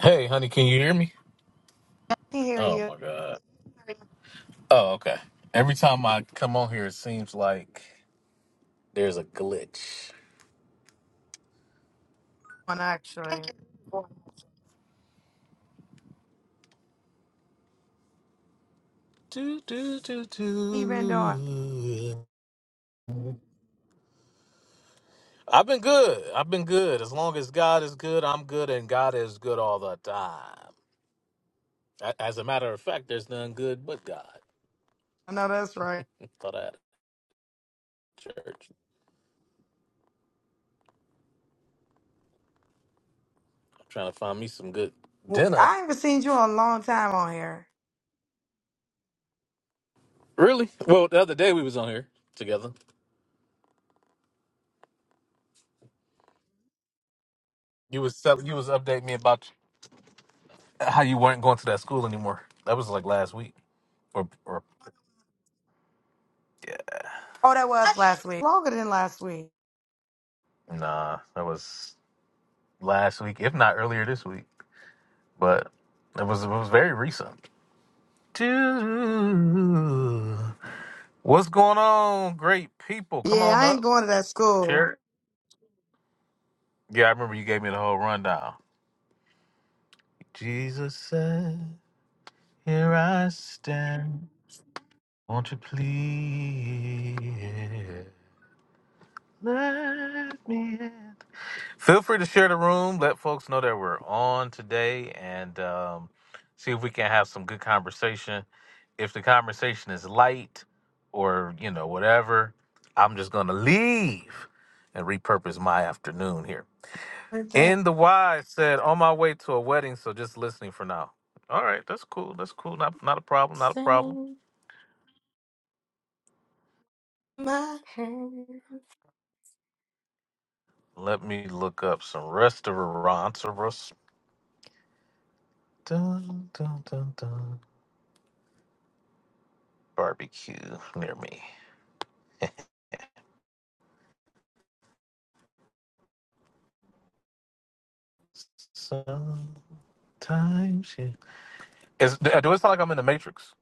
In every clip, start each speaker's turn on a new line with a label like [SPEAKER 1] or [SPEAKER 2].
[SPEAKER 1] Hey, honey, can you hear me?
[SPEAKER 2] can hear
[SPEAKER 1] Oh
[SPEAKER 2] you
[SPEAKER 1] my god. Oh, okay. Every time I come on here, it seems like there's a glitch.
[SPEAKER 2] on actually. How
[SPEAKER 1] Do, do, do,
[SPEAKER 2] You been doing?
[SPEAKER 1] do. I've been good. I've been good. As long as God is good, I'm good, and God is good all the time. A- As a matter of fact, there's none good but God.
[SPEAKER 2] I know that's right.
[SPEAKER 1] Thought I had a church. I'm trying to find me some good
[SPEAKER 2] W-
[SPEAKER 1] dinner.
[SPEAKER 2] I haven't seen you in a long time on here.
[SPEAKER 1] Really? Well, the other day we was on here together. You was tell- you was updating me about how you weren't going to that school anymore. That was like last week, or or
[SPEAKER 2] Oh, that was last week. Longer than last week.
[SPEAKER 1] nah, that was last week, if not earlier this week. But it was it was very recent. Dude, what's going on, great people? Come
[SPEAKER 2] Yeah,
[SPEAKER 1] on
[SPEAKER 2] I ain't
[SPEAKER 1] up,
[SPEAKER 2] going to that school.
[SPEAKER 1] share. Yeah, I remember you gave me the whole rundown. Jesus said, "Here I stand. Won't you please let me in?" Feel free to share the room. Let folks know that we're on today and um, see if we can have some good conversation. If the conversation is light or, you know, whatever, I'm just going to leave and repurpose my afternoon here.
[SPEAKER 2] With that
[SPEAKER 1] In the wise said, on my way to a wedding, so just listening for now. All right, that's cool. That's cool. Not, not a problem.
[SPEAKER 2] kiss
[SPEAKER 1] Not a problem.
[SPEAKER 2] in my hand.
[SPEAKER 1] Let me look up some restaurants or rest- dun, dun, dun, dun. barbecue near me. Sometimes you. Is, do it sound like I'm in the Matrix?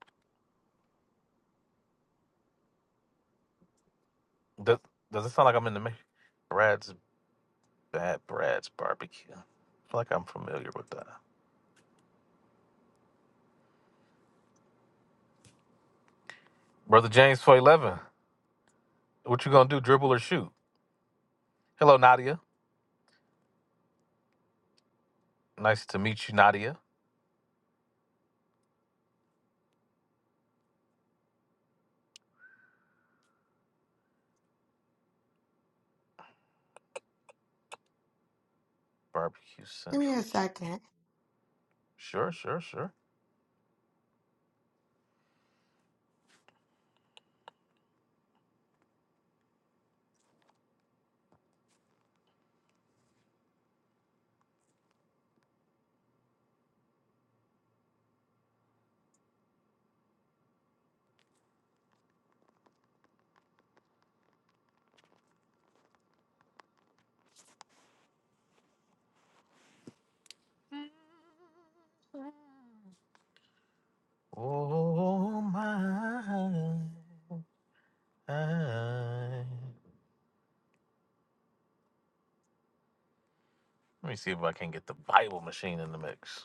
[SPEAKER 1] Does Does it sound like I'm in the Matrix? Brad's Bad Brad's Barbecue. I feel like I'm familiar with that. Brother James for What you gonna do? Dribble or shoot? Hello, Nadia. Nice to meet you, Nadia. Barbecue
[SPEAKER 2] Give me a
[SPEAKER 1] Central.
[SPEAKER 2] second.
[SPEAKER 1] Sure, sure, sure. Oh my. Let me see if I can get the Bible machine in the mix.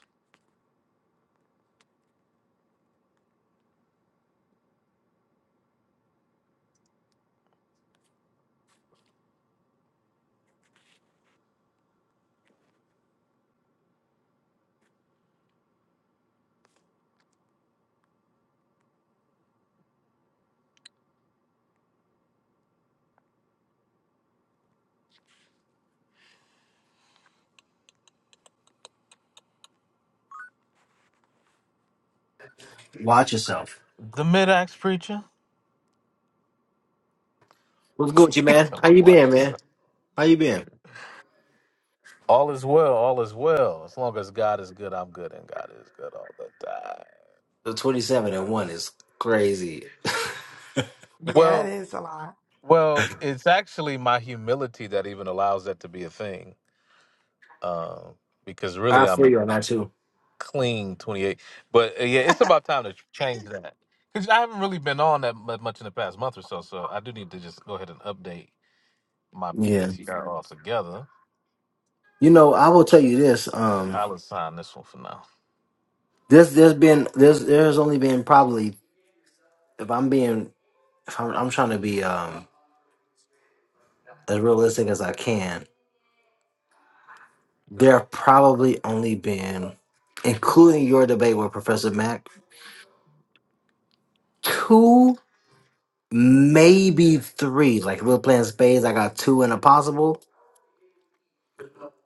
[SPEAKER 3] Watch yourself.
[SPEAKER 1] The mid-axe preacher.
[SPEAKER 3] What's good, you
[SPEAKER 1] He
[SPEAKER 3] man?
[SPEAKER 1] talking
[SPEAKER 3] How
[SPEAKER 1] about
[SPEAKER 3] you
[SPEAKER 1] watch
[SPEAKER 3] been, man?
[SPEAKER 1] yourself.
[SPEAKER 3] How you been?
[SPEAKER 1] All is well, all is well. As long as God is good, I'm good, and God is good all the time.
[SPEAKER 3] The twenty-seven and one is crazy.
[SPEAKER 2] Yeah, that
[SPEAKER 1] Well,
[SPEAKER 2] is a lot.
[SPEAKER 1] well, it's actually my humility that even allows that to be a thing, um, because
[SPEAKER 3] I
[SPEAKER 1] really I'm
[SPEAKER 3] feel
[SPEAKER 1] a
[SPEAKER 3] you on that too.
[SPEAKER 1] clean 28. But uh, yeah, it's about time to change that because I haven't really been on that mu- much in the past month or so. So I do need to just go ahead and update my
[SPEAKER 3] Yeah,
[SPEAKER 1] PTR altogether.
[SPEAKER 3] you know, I will tell you this. Um,
[SPEAKER 1] I'll assign this one for now.
[SPEAKER 3] there's there's been there's there's only been probably if I'm being if I'm, I'm trying to be um as realistic as I can. There have probably only been, including your debate with Professor Mac, two maybe three. Like if we're playing spades, I got two and a possible.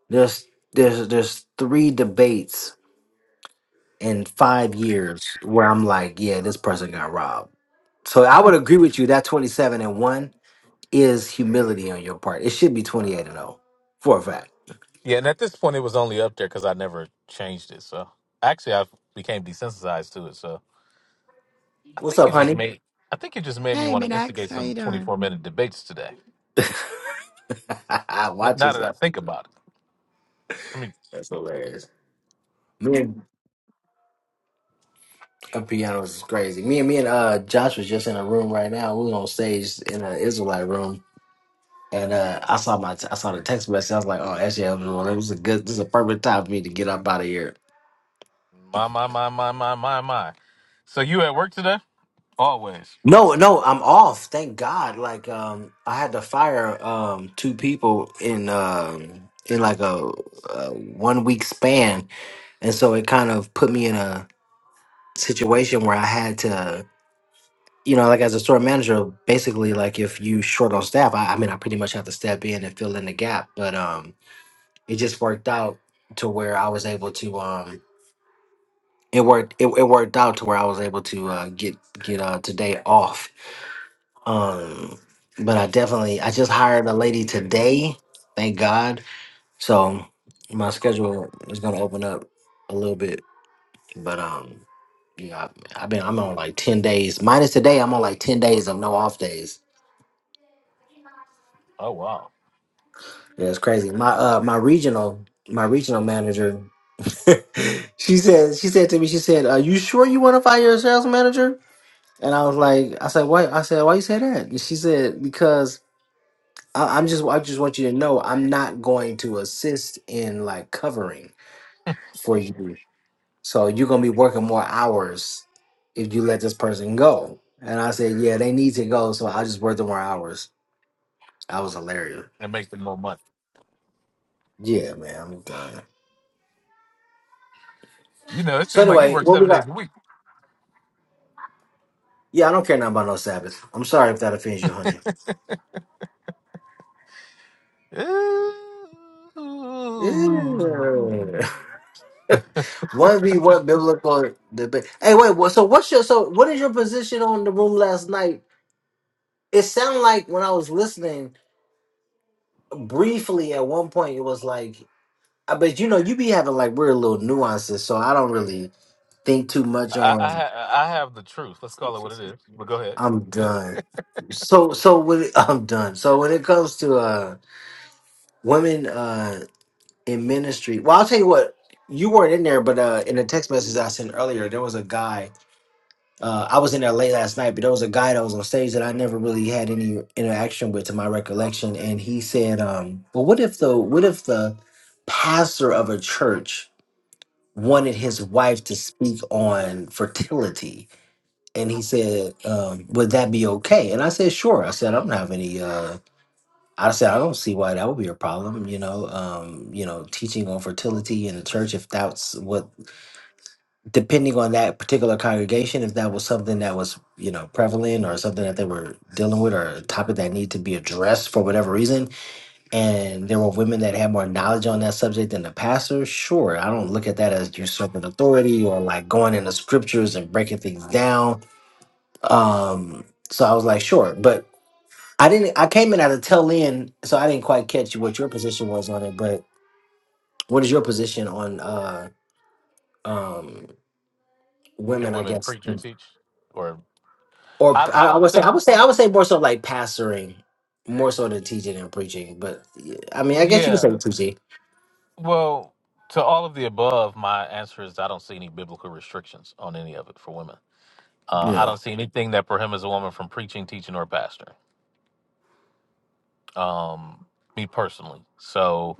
[SPEAKER 3] There's there's there's three debates in five years where I'm like, yeah, this person got robbed. So I would agree with you that 27 and one is humility on your part. It should be 28 and 0 for a fact.
[SPEAKER 1] Yeah, and at this point, it was only up there because I never changed it. So actually, I became desensitized to it. So I
[SPEAKER 3] What's
[SPEAKER 1] think
[SPEAKER 3] up,
[SPEAKER 1] you just
[SPEAKER 3] honey?
[SPEAKER 1] made I think you just made me
[SPEAKER 2] hey,
[SPEAKER 1] want to instigate
[SPEAKER 2] Minax, how
[SPEAKER 1] some
[SPEAKER 2] you
[SPEAKER 1] twenty
[SPEAKER 2] doing?
[SPEAKER 1] four minute debates today. N-
[SPEAKER 3] Watch
[SPEAKER 1] now that I
[SPEAKER 3] yourself.
[SPEAKER 1] think about it, I mean,
[SPEAKER 3] That's hilarious. Me and a piano is crazy. Me and me and uh Josh was just in a room right now. We was on stage in an Israelite room. And uh, I saw my I saw the text message. I was like, "Oh, SJ, it was it was a good. This is a perfect time for me to get up out of here."
[SPEAKER 1] my my my my my my my. So you at work today? Always.
[SPEAKER 3] No, no, I'm off. Thank God. Like, um, I had to fire um two people in um in like a, a one week span, and so it kind of put me in a situation where I had to, you know, like as a store manager, basically, like if you short on staff, I, I mean, I pretty much have to step in and fill in the gap. But um, it just worked out to where I was able to um, it worked it, it worked out to where I was able to uh, get get uh today off Um, but I definitely I just hired a lady today, thank God. So my schedule is gonna open up a little bit. But um yeah, I, I've been I'm on like ten days. Minus today, I'm on like ten days of no off days.
[SPEAKER 1] Oh wow,
[SPEAKER 3] Yeah, it's crazy. My uh my regional my regional manager she said she said to me, she said, Are you sure you wanna fire your sales manager? And I was like, I said, why I said, why you say that? And she said, because I, I'm just I just want you to know I'm not going to assist in like covering for you. So you're gonna be working more hours if you let this person go. And I said, yeah, they need to go, so I'll just work the more hours. I was hilarious.
[SPEAKER 1] and making more money.
[SPEAKER 3] Yeah, man, I'm done.
[SPEAKER 1] You know, it
[SPEAKER 3] So
[SPEAKER 1] seemed like you
[SPEAKER 3] anyway,
[SPEAKER 1] work
[SPEAKER 3] what we
[SPEAKER 1] seven days
[SPEAKER 3] got?
[SPEAKER 1] a week.
[SPEAKER 3] Yeah, I don't care nothing about no Sabbath. I'm sorry if that offends you, honey.
[SPEAKER 1] Ooh.
[SPEAKER 3] Yeah. One be what biblical debate? Hey, wait. What, so what's your so what is your position on the room last night? It sounded like when I was listening briefly at one point it was like I but you know you be having like weird little nuances, so I don't really think too much
[SPEAKER 1] I, I
[SPEAKER 3] on
[SPEAKER 1] ha- I have the truth. Let's call it what it is. But go ahead.
[SPEAKER 3] I'm done. So so when I'm done. So when it comes to uh women uh in ministry, well I'll tell you what, you weren't in there, but uh in a text message I sent earlier, there was a guy Uh, I was in there late last night, but there was a guy that was on stage that I never really had any interaction with, to my recollection, and he said, um, "Well, what if the what if the pastor of a church wanted his wife to speak on fertility?" And he said, um, "Would that be okay?" And I said, "Sure." I said, "I don't have any." Uh, I said, "I don't see why that would be a problem." You know, um, you know, teaching on fertility in the church if that's what depending on that particular congregation, if that was something that was, you know, prevalent or something that they were dealing with or a topic that needed to be addressed for whatever reason, and there were women that had more knowledge on that subject than the pastor, sure, I don't look at that as usurping authority or like going into scriptures and breaking things down. Um, so I was like, sure, but I didn't. I came in at a tail end, so I didn't quite catch what your position was on it. But what is your position on uh, um,
[SPEAKER 1] Can
[SPEAKER 3] women? I
[SPEAKER 1] women
[SPEAKER 3] guess
[SPEAKER 1] preach or teach? or?
[SPEAKER 3] or
[SPEAKER 1] I, I
[SPEAKER 3] I, I
[SPEAKER 1] don't
[SPEAKER 3] would say I
[SPEAKER 1] think,
[SPEAKER 3] would say I would say more so like pastoring, more so than teaching and preaching. But yeah, I mean, I guess you could say
[SPEAKER 1] yeah.
[SPEAKER 3] teaching.
[SPEAKER 1] Well, to all of the above, my answer is I don't see any biblical restrictions on any of it for women. Uh, I
[SPEAKER 3] Yeah,
[SPEAKER 1] don't see anything that prohibits a woman from preaching, teaching, or pastoring. Um, me personally. So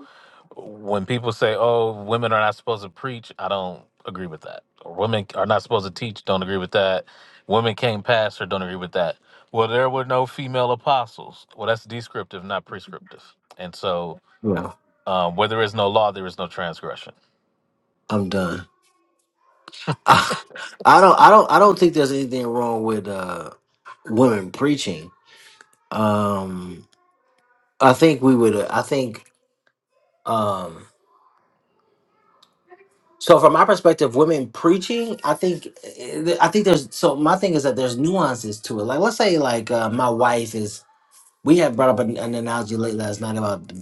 [SPEAKER 1] when people say, "Oh, women are not supposed to preach," I don't agree with that. Or women are not supposed to teach. Don't agree with that. Women can't pastor. Don't agree with that. Well, there were no female apostles. Well, that's descriptive, not prescriptive. And so
[SPEAKER 3] yeah.
[SPEAKER 1] Um, where there is no law, there is no transgression.
[SPEAKER 3] I'm done. I, don't I don't I don't think there's anything wrong with uh women preaching. Um, I think we would. uh, I think um. So from my perspective, women preaching, I think, eh, eh, I think there's. So my thing is that there's nuances to it. Like let's say like uh, my wife is We had brought up an, an analogy late last night about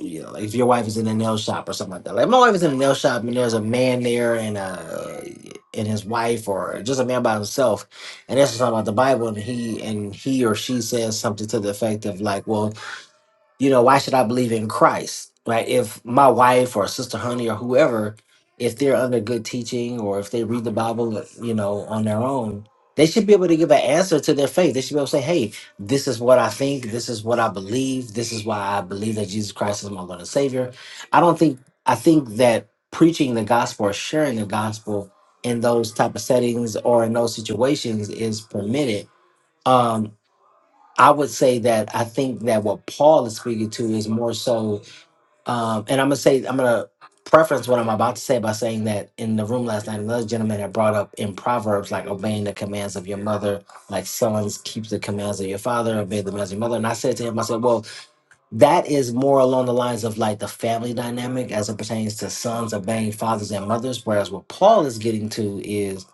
[SPEAKER 3] you know, if your wife is in a nail shop or something like that. Like my wife is in a nail shop and there's a man there and uh and his wife or just a man by himself, and that's talking about the Bible and he and he or she says something to the effect of like, well, you know, why should I believe in Christ? Right? If my wife or sister honey or whoever, if they're under good teaching or if they read the Bible, you know, on their own, they should be able to give an answer to their faith. They should be able to say, hey, this is what I think. This is what I believe. This is why I believe that Jesus Christ is my Lord and Savior. I don't think, I think that preaching the gospel or sharing the gospel in those type of settings or in those situations is permitted. Um, I would say that I think that what Paul is speaking to is more so, um, and I'm gonna say I'm gonna preference what I'm about to say by saying that in the room last night, another gentleman had brought up in Proverbs like obeying the commands of your mother, like sons keep the commands of your father, obey the commands of your mother. And I said to him, I said, well, that is more along the lines of like the family dynamic as it pertains to sons obeying fathers and mothers, whereas what Paul is getting to is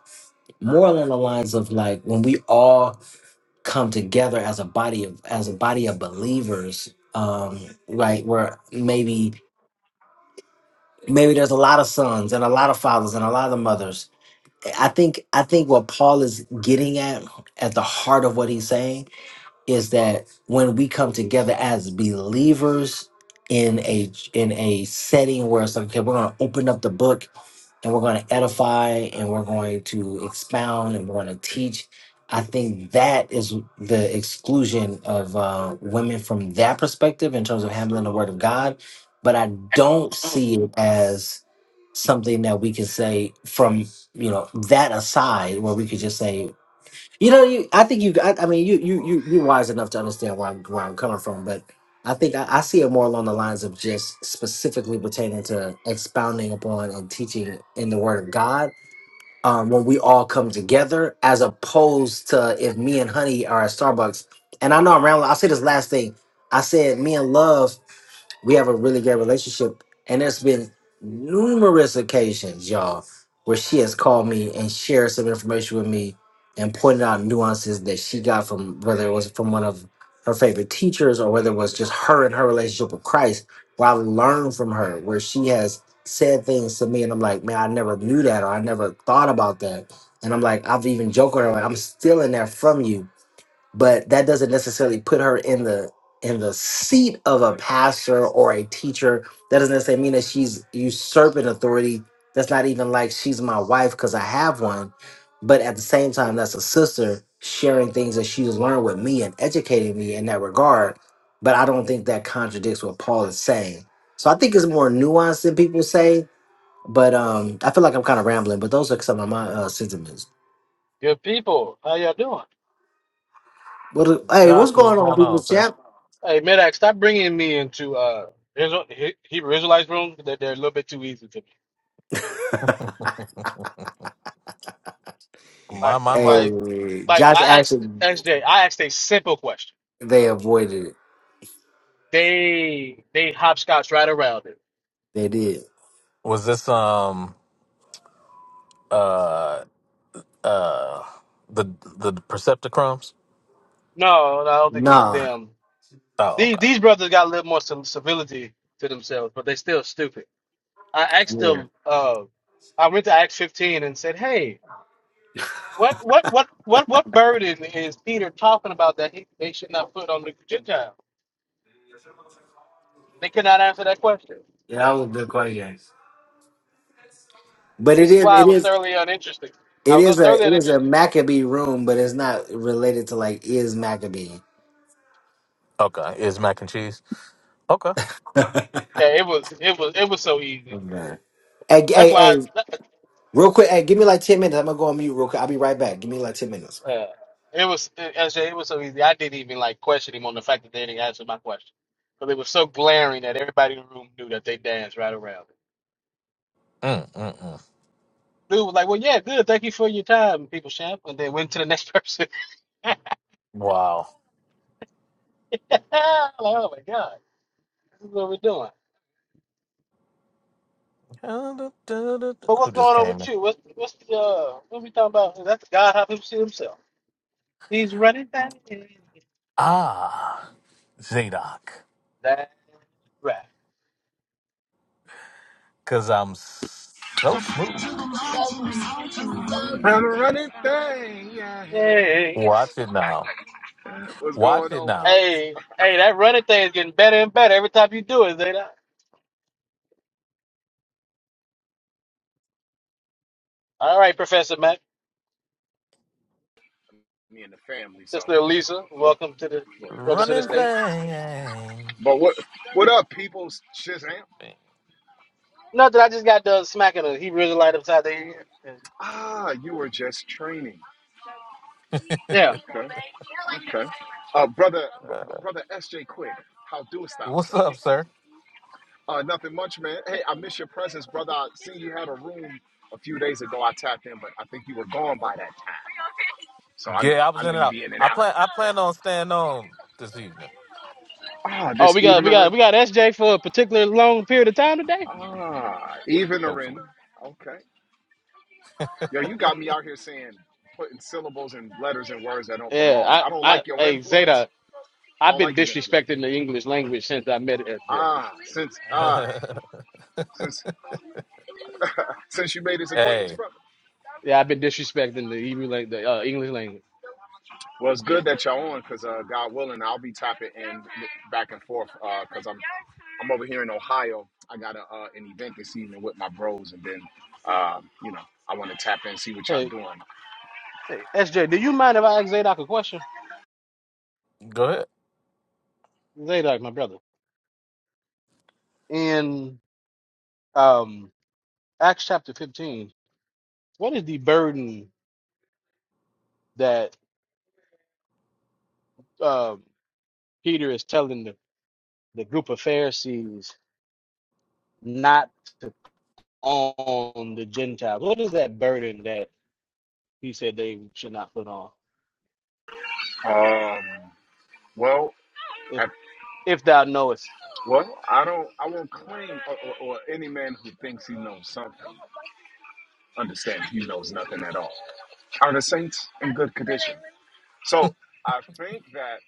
[SPEAKER 3] more along the lines of like when we all come together as a body of as a body of believers um right where maybe maybe there's a lot of sons and a lot of fathers and a lot of mothers i think i think what paul is getting at at the heart of what he's saying is that when we come together as believers in a in a setting where it's like okay we're going to open up the book and we're going to edify and we're going to expound and we're going to teach i think that is the exclusion of uh, women from that perspective in terms of handling the word of god but i don't see it as something that we can say from you know that aside where we could just say you know, you. I think you. I, I mean, you. You. You. You're wise enough to understand where I'm where I'm coming from, but I think I, I see it more along the lines of just specifically pertaining to expounding upon and teaching in the Word of God um, when we all come together, as opposed to if me and Honey are at Starbucks. And I know I'm rambling. I'll say this last thing. I said me and Love we have a really great relationship. And there's been numerous occasions, y'all, where she has called me and shared some information with me and pointed out nuances that she got from whether it was from one of her favorite teachers or whether it was just her and her relationship with Christ, where I've learned from her, where she has said things to me and I'm like, man, I never knew that or I never thought about that. And I'm like, I've even joked with her, like, I'm stealing that from you but that doesn't necessarily put her in the in the seat of a pastor or a teacher that doesn't necessarily mean that she's usurping authority that's not even like she's my wife because i have one but at the same time that's a sister sharing things that she's learned with me and educating me in that regard but i don't think that contradicts what paul is saying so i think it's more nuanced than people say but um i feel like i'm kind of rambling but those are some of my uh sentiments
[SPEAKER 4] Good people, how y'all doing?
[SPEAKER 3] what, hey what's
[SPEAKER 1] Josh, what's
[SPEAKER 3] going on
[SPEAKER 1] going
[SPEAKER 3] people
[SPEAKER 1] on, sir?
[SPEAKER 3] Chat?
[SPEAKER 4] Hey, Medak, stop bringing me into uh Israel, He- Hebrew Israelites rooms. They're, they're a little bit too easy to me.
[SPEAKER 1] My
[SPEAKER 4] Like,
[SPEAKER 1] my my.
[SPEAKER 4] like,
[SPEAKER 3] Hey,
[SPEAKER 4] like
[SPEAKER 3] Josh
[SPEAKER 4] I
[SPEAKER 3] asked if
[SPEAKER 4] asked S J. I asked a simple question.
[SPEAKER 3] they avoided it.
[SPEAKER 4] They they hopscotch right around it.
[SPEAKER 3] They did.
[SPEAKER 1] Was this um uh uh the the Percepticrums?
[SPEAKER 4] No, no, I don't think it was
[SPEAKER 3] Nah.
[SPEAKER 4] them.
[SPEAKER 1] Oh,
[SPEAKER 4] These
[SPEAKER 1] okay.
[SPEAKER 4] these brothers got a little more some civility to themselves, but they still stupid. I asked
[SPEAKER 3] Yeah.
[SPEAKER 4] them. Uh, I went to Acts 15 and said, "Hey, what what what what what burden is Peter talking about that he, they should not put on the Gentiles?" They could not answer that question.
[SPEAKER 3] Yeah, that was a good question. But it
[SPEAKER 4] This is
[SPEAKER 3] is
[SPEAKER 4] why I
[SPEAKER 3] it
[SPEAKER 4] was
[SPEAKER 3] is
[SPEAKER 4] thoroughly uninterested. I
[SPEAKER 3] it
[SPEAKER 4] was
[SPEAKER 3] is
[SPEAKER 4] thoroughly
[SPEAKER 3] a it is a
[SPEAKER 4] uninterested.
[SPEAKER 3] Maccabee room, but it's not related to like is Maccabee.
[SPEAKER 1] Okay. Is mac and cheese? Okay.
[SPEAKER 4] Yeah, it was it was it was so easy.
[SPEAKER 3] Okay. Hey, g-
[SPEAKER 4] That's
[SPEAKER 3] hey,
[SPEAKER 4] why
[SPEAKER 3] hey,
[SPEAKER 4] I,
[SPEAKER 3] real quick, hey, give me like ten minutes. I'm gonna go on mute real quick. I'll be right back. Give me like ten minutes.
[SPEAKER 4] uh, it was as it was so easy. I didn't even like question him on the fact that they didn't answer my question because it was so glaring that everybody in the room knew that they danced right around. It.
[SPEAKER 1] Mm mm mm.
[SPEAKER 4] Dude was like, "Well, yeah, good. Thank you for your time, people champ," and then went to the next person.
[SPEAKER 1] Wow.
[SPEAKER 4] like, oh my god, this is what we're doing. But
[SPEAKER 1] Who
[SPEAKER 4] what's
[SPEAKER 1] just
[SPEAKER 4] going on
[SPEAKER 1] came
[SPEAKER 4] with
[SPEAKER 1] in?
[SPEAKER 4] you? What's what's the uh, what we talking about? That's God how people see themselves. He's running back.
[SPEAKER 1] Ah Zadok.
[SPEAKER 4] That's right.
[SPEAKER 1] Cause I'm so smooth.
[SPEAKER 5] I'm a running thing, yeah.
[SPEAKER 4] Hey,
[SPEAKER 1] Watch it now.
[SPEAKER 5] What's
[SPEAKER 1] Watch
[SPEAKER 5] going
[SPEAKER 1] it
[SPEAKER 5] on,
[SPEAKER 1] now.
[SPEAKER 5] fellas?
[SPEAKER 4] hey, hey, that running thing is getting better and better every time you do it, Zeta. All right, Professor Mac,
[SPEAKER 5] Me and the family, so
[SPEAKER 4] Sister
[SPEAKER 5] a
[SPEAKER 4] Elisa,
[SPEAKER 5] little,
[SPEAKER 4] welcome to the
[SPEAKER 5] little more
[SPEAKER 4] welcome to
[SPEAKER 5] smooth.
[SPEAKER 4] the
[SPEAKER 1] Running
[SPEAKER 4] stage.
[SPEAKER 1] thing.
[SPEAKER 5] But what what up, people? Shazam!
[SPEAKER 4] Nothing, I just got done smacking her. He really light upside the ear.
[SPEAKER 5] Ah, you were just training.
[SPEAKER 4] Yeah.
[SPEAKER 5] Okay, okay. Uh, brother, b- b- brother SJ Quick, how doest thou,
[SPEAKER 1] What's
[SPEAKER 5] sir?
[SPEAKER 1] up, sir?
[SPEAKER 5] Uh, nothing much, man. Hey, I miss your presence, brother. I seen you had a room a few days ago. I tapped in, but I think you were gone by that time. So I know,
[SPEAKER 1] Yeah, I
[SPEAKER 5] I
[SPEAKER 1] was in
[SPEAKER 5] know
[SPEAKER 1] and
[SPEAKER 5] you
[SPEAKER 1] out.
[SPEAKER 5] be in and
[SPEAKER 1] I
[SPEAKER 5] out.
[SPEAKER 1] plan I plan on staying on this evening,
[SPEAKER 5] Ah,
[SPEAKER 4] Oh,
[SPEAKER 5] this
[SPEAKER 4] we got we
[SPEAKER 5] evening,
[SPEAKER 4] got we got SJ for a particular long period of time today.
[SPEAKER 5] Ah, evenerin.
[SPEAKER 1] hopefully.
[SPEAKER 5] Okay. Yo, you got me out here saying putting syllables and letters and words that don't
[SPEAKER 4] Yeah,
[SPEAKER 5] belong.
[SPEAKER 4] I
[SPEAKER 5] I don't
[SPEAKER 4] I
[SPEAKER 5] like your
[SPEAKER 4] hey
[SPEAKER 5] influence.
[SPEAKER 4] Zeta,
[SPEAKER 5] I
[SPEAKER 4] I've
[SPEAKER 5] don't
[SPEAKER 4] been
[SPEAKER 5] like his influence.
[SPEAKER 4] disrespecting the English language since I met SJ.
[SPEAKER 5] Ah, since ah, since since you made his acquaintance,
[SPEAKER 1] hey,
[SPEAKER 5] brother.
[SPEAKER 4] Yeah, I've been disrespecting the Hebrew like the uh, English language.
[SPEAKER 5] Well, it's good that y'all on, cause uh, God willing, I'll be tapping in back and forth, uh, cause I'm I'm over here in Ohio. I got a, uh, an event this evening with my bros, and then um, you know I want to tap in, see what y'all
[SPEAKER 4] Hey,
[SPEAKER 5] doing.
[SPEAKER 4] Hey, SJ, do you mind if I ask Zadok a question?
[SPEAKER 1] go ahead.
[SPEAKER 4] Zadok, my brother. In um, Acts chapter 15, what is the burden that um, Peter is telling the, the group of Pharisees not to put on the Gentiles? What is that burden that he said they should not put on?
[SPEAKER 5] Um, well.
[SPEAKER 4] If
[SPEAKER 5] at
[SPEAKER 4] if thou knowest
[SPEAKER 5] Well, I don't. I won't claim, or, or, or any man who thinks he knows something understands he knows nothing at all. Are the saints in good condition? So I think that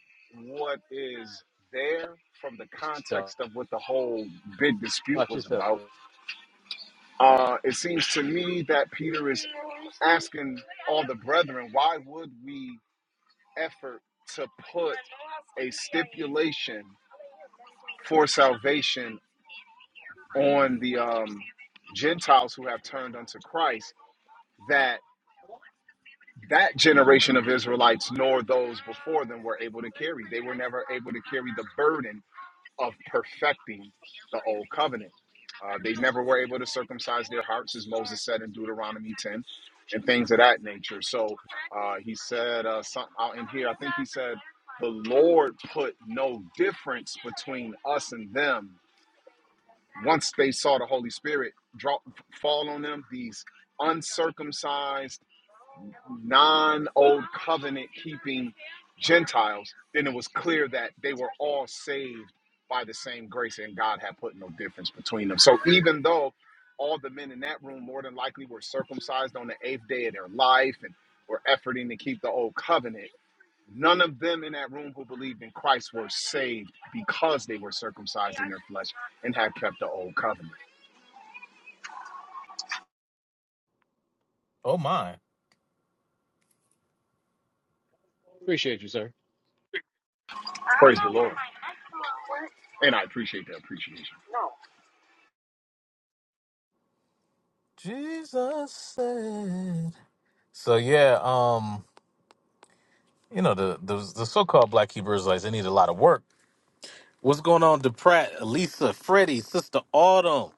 [SPEAKER 5] what is there from the
[SPEAKER 4] yourself,
[SPEAKER 5] context of what the whole big dispute
[SPEAKER 4] not
[SPEAKER 5] was
[SPEAKER 4] yourself,
[SPEAKER 5] about,
[SPEAKER 4] sir.
[SPEAKER 5] uh, it seems to me that Peter is asking all the brethren, why would we effort to put a stipulation for salvation on the um, Gentiles who have turned unto Christ that that generation of Israelites nor those before them were able to carry. They were never able to carry the burden of perfecting the old covenant. Uh, they never were able to circumcise their hearts, as Moses said in Deuteronomy 10, and things of that nature. So uh, he said uh, something out in here. I think he said, The Lord put no difference between us and them once they saw the Holy Spirit drop fall on them, these uncircumcised, non-old covenant keeping Gentiles, then it was clear that they were all saved by the same grace and God had put no difference between them. So even though all the men in that room more than likely were circumcised on the eighth day of their life and were efforting to keep the old covenant, none of them in that room who believed in Christ were saved because they were circumcised in their flesh and had kept the old covenant.
[SPEAKER 1] Oh my.
[SPEAKER 4] Appreciate you, sir.
[SPEAKER 5] Praise the Lord. And I appreciate the appreciation.
[SPEAKER 1] Jesus said. So yeah, um, you know, the the, the so called black Hebrew Israelites, they need a lot of work. What's going on, DePratt, Elisa, Freddie, Sister Autumn,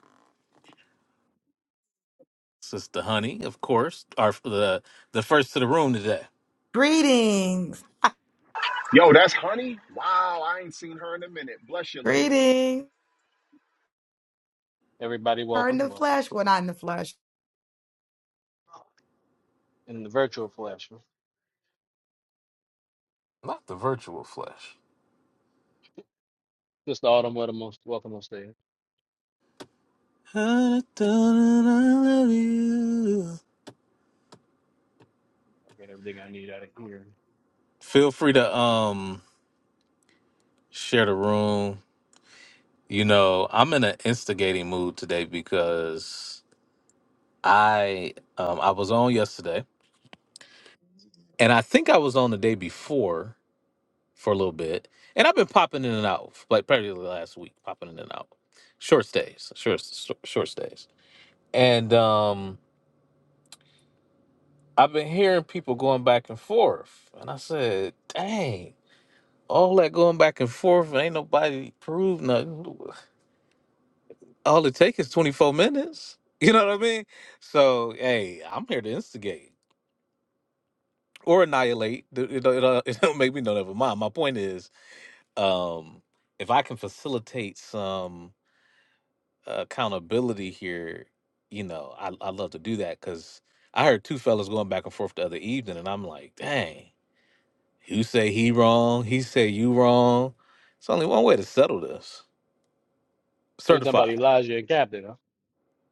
[SPEAKER 1] Sister Honey, of course, are the the first to the room today.
[SPEAKER 2] Greetings.
[SPEAKER 5] Yo, that's honey. Wow, I ain't seen her in a minute. Bless you, lady.
[SPEAKER 2] Greetings.
[SPEAKER 4] Everybody,
[SPEAKER 2] Her in
[SPEAKER 4] welcome,
[SPEAKER 2] the
[SPEAKER 4] welcome.
[SPEAKER 2] flesh. Well, not in the flesh.
[SPEAKER 4] In the virtual flesh,
[SPEAKER 1] Not the virtual flesh.
[SPEAKER 4] Mr. Autumn, what a most welcome on stage.
[SPEAKER 1] I don't know, I love you.
[SPEAKER 4] I Get everything I need out of here.
[SPEAKER 1] Feel free to um share the room. You know, I'm in an instigating mood today because I um I was on yesterday and I think I was on the day before for a little bit. And I've been popping in and out, like probably the last week, popping in and out. Short stays, short short short stays. And um I've been hearing people going back and forth. And I said, dang, all that going back and forth, and ain't nobody proved nothing. all it takes is 24 minutes. You know what I mean? So, hey, I'm here to instigate or annihilate. It, it, don't- it, do it don't make me no never mind. My point is, um, if I can facilitate some uh, accountability here, you know, I, I love to do that because I heard two fellas going back and forth the other evening, and I'm like, dang, you say he wrong, he say you wrong. It's only one way to settle this.
[SPEAKER 4] You talking about
[SPEAKER 1] Certified.
[SPEAKER 4] Elijah and Captain? Huh?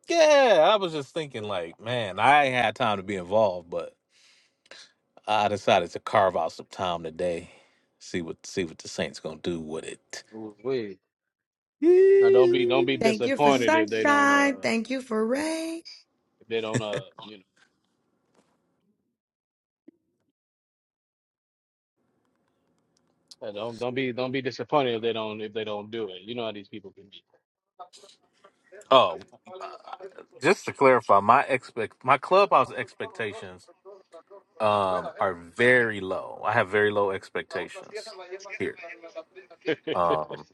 [SPEAKER 1] Yeah, I was just thinking,
[SPEAKER 4] Yeah.
[SPEAKER 1] like, man, I ain't had time to be involved, but I decided to carve out some time today, see what see what the Saints gonna do with it.
[SPEAKER 4] Ooh, wee. Now don't be don't be
[SPEAKER 2] Thank you for
[SPEAKER 4] disappointed if they don't
[SPEAKER 2] sunshine.
[SPEAKER 4] uh
[SPEAKER 2] Thank you for rain.
[SPEAKER 4] if they don't uh you know uh, don't don't be don't be disappointed if they don't if they don't do it. You know how these people can be.
[SPEAKER 1] Oh, uh, just to clarify, my expect my clubhouse expectations um are very low. I have very low expectations here. Um,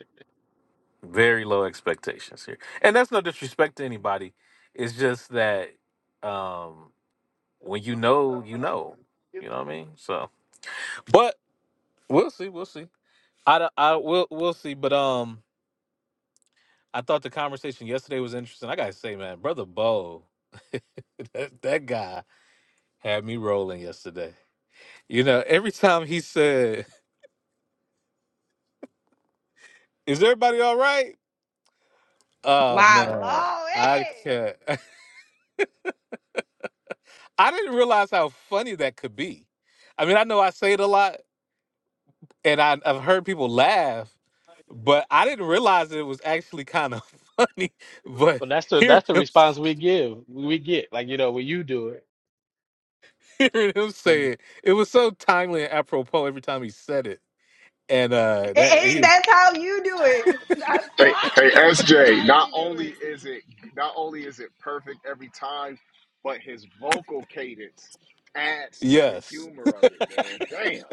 [SPEAKER 1] very low expectations here, and that's no disrespect to anybody. It's just that um when you know, you know. You know what I mean? So, but we'll see. We'll see. I, don't- I will we'll see, but um, I thought the conversation yesterday was interesting. I gotta say, man, brother Bo, that, that guy had me rolling yesterday. You know, every time he said, "Is everybody all right?" Oh
[SPEAKER 6] My
[SPEAKER 1] man,
[SPEAKER 6] Lord,
[SPEAKER 1] I can't. I didn't realize how funny that could be. I mean, I know I say it a lot, and I, I've heard people laugh, but I didn't realize it was actually kind of funny. But
[SPEAKER 4] But that's the
[SPEAKER 1] hearing
[SPEAKER 4] that's the
[SPEAKER 1] him.
[SPEAKER 4] response we give we get like you know when you do it.
[SPEAKER 1] hearing him
[SPEAKER 4] But
[SPEAKER 1] say it. It was so timely and apropos every time he said it. And uh
[SPEAKER 6] hey,
[SPEAKER 1] that
[SPEAKER 6] Hey,
[SPEAKER 1] he was
[SPEAKER 6] that's how you do it. I
[SPEAKER 5] Hey, hey,
[SPEAKER 6] promise that is
[SPEAKER 5] SJ.
[SPEAKER 6] how
[SPEAKER 5] Not
[SPEAKER 6] you do
[SPEAKER 5] only is it not only is it perfect every time, but his vocal cadence adds to the
[SPEAKER 1] yes.
[SPEAKER 5] humor of it, man. Damn.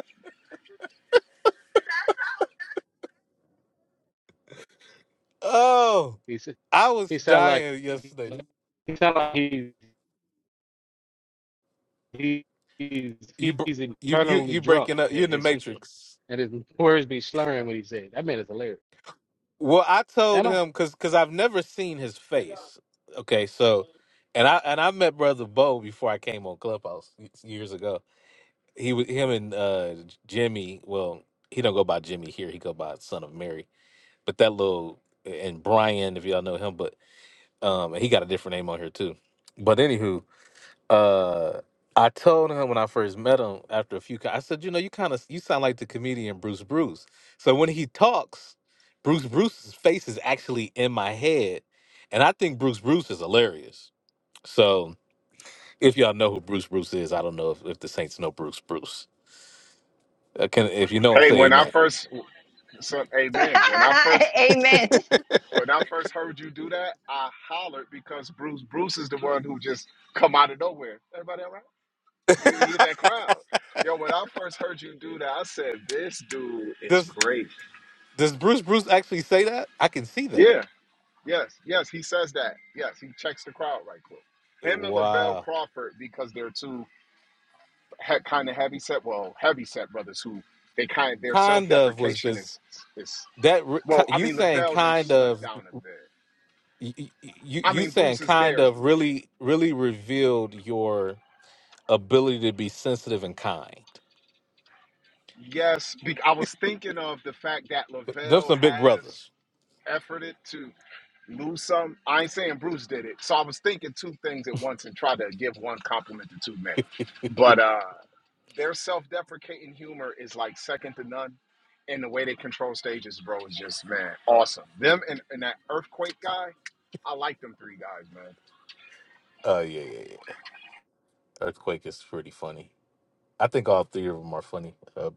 [SPEAKER 1] Oh,
[SPEAKER 4] he s-
[SPEAKER 1] I was
[SPEAKER 4] he sound like
[SPEAKER 1] dying yesterday.
[SPEAKER 4] he sound like he's he, he's
[SPEAKER 1] You br-
[SPEAKER 4] he's
[SPEAKER 1] you you
[SPEAKER 4] internally
[SPEAKER 1] you
[SPEAKER 4] drunk
[SPEAKER 1] breaking up. You in
[SPEAKER 4] and
[SPEAKER 1] the
[SPEAKER 4] his
[SPEAKER 1] matrix.
[SPEAKER 4] and his words be slurring when he said it. that man is hilarious.
[SPEAKER 1] Well, I told
[SPEAKER 4] Am I?
[SPEAKER 1] him because because I've never seen his face. Okay, so and I and I met brother Bo before I came on Clubhouse years ago. He was him and uh Jimmy. Well, he don't go by Jimmy here. He go by Son of Mary. But that little and Brian, if y'all know him, but Um, and he got a different name on here too. But anywho, uh, I told him when I first met him after a few, co- I said, you know, you kind of you sound like the comedian Bruce Bruce. So when he talks, Bruce Bruce's face is actually in my head, and I think Bruce Bruce is hilarious. So if y'all know who Bruce Bruce is, I don't know if, if the Saints know Bruce Bruce. Uh, can if you know him,
[SPEAKER 5] Hey,
[SPEAKER 1] say
[SPEAKER 5] when I
[SPEAKER 1] Amen.
[SPEAKER 5] first, son, amen. When I first,
[SPEAKER 6] it. Amen.
[SPEAKER 5] when I first heard you do that, I hollered because Bruce, Bruce is the one who just come out of nowhere. Everybody all right? You you hit that crowd. Yo, when I first heard you do that, I said, this dude is
[SPEAKER 1] Does
[SPEAKER 5] great.
[SPEAKER 1] does Bruce Bruce actually say that? I can see that.
[SPEAKER 5] Yeah, yes, yes, he says that. Yes, he checks the crowd right quick. Him and Lavelle
[SPEAKER 1] Wow,
[SPEAKER 5] Crawford, because they're two he- kind of heavy set, well, heavy set brothers who they kind their self
[SPEAKER 1] kind of was
[SPEAKER 5] deprecation
[SPEAKER 1] just
[SPEAKER 5] is, is,
[SPEAKER 1] that re- ki-
[SPEAKER 5] well, I
[SPEAKER 1] you
[SPEAKER 5] mean,
[SPEAKER 1] saying
[SPEAKER 5] Lavelle then
[SPEAKER 1] kind
[SPEAKER 5] slipped
[SPEAKER 1] of
[SPEAKER 5] down a bit.
[SPEAKER 1] y- y- you
[SPEAKER 5] I
[SPEAKER 1] you
[SPEAKER 5] mean,
[SPEAKER 1] saying
[SPEAKER 5] Bruce is
[SPEAKER 1] kind
[SPEAKER 5] there.
[SPEAKER 1] of really really revealed your ability to be sensitive and kind.
[SPEAKER 5] Yes, be- I was thinking of the fact that
[SPEAKER 1] Them
[SPEAKER 5] Lavelle
[SPEAKER 1] some big
[SPEAKER 5] has
[SPEAKER 1] brothers.
[SPEAKER 5] efforted to. lose some. I ain't saying Bruce did it. So I was thinking two things at once and try to give one compliment to two men. But uh their self-deprecating humor is like second to none. And the way they control stages, bro, is just man, awesome. Them and, and that earthquake guy, I like them three guys, man.
[SPEAKER 1] Uh, yeah, yeah, yeah. Earthquake is pretty funny. I think all three of them are funny. Uh,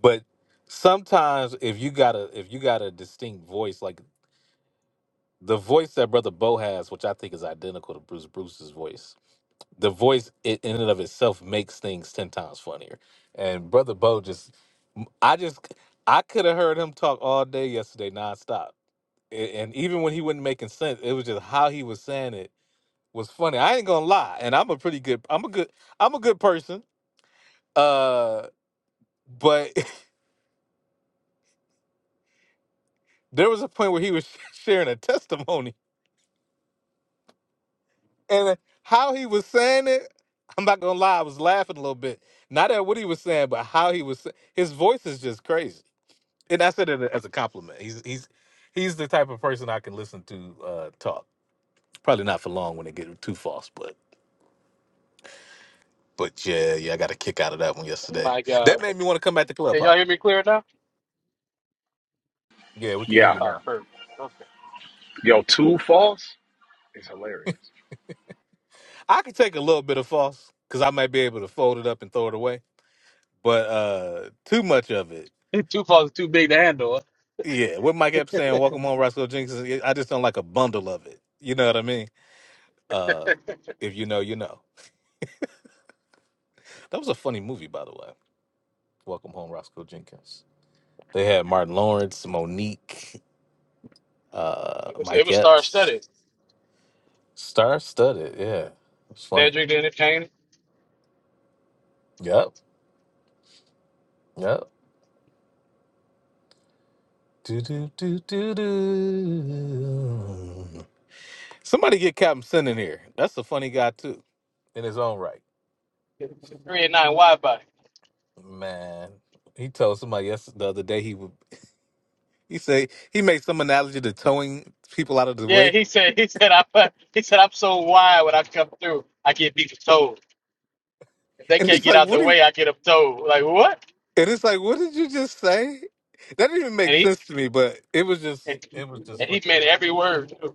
[SPEAKER 1] but sometimes if you got a if you got a distinct voice, like the voice that brother Bo has, which I think is identical to Bruce Bruce's voice, the voice it, in and of itself makes things 10 times funnier and brother bo just I just I could have heard him talk all day yesterday nonstop A- and even when he wasn't making sense it was just how he was saying it was funny i ain't gonna lie and i'm a pretty good i'm a good i'm a good person uh but there was a point where he was sharing a testimony and how he was saying it i'm not gonna lie i was laughing a little bit not at what he was saying but how he was sa- his voice is just crazy and I said it as a compliment. He's he's he's the type of person I can listen to uh, talk. Probably not for long when it get too false, but but yeah, yeah, I got a kick out of that one yesterday.
[SPEAKER 4] My God.
[SPEAKER 1] That made me want to come back to club
[SPEAKER 4] Can y'all
[SPEAKER 1] pop.
[SPEAKER 4] hear me clear now?
[SPEAKER 1] Yeah, we can hear
[SPEAKER 5] Yeah.
[SPEAKER 1] you
[SPEAKER 4] Oh,
[SPEAKER 1] now.
[SPEAKER 4] perfect. Okay.
[SPEAKER 5] Yo, two false is hilarious.
[SPEAKER 1] I can take a little bit of false because I might be able to fold it up and throw it away, but uh too much of it. Yeah, what Mike Epps saying, "Welcome home, Roscoe Jenkins." yeah, I just don't like a bundle of it. You know what I mean? Uh If you know, you know. That was a funny movie, by the way. Welcome home, Roscoe Jenkins. They had Martin Lawrence, Monique, uh,
[SPEAKER 4] It was, it
[SPEAKER 1] Mike
[SPEAKER 4] was star
[SPEAKER 1] Epps,
[SPEAKER 4] studded.
[SPEAKER 1] star studded. Yeah, it's funny.
[SPEAKER 4] Cedric the Entertainer.
[SPEAKER 1] Yep, yep. Do do do do do. Somebody get Captain Sin in here. That's a funny guy too, in his own right.
[SPEAKER 4] Three and nine wide body.
[SPEAKER 1] Man, he told somebody yes the other day he would. He say he made some analogy to towing people out of the
[SPEAKER 4] Yeah,
[SPEAKER 1] way,
[SPEAKER 4] he said he said I fu- he said I'm so wide when I come through, I get beat with toes. If they
[SPEAKER 1] and
[SPEAKER 4] can't
[SPEAKER 1] he's
[SPEAKER 4] get
[SPEAKER 1] like,
[SPEAKER 4] out
[SPEAKER 1] "What?"
[SPEAKER 4] the
[SPEAKER 1] Are you,
[SPEAKER 4] way, I get up toes. Like what?
[SPEAKER 1] and it's like, "What did you just say?" That didn't even make
[SPEAKER 4] And he
[SPEAKER 1] sense to me, but it was just
[SPEAKER 4] and, he-
[SPEAKER 1] it was just
[SPEAKER 4] and
[SPEAKER 1] fun.
[SPEAKER 4] he meant every word too.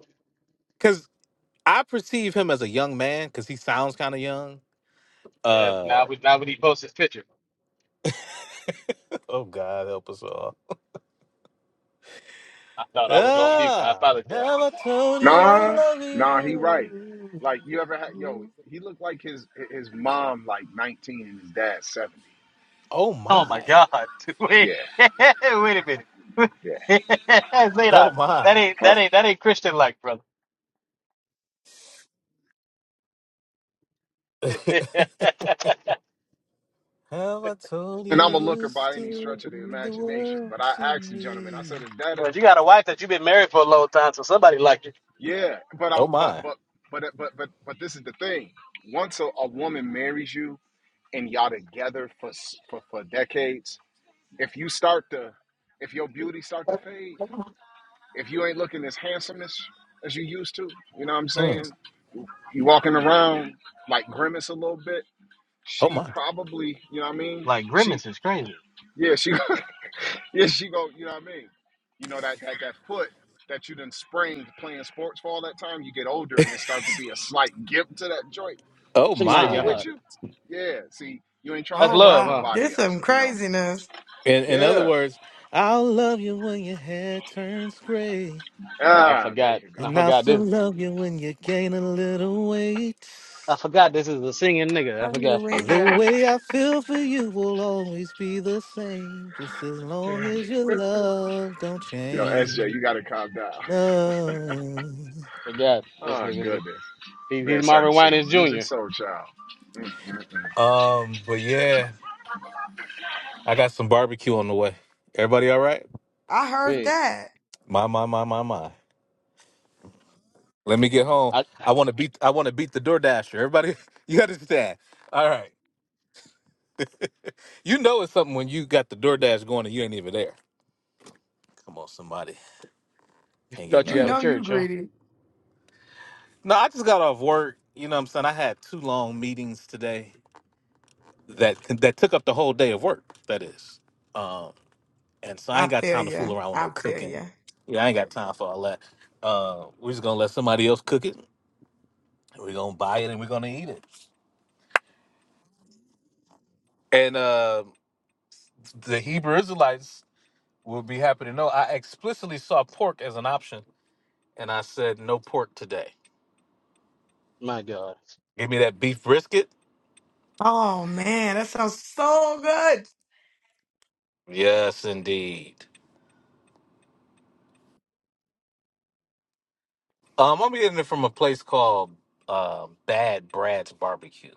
[SPEAKER 1] I perceive him as a young man because he sounds kind of young.
[SPEAKER 4] Yeah, now
[SPEAKER 1] Uh
[SPEAKER 4] we now when he posts his picture.
[SPEAKER 1] oh God help us all.
[SPEAKER 4] I thought I was on mute. I
[SPEAKER 1] Ah,
[SPEAKER 4] apologize.
[SPEAKER 1] never told you I
[SPEAKER 5] Nah,
[SPEAKER 1] love
[SPEAKER 5] nah, he right.
[SPEAKER 1] you.
[SPEAKER 5] Like you ever had yo, he looked like his his mom like 19 and his dad 70.
[SPEAKER 1] Oh
[SPEAKER 4] Oh my
[SPEAKER 1] my.
[SPEAKER 4] god. Wait
[SPEAKER 5] Yeah,
[SPEAKER 4] wait a minute.
[SPEAKER 5] yeah.
[SPEAKER 1] Oh
[SPEAKER 4] Zadok,
[SPEAKER 1] my.
[SPEAKER 4] that ain't
[SPEAKER 5] Uh,
[SPEAKER 4] that ain't that ain't Christian like, brother. But
[SPEAKER 1] Have I told you
[SPEAKER 5] and I'm a looker
[SPEAKER 1] you
[SPEAKER 5] by any
[SPEAKER 1] still
[SPEAKER 5] stretch of the
[SPEAKER 1] mean the
[SPEAKER 5] imagination.
[SPEAKER 1] world
[SPEAKER 5] But I
[SPEAKER 1] to
[SPEAKER 5] asked the gentleman. I said,
[SPEAKER 1] me?
[SPEAKER 5] "Is that a
[SPEAKER 4] you got a wife that you've been married for a long time, so somebody like you.
[SPEAKER 5] yeah?" But
[SPEAKER 1] Oh
[SPEAKER 5] I'm but
[SPEAKER 1] my.
[SPEAKER 5] but but but but but this is the thing. Once a, a woman marries you and y'all together for, s- for for decades, if you start to if your beauty start to fade, if you ain't looking as handsome as as you used to, you know what I'm saying?
[SPEAKER 1] Mm.
[SPEAKER 5] You walking around like grimace a little bit.
[SPEAKER 1] Oh
[SPEAKER 5] She
[SPEAKER 1] my.
[SPEAKER 5] probably, you know what I mean?
[SPEAKER 4] Like
[SPEAKER 5] She
[SPEAKER 4] grimace is crazy.
[SPEAKER 5] yeah she Yeah, she go, you know what I mean? You know that that that foot that you done sprained playing sports for all that time, you get older and it starts to be a slight gimp to that joint.
[SPEAKER 1] Oh
[SPEAKER 5] She
[SPEAKER 4] My
[SPEAKER 5] still
[SPEAKER 1] my.
[SPEAKER 5] with
[SPEAKER 4] God,
[SPEAKER 5] you? Yeah. See, you ain't trying to
[SPEAKER 4] that's
[SPEAKER 2] Oh,
[SPEAKER 5] attract
[SPEAKER 4] love, huh?
[SPEAKER 2] wow.
[SPEAKER 5] nobody
[SPEAKER 2] There's
[SPEAKER 5] else,
[SPEAKER 2] some
[SPEAKER 5] you know.
[SPEAKER 2] craziness.
[SPEAKER 1] In in other
[SPEAKER 5] Yeah.
[SPEAKER 1] words, I'll love you when your hair turns gray.
[SPEAKER 4] Oh, I
[SPEAKER 5] Ah, there
[SPEAKER 4] forgot.
[SPEAKER 5] you
[SPEAKER 4] I
[SPEAKER 1] And
[SPEAKER 5] go.
[SPEAKER 1] I'll
[SPEAKER 4] forgot
[SPEAKER 1] still
[SPEAKER 4] this.
[SPEAKER 1] love you when you gain a little weight.
[SPEAKER 4] I forgot this is a singing nigga. I forgot.
[SPEAKER 1] The
[SPEAKER 2] Hallelujah.
[SPEAKER 1] way I feel for you will always be the same, just as long
[SPEAKER 5] Yeah.
[SPEAKER 1] as your love don't
[SPEAKER 5] Yo, SJ,
[SPEAKER 1] change.
[SPEAKER 5] you gotta calm down.
[SPEAKER 1] No.
[SPEAKER 4] I forgot this
[SPEAKER 5] Oh
[SPEAKER 4] nigga.
[SPEAKER 5] goodness.
[SPEAKER 4] He,
[SPEAKER 5] Man
[SPEAKER 4] he's
[SPEAKER 5] started
[SPEAKER 4] Marvin
[SPEAKER 5] singing
[SPEAKER 4] Winans
[SPEAKER 5] music
[SPEAKER 4] Jr.
[SPEAKER 5] soul child. Mm-mm-mm.
[SPEAKER 1] Um, but yeah, I got some barbecue on the way. Everybody all right?
[SPEAKER 2] I heard
[SPEAKER 4] Wait,
[SPEAKER 2] that.
[SPEAKER 1] My my my my my. Let me get home.
[SPEAKER 4] I
[SPEAKER 1] I want to beat I want to beat the DoorDasher. Everybody, you understand? All right. You know it's something when you got the DoorDash going and you ain't even there. Come on, somebody. Can't get
[SPEAKER 4] thought
[SPEAKER 1] no
[SPEAKER 4] you
[SPEAKER 2] You
[SPEAKER 4] had a
[SPEAKER 1] help.
[SPEAKER 2] know you
[SPEAKER 4] church, huh?
[SPEAKER 2] greedy.
[SPEAKER 1] No, I just got off work. You know what I'm saying? I had two long meetings today that that took up the whole day of work, that is. Um, and so I
[SPEAKER 2] I
[SPEAKER 1] ain't got
[SPEAKER 2] feel
[SPEAKER 1] time to fool
[SPEAKER 2] you.
[SPEAKER 1] around with
[SPEAKER 2] I
[SPEAKER 1] no
[SPEAKER 2] feel
[SPEAKER 1] cooking.
[SPEAKER 2] you.
[SPEAKER 1] Yeah, I ain't got time for all that. Uh, we're just gonna let somebody else cook it. and We're gonna buy it and we're gonna eat it. And uh, the Hebrew Israelites will be happy to know I explicitly saw pork as an option, and I said no pork today.
[SPEAKER 4] My God,
[SPEAKER 1] Give me that beef brisket.
[SPEAKER 2] Oh man, that sounds so good.
[SPEAKER 1] Yes, indeed. Um, I'm getting it from a place called uh, Bad Brad's Barbecue.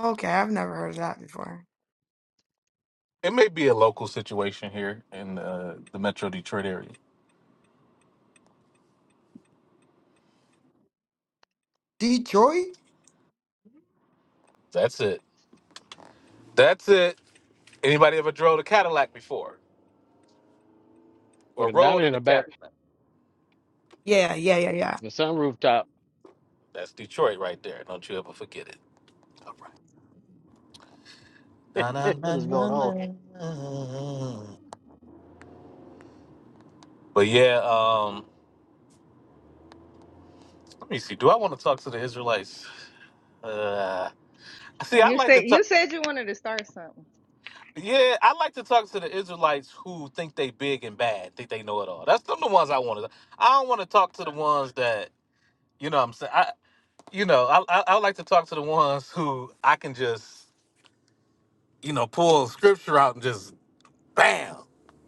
[SPEAKER 2] Okay, I've never heard of that before.
[SPEAKER 1] It may be a local situation here in uh, the Metro Detroit area.
[SPEAKER 2] Detroit?
[SPEAKER 1] That's it. That's it. Anybody ever drove a Cadillac before
[SPEAKER 4] with
[SPEAKER 1] or
[SPEAKER 4] a
[SPEAKER 1] rode
[SPEAKER 4] diamond
[SPEAKER 1] in
[SPEAKER 4] in
[SPEAKER 1] a
[SPEAKER 4] the back
[SPEAKER 1] Cadillac?
[SPEAKER 2] Yeah, yeah, yeah, yeah.
[SPEAKER 4] and a sun rooftop.
[SPEAKER 1] That's Detroit right there. Don't you ever forget it. All right. Na, na,
[SPEAKER 4] what
[SPEAKER 1] na,
[SPEAKER 4] is going
[SPEAKER 1] na,
[SPEAKER 4] on?
[SPEAKER 1] na, na. But yeah, um, let me see. Do I want to talk to the Israelites? Uh, see, I
[SPEAKER 6] You
[SPEAKER 1] like to
[SPEAKER 6] said
[SPEAKER 1] talk.
[SPEAKER 6] you said you wanted to start something.
[SPEAKER 1] Yeah, I like to talk to the Israelites who think they big and bad, think they know it all. That's them the ones I want to. I don't want to talk to the ones that you know. what I'm saying, I you know, I, I I like to talk to the ones who I can just you know pull scripture out and just bam,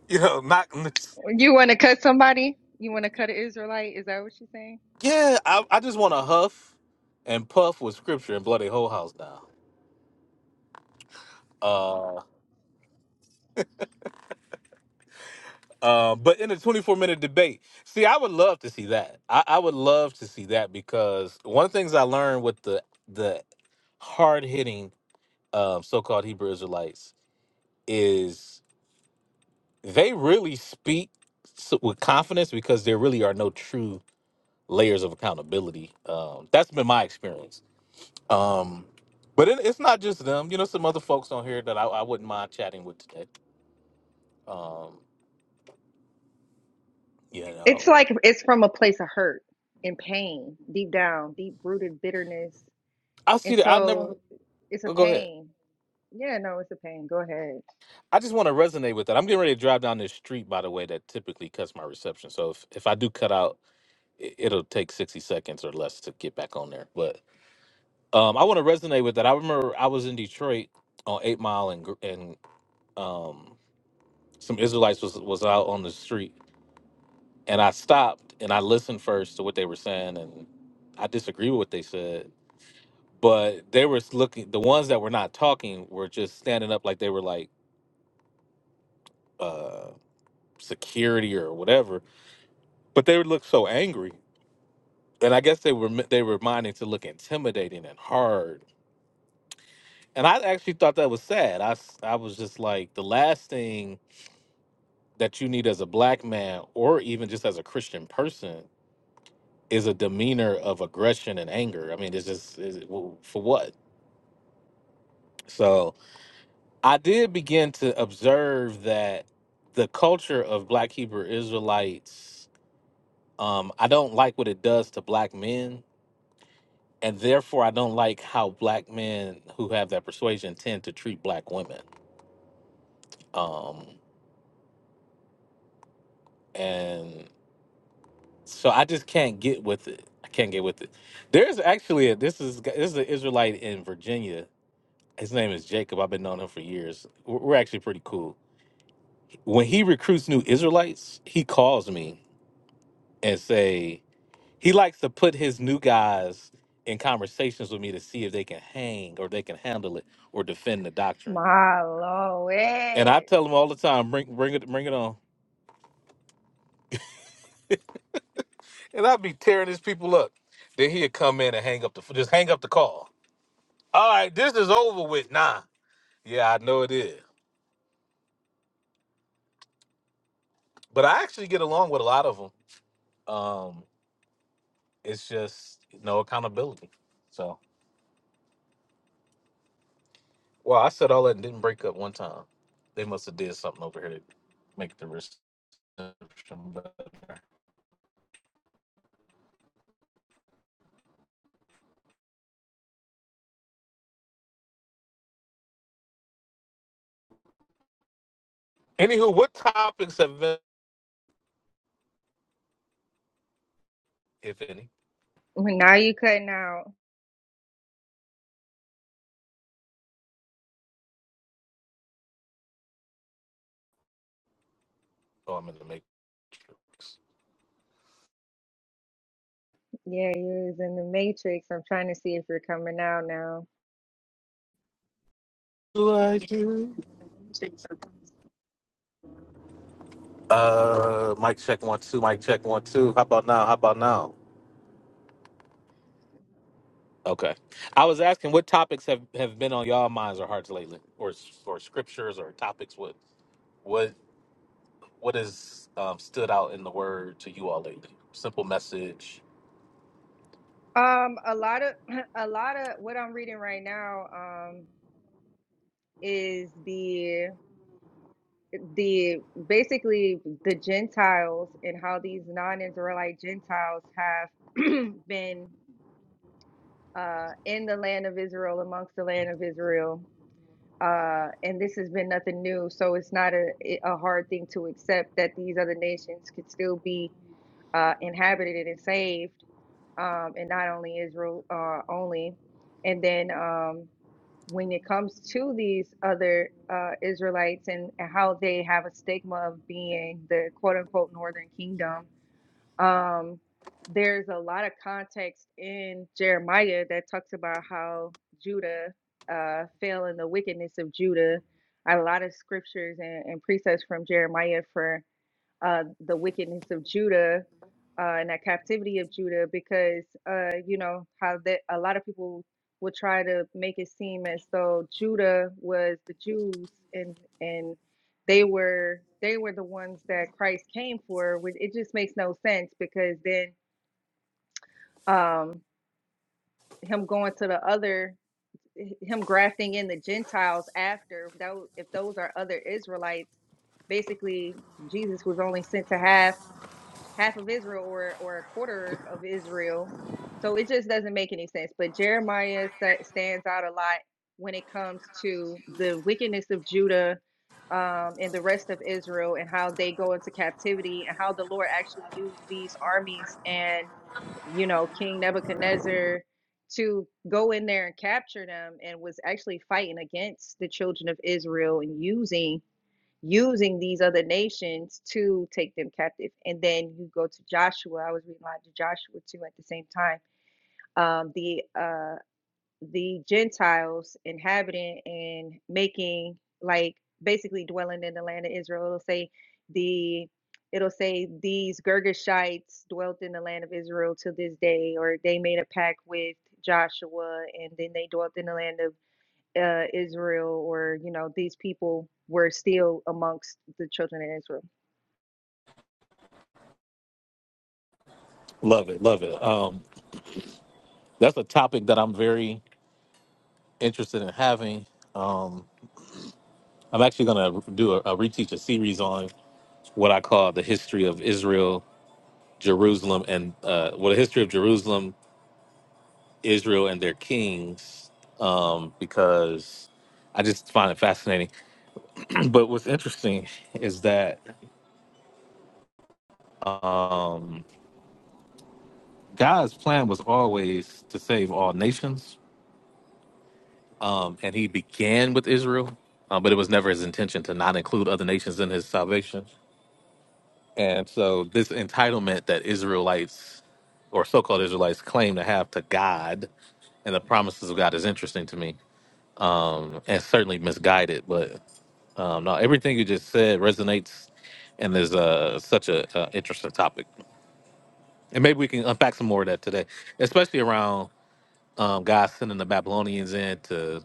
[SPEAKER 1] you know, knock. 'em this-
[SPEAKER 6] You want to cut somebody? You want to cut an Israelite? Is that what you're saying?
[SPEAKER 1] Yeah, I I just want to huff and puff with scripture and blow their whole house down. Uh, Uh, but in a 24 minute debate, see, I would love to see that. I, I would love to see that because one of the things I learned with the the hard hitting um, so called Hebrew Israelites is they really speak s- with confidence because there really are no true layers of accountability. Um, that's been my experience. Um, but it, it's not just them. You know, some other folks on here that I, I wouldn't mind chatting with today. Um, you
[SPEAKER 6] It's
[SPEAKER 1] know,
[SPEAKER 6] like it's from a place of hurt and pain, deep down, deep rooted bitterness,
[SPEAKER 1] I
[SPEAKER 6] and
[SPEAKER 1] see that. I
[SPEAKER 6] so
[SPEAKER 1] never.
[SPEAKER 6] it's a
[SPEAKER 1] Go ahead.
[SPEAKER 6] pain. Yeah, no, it's a pain. Go ahead.
[SPEAKER 1] I just want to resonate with that. I'm getting ready to drive down this street, by the way, that typically cuts my reception. So if, if I do cut out, i- it'll take 60 seconds or less to get back on there. But um, I want to resonate with that. I remember I was in Detroit on Eight Mile and gr- and um, some Israelites was was out on the street, and I stopped and I listened first to what they were saying, and I disagree with what they said. But they were looking. The ones that were not talking were just standing up like they were like. Uh, security or whatever But they would look so angry, and I guess they were they were minded to look intimidating and hard. And I actually thought that was sad. I s- I was just like, the last thing that you need as a black man, or even just as a Christian person, is a demeanor of aggression and anger. I mean, it's just is it, well, for what? So I did begin to observe that the culture of Black Hebrew Israelites. Um, I don't like what it does to black men and therefore I don't like how black men who have that persuasion tend to treat black women. Um, and so I just can't get with it. I can't get with it. There's actually a, this is this is an Israelite in Virginia. His name is Jacob. I've been knowing him for years. We're we're actually pretty cool. When he recruits new Israelites, he calls me and say he likes to put his new guys in conversations with me to see if they can hang or they can handle it or defend the doctrine.
[SPEAKER 6] My
[SPEAKER 1] And I
[SPEAKER 6] Lord.
[SPEAKER 1] tell him all the time, bring bring it bring it on. And I'd be tearing these people up. Then he'd come in and hang up the just hang up the call. All right, this is over with. Nah. Yeah, I know it is. But I actually get along with a lot of them. Um, it's just no accountability. So well, I said all that and didn't break up one time. They must have did something over here to make the reception better. Anywho, what topics have been if any?
[SPEAKER 6] Well, Now you cutting out.
[SPEAKER 1] Oh, I'm in the matrix.
[SPEAKER 6] Yeah, you was in the Matrix. I'm trying to see if you're coming out now.
[SPEAKER 1] Do I do? Uh, mic check one two. Mic check one two. How about now? How about now? Okay. I was asking what topics have, have been on y'all minds or hearts lately, or s- or scriptures or topics. What what what has um, stood out in the word to you all lately? Simple message.
[SPEAKER 6] Um, a lot of a lot of what I'm reading right now, um, is the the basically the Gentiles and how these non-Israelite Gentiles have been uh in the land of Israel amongst the land of Israel. Uh, and this has been nothing new, so it's not a a hard thing to accept that these other nations could still be uh inhabited and saved um, and not only Israel uh, only. And then um, when it comes to these other uh, Israelites and, and how they have a stigma of being the quote unquote northern kingdom, um, there's a lot of context in Jeremiah that talks about how Judah uh, fell in the wickedness of Judah. A lot of scriptures and, and precepts from Jeremiah for uh, the wickedness of Judah uh, and that captivity of Judah, because uh, you know how that a lot of people will try to make it seem as though Judah was the Jews and and they were they were the ones that Christ came for. Which it just makes no sense because then um, him going to the other him grafting in the Gentiles after though if those are other Israelites, basically Jesus was only sent to half half of Israel or or a quarter of Israel. So it just doesn't make any sense. But Jeremiah sta- stands out a lot when it comes to the wickedness of Judah um, and the rest of Israel and how they go into captivity and how the Lord actually used these armies and you know King Nebuchadnezzar to go in there and capture them and was actually fighting against the children of Israel and using using these other nations to take them captive. And then you go to Joshua. I was reading a lot to Joshua too at the same time. Um, the uh, the Gentiles inhabiting and making like basically dwelling in the land of Israel. It'll say the it'll say these Girgashites dwelt in the land of Israel to this day, or they made a pact with Joshua, and then they dwelt in the land of uh, Israel or you know these people were still amongst the children of Israel.
[SPEAKER 1] Love it, love it. Um, that's a topic that I'm very interested in having. Um, I'm actually going to do a, a reteach a series on what I call the history of Israel, Jerusalem, and uh, well, the history of Jerusalem Israel and their kings um, because I just find it fascinating. but what's interesting is that um, God's plan was always to save all nations, um, and He began with Israel, um, but it was never His intention to not include other nations in His salvation. And so, this entitlement that Israelites or so-called Israelites claim to have to God and the promises of God is interesting to me, um, and certainly misguided. but. Um, no, everything you just said resonates, and there's uh, such a uh, interesting topic, and maybe we can unpack some more of that today, especially around um, God sending the Babylonians in to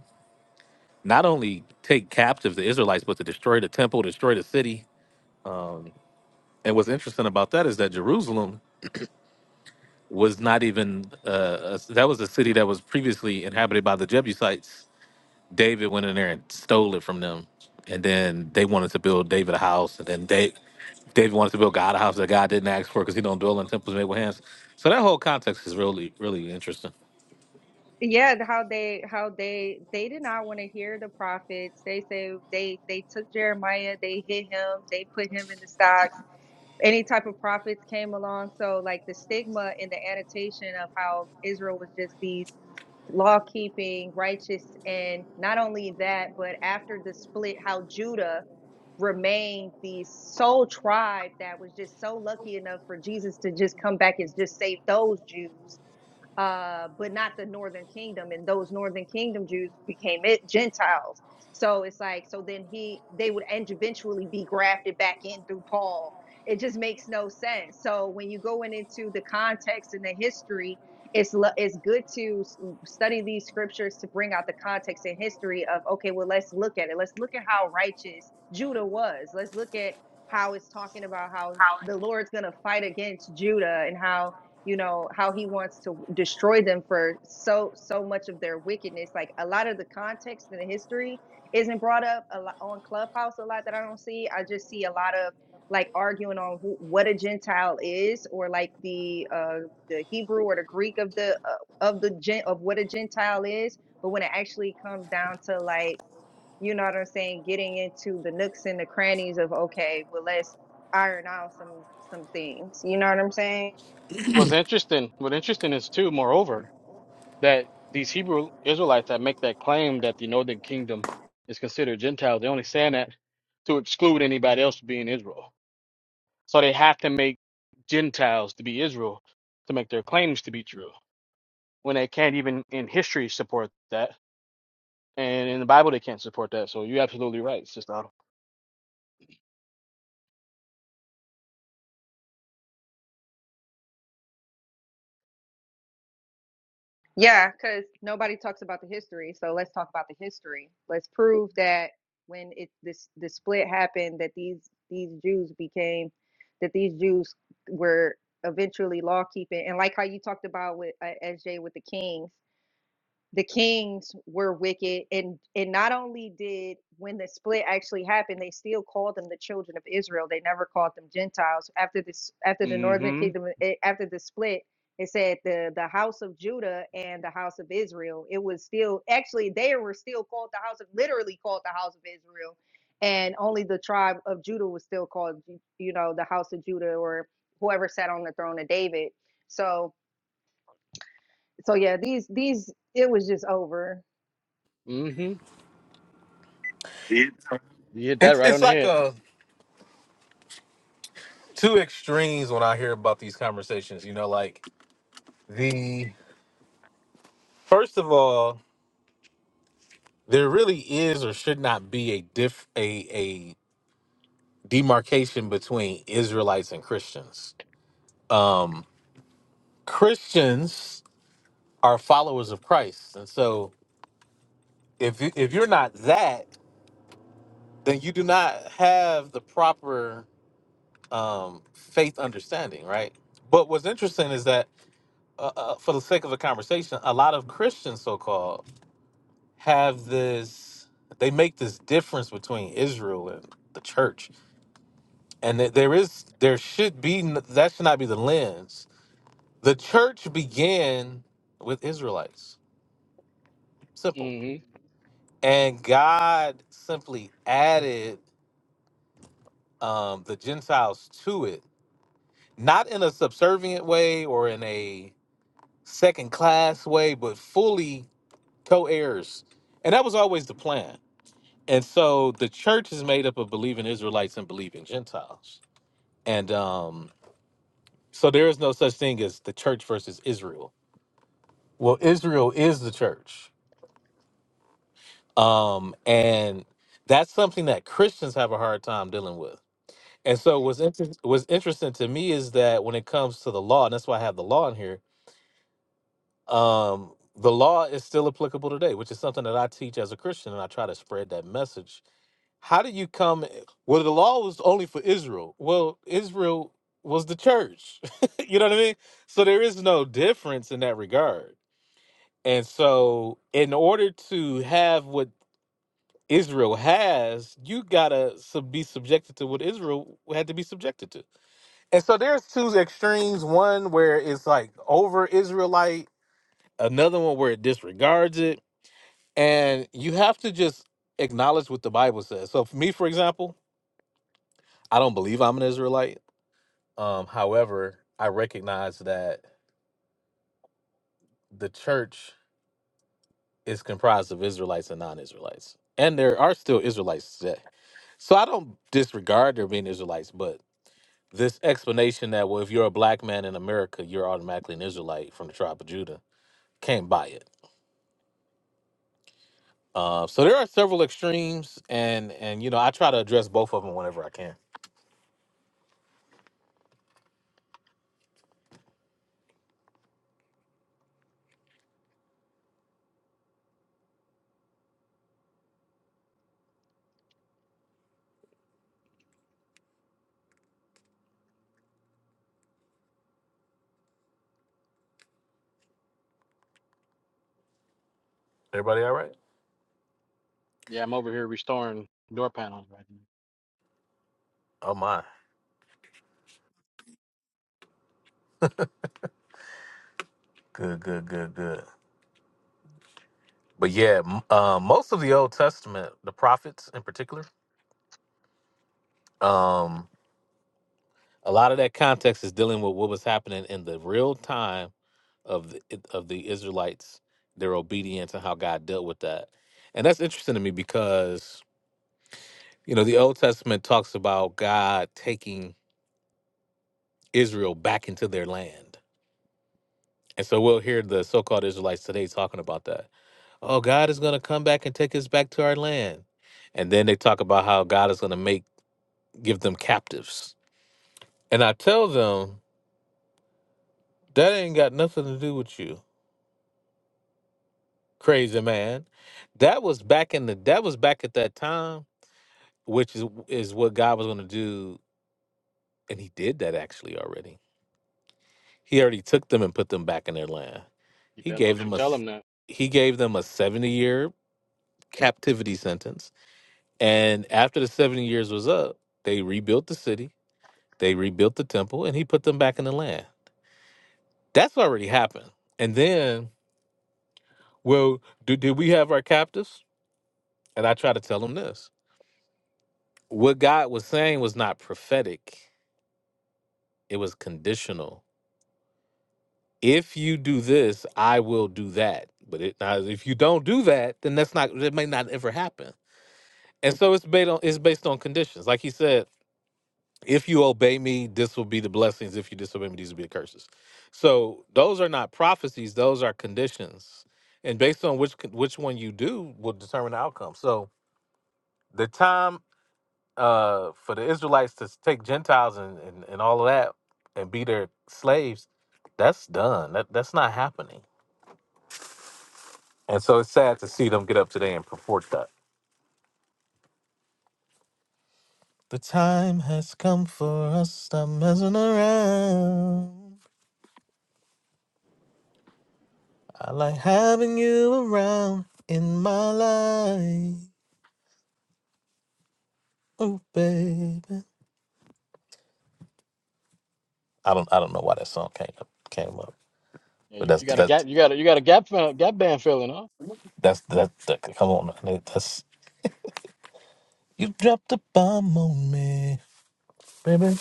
[SPEAKER 1] not only take captive the Israelites, but to destroy the temple, destroy the city. And what's interesting about that is that Jerusalem was not even uh, a- that was a city that was previously inhabited by the Jebusites David went in there and stole it from them, and then they wanted to build David a house, and then they David wanted to build God a house that God didn't ask for because he don't dwell in temples made with hands. So that whole context is really really interesting.
[SPEAKER 6] Yeah, how they how they they did not want to hear the prophets. They say they they took Jeremiah, they hit him, they put him in the stocks. Any type of prophets came along, so like the stigma and the annotation of how Israel was just these law keeping, righteous. And not only that, but after the split, how Judah remained the sole tribe that was just so lucky enough for Jesus to just come back and just save those Jews uh, but not the northern kingdom. And those northern kingdom Jews became it Gentiles. So it's like so then he they would end eventually be grafted back in through Paul. It just makes no sense. So when you going into the context and the history, it's it's good to study these scriptures to bring out the context and history of okay, well let's look at it. Let's look at how righteous Judah was. Let's look at how it's talking about how the Lord's going to fight against Judah and how you know how he wants to destroy them for so so much of their wickedness like a lot of the context and the history isn't brought up a lot on clubhouse a lot that i don't see i just see a lot of like arguing on who, what a gentile is or like the uh the hebrew or the greek of the uh, of the gen of what a gentile is but when it actually comes down to like you know what i'm saying getting into the nooks and the crannies of okay well let's iron out some some things you know what i'm saying
[SPEAKER 4] What's interesting? What interesting is too. Moreover, that these Hebrew Israelites that make that claim that the northern kingdom is considered Gentile, they're only saying that to exclude anybody else from being Israel. So they have to make Gentiles to be Israel to make their claims to be true. When they can't even in history support that. And in the Bible they can't support that. So you're absolutely right, Sister Autumn.
[SPEAKER 6] Yeah, because nobody talks about the history. So let's talk about the history. Let's prove that when it this the split happened, that these these Jews became that these Jews were eventually law keeping. And like how you talked about with uh, SJ with the kings, the kings were wicked and and not only did when the split actually happened they still called them the children of israel they never called them gentiles after this after the northern
[SPEAKER 4] hmm
[SPEAKER 6] kingdom eh, after the split it said the the house of judah and the house of israel it was still actually they were still called the house of literally called the house of israel and only the tribe of judah was still called you know the house of judah or whoever sat on the throne of david so so yeah these these it was just over
[SPEAKER 4] Mm-hmm. You hit that
[SPEAKER 1] It's
[SPEAKER 4] right on
[SPEAKER 1] it's
[SPEAKER 4] the
[SPEAKER 1] like
[SPEAKER 4] head.
[SPEAKER 1] uh two extremes when I hear about these conversations. You know, like the first of all, there really is or should not be a diff a a demarcation between Israelites and Christians. Christians are followers of Christ, and so if you, if you're not that, then you do not have the proper um, faith understanding, right? But what's interesting is that, uh, uh, for the sake of the conversation, a lot of Christians, so called, have this. They make this difference between Israel and the church, and that there is there should be n- that should not be the lens. The church began with Israelites, simple,
[SPEAKER 4] Mm-hmm.
[SPEAKER 1] and God simply added um, the Gentiles to it not in a subservient way or in a second class way, but fully co heirs. And that was always the plan. And so the church is made up of believing Israelites and believing Gentiles. And um, so there is no such thing as the church versus Israel. Well, Israel is the church. Um, and that's something that Christians have a hard time dealing with. And so what's, inter- what's interesting to me is that when it comes to the law, and that's why I have the law in here, um, the law is still applicable today, which is something that I teach as a Christian, and I try to spread that message. How do you come? eh, Well, the law was only for Israel. Well, Israel was the church. you know what I mean? So there is no difference in that regard. And so, in order to have what Israel has, you gotta sub- be subjected to what Israel had to be subjected to. And so, there's two extremes: one where it's like over Israelite, another one where it disregards it And you have to just acknowledge what the Bible says. So, for me, for example, I don't believe I'm an Israelite. Um, however, I recognize that the church is comprised of Israelites and non Israelites. And there are still Israelites today. So, I don't disregard there being Israelites, but this explanation that, well, if you're a black man in America, you're automatically an Israelite from the tribe of Judah, can't buy it. Uh, so there are several extremes, and and you know I try to address both of them whenever I can. Everybody, all right?
[SPEAKER 4] Yeah, I'm over here restoring door panels right now.
[SPEAKER 1] Oh my! Good, good, good, good. But yeah, m- uh, most of the Old Testament, the prophets in particular, um, a lot of that context is dealing with what was happening in the real time of the, of the Israelites, their obedience, and how God dealt with that. And that's interesting to me because you know the Old Testament talks about God taking Israel back into their land, and so we'll hear the so-called Israelites today talking about that. Oh, God is going to come back and take us back to our land. And then they talk about how God is going to make give them captives. And I tell them, that ain't got nothing to do with you, crazy man. That was back in the that was back at that time, which is is what God was gonna do, and he did that actually already. He already took them and put them back in their land.
[SPEAKER 4] You
[SPEAKER 1] He
[SPEAKER 4] better
[SPEAKER 1] gave
[SPEAKER 4] don't you
[SPEAKER 1] them a
[SPEAKER 4] tell
[SPEAKER 1] s-
[SPEAKER 4] them that.
[SPEAKER 1] he gave them a 70 year captivity sentence. And after the 70 years was up, they rebuilt the city, they rebuilt the temple, and he put them back in the land. That's already happened. And then Well, do, did we have our captives? And I try to tell them this. What God was saying was not prophetic, it was conditional. If you do this, I will do that. But it, now, if you don't do that, then that's not, it may not ever happen. And so it's based on, it's based on conditions. Like he said, if you obey me, this will be the blessings. If you disobey me, these will be the curses. So those are not prophecies, those are conditions. And based on which, con- which one you do will determine the outcome. So, the time uh, for the Israelites to take Gentiles and, and, and all of that and be their slaves, that's done. That that's not happening. And so it's sad to see them get up today and purport that. The time has come for us to stop messing around. I like having you around in my life. Oh baby. I don't I don't know why that song came up came up.
[SPEAKER 4] Yeah,
[SPEAKER 1] But
[SPEAKER 4] you,
[SPEAKER 1] that's
[SPEAKER 4] you got a
[SPEAKER 1] that's
[SPEAKER 4] gap. You got a you got a gap fill, gap band filling, huh?
[SPEAKER 1] that's that's that, come on. That's you dropped a bomb on me. Baby.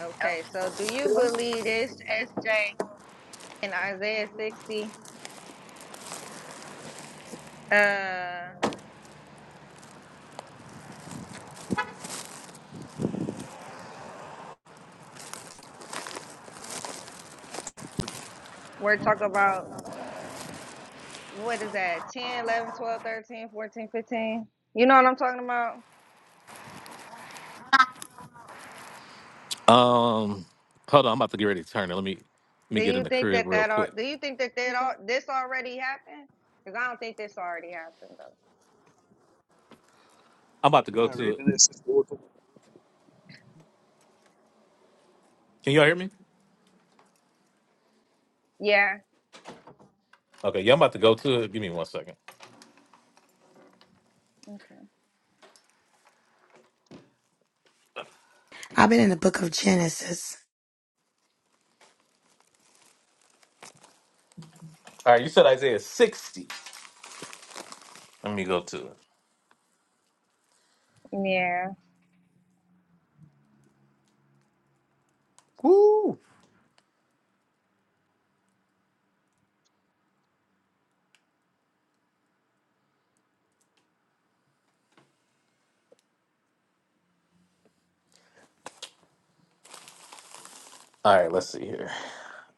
[SPEAKER 6] Okay, so do you believe this SJ in Isaiah 60? Uh, we're talking about what is that 10, 11, 12, 13, 14, 15. You know what I'm talking about?
[SPEAKER 1] Um, hold on, I'm about to get ready to turn it. Let me let me
[SPEAKER 6] Do
[SPEAKER 1] get in
[SPEAKER 6] you
[SPEAKER 1] the
[SPEAKER 6] think
[SPEAKER 1] crib
[SPEAKER 6] that
[SPEAKER 1] real
[SPEAKER 6] that all
[SPEAKER 1] quick.
[SPEAKER 6] do you think that that all this already happened? Because I don't think this already happened though.
[SPEAKER 1] I'm about to go
[SPEAKER 7] mind
[SPEAKER 1] to
[SPEAKER 7] reading
[SPEAKER 1] it.
[SPEAKER 7] this, Sister Walter? Can
[SPEAKER 1] Can y'all hear me?
[SPEAKER 6] Yeah,
[SPEAKER 1] Okay, yeah, I'm about to go to it. Give me one second.
[SPEAKER 6] okay,
[SPEAKER 2] I've been in the book of Genesis.
[SPEAKER 1] All right, you said Isaiah 60. Let me go to it.
[SPEAKER 6] yeah,
[SPEAKER 1] Woo! All right, let's see here.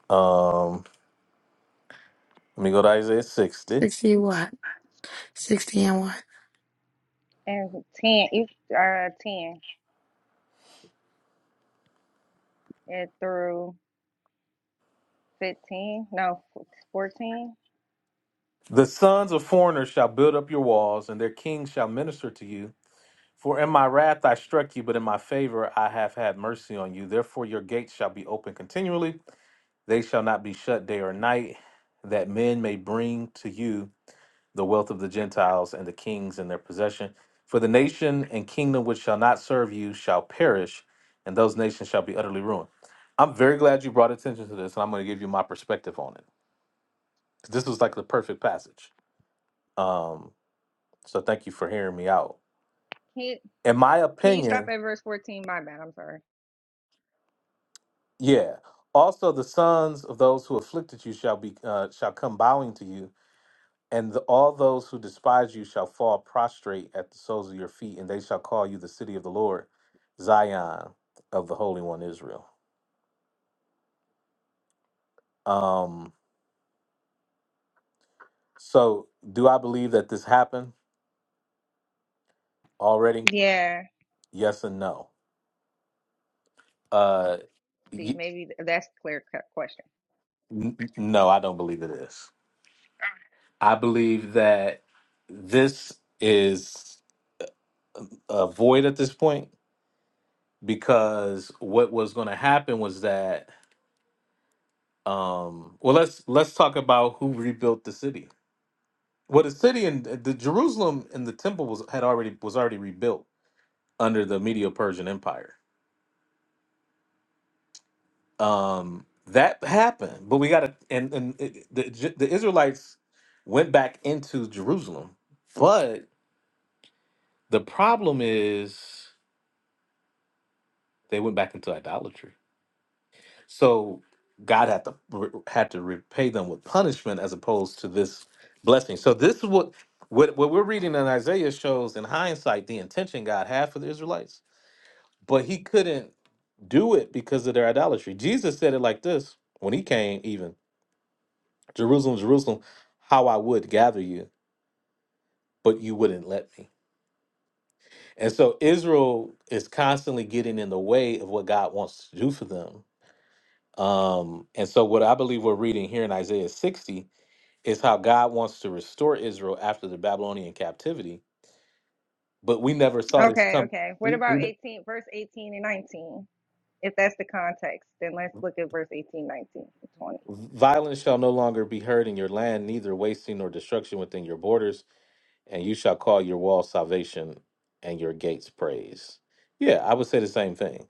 [SPEAKER 1] Um, let me go to Isaiah 60.
[SPEAKER 2] 60 what? 60 and what?
[SPEAKER 6] and 10, you uh, 10 and through 15, no, 14.
[SPEAKER 1] The sons of foreigners shall build up your walls, and their kings shall minister to you. For in my wrath I struck you, but in my favor I have had mercy on you. Therefore your gates shall be open continually, They shall not be shut day or night, that men may bring to you the wealth of the Gentiles and the kings in their possession. For the nation and kingdom which shall not serve you shall perish, and those nations shall be utterly ruined. I'm very glad you brought attention to this, and I'm going to give you my perspective on it. This was like the perfect passage. Um, so thank you for hearing me out.
[SPEAKER 6] Can you,
[SPEAKER 1] In my
[SPEAKER 6] can you stop
[SPEAKER 1] opinion,
[SPEAKER 6] at verse 14? My bad, I'm sorry.
[SPEAKER 1] yeah. Also, the sons of those who afflicted you shall be uh, shall come bowing to you, And the, all those who despise you shall fall prostrate at the soles of your feet, and they shall call you the city of the Lord, Zion of the Holy One Israel. Um, so, do I believe that this happened already?
[SPEAKER 6] Yeah.
[SPEAKER 1] Yes and no. Uh,
[SPEAKER 6] See,
[SPEAKER 1] y-
[SPEAKER 6] maybe that's the clear cut question.
[SPEAKER 1] n- n- no, I don't believe it is. I believe that this is a void at this point because what was going to happen was that um well let's let's talk about who rebuilt the city Well, the city and uh, the Jerusalem and the temple was had already was already rebuilt under the Medo-Persian Empire. Um, that happened, but we got to and and it, the J- the Israelites went back into Jerusalem, but the problem is they went back into idolatry. So God had to re- had to repay them with punishment as opposed to this blessing. So this is what what what we're reading in Isaiah shows in hindsight the intention God had for the Israelites but he couldn't do it because of their idolatry. Jesus said it like this when he came, even Jerusalem, Jerusalem, how I would gather you, but you wouldn't let me. And so Israel is constantly getting in the way of what God wants to do for them. Um, and so what I believe we're reading here in Isaiah 60 is how God wants to restore Israel after the Babylonian captivity, but we never saw this
[SPEAKER 6] Okay,
[SPEAKER 1] come.
[SPEAKER 6] okay. What
[SPEAKER 1] We,
[SPEAKER 6] about
[SPEAKER 1] we,
[SPEAKER 6] 18, verse 18 and 19? If that's the context, then let's look at verse 18, 19, and 20.
[SPEAKER 1] violence shall no longer be heard in your land, neither wasting nor destruction within your borders. and you shall call your wall salvation and your gates praise. Yeah, I would say the same thing.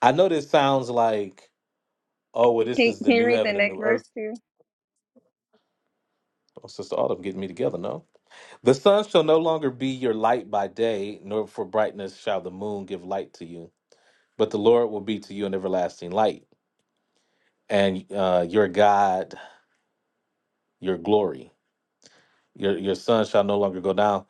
[SPEAKER 1] I know this sounds like, oh, well, this
[SPEAKER 6] Can,
[SPEAKER 1] is the
[SPEAKER 6] can you
[SPEAKER 1] new
[SPEAKER 6] read the
[SPEAKER 1] heaven and
[SPEAKER 6] next
[SPEAKER 1] new
[SPEAKER 6] verse
[SPEAKER 1] earth.
[SPEAKER 6] too?
[SPEAKER 1] Oh, Sister Autumn getting me together, no? The sun shall no longer be your light by day, nor for brightness shall the moon give light to you. But the Lord will be to you an everlasting light, and uh, your God, your glory. Your, your sun shall no longer go down.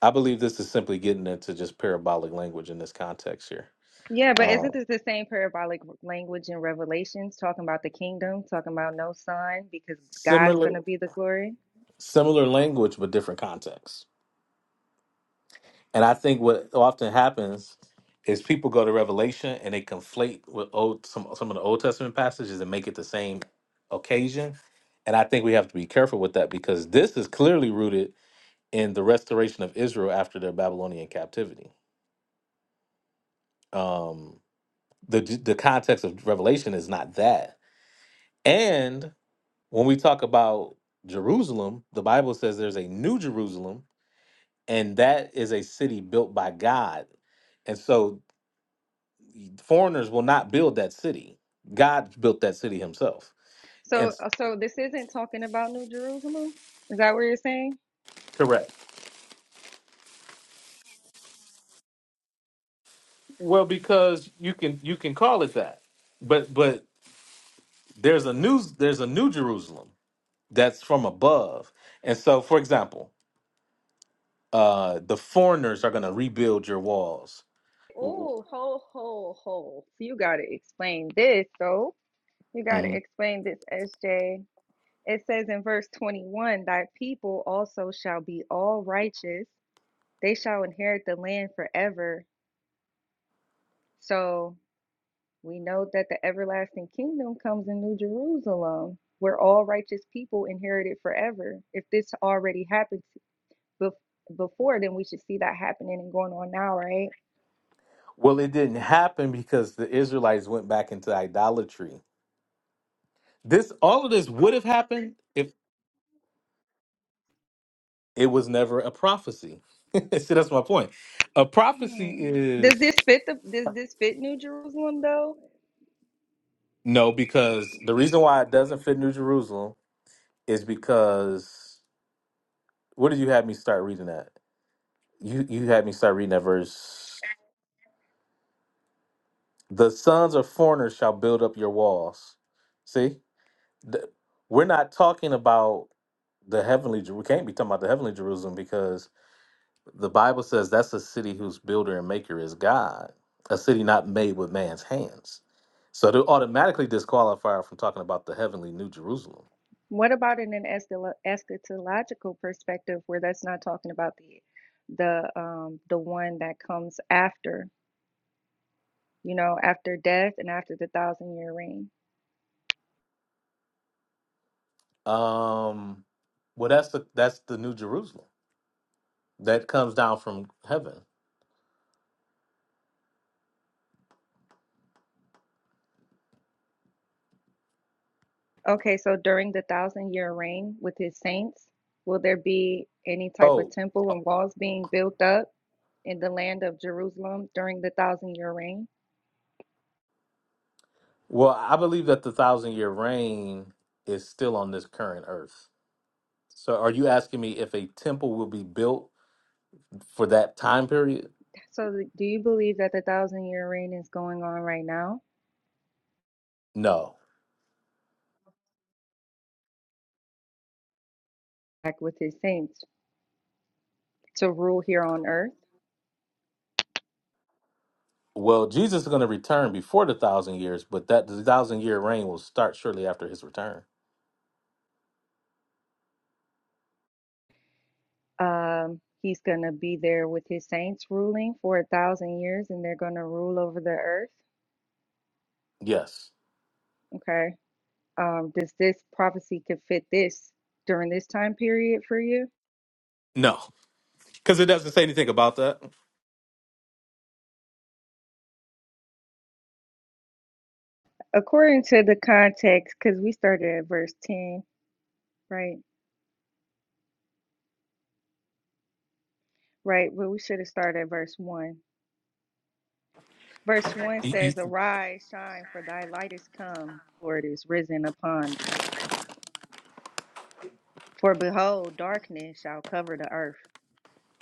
[SPEAKER 1] I believe this is simply getting into just parabolic language in this context here.
[SPEAKER 6] Yeah, but
[SPEAKER 1] Um,
[SPEAKER 6] isn't this the same parabolic language in Revelations talking about the kingdom, talking about no sun because God's
[SPEAKER 1] similar,
[SPEAKER 6] going to be the glory?
[SPEAKER 1] Similar language, but different context. And I think what often happens is people go to Revelation and they conflate with old some some of the Old Testament passages and make it the same occasion. And I think we have to be careful with that because this is clearly rooted in the restoration of Israel after their Babylonian captivity. Um, the the context of Revelation is not that. And when we talk about Jerusalem, the Bible says there's a new Jerusalem and that is a city built by God. And so foreigners will not build that city. God built that city himself. And
[SPEAKER 6] So,
[SPEAKER 1] s-
[SPEAKER 6] so this isn't talking about New Jerusalem? Is that what you're saying?
[SPEAKER 1] correct. Well, because you can you can call it that. But but there's a new there's a new Jerusalem that's from above. And so for example, uh the foreigners are going to rebuild your walls. W-
[SPEAKER 6] Oh, ho, ho, ho. You got to explain this, though. You got to
[SPEAKER 1] Mhm.
[SPEAKER 6] explain this, SJ. It says in verse 21 Thy people also shall be all righteous, they shall inherit the land forever. So we know that the everlasting kingdom comes in New Jerusalem, where all righteous people inherit it forever. If this already happened bef- before, then we should see that happening and going on now, right?
[SPEAKER 1] Well, it didn't happen because the Israelites went back into idolatry. This all of this would have happened if It was never a prophecy. See, that's my point. A prophecy
[SPEAKER 6] Hmm. Does
[SPEAKER 1] is
[SPEAKER 6] this fit the does this fit New Jerusalem though?
[SPEAKER 1] no, because the reason why it doesn't fit New Jerusalem is because what did you have me start reading that? You you had me start reading that verse. The sons of foreigners shall build up your walls. See, Th- we're not talking about the heavenly. Jer- We can't be talking about the heavenly Jerusalem because The Bible says that's a city whose builder and maker is God, a city not made with man's hands. So to automatically disqualify her from talking about the heavenly New Jerusalem.
[SPEAKER 6] What about in an eschatolo- eschatological perspective where that's not talking about the the um the one that comes after, you know, after death and after the thousand year reign?
[SPEAKER 1] Um, well, that's the that's the New Jerusalem that comes down from heaven.
[SPEAKER 6] Okay, so during the thousand year reign with his saints, will there be any type of
[SPEAKER 1] Oh,
[SPEAKER 6] temple
[SPEAKER 1] uh,
[SPEAKER 6] and walls being built up in the land of Jerusalem during the thousand year reign?
[SPEAKER 1] well, I believe that the thousand year reign is still on this current earth. So, are you asking me if a temple will be built for that time period?
[SPEAKER 6] So do you believe that the thousand year reign is going on right now,
[SPEAKER 1] No,
[SPEAKER 6] like with his saints? to rule here on earth.
[SPEAKER 1] Well, Jesus is going to return before the thousand years, but that the thousand year reign will start shortly after his return.
[SPEAKER 6] Um, he's going to be there with his saints ruling for a thousand years, and they're going to rule over the earth.
[SPEAKER 1] Yes.
[SPEAKER 6] Okay. Um, does this prophecy could fit this during this time period for you?
[SPEAKER 1] No, because it doesn't say anything about that.
[SPEAKER 6] According to the context, because we started at verse 10, right? Right. But we should have started at verse 1. Verse 1
[SPEAKER 1] You-
[SPEAKER 6] says,
[SPEAKER 1] you-
[SPEAKER 6] Arise, shine, for thy light is come, Lord is risen upon thee. For behold, darkness shall cover the earth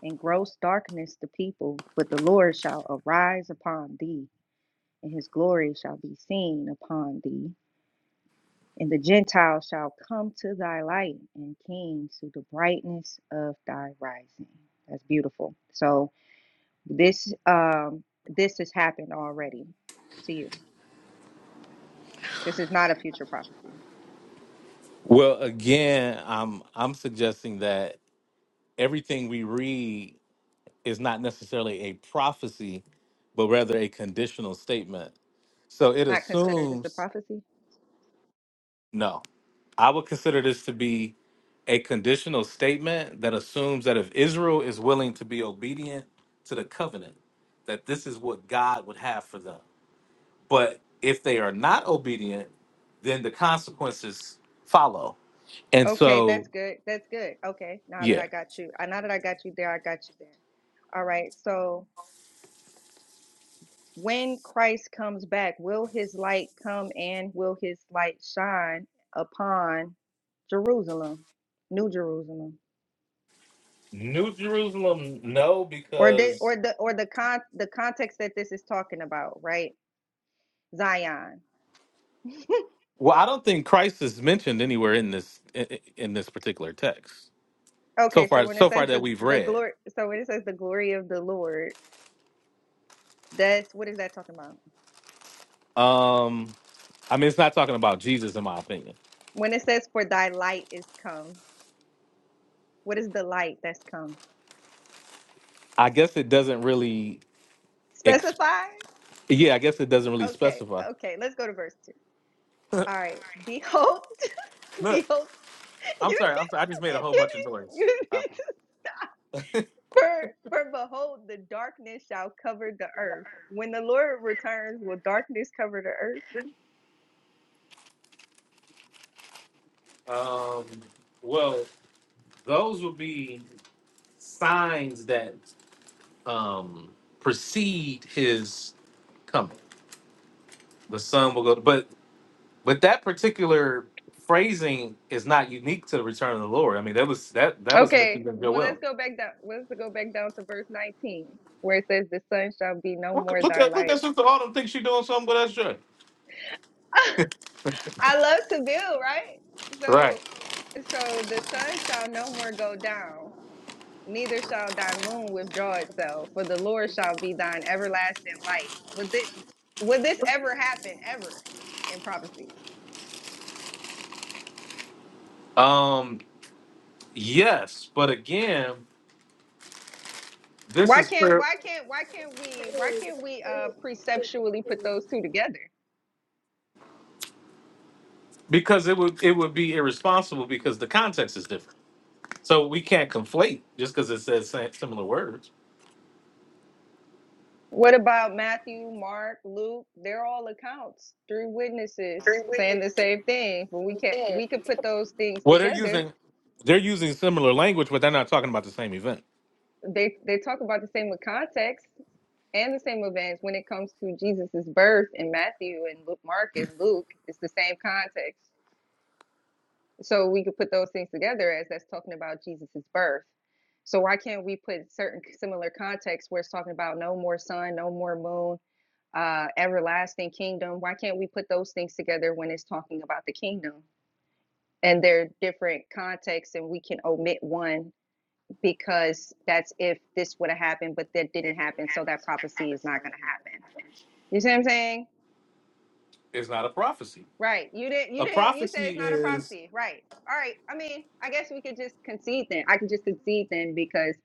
[SPEAKER 6] In gross darkness the people, but the Lord shall arise upon thee, and his glory shall be seen upon thee. And the Gentiles shall come to thy light, and kings to the brightness of thy rising. That's beautiful. So this um this has happened already to you. This is not a future prophecy.
[SPEAKER 1] Well, again, I'm I'm suggesting that everything we read is not necessarily a prophecy, but rather a conditional statement. So it
[SPEAKER 6] I consider this a
[SPEAKER 1] assumes
[SPEAKER 6] prophecy.
[SPEAKER 1] no. I would consider this to be. a conditional statement that assumes that if Israel is willing to be obedient to the covenant, that this is what God would have for them. But if they are not obedient, then the consequences follow. And
[SPEAKER 6] Okay,
[SPEAKER 1] so,
[SPEAKER 6] that's good. That's good. Okay, now that I
[SPEAKER 1] yeah.
[SPEAKER 6] got you, uh, now that I got you there, I got you there. All right, so. when Christ comes back, will his light come and will his light shine upon Jerusalem, New Jerusalem?
[SPEAKER 1] New Jerusalem, no,
[SPEAKER 6] Or the
[SPEAKER 1] because
[SPEAKER 6] or the or the con the context that this is talking about, right? Zion.
[SPEAKER 1] well, I don't think Christ is mentioned anywhere in this in, in this particular text so
[SPEAKER 6] Okay, so
[SPEAKER 1] far.
[SPEAKER 6] when it
[SPEAKER 1] So far
[SPEAKER 6] says
[SPEAKER 1] that
[SPEAKER 6] the
[SPEAKER 1] we've
[SPEAKER 6] the
[SPEAKER 1] read,
[SPEAKER 6] glory so when it says the glory of the Lord, that's what is that talking about?
[SPEAKER 1] um, I mean, it's not talking about Jesus, in my opinion.
[SPEAKER 6] When it says for thy light is come, what is the light that's come?
[SPEAKER 1] I guess it doesn't really. Ex-
[SPEAKER 6] Specify?
[SPEAKER 1] yeah, I guess it doesn't really
[SPEAKER 6] Okay,
[SPEAKER 1] specify.
[SPEAKER 6] okay, let's go to verse two. All right. Behold,
[SPEAKER 1] Look,
[SPEAKER 6] behold
[SPEAKER 1] I'm
[SPEAKER 6] you
[SPEAKER 1] sorry. I'm
[SPEAKER 6] need
[SPEAKER 1] sorry. I just made
[SPEAKER 6] to,
[SPEAKER 1] a whole
[SPEAKER 6] you
[SPEAKER 1] bunch of
[SPEAKER 6] need,
[SPEAKER 1] noise.
[SPEAKER 6] you need to for for behold the darkness shall cover the earth when the lord returns will darkness cover the earth
[SPEAKER 1] Um, well, those would be signs that um, precede his coming. The sun will go, but but that particular phrasing is not unique to the return of the Lord. I mean, that was that that was meant to
[SPEAKER 6] okay
[SPEAKER 1] be
[SPEAKER 6] well let's
[SPEAKER 1] Joel.
[SPEAKER 6] go back down let's go back down to verse 19 where it says the sun shall be no
[SPEAKER 1] Look,
[SPEAKER 6] more
[SPEAKER 1] look
[SPEAKER 6] thy
[SPEAKER 1] at look at
[SPEAKER 6] light
[SPEAKER 1] Sister Autumn thinks she's doing something with that shirt.
[SPEAKER 6] i love to build right
[SPEAKER 1] Right.
[SPEAKER 6] so so the sun shall no more go down neither shall thy moon withdraw itself, for the Lord shall be thine everlasting light. Would this would this ever happen ever in prophecy?
[SPEAKER 1] Um. Yes, but again, this
[SPEAKER 6] Why
[SPEAKER 1] is
[SPEAKER 6] can't
[SPEAKER 1] fair.
[SPEAKER 6] why can't why can't we why can't we uh preceptually put those two together?
[SPEAKER 1] because it would it would be irresponsible because the context is different. So we can't conflate just because it says sa- similar words.
[SPEAKER 6] What about Matthew, Mark, Luke? They're all accounts, three witnesses saying the same thing. But we can't we could put those things
[SPEAKER 1] Well, they're
[SPEAKER 6] together.
[SPEAKER 1] using they're using similar language, but they're not talking about the same event.
[SPEAKER 6] They they talk about the same with context. and the same events when it comes to Jesus's birth in Matthew and Luke, Mark and Luke, it's the same context. So we could put those things together as that's talking about Jesus's birth. So why can't we put certain similar contexts where it's talking about no more sun, no more moon, uh, everlasting kingdom? Why can't we put those things together when it's talking about the kingdom? And they're different contexts, and we can omit one because that's if this would have happened, but that didn't happen, so that prophecy is not going to happen. You see what I'm saying?
[SPEAKER 1] It's not a prophecy.
[SPEAKER 6] Right. You didn't you
[SPEAKER 1] A
[SPEAKER 6] didn't you said it's
[SPEAKER 1] prophecy
[SPEAKER 6] not a
[SPEAKER 1] is
[SPEAKER 6] prophecy. Right. All right. I mean, I guess we could just concede then. I could just concede then because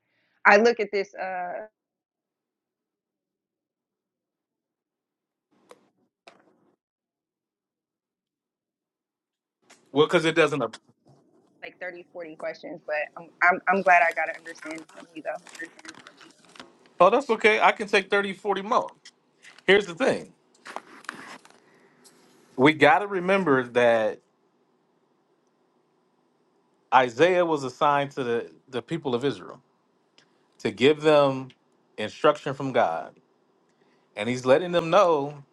[SPEAKER 6] I look at this uh
[SPEAKER 1] well, because it doesn't. ap-
[SPEAKER 6] like 30, 40 questions, but I'm I'm, I'm glad I got to understand it from you though.
[SPEAKER 1] Oh, that's okay. I can take 30, 40 more. Here's the thing: we got to remember that Isaiah was assigned to the the people of Israel to give them instruction from God, and he's letting them know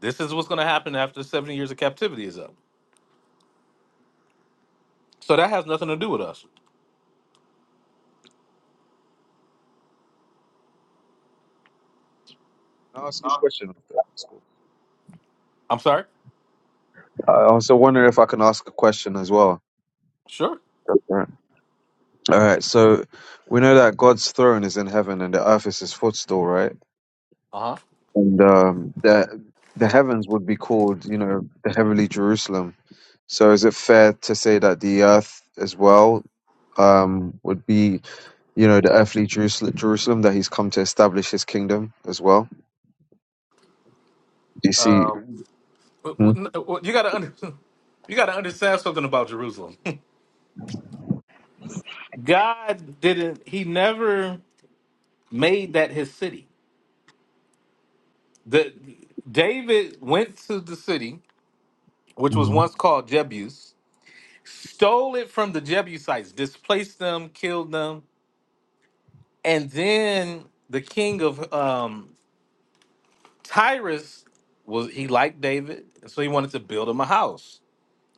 [SPEAKER 1] This is what's going to happen after 70 years of captivity is up. So that has nothing to do with us.
[SPEAKER 7] I ask you a question after that? That's cool.
[SPEAKER 1] I'm sorry.
[SPEAKER 7] I also wonder if I can ask a question as well.
[SPEAKER 1] Sure.
[SPEAKER 7] That's All right. All right, So we know that God's throne is in heaven and the earth is his footstool, right?
[SPEAKER 1] Uh
[SPEAKER 7] And um, that the heavens would be called, you know, the heavenly Jerusalem. So is it fair to say that the earth as well um, would be, you know, the earthly Jerusalem, Jerusalem that he's come to establish his kingdom as well? Do you see?
[SPEAKER 1] huh. Um, but what-
[SPEAKER 7] Mhm.
[SPEAKER 1] what- you got to under, you got to understand something about Jerusalem. God didn't. He never made that his city. The David went to the city, which was
[SPEAKER 7] Mhm.
[SPEAKER 1] once called Jebus, stole it from the Jebusites, displaced them, killed them, and then the king of um, Tyrus was he liked David, and so he wanted to build him a house.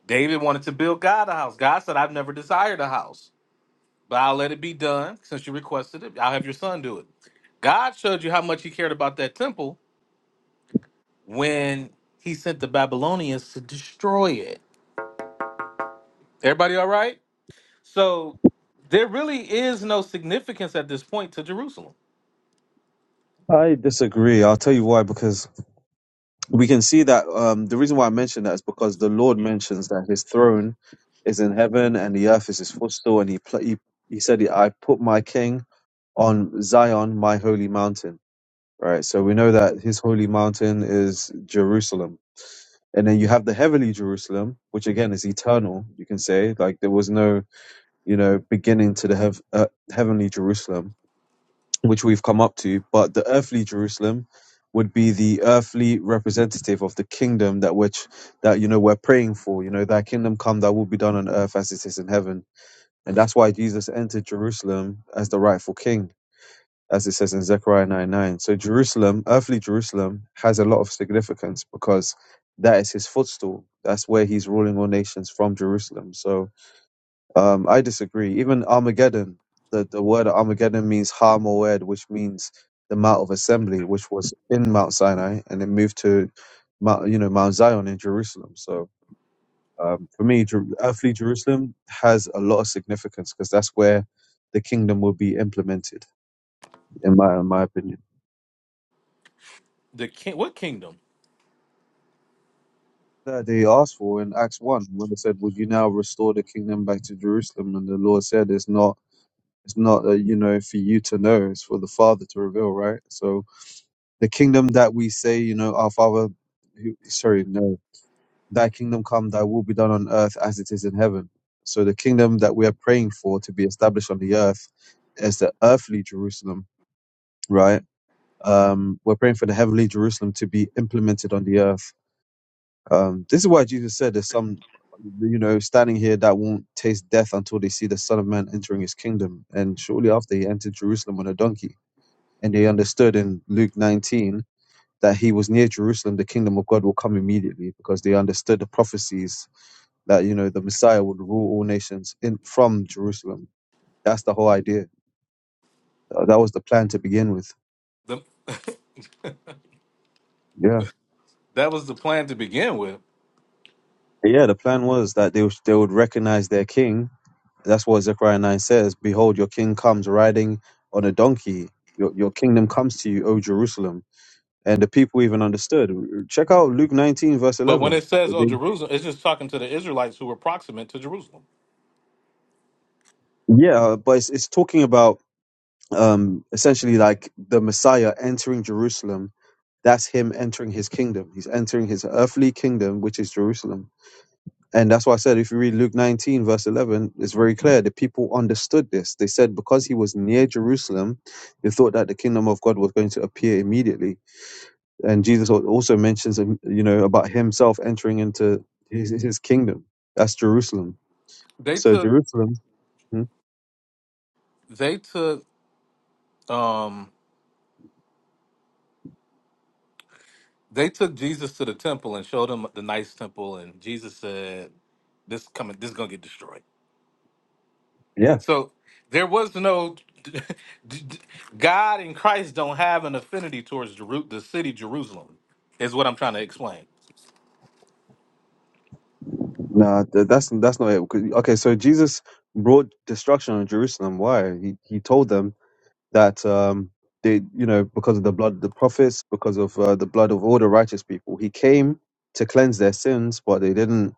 [SPEAKER 1] David wanted to build God a house. God said, "I've never desired a house, but I'll let it be done since you requested it. I'll have your son do it." God showed you how much He cared about that temple when He sent the Babylonians to destroy it. Everybody, all right? So there really is no significance at this point to Jerusalem.
[SPEAKER 7] I disagree. I'll tell you why. Because we can see that um, the reason why I mention that is because the Lord mentions that His throne is in heaven and the earth is His footstool, and He pla he, he said, "I put my King on Zion, my holy mountain." Right. So we know that His holy mountain is Jerusalem, and then you have the heavenly Jerusalem, which again is eternal. You can say like there was no you know beginning to the hev- uh, heavenly Jerusalem which we've come up to, but the earthly Jerusalem would be the earthly representative of the kingdom that which that you know we're praying for. You know, that kingdom come that will be done on earth as it is in heaven. And that's why Jesus entered Jerusalem as the rightful king, as it says in Zechariah 9 9. So Jerusalem, earthly Jerusalem, has a lot of significance because that is his footstool. That's where he's ruling all nations from Jerusalem. So um, I disagree. Even Armageddon, the, the word Armageddon means Har Moed, which means the Mount of Assembly, which was in Mount Sinai, and it moved to, Mount, you know, Mount Zion in Jerusalem. So um, for me, Jer- earthly Jerusalem has a lot of significance because that's where the kingdom will be implemented, in my in my opinion.
[SPEAKER 1] The king, what kingdom?
[SPEAKER 7] That they asked for in Acts one when they said, "Would you now restore the kingdom back to Jerusalem?" and the Lord said, "It's not." It's not, uh, you know, for you to know. It's for the Father to reveal, right? So, the kingdom that we say, you know, our Father, who, sorry, no, thy kingdom come, thy will be done on earth as it is in heaven. So the kingdom that we are praying for to be established on the earth is the earthly Jerusalem, right? Um, we're praying for the heavenly Jerusalem to be implemented on the earth. Um, this is why Jesus said there's some, you know, standing here that won't taste death until they see the Son of Man entering his kingdom. And shortly after, he entered Jerusalem on a donkey. And they understood in Luke 19 that he was near Jerusalem, the kingdom of God will come immediately because they understood the prophecies that you know the Messiah would rule all nations in from Jerusalem. That's the whole idea. Uh, That was the plan to begin with.
[SPEAKER 1] The,
[SPEAKER 7] Yeah,
[SPEAKER 1] that was the plan to begin with
[SPEAKER 7] yeah. The plan was that they would, they would recognize their king. That's what Zechariah nine says. Behold, your king comes riding on a donkey. Your your kingdom comes to you, O Jerusalem. And the people even understood. Check out Luke nineteen verse
[SPEAKER 1] But when
[SPEAKER 7] eleven.
[SPEAKER 1] it says, "Oh,
[SPEAKER 7] They-
[SPEAKER 1] Jerusalem," it's just talking to the Israelites who were proximate to Jerusalem.
[SPEAKER 7] Yeah, but it's, it's talking about um, essentially like the Messiah entering Jerusalem. That's him entering his kingdom. He's entering his earthly kingdom, which is Jerusalem. And that's why I said, if you read Luke 19, verse 11, it's very clear. The people understood this. They said, because he was near Jerusalem, they thought that the kingdom of God was going to appear immediately. And Jesus al- also mentions, um, you know, about himself entering into his, his kingdom. That's Jerusalem.
[SPEAKER 1] They
[SPEAKER 7] So
[SPEAKER 1] took
[SPEAKER 7] Jerusalem. Hmm?
[SPEAKER 1] they took um they took Jesus to the temple and showed him the nice temple, and Jesus said, "This coming, this gonna get destroyed."
[SPEAKER 7] yeah.
[SPEAKER 1] So there was no God and Christ don't have an affinity towards Jeru- the city Jerusalem, is what I'm trying to explain.
[SPEAKER 7] Nah, th- that's that's not it. 'Cause- Okay, so Jesus brought destruction on Jerusalem. Why? He he told them that um they you know because of the blood of the prophets, because of uh, the blood of all the righteous people, he came to cleanse their sins, but they didn't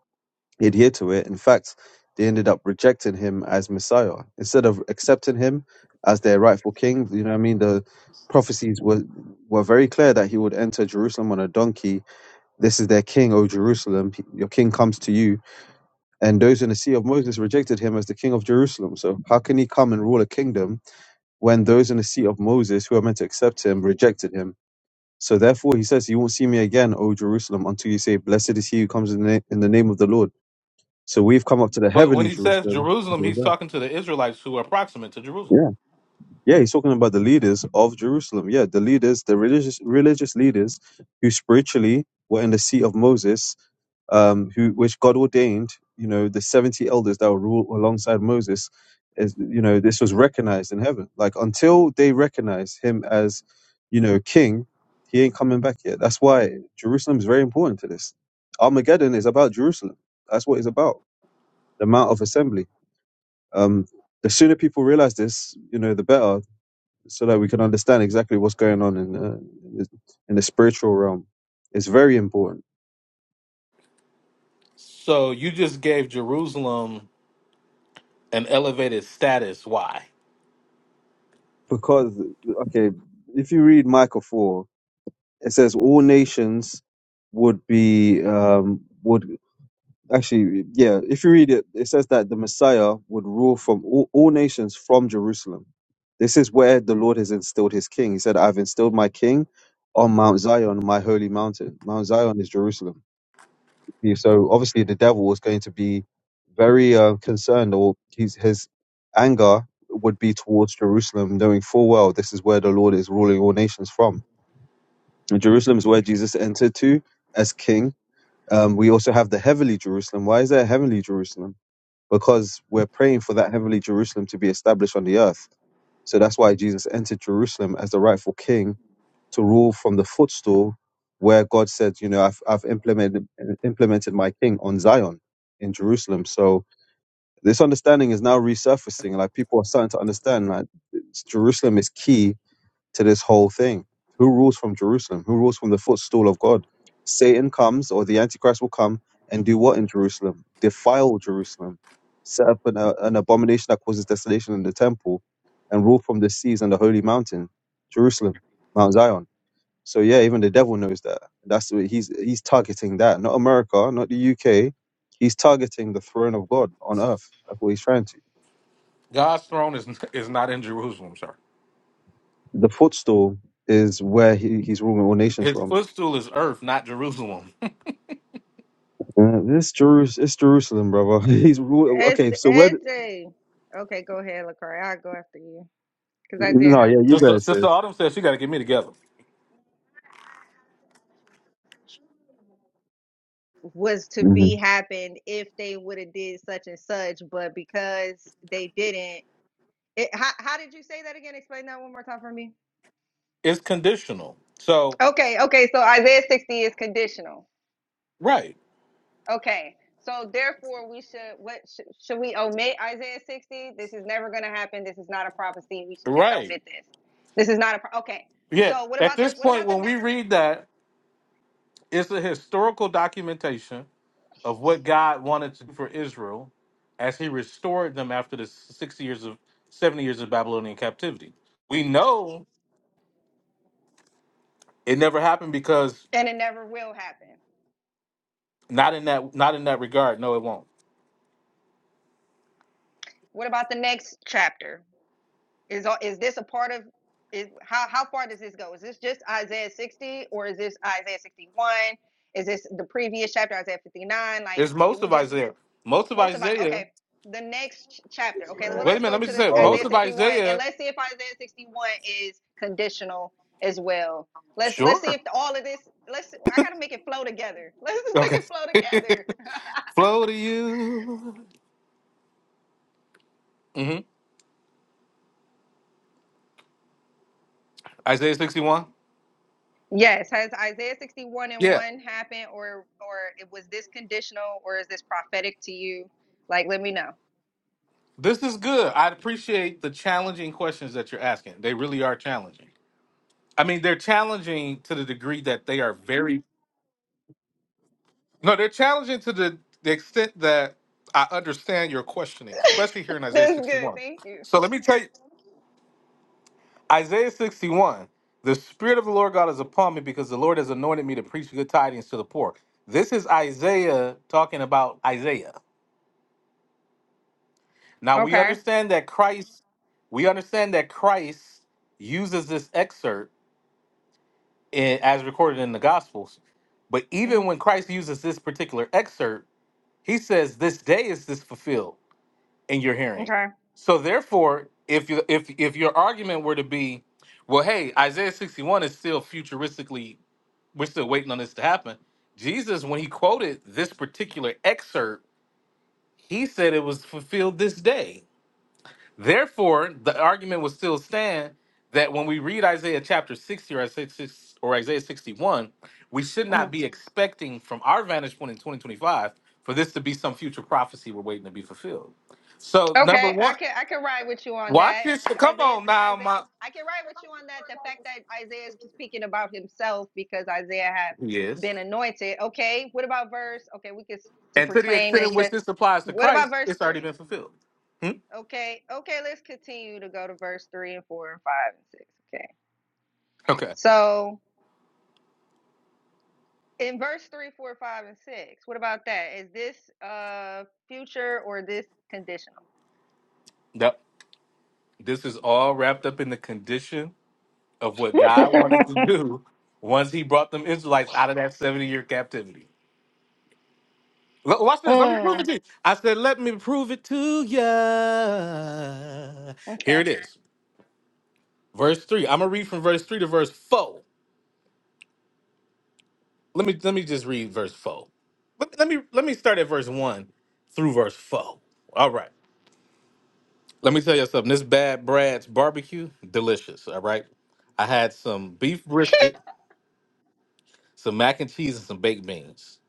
[SPEAKER 7] adhere to it. In fact, they ended up rejecting him as Messiah instead of accepting him as their rightful king. You know what I mean? The prophecies were were very clear that he would enter Jerusalem on a donkey. This is their king, O Jerusalem. Your king comes to you and those in the seat of Moses rejected him as the king of Jerusalem. So how can he come and rule a kingdom when those in the seat of Moses who are meant to accept him rejected him? So therefore he says, You won't see me again, O Jerusalem, until you say, Blessed is he who comes in the, na- in the name of the Lord. So we've come up to the
[SPEAKER 1] But when
[SPEAKER 7] heavenly
[SPEAKER 1] he says
[SPEAKER 7] Jerusalem.
[SPEAKER 1] Jerusalem, he's
[SPEAKER 7] Yeah.
[SPEAKER 1] talking to the Israelites who are proximate to Jerusalem.
[SPEAKER 7] Yeah, he's talking about the leaders of Jerusalem. Yeah, the leaders, the religious religious leaders who spiritually were in the seat of Moses, um, who which God ordained. You know, the seventy elders that will rule alongside Moses. Is, you know, this was recognized in heaven. Like until they recognize him as, you know, king, he ain't coming back yet. That's why Jerusalem is very important to this. Armageddon is about Jerusalem. That's what it's about. The Mount of Assembly. Um, the sooner people realize this, you know, the better so that we can understand exactly what's going on in uh, the, in the spiritual realm. It's very important
[SPEAKER 1] So you just gave Jerusalem an elevated status. Why?
[SPEAKER 7] because, okay, if you read Micah 4, it says all nations would be, um, would actually, yeah, if you read it, it says that the Messiah would rule from all, all nations from Jerusalem. This is where the Lord has instilled his king. He said, I've instilled my king on Mount Zion, my holy mountain. Mount Zion is Jerusalem So obviously, the devil was going to be very uh, concerned, or his his anger would be towards Jerusalem, knowing full well this is where the Lord is ruling all nations from. And Jerusalem is where Jesus entered to as King. Um, we also have the heavenly Jerusalem. Why is there a heavenly Jerusalem? Because we're praying for that heavenly Jerusalem to be established on the earth. So that's why Jesus entered Jerusalem as the rightful King to rule from the footstool where God said, you know, I've, I've implemented implemented my king on Zion in Jerusalem. So this understanding is now resurfacing. Like people are starting to understand like it's- Jerusalem is key to this whole thing. Who rules from Jerusalem? Who rules from the footstool of God? Satan comes or the Antichrist will come and do what in Jerusalem? Defile Jerusalem, set up an, uh, an abomination that causes desolation in the temple and rule from the seas and the holy mountain, Jerusalem, Mount Zion. So yeah, even the devil knows that. That's what he's he's targeting that, not America, not the UK. He's targeting the throne of God on earth. That's what he's trying to.
[SPEAKER 1] God's throne is is not in Jerusalem, sir.
[SPEAKER 7] The footstool is where he, he's ruling all nations
[SPEAKER 1] His
[SPEAKER 7] from.
[SPEAKER 1] footstool is earth, not Jerusalem.
[SPEAKER 7] Uh, this Jerus, it's Jerusalem, brother. He's rule.
[SPEAKER 6] It's
[SPEAKER 7] Okay, so where? d-
[SPEAKER 6] it's a Okay, go ahead, LaCroix. I'll go after you cuz I did
[SPEAKER 7] No,
[SPEAKER 6] have
[SPEAKER 7] yeah,
[SPEAKER 6] a
[SPEAKER 7] you
[SPEAKER 6] question.
[SPEAKER 1] Sister,
[SPEAKER 7] guys said.
[SPEAKER 1] Sister Autumn says she got to get me together.
[SPEAKER 6] Was to
[SPEAKER 7] Mm-hmm.
[SPEAKER 6] be happened if they would have did such and such, but because they didn't. It, how, how did you say that again? Explain that one more time for me.
[SPEAKER 1] It's conditional. So
[SPEAKER 6] Okay, okay. So Isaiah 60 is conditional.
[SPEAKER 1] right,
[SPEAKER 6] Okay. So therefore, we should what should, should we omit Isaiah 60? This is never going to happen. This is not a prophecy. We should just
[SPEAKER 1] right,
[SPEAKER 6] omit this. This is not a pro- okay.
[SPEAKER 1] yeah.
[SPEAKER 6] So what
[SPEAKER 1] At
[SPEAKER 6] about the
[SPEAKER 1] this
[SPEAKER 6] what
[SPEAKER 1] point,
[SPEAKER 6] about the
[SPEAKER 1] when
[SPEAKER 6] ne-
[SPEAKER 1] we read that, it's a historical documentation of what God wanted to do for Israel as He restored them after the six years of seventy years of Babylonian captivity. We know it never happened because
[SPEAKER 6] and it never will happen.
[SPEAKER 1] not in that not in that regard. No, it won't.
[SPEAKER 6] What about the next chapter? Is is this a part of is how how far does this go? Is this just Isaiah 60 or is this Isaiah 61? Is this the previous chapter Isaiah 59? Like
[SPEAKER 1] It's
[SPEAKER 6] did
[SPEAKER 1] most
[SPEAKER 6] we
[SPEAKER 1] of
[SPEAKER 6] just
[SPEAKER 1] Isaiah. Most of
[SPEAKER 6] Most of I
[SPEAKER 1] Isaiah.
[SPEAKER 6] okay. The next chapter.
[SPEAKER 8] Yes,
[SPEAKER 6] Okay, well
[SPEAKER 8] man.
[SPEAKER 1] Wait a
[SPEAKER 6] let's
[SPEAKER 1] minute. Let
[SPEAKER 6] go
[SPEAKER 1] me
[SPEAKER 6] to
[SPEAKER 1] just
[SPEAKER 6] the
[SPEAKER 1] say
[SPEAKER 8] All of
[SPEAKER 1] most
[SPEAKER 6] Isaiah
[SPEAKER 8] the
[SPEAKER 1] of
[SPEAKER 6] 61 and
[SPEAKER 1] Isaiah.
[SPEAKER 6] let's see if Isaiah 61 is conditional as well. Let's let's see
[SPEAKER 1] Sure.
[SPEAKER 6] if all of this let's I gotta make it flow together. Let's just make
[SPEAKER 1] Okay.
[SPEAKER 6] it flow together.
[SPEAKER 1] Flow to you. hmm Isaiah sixty-one.
[SPEAKER 6] Yes, has Isaiah 61 and
[SPEAKER 1] Yeah.
[SPEAKER 6] 1 happened or or it was this conditional or is this prophetic to you? Like let me know.
[SPEAKER 1] This is good. I appreciate the challenging questions that you're asking. They really are challenging. I mean, they're challenging to the degree that they are very. No, they're challenging to the, the extent that I understand your questioning, especially here in Isaiah
[SPEAKER 6] That's good.
[SPEAKER 1] sixty-one.
[SPEAKER 6] Thank you.
[SPEAKER 1] So let me tell you. Isaiah 61. The Spirit of the Lord God is upon me because the Lord has anointed me to preach good tidings to the poor. This is Isaiah talking about Isaiah. Now we
[SPEAKER 6] Okay.
[SPEAKER 1] understand that Christ, we understand that Christ uses this excerpt in, as recorded in the Gospels. But
[SPEAKER 6] hmm
[SPEAKER 1] even when Christ uses this particular excerpt, he says, This day is this fulfilled in your hearing.
[SPEAKER 6] Okay.
[SPEAKER 1] So therefore, if you if if your argument were to be, well, hey, Isaiah 61 is still futuristically We're still waiting on this to happen. Jesus, when he quoted this particular excerpt, he said it was fulfilled this day. Therefore, the argument would still stand that when we read Isaiah chapter 60 or Isaiah 6 or Isaiah 61, we should
[SPEAKER 6] Mm-hmm.
[SPEAKER 1] not be expecting from our vantage point in 2025 for this to be some future prophecy we're waiting to be fulfilled. So, number
[SPEAKER 6] Okay, I
[SPEAKER 1] one,
[SPEAKER 6] can I can ride with you on
[SPEAKER 1] watch
[SPEAKER 6] that.
[SPEAKER 1] this. Come
[SPEAKER 6] Isaiah
[SPEAKER 1] on now,
[SPEAKER 6] Isaiah
[SPEAKER 1] my
[SPEAKER 6] I can ride with you on that. The fact that Isaiah is speaking about himself because Isaiah had
[SPEAKER 1] yes.
[SPEAKER 6] been anointed. Okay, what about verse? Okay, we can s- to
[SPEAKER 1] And to the
[SPEAKER 6] proclaim
[SPEAKER 1] extent in
[SPEAKER 6] next.
[SPEAKER 1] which
[SPEAKER 6] sec-
[SPEAKER 1] this applies to
[SPEAKER 6] What about
[SPEAKER 1] Christ,
[SPEAKER 6] verse
[SPEAKER 1] it's already
[SPEAKER 6] three?
[SPEAKER 1] been fulfilled. Hmm?
[SPEAKER 6] Okay, okay, let's continue to go to verse three and four and five and six. Okay,
[SPEAKER 1] Okay.
[SPEAKER 6] so in verse three, four, five, and six, what about that? Is this uh future or this conditional?
[SPEAKER 1] Yep. This is all wrapped up in the condition of what God wanted to do once He brought them Israelites out of that 70 year captivity. Look, watch this. Let me prove it
[SPEAKER 6] Mm,
[SPEAKER 1] to you. I said, Let me prove it to ya. Here
[SPEAKER 6] okay.
[SPEAKER 1] it is. Verse 3. I'm gonna read from verse 3 to verse 4. Let me let me just read verse 4. Let, let me let me start at verse 1 through verse 4. All right. Let me tell you something. This bad Brad's barbecue, delicious. All right. I had some beef brisket some mac and cheese and some baked beans.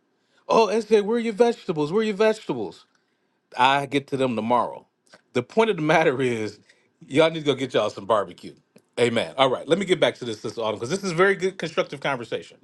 [SPEAKER 1] Oh, SJ, where are your vegetables? Where are your vegetables? I get to them tomorrow. The point of the matter is, y'all need to go get y'all some barbecue. Amen. All right, let me get back to this this autumn because this is very good constructive conversation.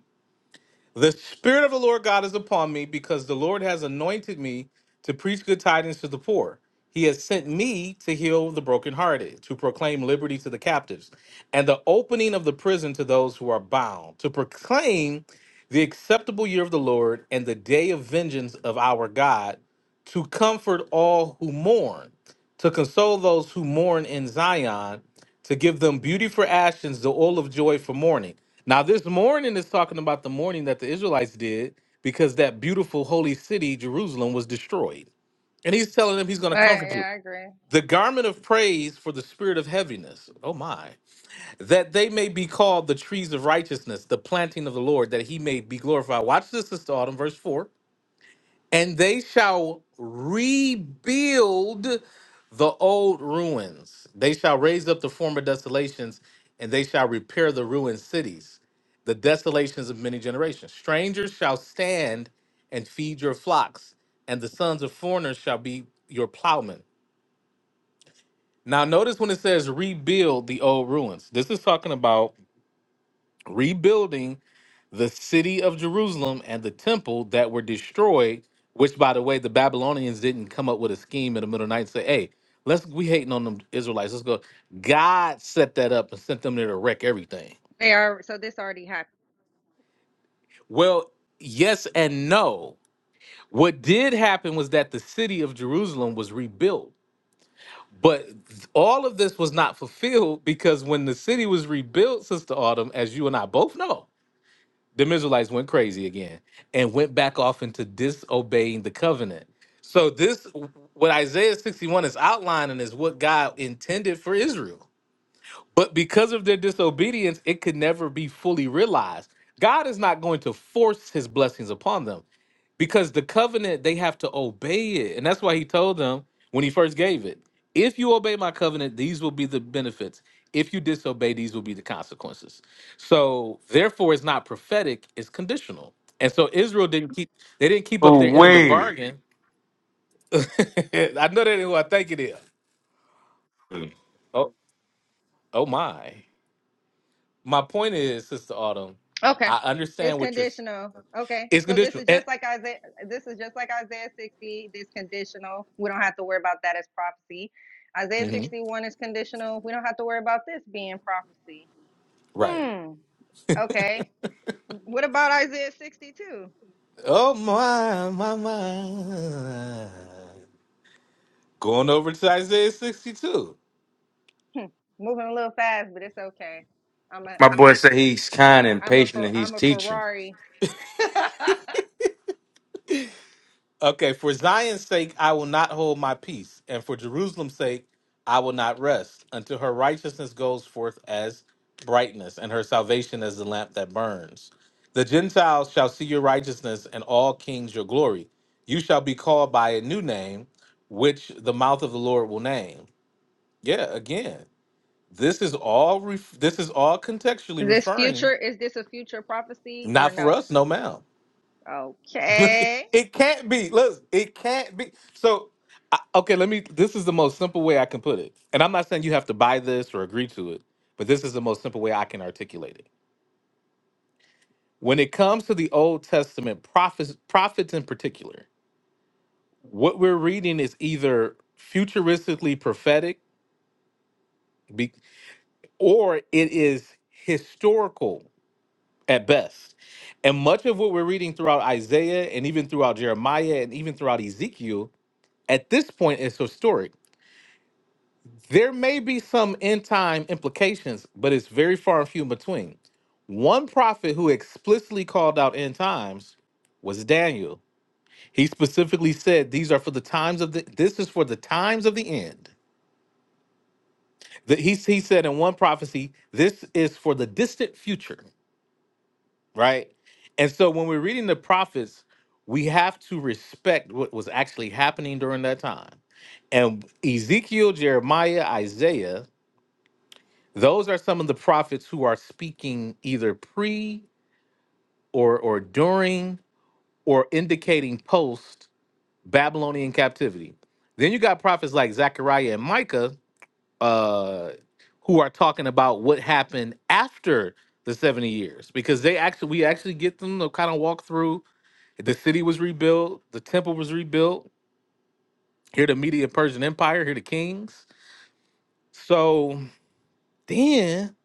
[SPEAKER 1] The Spirit of the Lord God is upon me because the Lord has anointed me to preach good tidings to the poor. He has sent me to heal the brokenhearted, to proclaim liberty to the captives, and the opening of the prison to those who are bound, to proclaim the acceptable year of the Lord and the day of vengeance of our God, to comfort all who mourn, to console those who mourn in Zion, to give them beauty for ashes, the oil of joy for mourning. Now, this mourning is talking about the mourning that the Israelites did because that beautiful holy city, Jerusalem, was destroyed. And he's telling them he's going to
[SPEAKER 6] All right,
[SPEAKER 1] comfort you.
[SPEAKER 6] yeah, I agree.
[SPEAKER 1] The garment of praise for the spirit of heaviness. Oh, my. That they may be called the trees of righteousness, the planting of the Lord, that he may be glorified. Watch this, Sister Autumn, verse 4 and they shall rebuild the old ruins. They shall raise up the former desolations, and they shall repair the ruined cities, the desolations of many generations. Strangers shall stand and feed your flocks, and the sons of foreigners shall be your plowmen. Now, notice when it says rebuild the old ruins, this is talking about rebuilding the city of Jerusalem and the temple that were destroyed, which by the way, the Babylonians didn't come up with a scheme in the middle of the night and say, Hey, let's we hating on them Israelites. Let's go. God set that up and sent them there to wreck everything.
[SPEAKER 6] They are so this already happened.
[SPEAKER 1] Well, yes and no. What did happen was that the city of Jerusalem was rebuilt. But all of this was not fulfilled because when the city was rebuilt, Sister Autumn, as you and I both know, the Israelites went crazy again and went back off into disobeying the covenant. So this what Isaiah 61 is outlining is what God intended for Israel. But because of their disobedience, it could never be fully realized. God is not going to force his blessings upon them because the covenant, they have to obey it. And that's why he told them when he first gave it if you obey my covenant, these will be the benefits. If you disobey, these will be the consequences. So, therefore, it's not prophetic, it's conditional. And so Israel didn't keep they didn't keep up
[SPEAKER 9] Ooh,
[SPEAKER 1] their end of the
[SPEAKER 9] wait.
[SPEAKER 1] bargain. I know that ain't who I think it is.
[SPEAKER 9] My
[SPEAKER 1] Oh, oh my. my point is, Sister Autumn,
[SPEAKER 6] Okay.
[SPEAKER 1] I
[SPEAKER 6] It's
[SPEAKER 1] understand what you're.
[SPEAKER 6] conditional. Okay.
[SPEAKER 1] It's
[SPEAKER 6] So this
[SPEAKER 1] conditional.
[SPEAKER 6] is
[SPEAKER 1] And,
[SPEAKER 6] just like Isaiah this is just like Isaiah 60, this conditional. We don't have to worry about that as prophecy. Isaiah
[SPEAKER 1] Mhm.
[SPEAKER 6] 61 is conditional. We don't have to worry about this being prophecy.
[SPEAKER 1] Right.
[SPEAKER 6] Hmm. Okay. What about Isaiah 62?
[SPEAKER 1] Oh my my my. Going over to Isaiah 62.
[SPEAKER 6] Hmm. Moving a little fast, but it's okay. I'm a
[SPEAKER 9] boy said he's kind and
[SPEAKER 6] I'm a
[SPEAKER 9] patient
[SPEAKER 6] Fer-
[SPEAKER 9] and he's
[SPEAKER 6] I'm a
[SPEAKER 9] teaching.
[SPEAKER 6] Ferrari. is
[SPEAKER 1] Okay, for Zion's sake, I will not hold my peace, and for Jerusalem's sake, I will not rest until her righteousness goes forth as brightness, and her salvation as the lamp that burns. The Gentiles shall see your righteousness, and all kings your glory. You shall be called by a new name, which the mouth of the Lord will name. Yeah, again, this is all. Ref- this is all contextually
[SPEAKER 6] this
[SPEAKER 1] referring,
[SPEAKER 6] future is this a future prophecy or
[SPEAKER 1] not for
[SPEAKER 6] no?
[SPEAKER 1] us, no ma'am.
[SPEAKER 6] Okay.
[SPEAKER 1] it can't be. Listen, it can't be. So, I, okay, let me. This is the most simple way I can put it, and I'm not saying you have to buy this or agree to it, but this is the most simple way I can articulate it. When it comes to the Old Testament prophets, prophets in particular, what we're reading is either futuristically prophetic, be- or it is historical at best. And much of what we're reading throughout Isaiah, and even throughout Jeremiah, and even throughout Ezekiel, at this point is historic There may be some end time implications, but it's very far and few in between. One prophet who explicitly called out end times was Daniel. He specifically said these are for the times of the this is for the times of the end. That he he said in one prophecy, this is for the distant future, right? And so when we're reading the prophets, we have to respect what was actually happening during that time. And Ezekiel, Jeremiah, Isaiah Those are some of the prophets who are speaking either pre or or during or indicating post Babylonian captivity. Then you got prophets like Zechariah and Micah uh, who are talking about what happened after the 70 years because they actually we actually get them to kind of walk through the city was rebuilt, the temple was rebuilt, here the Media Persian Empire, here the kings. So then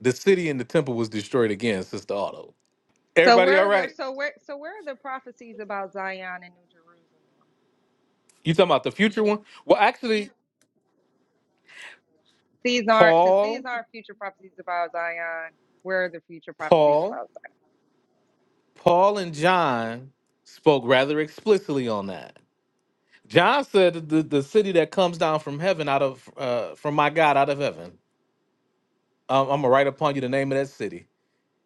[SPEAKER 1] the city and the temple was destroyed again, Sister Auto.
[SPEAKER 6] So
[SPEAKER 1] Everybody
[SPEAKER 6] where
[SPEAKER 1] all
[SPEAKER 6] are the
[SPEAKER 1] right?
[SPEAKER 6] so where so where are the prophecies about Zion and New Jerusalem?
[SPEAKER 1] You talking about the future one? Well, actually,
[SPEAKER 6] These aren't since these
[SPEAKER 1] Paul,
[SPEAKER 6] aren't future prophecies about Zion. Where are the future prophecies
[SPEAKER 1] Paul,
[SPEAKER 6] about Zion?
[SPEAKER 1] Paul and John spoke rather explicitly on that. John said that the, the city that comes down from heaven out of uh, from my God out of heaven. Um, I'm gonna write upon you the name of that city.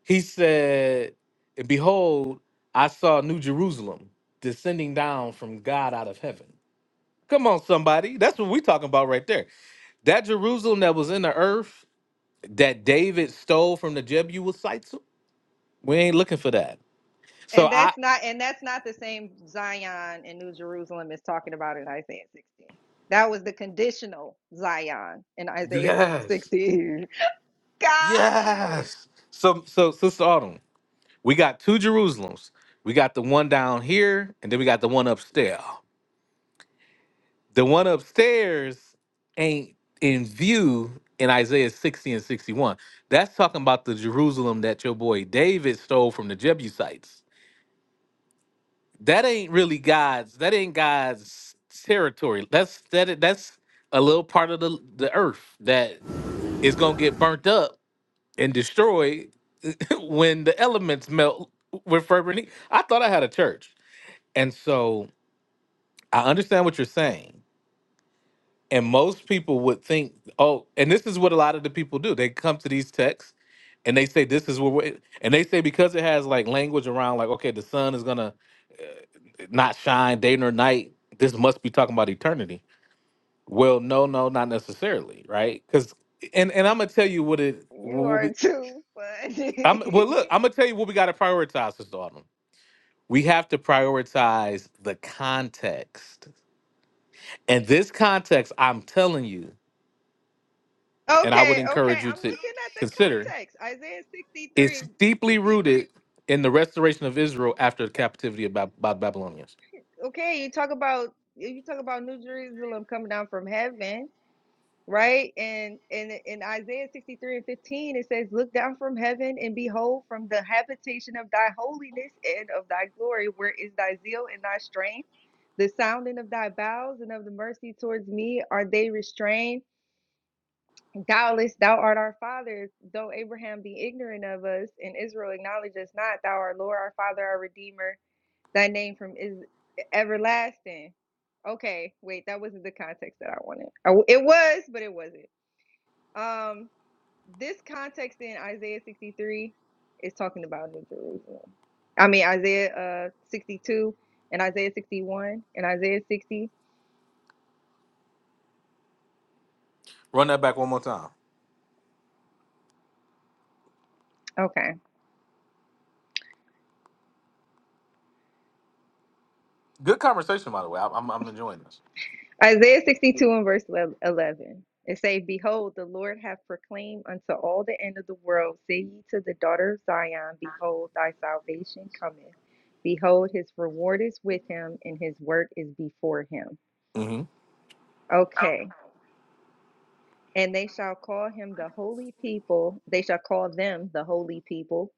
[SPEAKER 1] He said, "And Behold, I saw New Jerusalem descending down from God out of heaven. Come on, somebody. That's what we're talking about right there. That Jerusalem that was in the earth that David stole from the Jebusites. We ain't looking for that. So
[SPEAKER 6] And
[SPEAKER 1] I
[SPEAKER 6] that's not and that's not the same Zion and New Jerusalem is talking about in Isaiah 16. That was the conditional Zion in Isaiah
[SPEAKER 1] yes,
[SPEAKER 6] 16. Got you.
[SPEAKER 1] yes. So so Sister Autumn, we got two Jerusalems. We got the one down here, and then we got the one upstairs. The one upstairs ain't in view in Isaiah 60 and 61. That's talking about the Jerusalem that your boy David stole from the Jebusites. that ain't really God's. That ain't God's territory. That's that. That's a little part of the the earth that is gonna get burnt up and destroyed when the elements melt with fervent heat. I thought I had a church, and so I understand what you're saying. And most people would think, oh, and this is what a lot of the people do. They come to these texts and they say this is what. we're and they say because it has like language around like okay the sun is gonna not shine day nor night this must be talking about eternity Well, no, no, not necessarily, right? Because and and I'm gonna tell you what it
[SPEAKER 6] You
[SPEAKER 1] will
[SPEAKER 6] are
[SPEAKER 1] be.
[SPEAKER 6] too
[SPEAKER 1] I'm well, look,
[SPEAKER 6] funny.
[SPEAKER 1] I'm gonna tell you what we got to prioritize this autumn. We have to prioritize the context, and this context, I'm telling you, and I would
[SPEAKER 6] Okay, okay.
[SPEAKER 1] encourage you
[SPEAKER 6] I'm
[SPEAKER 1] to
[SPEAKER 6] looking at the
[SPEAKER 1] consider,
[SPEAKER 6] context. Isaiah
[SPEAKER 1] is
[SPEAKER 6] 63
[SPEAKER 1] deeply rooted in the restoration of Israel after the captivity of Bab- by the Babylonians.
[SPEAKER 6] okay, you talk about you talk about New Jerusalem coming down from heaven, right? And and in Isaiah 63 and 15 it says, Look down from heaven and behold from the habitation of thy holiness and of thy glory, where is thy zeal and thy strength? The sounding of thy bowels and of the mercy towards me are they restrained. Doubtless thou art our father, though Abraham be ignorant of us and Israel acknowledge us not, thou art Lord, our Father, our Redeemer, Thy name from is e, everlasting. Okay, wait, that wasn't the context that I wanted. I w- it was, but it wasn't. Um, this context in Isaiah 63 is talking about New Jerusalem. I mean Isaiah uh 62 and Isaiah 61 and Isaiah 60.
[SPEAKER 1] Run that back one more time.
[SPEAKER 6] Okay.
[SPEAKER 1] Good conversation, by the way. I- I'm I'm enjoying this.
[SPEAKER 6] Isaiah 62 and verse 11. It say, Behold, the Lord hath proclaimed unto all the end of the world, say ye to the daughter of Zion, Behold, thy salvation cometh. Behold, his reward is with him, and his work is before him.
[SPEAKER 1] hmm
[SPEAKER 6] Okay. And they shall call him the holy people. They shall call them the holy people,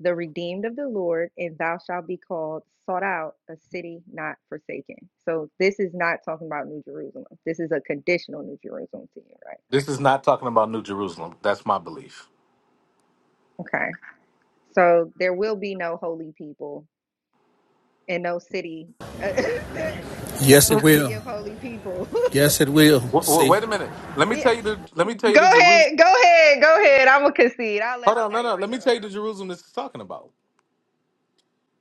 [SPEAKER 6] the redeemed of the Lord, and thou shalt be called sought out, a city not forsaken. So this is not talking about New Jerusalem. This is a conditional New Jerusalem to you, right?
[SPEAKER 1] This is not talking about New Jerusalem. That's my belief.
[SPEAKER 6] Okay. So there will be no holy people and no city. there, there
[SPEAKER 10] Yes,
[SPEAKER 6] no
[SPEAKER 10] it
[SPEAKER 6] city
[SPEAKER 10] will.
[SPEAKER 6] of holy people.
[SPEAKER 10] Yes, it will.
[SPEAKER 1] Wait,
[SPEAKER 10] See,
[SPEAKER 1] wait a minute. Let me
[SPEAKER 6] yeah.
[SPEAKER 1] tell you the. Let me tell you
[SPEAKER 6] Go
[SPEAKER 1] the Jerusalem.
[SPEAKER 6] ahead. Go ahead. Go ahead. I'm gonna concede. I'll let
[SPEAKER 1] Hold on, no,
[SPEAKER 6] somebody
[SPEAKER 1] no.
[SPEAKER 6] else
[SPEAKER 1] Let me
[SPEAKER 6] go.
[SPEAKER 1] tell you the Jerusalem this is talking about.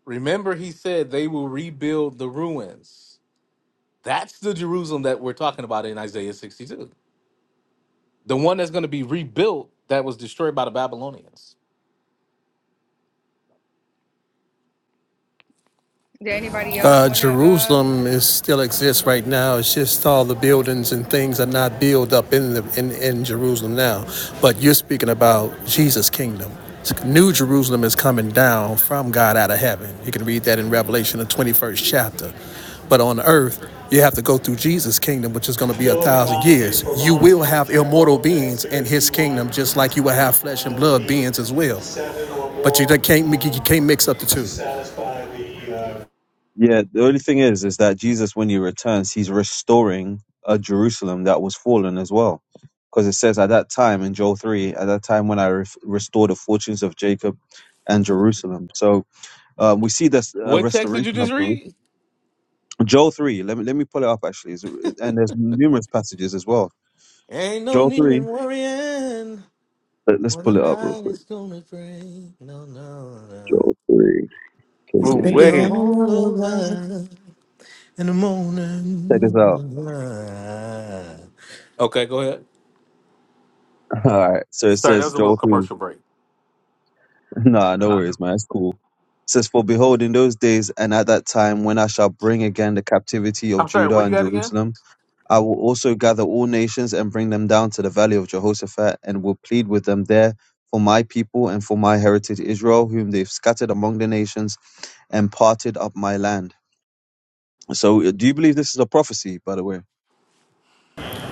[SPEAKER 1] Remember, he said they will rebuild the ruins. That's the Jerusalem that we're talking about in Isaiah 62. The one that's going to be rebuilt that was destroyed by the Babylonians.
[SPEAKER 6] Did anybody else
[SPEAKER 10] uh,
[SPEAKER 6] wanna uh
[SPEAKER 10] Jerusalem is still exists
[SPEAKER 6] go?
[SPEAKER 10] right now. It's just all the buildings and things are not built up in the in, in Jerusalem now. But you're speaking about Jesus' kingdom. New Jerusalem is coming down from God out of heaven. You can read that in Revelation, the 21st chapter. But on earth, you have to go through Jesus' kingdom, which is going to be a thousand years. You will have immortal beings in his kingdom, just like you will have flesh and blood beings as well. But you can't you can't mix up the two.
[SPEAKER 7] Yeah, the only thing is, is that Jesus, when he returns, he's restoring a Jerusalem that was fallen as well. Because it says at that time in Joel 3, at that time when I re- restore the fortunes of Jacob and Jerusalem. So um, we see this uh,
[SPEAKER 1] What text did you
[SPEAKER 7] restoration of
[SPEAKER 1] just read?
[SPEAKER 7] Jerusalem. Joel 3, let me, let me pull it up actually. It's- and there's numerous passages as well.
[SPEAKER 1] Ain't no
[SPEAKER 7] Joel
[SPEAKER 1] need
[SPEAKER 7] 3,
[SPEAKER 1] in worrying.
[SPEAKER 7] let, us
[SPEAKER 1] Well, the
[SPEAKER 7] pull it up real
[SPEAKER 1] night
[SPEAKER 7] quick.
[SPEAKER 1] is gonna break. No, no, no.
[SPEAKER 7] Joel 3,
[SPEAKER 1] It'll
[SPEAKER 9] Ooh,
[SPEAKER 1] be
[SPEAKER 2] Maybe
[SPEAKER 7] KJV.
[SPEAKER 2] I'm
[SPEAKER 9] wait.
[SPEAKER 2] a
[SPEAKER 1] all
[SPEAKER 2] lover.
[SPEAKER 1] over. in the
[SPEAKER 7] Check this out.
[SPEAKER 1] morning. Okay, go ahead.
[SPEAKER 7] All right. So it
[SPEAKER 1] Sorry, that
[SPEAKER 7] says
[SPEAKER 1] was a little
[SPEAKER 7] Joel 3.
[SPEAKER 1] commercial break.
[SPEAKER 7] Nah, no worries, man. It's cool. says, For behold, in those days and at that time, when I shall bring again the captivity of
[SPEAKER 1] I'm sorry,
[SPEAKER 7] Judah
[SPEAKER 1] where you
[SPEAKER 7] and
[SPEAKER 1] at again?
[SPEAKER 7] Jerusalem, I will also gather all nations and bring them down to the valley of Jehoshaphat, and will plead with them there for my people and for my heritage Israel, whom they've scattered among the nations and parted up my land. So, uh, do you believe this is a prophecy, by the way?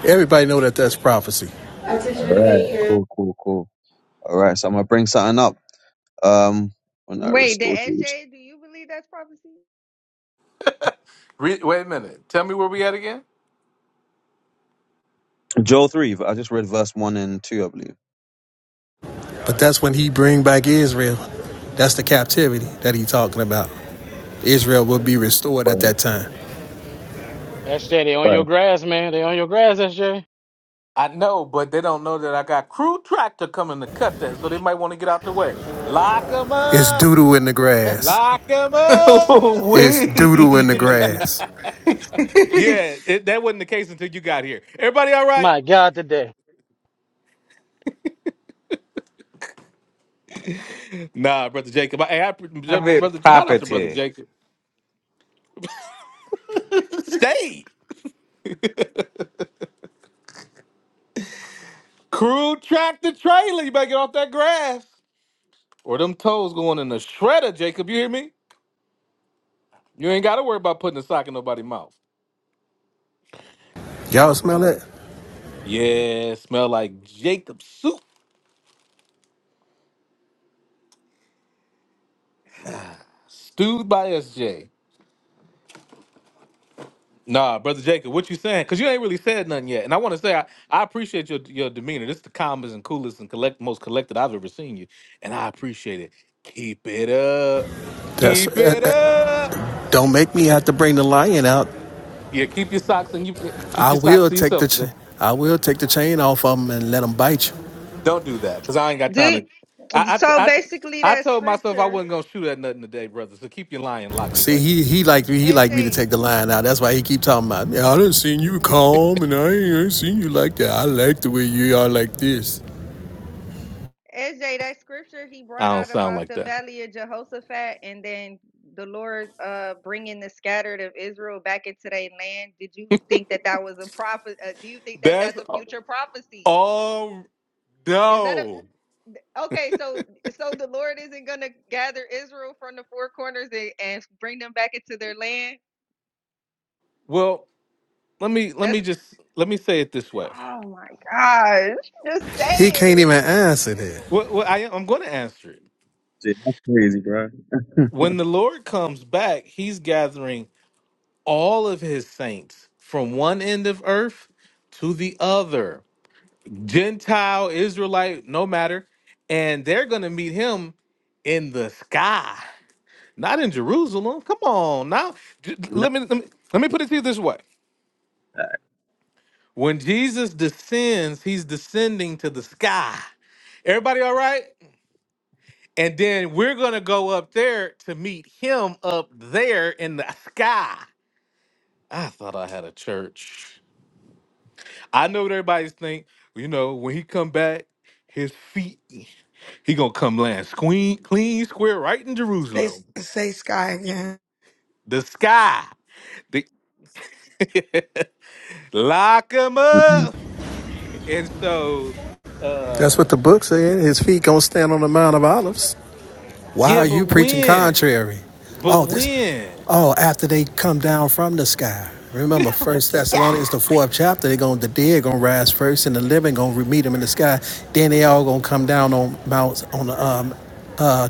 [SPEAKER 10] Everybody know that that's prophecy.
[SPEAKER 7] All right, cool, cool, cool. All right, so I'm gonna bring something up. Um, when I
[SPEAKER 6] Wait, did
[SPEAKER 7] restore Jerusalem,
[SPEAKER 6] SJ? Do you believe that's prophecy?
[SPEAKER 1] Re- wait a minute. Tell me where we at again?
[SPEAKER 7] Joel three. I just read verse one and two, I believe.
[SPEAKER 10] But that's when he bring back Israel. That's the captivity that he talking about. Israel will be restored at
[SPEAKER 7] Right,
[SPEAKER 10] that time.
[SPEAKER 4] SJ, they on your
[SPEAKER 7] right.
[SPEAKER 4] grass, man. They on your grass, SJ.
[SPEAKER 1] I know, but they don't know that I got crew tractor coming to cut that, so they might want to get out the way. Lock 'em
[SPEAKER 10] It's
[SPEAKER 1] up!
[SPEAKER 10] doodle in the grass.
[SPEAKER 1] Lock 'em
[SPEAKER 9] Ooh,
[SPEAKER 1] up!
[SPEAKER 10] It's doodle in the
[SPEAKER 9] wait.
[SPEAKER 10] grass.
[SPEAKER 1] Yeah, it, that wasn't the case until you got here. Everybody all right?
[SPEAKER 4] My God, today.
[SPEAKER 1] Nah, Brother Jacob. Hey, I,
[SPEAKER 9] Private
[SPEAKER 1] brother, shout out to Brother
[SPEAKER 9] property.
[SPEAKER 1] Jacob. Stay! Crew tractor trailer. You better get off that grass. Or them toes going in the shredder, Jacob. You hear me? You ain't gotta worry about putting a sock in nobody's mouth.
[SPEAKER 10] Y'all
[SPEAKER 1] All right.
[SPEAKER 10] smell that?
[SPEAKER 1] Yeah, smell like Jacob soup stewed by SJ. Nah, brother Jacob, what you saying? Cause you ain't really said nothing yet. And I want to say I, I appreciate your your demeanor. This is the calmest and coolest and collect most collected I've ever seen you, and I appreciate it. Keep it up,
[SPEAKER 10] That's
[SPEAKER 1] keep
[SPEAKER 10] uh,
[SPEAKER 1] it
[SPEAKER 10] uh,
[SPEAKER 1] up.
[SPEAKER 10] don't make me have to bring the lion out.
[SPEAKER 1] Yeah, keep your socks and you keep
[SPEAKER 10] I
[SPEAKER 1] your socks
[SPEAKER 10] will
[SPEAKER 1] to
[SPEAKER 10] take
[SPEAKER 1] yourself
[SPEAKER 10] the
[SPEAKER 1] today.
[SPEAKER 10] ch- I will take the chain off of him and let him bite you.
[SPEAKER 1] Don't do that, cause I ain't got time
[SPEAKER 6] Do
[SPEAKER 1] to. I
[SPEAKER 6] so
[SPEAKER 1] I I,
[SPEAKER 6] basically
[SPEAKER 1] I
[SPEAKER 6] that
[SPEAKER 1] told myself I
[SPEAKER 6] scripture,
[SPEAKER 1] wasn't gonna shoot at nothing today, brother. So keep your lion locked
[SPEAKER 10] See,
[SPEAKER 1] away.
[SPEAKER 10] he he like me. He like me to
[SPEAKER 6] SJ.
[SPEAKER 10] take the line out. That's why he keep talking about. Yeah, I done seen you calm, and I ain't seen you like that. I like the way you are like this.
[SPEAKER 6] SJ, that scripture he
[SPEAKER 1] I
[SPEAKER 6] brought
[SPEAKER 1] don't
[SPEAKER 6] out
[SPEAKER 1] sound
[SPEAKER 6] about
[SPEAKER 1] like
[SPEAKER 6] the
[SPEAKER 1] that.
[SPEAKER 6] valley of Jehoshaphat and then the Lord uh bringing the scattered of Israel back into their land. Did you think that that was a prophet? Uh, do you think that
[SPEAKER 1] That's
[SPEAKER 6] that's a future prophecy?
[SPEAKER 1] all.
[SPEAKER 6] Is that
[SPEAKER 1] No.
[SPEAKER 6] a okay? So, so the Lord isn't gonna gather Israel from the four corners and, and bring them back into their land.
[SPEAKER 1] Well, let me let me
[SPEAKER 6] That's
[SPEAKER 1] just let me say it this way.
[SPEAKER 6] oh my gosh, just say
[SPEAKER 10] He can't
[SPEAKER 6] it.
[SPEAKER 10] even answer that.
[SPEAKER 1] Well, well I, I'm going to answer it.
[SPEAKER 7] Dude, that's crazy, bro.
[SPEAKER 1] When the Lord comes back, He's gathering all of His saints from one end of earth to the other. Gentile, Israelite, no matter. And they're going to meet him in the sky, not in Jerusalem. Come on now. J-
[SPEAKER 7] No,
[SPEAKER 1] Let me, let me, let me put it to you this way.
[SPEAKER 7] uh,
[SPEAKER 1] When Jesus descends, he's descending to the sky. Everybody all right? And then we're going to go up there to meet him up there in the sky. I thought I had a church. I know what everybody's think. You know, when he come back, his feet, he gonna come land clean, clean, square, right in
[SPEAKER 2] Say,
[SPEAKER 1] Jerusalem.
[SPEAKER 2] say sky again.
[SPEAKER 1] The sky, the lock him
[SPEAKER 7] Mm-mm.
[SPEAKER 1] up. And so,
[SPEAKER 10] That's
[SPEAKER 1] uh,
[SPEAKER 10] what the book said. His feet gonna stand on the Mount of Olives. Why
[SPEAKER 1] yeah,
[SPEAKER 10] are
[SPEAKER 1] but
[SPEAKER 10] you preaching
[SPEAKER 1] when?
[SPEAKER 10] contrary?
[SPEAKER 1] But
[SPEAKER 10] Oh, this.
[SPEAKER 1] when
[SPEAKER 10] Oh, after they come down from the sky. Remember,
[SPEAKER 2] The
[SPEAKER 10] First Thessalonians,
[SPEAKER 2] sky.
[SPEAKER 10] the fourth chapter. They gonna the dead gonna rise first, and the living gonna meet them in the sky. Then they all gonna come down on mounts on the um, uh,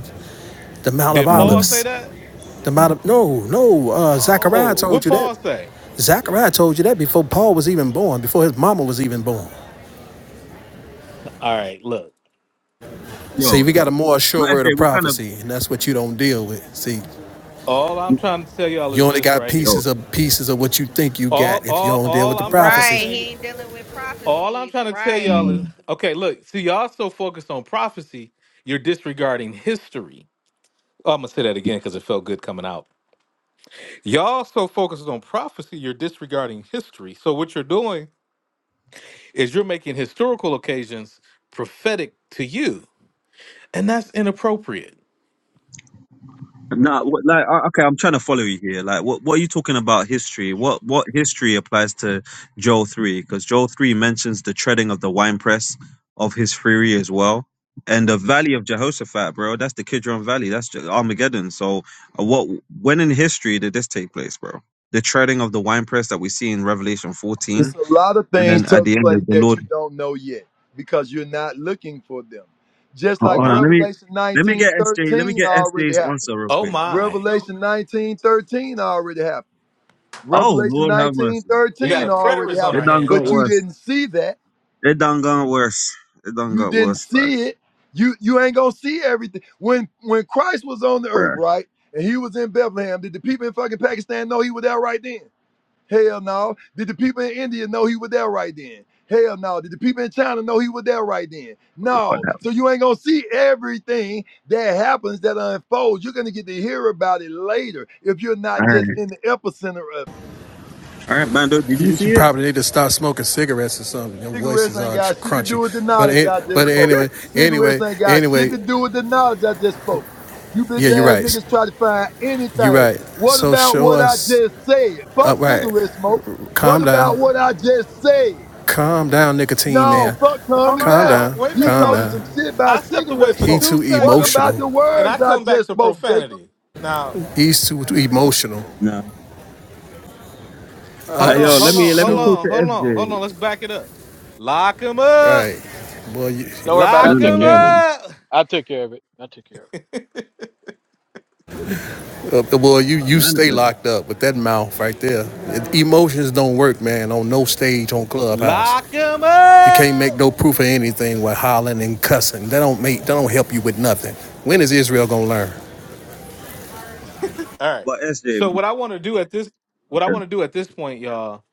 [SPEAKER 10] the Mount of
[SPEAKER 1] did
[SPEAKER 7] I
[SPEAKER 1] Paul
[SPEAKER 7] don't-
[SPEAKER 1] say
[SPEAKER 10] Olives.
[SPEAKER 1] that?
[SPEAKER 10] The amount
[SPEAKER 7] mm.
[SPEAKER 10] of no, no. Uh, Zachariah
[SPEAKER 1] Oh,
[SPEAKER 10] told
[SPEAKER 1] what
[SPEAKER 10] you that.
[SPEAKER 1] Paul say?
[SPEAKER 10] Zachariah told you that before Paul was even born, before his mama was even born.
[SPEAKER 1] All right, look.
[SPEAKER 10] See,
[SPEAKER 7] yo,
[SPEAKER 10] we got a more
[SPEAKER 7] but
[SPEAKER 10] sure word
[SPEAKER 7] FJ,
[SPEAKER 10] of
[SPEAKER 7] we kind of
[SPEAKER 10] prophecy, and that's what you don't deal with. See,
[SPEAKER 1] All I'm
[SPEAKER 7] we-
[SPEAKER 1] trying to tell y'all
[SPEAKER 10] you
[SPEAKER 1] is
[SPEAKER 10] only
[SPEAKER 1] this
[SPEAKER 10] got
[SPEAKER 1] right here.
[SPEAKER 7] yo.
[SPEAKER 10] pieces of pieces of what you think you
[SPEAKER 1] All,
[SPEAKER 10] got if you
[SPEAKER 1] all,
[SPEAKER 10] don't deal with
[SPEAKER 1] all
[SPEAKER 10] the
[SPEAKER 1] I'm trying to
[SPEAKER 10] prophecy.
[SPEAKER 6] Right,
[SPEAKER 1] tell you.
[SPEAKER 6] he ain't dealing with
[SPEAKER 1] All I'm
[SPEAKER 6] prophecies.
[SPEAKER 1] trying to tell y'all
[SPEAKER 6] Right,
[SPEAKER 1] is
[SPEAKER 7] Mm.
[SPEAKER 1] okay, look, see, y'all so focused on prophecy, you're disregarding history. Oh, I'm gonna say that again because it felt good coming out. Y'all so focused on prophecy, you're disregarding history. So what you're doing is you're making historical occasions prophetic to you, and that's inappropriate.
[SPEAKER 7] Nah, what, like uh, okay, I'm trying to follow you here. Like, what what are you talking about history? What what history applies to Joel three? Because Joel three mentions the treading of the winepress of his fury as well, and the Valley of Jehoshaphat, bro. That's the Kidron Valley. That's Je- Armageddon. So, uh, what when in history did this take place, bro? The treading of the winepress that we see in Revelation 14,
[SPEAKER 11] It's a lot of
[SPEAKER 7] and
[SPEAKER 11] things
[SPEAKER 7] then at
[SPEAKER 11] took
[SPEAKER 7] the end,
[SPEAKER 11] place
[SPEAKER 7] the
[SPEAKER 11] that
[SPEAKER 7] Lord
[SPEAKER 11] you don't know yet because you're not looking for them. Just
[SPEAKER 7] Ho-
[SPEAKER 1] Oh
[SPEAKER 11] like
[SPEAKER 7] Hold on,
[SPEAKER 1] my.
[SPEAKER 7] let me
[SPEAKER 11] Revelation
[SPEAKER 7] let me
[SPEAKER 11] 19:13
[SPEAKER 7] get SJ. Let me get S
[SPEAKER 11] already
[SPEAKER 7] J's
[SPEAKER 11] happened.
[SPEAKER 7] answer real
[SPEAKER 1] Oh
[SPEAKER 7] quick.
[SPEAKER 1] my.
[SPEAKER 11] Revelation 19:13 already happened.
[SPEAKER 7] Oh
[SPEAKER 11] Revelation
[SPEAKER 7] Lord, have
[SPEAKER 11] 19:13
[SPEAKER 7] mercy!
[SPEAKER 1] We got
[SPEAKER 7] It,
[SPEAKER 1] a
[SPEAKER 11] already
[SPEAKER 1] preterist on
[SPEAKER 11] happened.
[SPEAKER 1] our
[SPEAKER 7] it done
[SPEAKER 1] hands,
[SPEAKER 7] got
[SPEAKER 11] But
[SPEAKER 1] huh?
[SPEAKER 11] you
[SPEAKER 7] worse.
[SPEAKER 11] didn't see that.
[SPEAKER 7] It done got worse. It done
[SPEAKER 11] You
[SPEAKER 7] got
[SPEAKER 11] didn't
[SPEAKER 7] worse, bruh.
[SPEAKER 11] see it. You you ain't gonna see everything. When when Christ was on the earth,
[SPEAKER 7] Bruh,
[SPEAKER 11] right? And he was in Bethlehem, did the people in fucking Pakistan know he was there right then? Hell no. Did the people in India know he was there right then? Hell no. Did the people in China know he was there right then?
[SPEAKER 7] Lord
[SPEAKER 11] No.
[SPEAKER 7] have
[SPEAKER 11] So you ain't gonna see everything that happens that unfolds. You're gonna get to hear about it later if you're
[SPEAKER 7] mercy.
[SPEAKER 11] not
[SPEAKER 7] All
[SPEAKER 11] just
[SPEAKER 7] right,
[SPEAKER 11] in the epicenter of it.
[SPEAKER 7] all right, Bando. Did
[SPEAKER 10] You,
[SPEAKER 7] you see
[SPEAKER 10] you
[SPEAKER 7] it?
[SPEAKER 10] probably need to start smoking cigarettes or something. Your voice
[SPEAKER 11] Cigarettes
[SPEAKER 10] is
[SPEAKER 11] ain't
[SPEAKER 10] all tr-
[SPEAKER 11] got shit to do
[SPEAKER 10] crunchy.
[SPEAKER 11] with the
[SPEAKER 10] But
[SPEAKER 11] knowledge
[SPEAKER 10] an-
[SPEAKER 11] I
[SPEAKER 10] but
[SPEAKER 11] just spoke.
[SPEAKER 10] anyway,
[SPEAKER 11] Cigarettes
[SPEAKER 10] anyway,
[SPEAKER 11] ain't got shit
[SPEAKER 10] anyway.
[SPEAKER 11] to do with the knowledge I just spoke. You bitch
[SPEAKER 10] Yeah, you're
[SPEAKER 11] ass
[SPEAKER 10] right.
[SPEAKER 11] niggas try to find
[SPEAKER 10] You're
[SPEAKER 11] anything.
[SPEAKER 10] right.
[SPEAKER 11] What
[SPEAKER 10] So
[SPEAKER 11] about
[SPEAKER 10] show
[SPEAKER 11] what I
[SPEAKER 10] us.
[SPEAKER 11] just said?
[SPEAKER 10] Uh,
[SPEAKER 11] Fuck
[SPEAKER 10] right.
[SPEAKER 11] cigarette smoke. What
[SPEAKER 10] Calm down.
[SPEAKER 11] about what I just said?
[SPEAKER 10] Calm down, nicotine
[SPEAKER 11] No,
[SPEAKER 10] man.
[SPEAKER 11] fuck
[SPEAKER 1] Hold
[SPEAKER 11] calming
[SPEAKER 1] on
[SPEAKER 10] Calm
[SPEAKER 11] down.
[SPEAKER 1] now.
[SPEAKER 10] down.
[SPEAKER 1] Wait a
[SPEAKER 11] You
[SPEAKER 1] minute
[SPEAKER 10] Calm
[SPEAKER 11] talking
[SPEAKER 1] now.
[SPEAKER 10] down.
[SPEAKER 11] some shit by
[SPEAKER 1] I stepped away
[SPEAKER 11] cigarette
[SPEAKER 1] for
[SPEAKER 10] He
[SPEAKER 11] smoke.
[SPEAKER 1] two
[SPEAKER 10] too
[SPEAKER 11] What
[SPEAKER 1] seconds
[SPEAKER 11] about
[SPEAKER 10] emotional.
[SPEAKER 11] the
[SPEAKER 1] and I
[SPEAKER 11] words I
[SPEAKER 1] come back
[SPEAKER 11] just
[SPEAKER 1] to
[SPEAKER 11] spoke, Jacob?
[SPEAKER 1] profanity. Now
[SPEAKER 10] He's too, too emotional.
[SPEAKER 7] No. Uh,
[SPEAKER 1] Hold
[SPEAKER 10] Uh,
[SPEAKER 1] on,
[SPEAKER 7] yo, let
[SPEAKER 1] hold
[SPEAKER 7] me
[SPEAKER 1] on,
[SPEAKER 7] let me
[SPEAKER 1] hold
[SPEAKER 10] show
[SPEAKER 7] talk to
[SPEAKER 1] on, hold on,
[SPEAKER 7] SJ.
[SPEAKER 1] hold on. Let's back it up. Lock him
[SPEAKER 10] right.
[SPEAKER 1] up.
[SPEAKER 10] Well, you,
[SPEAKER 4] Don't worry about it. I
[SPEAKER 1] Lock
[SPEAKER 7] Bando,
[SPEAKER 4] took
[SPEAKER 1] him
[SPEAKER 7] let
[SPEAKER 4] care of it.
[SPEAKER 7] me-
[SPEAKER 1] up.
[SPEAKER 4] I took care of it. I took care of it.
[SPEAKER 10] uh, well, you
[SPEAKER 7] uh,
[SPEAKER 10] you stay
[SPEAKER 7] manifest.
[SPEAKER 10] locked up with that mouth right there. Emotions don't work, man. On no stage, on clubhouse,
[SPEAKER 1] Lock him
[SPEAKER 10] you can't make
[SPEAKER 1] up.
[SPEAKER 10] no proof of anything with hollering and cussing. That don't make. That don't help you with nothing. When is Israel gonna learn?
[SPEAKER 1] All right.
[SPEAKER 7] But SJ,
[SPEAKER 1] So what I want to do at this what I want to
[SPEAKER 7] okay.
[SPEAKER 1] do at this point, y'all,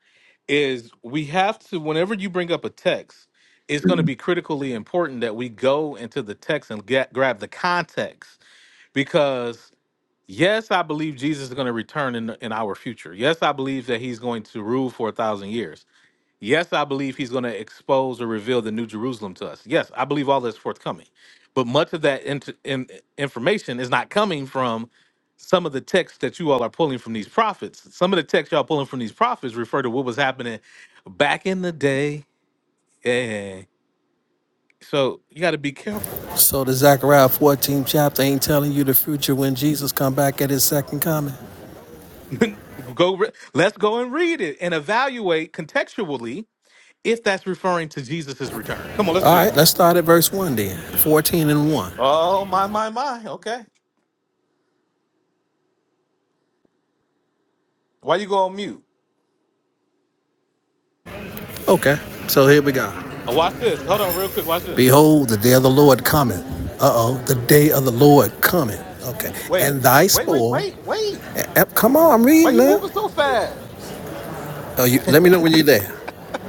[SPEAKER 1] is we have to whenever you bring up a text, it's going to be critically important that we go into the text and get grab the context because yes, I believe Jesus is going to return in in our future. Yes, I believe that he's going to rule for a thousand years. Yes, I believe he's going to expose or reveal the New Jerusalem to us. Yes, I believe all that's forthcoming. But much of that int in, information is not coming from some of the texts that you all are pulling from these prophets. Some of the texts y'all pulling from these prophets refer to what was happening back in the day. Yeah. So you got to be careful, bro.
[SPEAKER 10] So the Zechariah 14 chapter ain't telling you the future when Jesus come back at his second coming.
[SPEAKER 1] Go. Re- Let's go and read it and evaluate contextually if that's referring to Jesus's return. Come on, let's
[SPEAKER 10] All
[SPEAKER 1] do
[SPEAKER 10] right,
[SPEAKER 1] that.
[SPEAKER 10] let's start at verse 1 then. 14 and 1.
[SPEAKER 1] Oh my my my. Okay. Why you go on mute?
[SPEAKER 10] Okay, so here we go.
[SPEAKER 1] Uh, Watch this. Hold on, real quick. Watch this.
[SPEAKER 10] Behold, the day of the Lord cometh. Uh oh, the day of the Lord cometh. Okay,
[SPEAKER 1] Wait,
[SPEAKER 10] and thy
[SPEAKER 1] wait, wait,
[SPEAKER 10] spoil.
[SPEAKER 1] wait, wait.
[SPEAKER 10] eh, Come on, I'm
[SPEAKER 1] Why
[SPEAKER 10] reading
[SPEAKER 1] you
[SPEAKER 10] now.
[SPEAKER 1] moving so fast?
[SPEAKER 10] Oh, you, let me know when you're there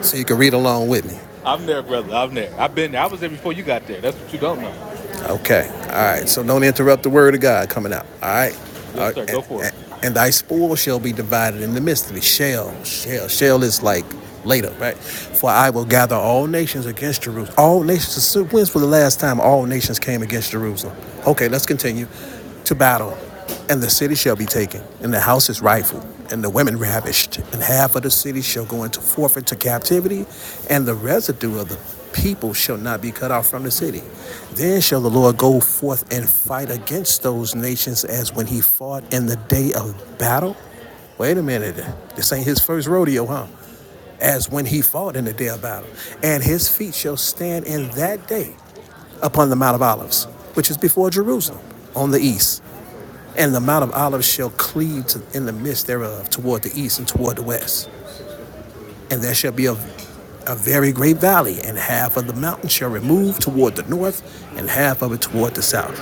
[SPEAKER 10] so you can read along with me.
[SPEAKER 1] I'm there, brother. I'm there. I've been there. I was there before you got there. That's what you don't know.
[SPEAKER 10] Okay. All right. So don't interrupt the word of God coming out. All right. All
[SPEAKER 1] Yes,
[SPEAKER 10] right.
[SPEAKER 1] sir. Go
[SPEAKER 10] And,
[SPEAKER 1] for
[SPEAKER 10] and,
[SPEAKER 1] it.
[SPEAKER 10] and thy spoil shall be divided in the midst of thee. Shall, shall, shall is like later, right? For I will gather all nations against Jerusalem. All nations. so When's for the last time all nations came against Jerusalem? Okay. Let's continue to battle, and the city shall be taken, and the houses rifled, and the women ravished, and half of the city shall go into forfeit to captivity, and the residue of the people shall not be cut off from the city. Then shall the Lord go forth and fight against those nations as when he fought in the day of battle. Wait a minute, this ain't his first rodeo, huh? As when he fought in the day of battle, and his feet shall stand in that day upon the Mount of Olives, which is before Jerusalem on the east. And the Mount of Olives shall cleave to, in the midst thereof toward the east and toward the west and there shall be a, a very great valley, and half of the mountain shall remove toward the north, and half of it toward the south.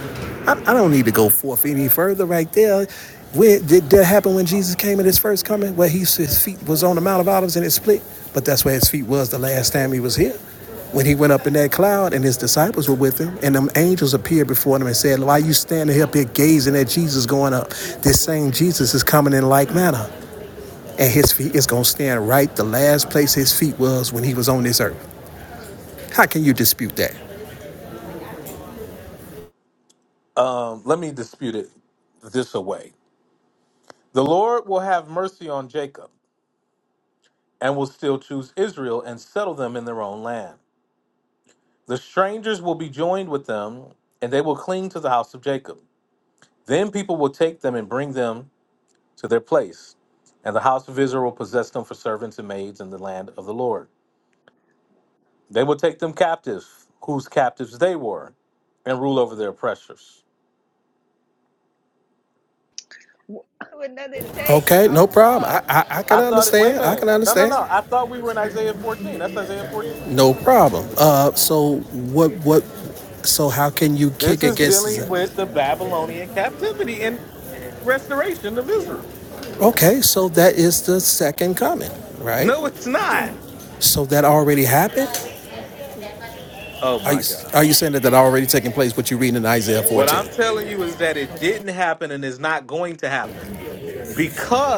[SPEAKER 10] I, I don't need to go forth any further right there. Where, did that happen when Jesus came in his first coming, where he, his feet was on the Mount of Olives and it split? But that's where his feet was the last time he was here. When he went up in that cloud and his disciples were with him, and them angels appeared before them and said, Why are you standing up here gazing at Jesus going up? This same Jesus is coming in like manner and his feet is going to stand right the last place his feet was when he was on this earth. How can you dispute that?
[SPEAKER 1] Um, let me dispute it this away. The Lord will have mercy on Jacob and will still choose Israel and settle them in their own land. The strangers will be joined with them, and they will cling to the house of Jacob. Then people will take them and bring them to their place, and the house of Israel will possess them for servants and maids in the land of the Lord. They will take them captives, whose captives they were, and rule over their oppressors.
[SPEAKER 6] what would nothing take?
[SPEAKER 10] Okay, no
[SPEAKER 6] I'm
[SPEAKER 10] problem.
[SPEAKER 6] lost.
[SPEAKER 10] I, I, I can
[SPEAKER 1] I thought it, wait a
[SPEAKER 10] understand. I can
[SPEAKER 1] minute. No, no,
[SPEAKER 10] understand.
[SPEAKER 1] no. I thought we were in Isaiah 14. That's Isaiah 14.
[SPEAKER 10] No problem. Uh, so what what? So how can you
[SPEAKER 1] This
[SPEAKER 10] kick
[SPEAKER 1] is
[SPEAKER 10] against?
[SPEAKER 1] dealing
[SPEAKER 10] that?
[SPEAKER 1] with the Babylonian captivity and restoration of Israel.
[SPEAKER 10] Okay, so that is the second coming, right?
[SPEAKER 1] No, it's not.
[SPEAKER 10] So that already happened.
[SPEAKER 1] Oh
[SPEAKER 10] Are
[SPEAKER 1] my
[SPEAKER 10] you, are
[SPEAKER 1] God.
[SPEAKER 10] you saying that that already taking place? What you reading in Isaiah
[SPEAKER 1] What
[SPEAKER 10] 14?
[SPEAKER 1] I'm telling you is that it didn't happen and is not going to happen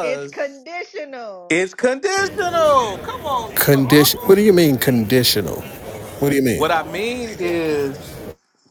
[SPEAKER 6] It's conditional.
[SPEAKER 1] it's conditional. Come on, Sister
[SPEAKER 10] Condition. What
[SPEAKER 1] Autumn.
[SPEAKER 10] do you mean conditional? What do you mean?
[SPEAKER 1] What I mean is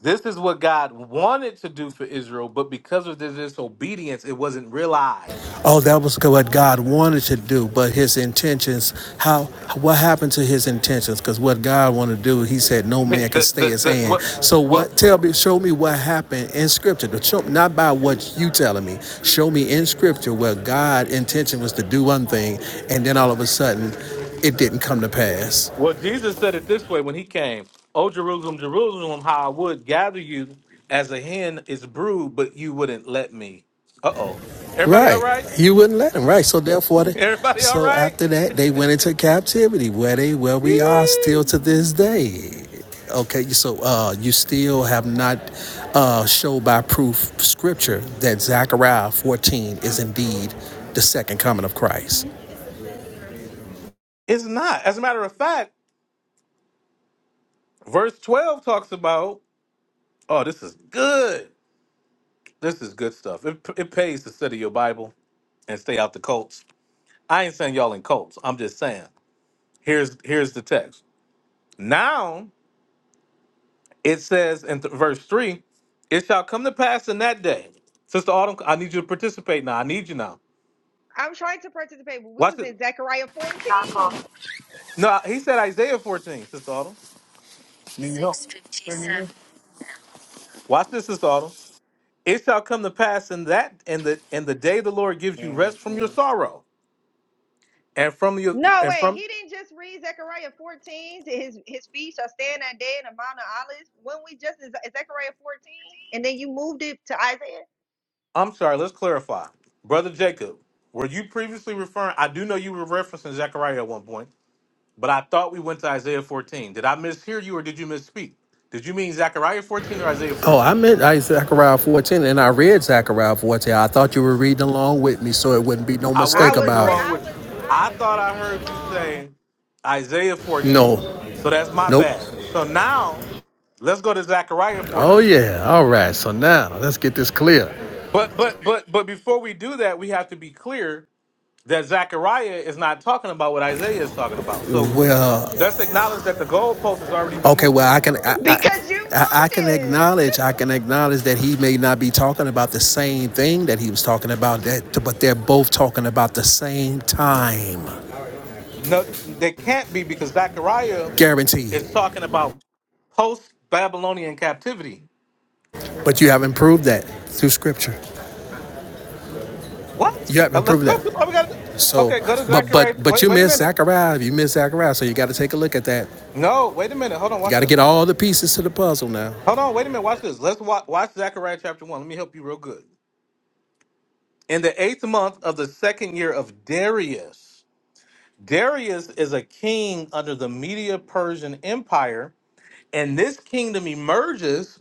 [SPEAKER 1] This is what God wanted to do for Israel, but because of their disobedience, it wasn't realized.
[SPEAKER 10] Oh, that was what God wanted to do, but his intentions, how what happened to his intentions? Because what God wanted to do, he said no man can
[SPEAKER 1] The-
[SPEAKER 10] stay
[SPEAKER 1] the-
[SPEAKER 10] his
[SPEAKER 1] the-
[SPEAKER 10] hand.
[SPEAKER 1] what,
[SPEAKER 10] So what tell
[SPEAKER 1] what,
[SPEAKER 10] me show me what happened in scripture. Not by what you telling me. Show me in scripture where God intention was to do one thing and then all of a sudden it didn't come to pass.
[SPEAKER 1] well, Jesus said it this way when he came "O Jerusalem, Jerusalem, how I would gather you as a hen is brood, but you wouldn't let me. Uh oh. Everybody all
[SPEAKER 10] Right.
[SPEAKER 1] right?
[SPEAKER 10] You wouldn't let them, right? So therefore, they,
[SPEAKER 1] Everybody all
[SPEAKER 10] so
[SPEAKER 1] right?
[SPEAKER 10] after that, they went into captivity, where they where we are still to this day. Okay, so uh, you still have not uh, show by proof scripture that Zechariah 14 is indeed the second coming of Christ.
[SPEAKER 1] It's not. As a matter of fact, verse 12 talks about, oh, this is good. This is good stuff. It, it pays to study your Bible and stay out the cults. I ain't saying y'all in cults. I'm just saying here's here's the text. Now it says in th- verse three, it shall come to pass in that day. Sister Autumn, I need you to participate now. I need you now.
[SPEAKER 6] I'm trying to participate, but we
[SPEAKER 1] Watch
[SPEAKER 6] was
[SPEAKER 1] it.
[SPEAKER 6] in Zechariah 14.
[SPEAKER 1] No, he said Isaiah 14, Sister Autumn.
[SPEAKER 12] New York. New York.
[SPEAKER 1] Watch this, Sister Autumn. It shall come to pass in that in the in the day the Lord gives you rest from your sorrow and from your
[SPEAKER 6] No
[SPEAKER 1] and
[SPEAKER 6] way,
[SPEAKER 1] from
[SPEAKER 6] he didn't just read Zechariah 14. His his feet shall stand that day in the Mount of Olives. When we just in Zechariah 14, and then you moved it to Isaiah.
[SPEAKER 1] I'm sorry, let's clarify. Brother Jacob, were you previously referring? I do know you were referencing Zechariah at one point, but I thought we went to Isaiah 14. Did I mishear you or did you misspeak? Did you mean Zechariah 14 or Isaiah
[SPEAKER 10] Oh, I
[SPEAKER 1] 14?
[SPEAKER 10] meant Zechariah 14, and I read Zechariah 14. I thought you were reading along with me, so it wouldn't be no
[SPEAKER 1] I
[SPEAKER 6] I
[SPEAKER 10] mistake
[SPEAKER 1] wasn't reading
[SPEAKER 6] was
[SPEAKER 10] about
[SPEAKER 6] re-
[SPEAKER 10] it.
[SPEAKER 1] along
[SPEAKER 6] I
[SPEAKER 1] with you.
[SPEAKER 6] was I
[SPEAKER 1] I
[SPEAKER 6] was
[SPEAKER 1] thought I
[SPEAKER 6] reading
[SPEAKER 1] heard you
[SPEAKER 6] along
[SPEAKER 1] say Isaiah 14.
[SPEAKER 10] No,
[SPEAKER 1] So that's my
[SPEAKER 10] nope.
[SPEAKER 1] bad. So now let's go to Zechariah
[SPEAKER 10] Oh
[SPEAKER 1] 14.
[SPEAKER 10] yeah. All right. So now let's get this clear.
[SPEAKER 1] But but but but before we do that, we have to be clear that Zechariah is not talking about what Isaiah is talking about. So
[SPEAKER 10] Well,
[SPEAKER 1] Let's acknowledge that the goalpost has already been
[SPEAKER 10] Okay,
[SPEAKER 1] moved.
[SPEAKER 10] well, I can I, I
[SPEAKER 6] because you
[SPEAKER 10] I
[SPEAKER 6] moved
[SPEAKER 10] can
[SPEAKER 6] it.
[SPEAKER 10] acknowledge I can acknowledge that he may not be talking about the same thing that he was talking about that, but they're both talking about the same time,
[SPEAKER 1] No, they can't be because Zechariah
[SPEAKER 10] guaranteed.
[SPEAKER 1] is talking about post Babylonian captivity.
[SPEAKER 10] But you haven't proved that through scripture.
[SPEAKER 1] What?
[SPEAKER 10] You
[SPEAKER 1] Uh,
[SPEAKER 10] haven't
[SPEAKER 1] let's
[SPEAKER 10] proved
[SPEAKER 1] go
[SPEAKER 10] that.
[SPEAKER 1] to. Oh, we got.
[SPEAKER 10] So,
[SPEAKER 1] Okay, go to
[SPEAKER 10] but
[SPEAKER 1] Zechariah.
[SPEAKER 10] but but
[SPEAKER 1] Wait,
[SPEAKER 10] you
[SPEAKER 1] wait a
[SPEAKER 10] missed
[SPEAKER 1] minute.
[SPEAKER 10] Zachariah. You missed Zachariah. So you got to take a look at that.
[SPEAKER 1] No, wait a minute. Hold on.
[SPEAKER 10] You
[SPEAKER 1] Watch
[SPEAKER 10] got to
[SPEAKER 1] this.
[SPEAKER 10] get all the pieces to the puzzle now.
[SPEAKER 1] Hold on. Wait a minute. Watch this. Let's watch, watch Zechariah chapter one. Let me help you real good. In the eighth month of the second year of Darius, Darius is a king under the Media Persian Empire, and this kingdom emerges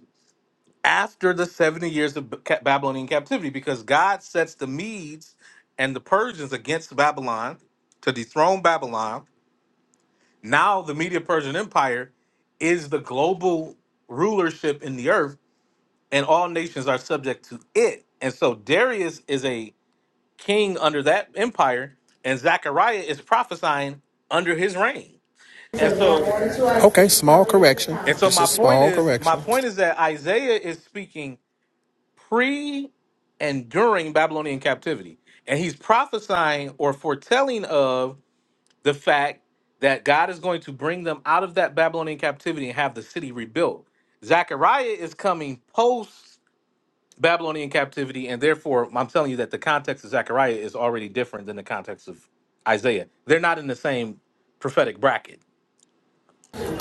[SPEAKER 1] after the 70 years of B- Babylonian captivity because God sets the Medes and the Persians against Babylon to dethrone Babylon. Now the Media Persian Empire is the global rulership in the earth, and all nations are subject to it. And so Darius is a king under that empire, and Zechariah is prophesying under his reign. And so
[SPEAKER 10] Okay, small correction.
[SPEAKER 1] and so
[SPEAKER 10] Just
[SPEAKER 1] my
[SPEAKER 10] a
[SPEAKER 1] point
[SPEAKER 10] small
[SPEAKER 1] is my
[SPEAKER 10] correction.
[SPEAKER 1] point is that Isaiah is speaking pre and during Babylonian captivity. And he's prophesying or foretelling of the fact that God is going to bring them out of that Babylonian captivity and have the city rebuilt. Zechariah is coming post Babylonian captivity, and therefore, I'm telling you that the context of Zechariah is already different than the context of Isaiah. They're not in the same prophetic bracket,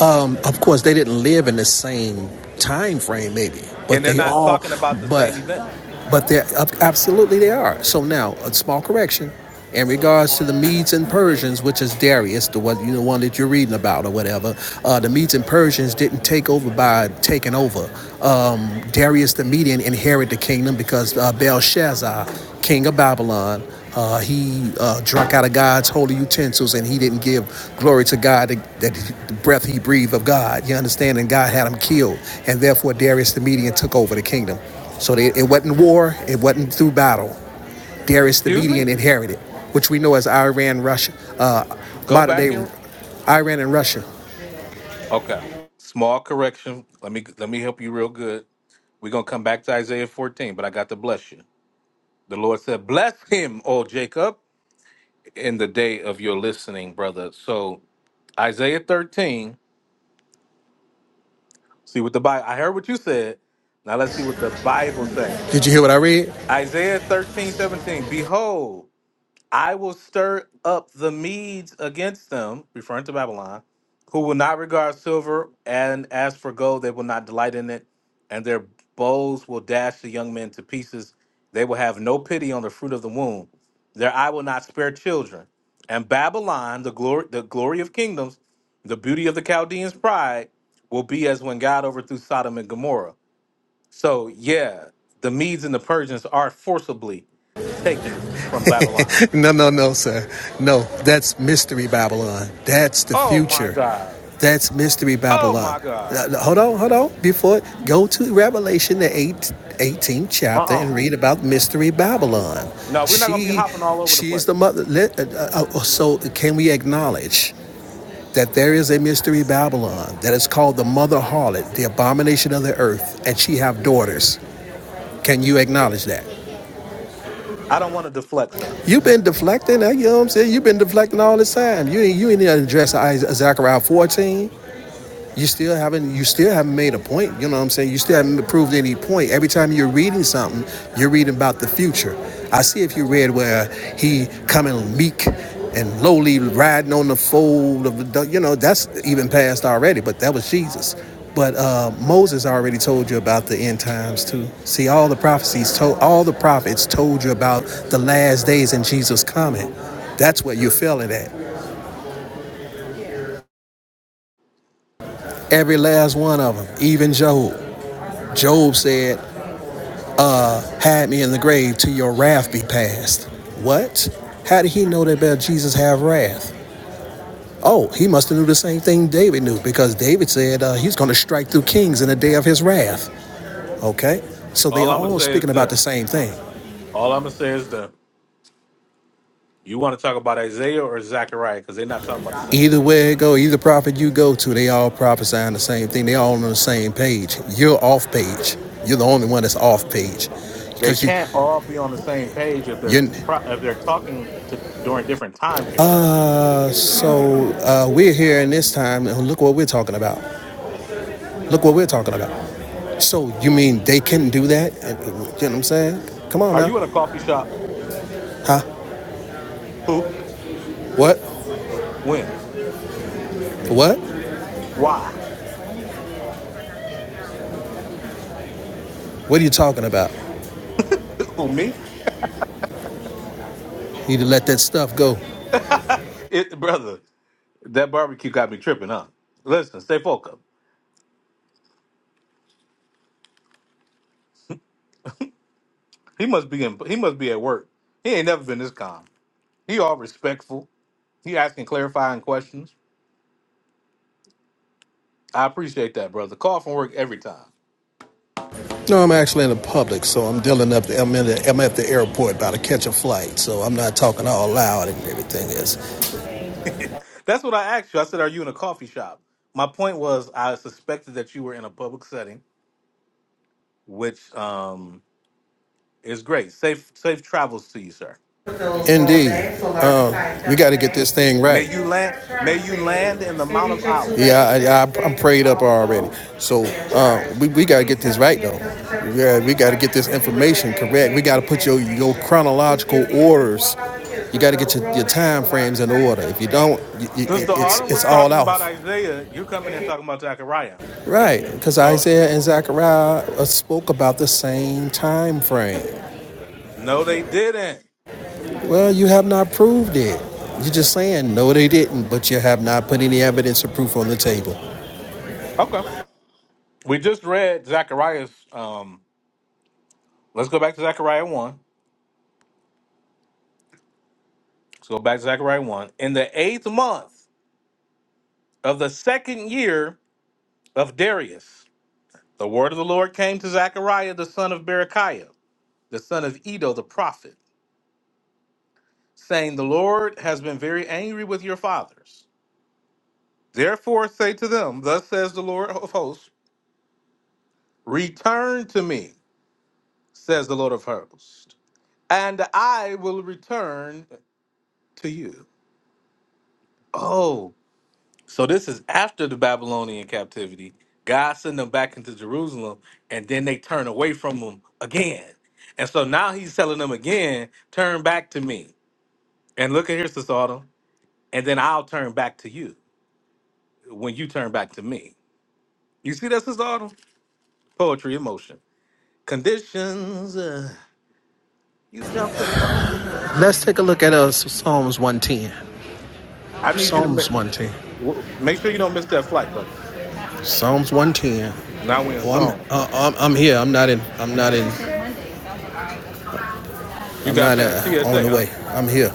[SPEAKER 10] Um, of course, they didn't live in the same time frame, maybe,
[SPEAKER 1] and
[SPEAKER 10] but
[SPEAKER 1] they're
[SPEAKER 10] they
[SPEAKER 1] not
[SPEAKER 10] all,
[SPEAKER 1] talking about the same
[SPEAKER 10] but
[SPEAKER 1] events.
[SPEAKER 10] but they're absolutely they are. So now a small correction in regards to the Medes and Persians, which is Darius, the one you know one that you're reading about or whatever. Uh, the Medes and Persians didn't take over by taking over. Um, Darius the Median inherited the kingdom because uh, Belshazzar, king of Babylon. Uh, he uh, drank out of God's holy utensils and he didn't give glory to God that, that the breath he breathed of God. You understand? And God had him killed. And therefore, Darius the Median took over the kingdom. So they, it wasn't war, it wasn't through battle. Darius the
[SPEAKER 1] Excuse me?
[SPEAKER 10] Median inherited, which we know as Iran, Russia, uh,
[SPEAKER 1] Go
[SPEAKER 10] modern day
[SPEAKER 1] back and
[SPEAKER 10] Iran and Russia.
[SPEAKER 1] Okay. Small correction. Let me let me help you real good. We're gonna come back to Isaiah 14, but I got to bless you. The Lord said, Bless him, O Jacob, in the day of your listening, brother. So Isaiah 13, see what the Bible I heard what you said. Now let's see what the Bible says.
[SPEAKER 10] Did you hear what I read?
[SPEAKER 1] Isaiah 13 17. Behold, I will stir up the Medes against them, referring to Babylon, who will not regard silver, and as for gold, they will not delight in it, and their bows will dash the young men to pieces. They will have no pity on the fruit of the womb. Their eye will not spare children. And Babylon, the glory, the glory of kingdoms, the beauty of the Chaldeans' pride, will be as when God overthrew Sodom and Gomorrah. So yeah, the Medes and the Persians are forcibly taking from Babylon.
[SPEAKER 10] No, no, no, sir. No, that's Mystery Babylon. That's the
[SPEAKER 1] Oh my
[SPEAKER 10] future.
[SPEAKER 1] God.
[SPEAKER 10] That's Mystery
[SPEAKER 1] Oh
[SPEAKER 10] Babylon.
[SPEAKER 1] my
[SPEAKER 10] Uh,
[SPEAKER 1] God.
[SPEAKER 10] uh, hold on, hold on. Before, go to Revelation, the eight, eighteenth
[SPEAKER 1] Uh
[SPEAKER 10] chapter,
[SPEAKER 1] uh
[SPEAKER 10] and read about Mystery Babylon.
[SPEAKER 1] No, we're not gonna be
[SPEAKER 10] She,
[SPEAKER 1] hopping all over the
[SPEAKER 10] she's
[SPEAKER 1] place.
[SPEAKER 10] the mother. Let, uh, uh, uh, so, can we acknowledge? that there is a mystery Babylon that is called the mother harlot, the abomination of the earth, and she have daughters. Can you acknowledge that?
[SPEAKER 1] I don't want to deflect, sir.
[SPEAKER 10] You've been deflecting, eh, you know what I'm saying? You've been deflecting all this time. You ain't you ain't even address Zechariah 14. You still haven't. You still haven't made a point. You know what I'm saying. You still haven't proved any point. Every time you're reading something, you're reading about the future. I see if you read where he coming meek and lowly, riding on the fold of the. You know that's even past already. But that was Jesus. But uh, Moses already told you about the end times too. See, all the prophecies told, all the prophets told you about the last days and Jesus coming. That's what you're feeling at. Every last one of them, even Job. Job said, Hide me in the grave till your wrath be past. What? How did he know that about Jesus have wrath? Oh, he must have knew the same thing David knew because David said uh, he's going to strike through kings in the day of his wrath. Okay, so they
[SPEAKER 1] All
[SPEAKER 10] are
[SPEAKER 1] I'm gonna
[SPEAKER 10] all
[SPEAKER 1] say is
[SPEAKER 10] speaking about the
[SPEAKER 1] this.
[SPEAKER 10] same thing.
[SPEAKER 1] All I'm gonna say is this. You want to talk about Isaiah or Zechariah because they're not talking about the same
[SPEAKER 10] Either
[SPEAKER 1] thing.
[SPEAKER 10] way it go, either prophet you go to, they all prophesying the same thing. They all on the same page. You're off page. You're the only one that's off page
[SPEAKER 1] They
[SPEAKER 10] because you
[SPEAKER 1] can't all be on the same page if they're
[SPEAKER 10] you.
[SPEAKER 1] if they're talking to during different time periods.
[SPEAKER 10] Uh, so uh, we're here in this time, and look what we're talking about. Look what we're talking about. So you mean they couldn't do that? And- You know what I'm saying? Come on
[SPEAKER 1] Are
[SPEAKER 10] now.
[SPEAKER 1] you in a coffee shop?
[SPEAKER 10] Huh?
[SPEAKER 1] Who?
[SPEAKER 10] What?
[SPEAKER 1] When?
[SPEAKER 10] What?
[SPEAKER 1] Why?
[SPEAKER 10] What are you talking about?
[SPEAKER 1] Who? Me?
[SPEAKER 10] You need to let that stuff go.
[SPEAKER 1] it, brother, that barbecue got me tripping huh? Listen, stay focused. He must be in. He must be at work. He ain't never been this calm. He all respectful. He asking clarifying questions. I appreciate that, brother. Call from work every time.
[SPEAKER 10] No, I'm actually in the public, so I'm dealing up. The, I'm, in the, I'm at the airport about to catch a flight, so I'm not talking all loud and everything. Is
[SPEAKER 1] That's what I asked you. I said, "Are you in a coffee shop?" My point was, I suspected that you were in a public setting, which um, is great. Safe, safe travels to you, sir.
[SPEAKER 10] this thing
[SPEAKER 1] May
[SPEAKER 10] right?
[SPEAKER 1] you land. May you land in the Mount of Olives.
[SPEAKER 10] So uh, we, we gotta get this right though. Yeah, we gotta get this information correct. We gotta put your your chronological orders. You gotta get your, your time frames in order. If you don't,
[SPEAKER 1] Since the
[SPEAKER 10] it, it's
[SPEAKER 1] autumn was
[SPEAKER 10] it's all
[SPEAKER 1] talking about
[SPEAKER 10] off.
[SPEAKER 1] Isaiah, you're coming in talking about Zechariah.
[SPEAKER 10] Right, because
[SPEAKER 1] So
[SPEAKER 10] Isaiah and Zechariah uh, spoke about the same time frame.
[SPEAKER 1] no, they didn't.
[SPEAKER 10] Well, you have not proved it. You're just saying no, they didn't, but you have not put any evidence or proof on the table.
[SPEAKER 1] Okay. We just read Zechariah's. Um, let's go back to Zechariah 1. Let's go back to Zechariah 1. In the eighth month of the second year of Darius, the word of the Lord came to Zechariah, the son of Berechiah, the son of Edo, the prophet, saying, The Lord has been very angry with your fathers. Therefore say to them, Thus says the Lord of hosts, Return to me, says the Lord of hosts, and I will return to you. Oh So this is after the Babylonian captivity. God sent them back into Jerusalem, and then they turn away from him again. And so now he's telling them again, turn back to me. And look at here, Sister Autumn, and then I'll turn back to you when you turn back to me. You see that, Sister Autumn? Poetry emotion. Conditions. uh, you dropped the
[SPEAKER 10] Let's
[SPEAKER 1] bomb.
[SPEAKER 10] take a look at uh, Psalms 110.
[SPEAKER 1] I need you to make
[SPEAKER 10] Psalms 110.
[SPEAKER 1] w- make sure you don't miss that flight, brother.
[SPEAKER 10] Psalms 110.
[SPEAKER 1] Now we're in
[SPEAKER 10] Oh, I'm
[SPEAKER 1] song.
[SPEAKER 10] uh, I'm I'm here. I'm not in. I'm not in.
[SPEAKER 1] You
[SPEAKER 10] I'm
[SPEAKER 1] got
[SPEAKER 10] not in,
[SPEAKER 1] past
[SPEAKER 10] uh, on
[SPEAKER 1] CSA,
[SPEAKER 10] the
[SPEAKER 1] huh?
[SPEAKER 10] way. I'm here.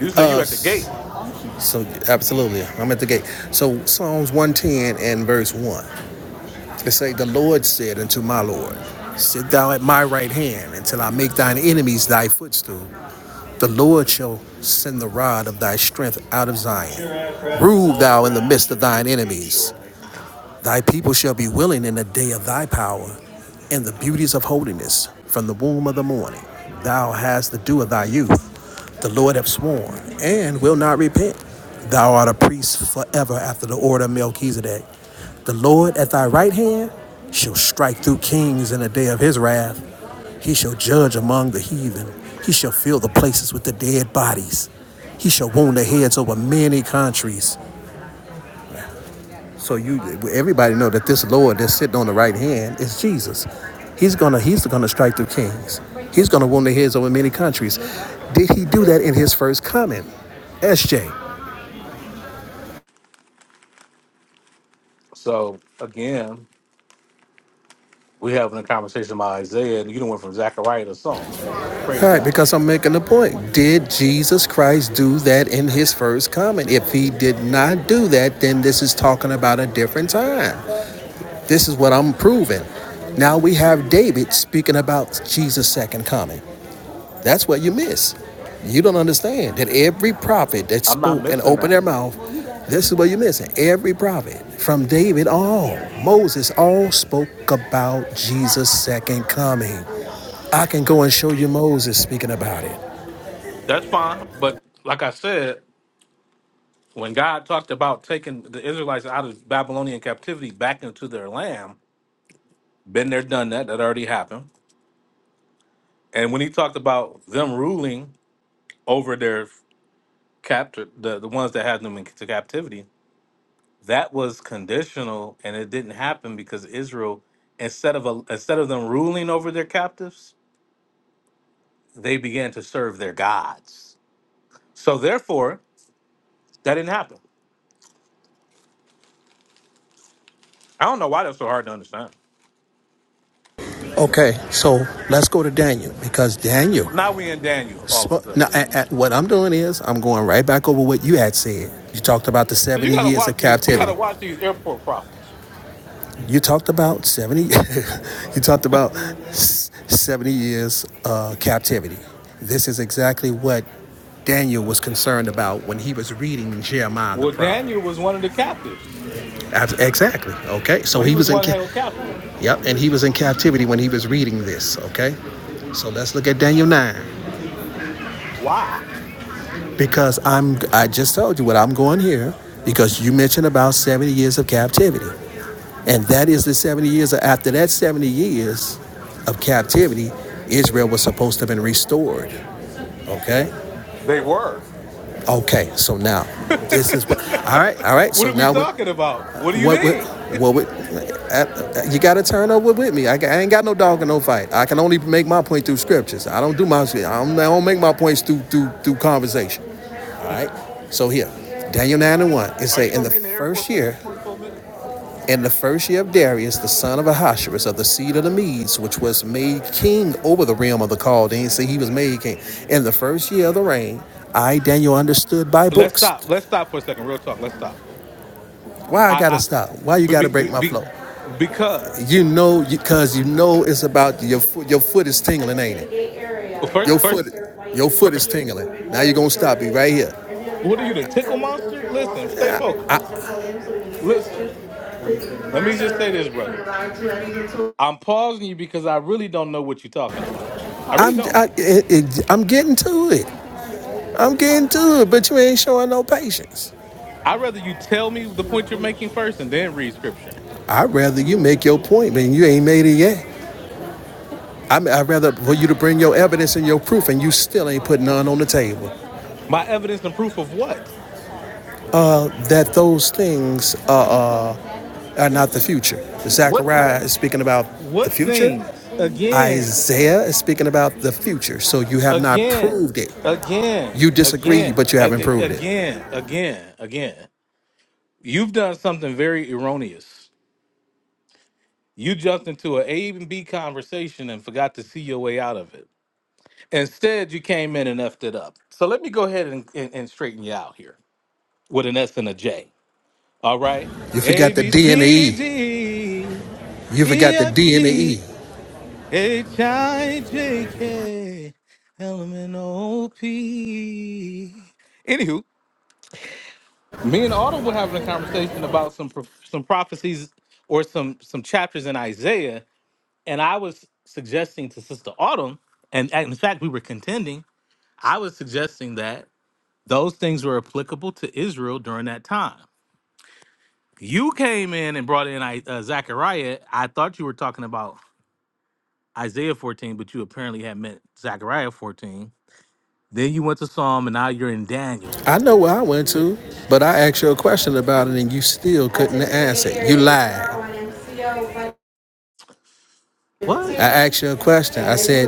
[SPEAKER 1] You say you
[SPEAKER 10] Uh,
[SPEAKER 1] at the gate.
[SPEAKER 10] so absolutely, I'm at the gate. So Psalms 110 and verse one. It say, "The Lord said unto my Lord, Sit thou at my right hand until I make thine enemies thy footstool. The Lord shall send the rod of thy strength out of Zion. Rule thou in the midst of thine enemies. Thy people shall be willing in the day of thy power and the beauties of holiness from the womb of the morning. Thou hast the dew of thy youth. The Lord hath sworn and will not repent. Thou art a priest forever after the order of Melchizedek. The Lord at thy right hand shall strike through kings in the day of his wrath. He shall judge among the heathen. He shall fill the places with the dead bodies. He shall wound the heads over many countries. So you, everybody know that this Lord that's sitting on the right hand is Jesus. He's gonna, he's gonna strike through kings. He's gonna wound their heads over many countries. Did he do that in his first coming? SJ.
[SPEAKER 1] So again, we having a conversation about Isaiah, and you done went from Zechariah to Psalm. Praise
[SPEAKER 10] All right,
[SPEAKER 1] God.
[SPEAKER 10] because I'm making the point. Did Jesus Christ do that in his first coming? If he did not do that, then this is talking about a different time. This is what I'm proving. Now we have David speaking about Jesus' second coming. That's what you miss. You don't understand that every prophet that
[SPEAKER 1] I'm not
[SPEAKER 10] spoke and
[SPEAKER 1] missing
[SPEAKER 10] opened
[SPEAKER 1] that.
[SPEAKER 10] their mouth, this is what you're missing. Every prophet, from David all, Moses all spoke about Jesus' second coming. I can go and show you Moses speaking about it.
[SPEAKER 1] That's fine, but like I said, when God talked about taking the Israelites out of Babylonian captivity back into their land, been there, done that. That already happened. And when He talked about them ruling over their captor, the the ones that had them into captivity, that was conditional, and it didn't happen because Israel, instead of a, instead of them ruling over their captives they began to serve their gods. So therefore, that didn't happen. I don't know why that's so hard to understand.
[SPEAKER 10] Okay, so let's go to Daniel because Daniel.
[SPEAKER 1] Now we in Daniel all of a
[SPEAKER 10] spoke.
[SPEAKER 1] sudden.
[SPEAKER 10] now, a- a- what I'm doing is I'm going right back over what you had said. You talked about the
[SPEAKER 1] So you
[SPEAKER 10] 70
[SPEAKER 1] gotta
[SPEAKER 10] years
[SPEAKER 1] watch
[SPEAKER 10] of
[SPEAKER 1] these. You gotta
[SPEAKER 10] captivity.
[SPEAKER 1] watch these airport prophets.
[SPEAKER 10] You talked about 70 you talked about 70 years uh, captivity. This is exactly what Daniel was concerned about when he was reading Jeremiah the
[SPEAKER 1] Well,
[SPEAKER 10] prophet.
[SPEAKER 1] Daniel was one of the captives.
[SPEAKER 10] Exactly. Okay. So
[SPEAKER 1] Well, he
[SPEAKER 10] he
[SPEAKER 1] was
[SPEAKER 10] was in
[SPEAKER 1] one
[SPEAKER 10] ca-
[SPEAKER 1] held captive.
[SPEAKER 10] Yep, and he was in captivity when he was reading this, okay? So let's look at Daniel 9
[SPEAKER 1] Why?
[SPEAKER 10] because I'm I just told you what I'm going here because you mentioned about 70 years of captivity. And that is the 70 years. After that 70 years of captivity, Israel was supposed to have been restored. Okay?
[SPEAKER 1] They were.
[SPEAKER 10] Okay, so now, this is what, all right, all right,
[SPEAKER 1] what
[SPEAKER 10] so
[SPEAKER 1] are we
[SPEAKER 10] now, what,
[SPEAKER 1] talking about? What do you
[SPEAKER 10] what, what,
[SPEAKER 1] mean?
[SPEAKER 10] what, would- uh, uh, you got to turn over with me. I, I ain't got no dog in no fight. I can only make my point through scriptures. I don't do my, I don't, I don't make my points through, through, through conversation. All right? So here, Daniel 9 and 1, it
[SPEAKER 1] Are you
[SPEAKER 10] say, in
[SPEAKER 1] gonna
[SPEAKER 10] the
[SPEAKER 1] be in the airport
[SPEAKER 10] first
[SPEAKER 1] for at
[SPEAKER 10] year
[SPEAKER 1] 44 minutes?
[SPEAKER 10] And the first year of Darius, the son of Ahasuerus of the seed of the Medes, which was made king over the realm of the Chaldeans, see, he was made king. In the first year of the reign, I, Daniel, understood by
[SPEAKER 1] Let's
[SPEAKER 10] books.
[SPEAKER 1] stop. Let's stop for a second. Real talk. Let's stop.
[SPEAKER 10] Why I
[SPEAKER 1] I,
[SPEAKER 10] gotta
[SPEAKER 1] I
[SPEAKER 10] stop? Why you gotta
[SPEAKER 1] be,
[SPEAKER 10] break
[SPEAKER 1] be,
[SPEAKER 10] my
[SPEAKER 1] be,
[SPEAKER 10] flow?
[SPEAKER 1] because
[SPEAKER 10] You know, because you know it's about your foot. Your foot is tingling, ain't it? Your foot,
[SPEAKER 1] first,
[SPEAKER 10] your foot
[SPEAKER 1] first,
[SPEAKER 10] is tingling. Now you're gonna stop me right here.
[SPEAKER 1] What are you, the tickle monster? Listen, stay focused. Listen, let me just say this, brother. I'm pausing you because I really don't know what you're talking about. I really
[SPEAKER 10] I'm,
[SPEAKER 1] don't.
[SPEAKER 10] I, it, it, I'm getting to it. I'm getting to it, but you ain't showing no patience.
[SPEAKER 1] I'd rather you tell me the point you're making first and then read scripture.
[SPEAKER 10] I'd rather you make your point, man. You ain't made it yet. I mean, I'd rather for you to bring your evidence and your proof, and you still ain't put none on the table.
[SPEAKER 1] My evidence and proof of what?
[SPEAKER 10] That those things are, uh, are not the future.
[SPEAKER 1] What? th-
[SPEAKER 10] Zechariah is speaking about the
[SPEAKER 1] what
[SPEAKER 10] future.
[SPEAKER 1] things? Again,
[SPEAKER 10] Isaiah is speaking about the future. So you have not
[SPEAKER 1] again,
[SPEAKER 10] proved it.
[SPEAKER 1] again,
[SPEAKER 10] You disagree,
[SPEAKER 1] again,
[SPEAKER 10] but you
[SPEAKER 1] a-
[SPEAKER 10] haven't proved it.
[SPEAKER 1] again, again, again. You've done something very erroneous. You jumped into an A A and B conversation and forgot to see your way out of it. Instead, you came in and effed it up. So let me go ahead and, and, and straighten you out here with an S and a J. All right?
[SPEAKER 10] You
[SPEAKER 1] A,
[SPEAKER 10] forgot the
[SPEAKER 1] B,
[SPEAKER 10] D and the
[SPEAKER 1] C,
[SPEAKER 10] E.
[SPEAKER 1] D,
[SPEAKER 10] You
[SPEAKER 1] E,
[SPEAKER 10] forgot the
[SPEAKER 1] F,
[SPEAKER 10] D and the E.
[SPEAKER 1] G, H, I, J, K, L, M, N, O, P. Anywho, me and Autumn were having a conversation about some pro- some prophecies or some some chapters in Isaiah, and I was suggesting to Sister Autumn, and and in fact, we were contending. I was suggesting that Those things were applicable to Israel during that time. You came in and brought in I- uh, Zechariah. I thought you were talking about Isaiah 14, but you apparently had meant Zechariah 14. Then you went to Psalm, and now you're in Daniel.
[SPEAKER 10] I know where I went to, but I asked you a question about it, and you still couldn't answer. I
[SPEAKER 1] What?
[SPEAKER 10] asked you a question. I said,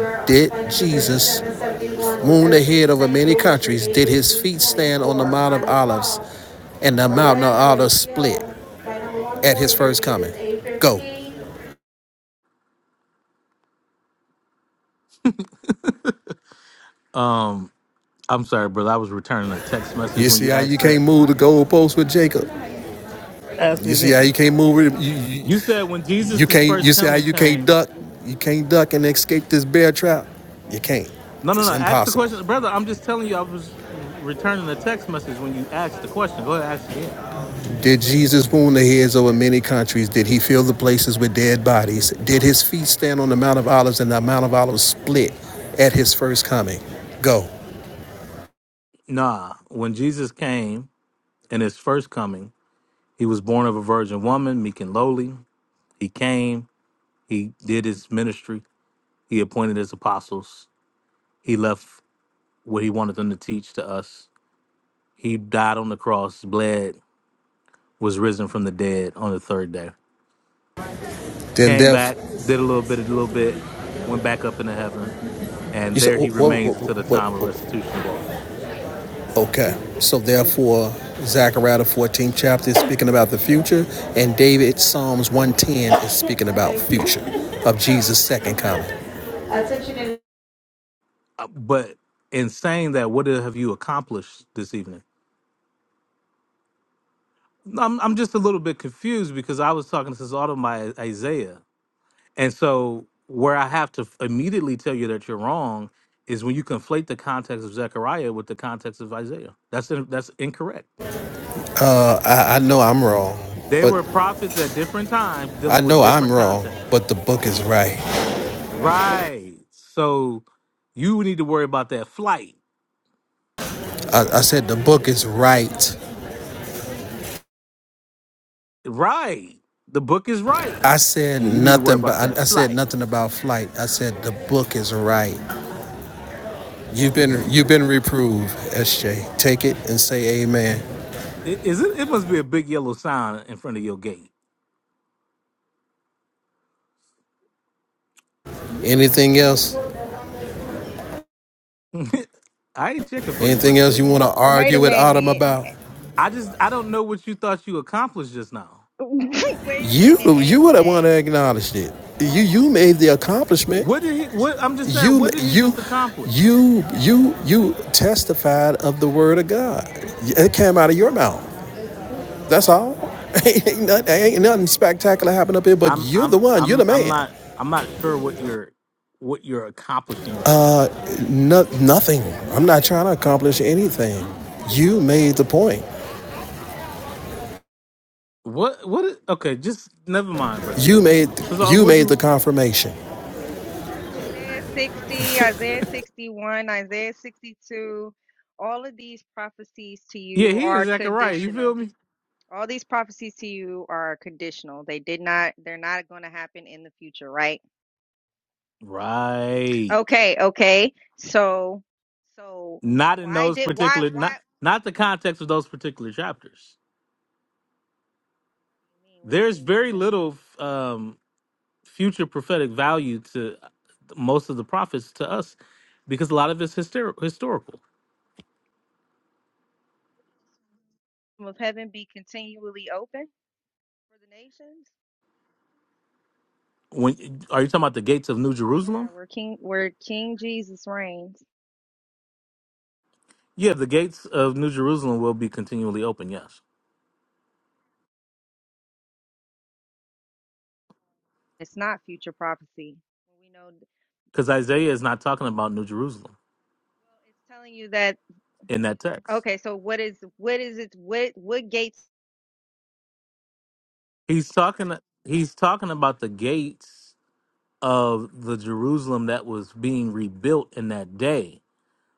[SPEAKER 10] "In the mouth."
[SPEAKER 1] Um, I'm sorry, brother. I was returning a text message
[SPEAKER 10] You
[SPEAKER 1] when
[SPEAKER 10] see
[SPEAKER 1] you
[SPEAKER 10] how you
[SPEAKER 1] asked that.
[SPEAKER 10] can't move the goalposts with Jacob.
[SPEAKER 1] Ask it
[SPEAKER 10] You see how you
[SPEAKER 1] again.
[SPEAKER 10] can't move it. You, you,
[SPEAKER 1] You said when
[SPEAKER 10] you
[SPEAKER 1] Jesus'
[SPEAKER 10] can't.
[SPEAKER 1] first
[SPEAKER 10] You see how
[SPEAKER 1] coming
[SPEAKER 10] you can't
[SPEAKER 1] came.
[SPEAKER 10] duck. You can't duck and escape this bear trap. You can't.
[SPEAKER 1] No, no, no.
[SPEAKER 10] It's
[SPEAKER 1] Ask the
[SPEAKER 10] impossible.
[SPEAKER 1] question, brother. I'm just telling you. I was r- returning a text message when you asked the question. Go ahead, ask again.
[SPEAKER 10] Did Jesus wound the heads over many countries? Did he fill the places with dead bodies? Did his feet stand on the Mount of Olives and the Mount of Olives split at his first coming? Go.
[SPEAKER 1] Nah, when Jesus came, in his first coming. He was born of a virgin woman, meek and lowly. He came, he did his ministry, he appointed his apostles, he left what he wanted them to teach to us. He died on the cross, bled, was risen from the dead on the third day.
[SPEAKER 10] Then
[SPEAKER 1] Came back,
[SPEAKER 10] therefore,
[SPEAKER 1] did a little bit, a little bit, went back up into heaven, and
[SPEAKER 10] you said,
[SPEAKER 1] there he
[SPEAKER 10] what,
[SPEAKER 1] remains
[SPEAKER 10] what,
[SPEAKER 1] until the
[SPEAKER 10] what,
[SPEAKER 1] time of restitution of all things.
[SPEAKER 10] Okay, so therefore, Zechariah the 14th chapter is speaking about the future, and David Psalms 110 is speaking about future of Jesus' second coming.
[SPEAKER 1] Uh, But in saying that, what have you accomplished this evening? I'm I'm just a little bit confused because I was talking to this auto my Isaiah, and so where I have to immediately tell you that you're wrong is when you conflate the context of Zechariah with the context of Isaiah. That's in, that's incorrect.
[SPEAKER 10] Uh, I, I know I'm wrong,
[SPEAKER 1] They
[SPEAKER 10] but
[SPEAKER 1] were prophets at different times
[SPEAKER 10] I
[SPEAKER 1] dealing with
[SPEAKER 10] know I'm
[SPEAKER 1] different
[SPEAKER 10] wrong,
[SPEAKER 1] contexts.
[SPEAKER 10] but the book is right.
[SPEAKER 1] Right. So you need to worry about that flight.
[SPEAKER 10] I, I said the book is right.
[SPEAKER 1] Right. The book is right,
[SPEAKER 10] I said
[SPEAKER 1] and you need to worry
[SPEAKER 10] nothing, but
[SPEAKER 1] about that
[SPEAKER 10] I, I said
[SPEAKER 1] flight.
[SPEAKER 10] nothing about flight. I said the book is right. You've been you've been reproved, SJ. Take it and say Amen.
[SPEAKER 1] I- Is it? It must be a big yellow sign in front of your gate.
[SPEAKER 10] Anything else?
[SPEAKER 1] I ain't checking for you,
[SPEAKER 10] Anything
[SPEAKER 1] brother
[SPEAKER 10] else you
[SPEAKER 1] Jacob.
[SPEAKER 10] want to
[SPEAKER 6] Wait a
[SPEAKER 10] argue with Autumn
[SPEAKER 6] minute.
[SPEAKER 10] about?
[SPEAKER 1] I just I don't know what you thought you accomplished just now.
[SPEAKER 6] Wait a minute,
[SPEAKER 10] You you were the one that
[SPEAKER 6] SJ.
[SPEAKER 10] acknowledged it. You you made the accomplishment.
[SPEAKER 1] What did he? What I'm just saying.
[SPEAKER 10] You
[SPEAKER 1] What did he
[SPEAKER 10] you
[SPEAKER 1] just accomplish?
[SPEAKER 10] you you you testified of the word of God. It came out of your mouth. That's all. ain't, nothing, ain't nothing spectacular happened up here, but
[SPEAKER 1] I'm
[SPEAKER 10] you're the
[SPEAKER 1] I'm
[SPEAKER 10] one. You're
[SPEAKER 1] I'm
[SPEAKER 10] the
[SPEAKER 1] I'm
[SPEAKER 10] man.
[SPEAKER 1] not I'm not sure what you're what you're accomplishing right now.
[SPEAKER 10] No, nothing. I'm not trying to accomplish anything. You made the point.
[SPEAKER 1] What what? is- Okay, just never mind, brother
[SPEAKER 10] You
[SPEAKER 1] Jacob.
[SPEAKER 10] made
[SPEAKER 1] So, so
[SPEAKER 10] you
[SPEAKER 1] what
[SPEAKER 10] made
[SPEAKER 1] you?
[SPEAKER 10] the confirmation.
[SPEAKER 6] So, Isaiah 60, Isaiah 61, Isaiah 62, all of these prophecies to
[SPEAKER 1] Yeah,
[SPEAKER 6] you
[SPEAKER 1] he and
[SPEAKER 6] are
[SPEAKER 1] Zachariah. You feel
[SPEAKER 6] conditional.
[SPEAKER 1] me?
[SPEAKER 6] All these prophecies to you are conditional. They did not, they're not going to happen in the future, right?
[SPEAKER 1] Right.
[SPEAKER 6] Okay, okay. So, so
[SPEAKER 1] Not in
[SPEAKER 6] why
[SPEAKER 1] those
[SPEAKER 6] did, why,
[SPEAKER 1] particular
[SPEAKER 6] why,
[SPEAKER 1] not not the context of those particular chapters.
[SPEAKER 6] what do you mean? What do you
[SPEAKER 1] There's
[SPEAKER 6] mean when you
[SPEAKER 1] very
[SPEAKER 6] say that?
[SPEAKER 1] little. um future prophetic value to uh, most of the prophets to us because a lot of it's hyster- historical.
[SPEAKER 6] Will heaven be continually open for the nations?
[SPEAKER 1] When are you talking about the gates of New
[SPEAKER 6] Yeah,
[SPEAKER 1] Jerusalem?
[SPEAKER 6] where King, where King Jesus reigns.
[SPEAKER 1] Yeah, the gates of New Jerusalem will be continually open. Yes,
[SPEAKER 6] It's not future prophecy. We know.
[SPEAKER 1] because Isaiah is not talking about New Jerusalem
[SPEAKER 6] Well, it's telling you that
[SPEAKER 1] in that text.
[SPEAKER 6] okay, so what is what is it what what gates
[SPEAKER 1] He's talking. He's talking about the gates of the Jerusalem that was being rebuilt in that day.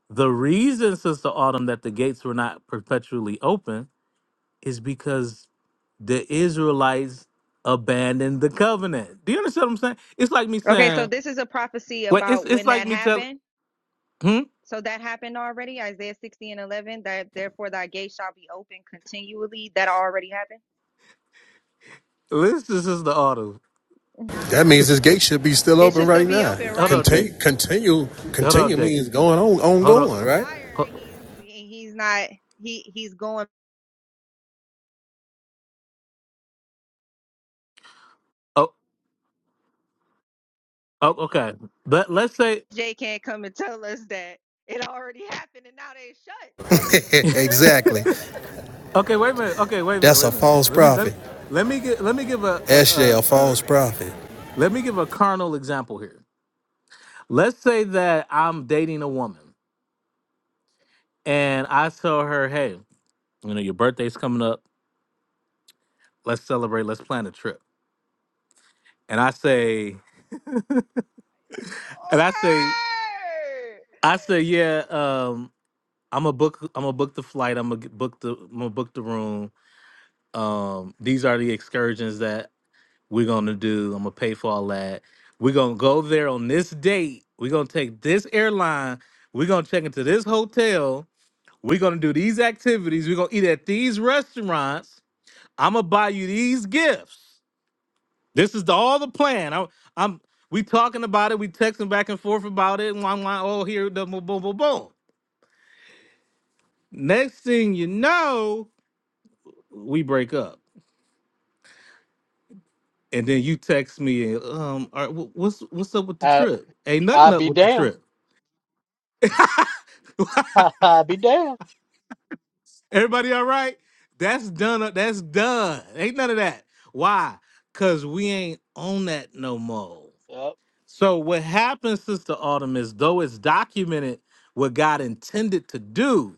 [SPEAKER 1] The reason, Sister Autumn, that the gates were not perpetually open is because the Israelites abandoned the covenant. Do you understand what I'm saying? It's like me
[SPEAKER 6] Okay, so
[SPEAKER 1] saying,
[SPEAKER 6] this is a prophecy
[SPEAKER 1] wait, it's
[SPEAKER 6] about
[SPEAKER 1] it's
[SPEAKER 6] when
[SPEAKER 1] like
[SPEAKER 6] that
[SPEAKER 1] me telling,
[SPEAKER 6] happened.
[SPEAKER 1] hmm?
[SPEAKER 6] So that happened already, Isaiah 60 and 11, that therefore thy gate shall be open continually. That already happened.
[SPEAKER 1] This, this is the auto.
[SPEAKER 10] That means this gate should be still
[SPEAKER 6] It
[SPEAKER 10] open
[SPEAKER 6] should still
[SPEAKER 10] right
[SPEAKER 6] be
[SPEAKER 10] now.
[SPEAKER 6] open,
[SPEAKER 1] Hold on,
[SPEAKER 6] right?
[SPEAKER 1] Jake.
[SPEAKER 10] Continue, continue,
[SPEAKER 1] Hold on,
[SPEAKER 10] continue
[SPEAKER 1] Jake.
[SPEAKER 10] means going on,
[SPEAKER 1] Hold on.
[SPEAKER 10] ongoing, right?
[SPEAKER 6] Liar, and he's he's not he he's going.
[SPEAKER 1] Oh, oh okay. Let let's say,
[SPEAKER 6] Jay can't come and tell us that it already happened and now they shut, right?
[SPEAKER 10] exactly.
[SPEAKER 1] okay, wait a minute. Okay, wait a minute.
[SPEAKER 10] That's
[SPEAKER 1] Wait a
[SPEAKER 10] a
[SPEAKER 1] minute. Wait.
[SPEAKER 10] false
[SPEAKER 1] Let me let me.
[SPEAKER 10] prophet.
[SPEAKER 1] Let me get let me give a, a,
[SPEAKER 10] SJ,
[SPEAKER 1] a,
[SPEAKER 10] a
[SPEAKER 1] a
[SPEAKER 10] false prophet.
[SPEAKER 1] let me give a carnal example here. Let's say that I'm dating a woman and I tell her, "Hey, you know your birthday's coming up. Let's celebrate. Let's plan a trip." And I say, And I say,
[SPEAKER 6] Lord. So
[SPEAKER 1] I say, yeah. Um, I'm gonna book. I'm gonna book the flight. I'm gonna book the. I'm gonna book the room. Um, these are the excursions that we're gonna do. I'm gonna pay for all that. We're gonna go there on this date. We're gonna take this airline. We're gonna check into this hotel. We're gonna do these activities. We're gonna eat at these restaurants. I'm gonna buy you these gifts. This is the, all the plan. I'm, I'm. We talking about it. We texting back and forth about it. And Wah, wah, oh, here, the boom, boom, boom. boom. Next thing you know, we break up, and then you text me, and um, all right, wh- what's what's up with the
[SPEAKER 4] I
[SPEAKER 1] trip? Ain't nothing
[SPEAKER 4] I
[SPEAKER 1] up
[SPEAKER 4] be
[SPEAKER 1] with the
[SPEAKER 4] damned.
[SPEAKER 1] trip.
[SPEAKER 4] I be damned.
[SPEAKER 1] Everybody all right? That's done. up- That's done. Ain't none of that. Why? Cause we ain't on that no more.
[SPEAKER 4] Yep.
[SPEAKER 1] So what happens, Sister Autumn, is though it's documented what God intended to do.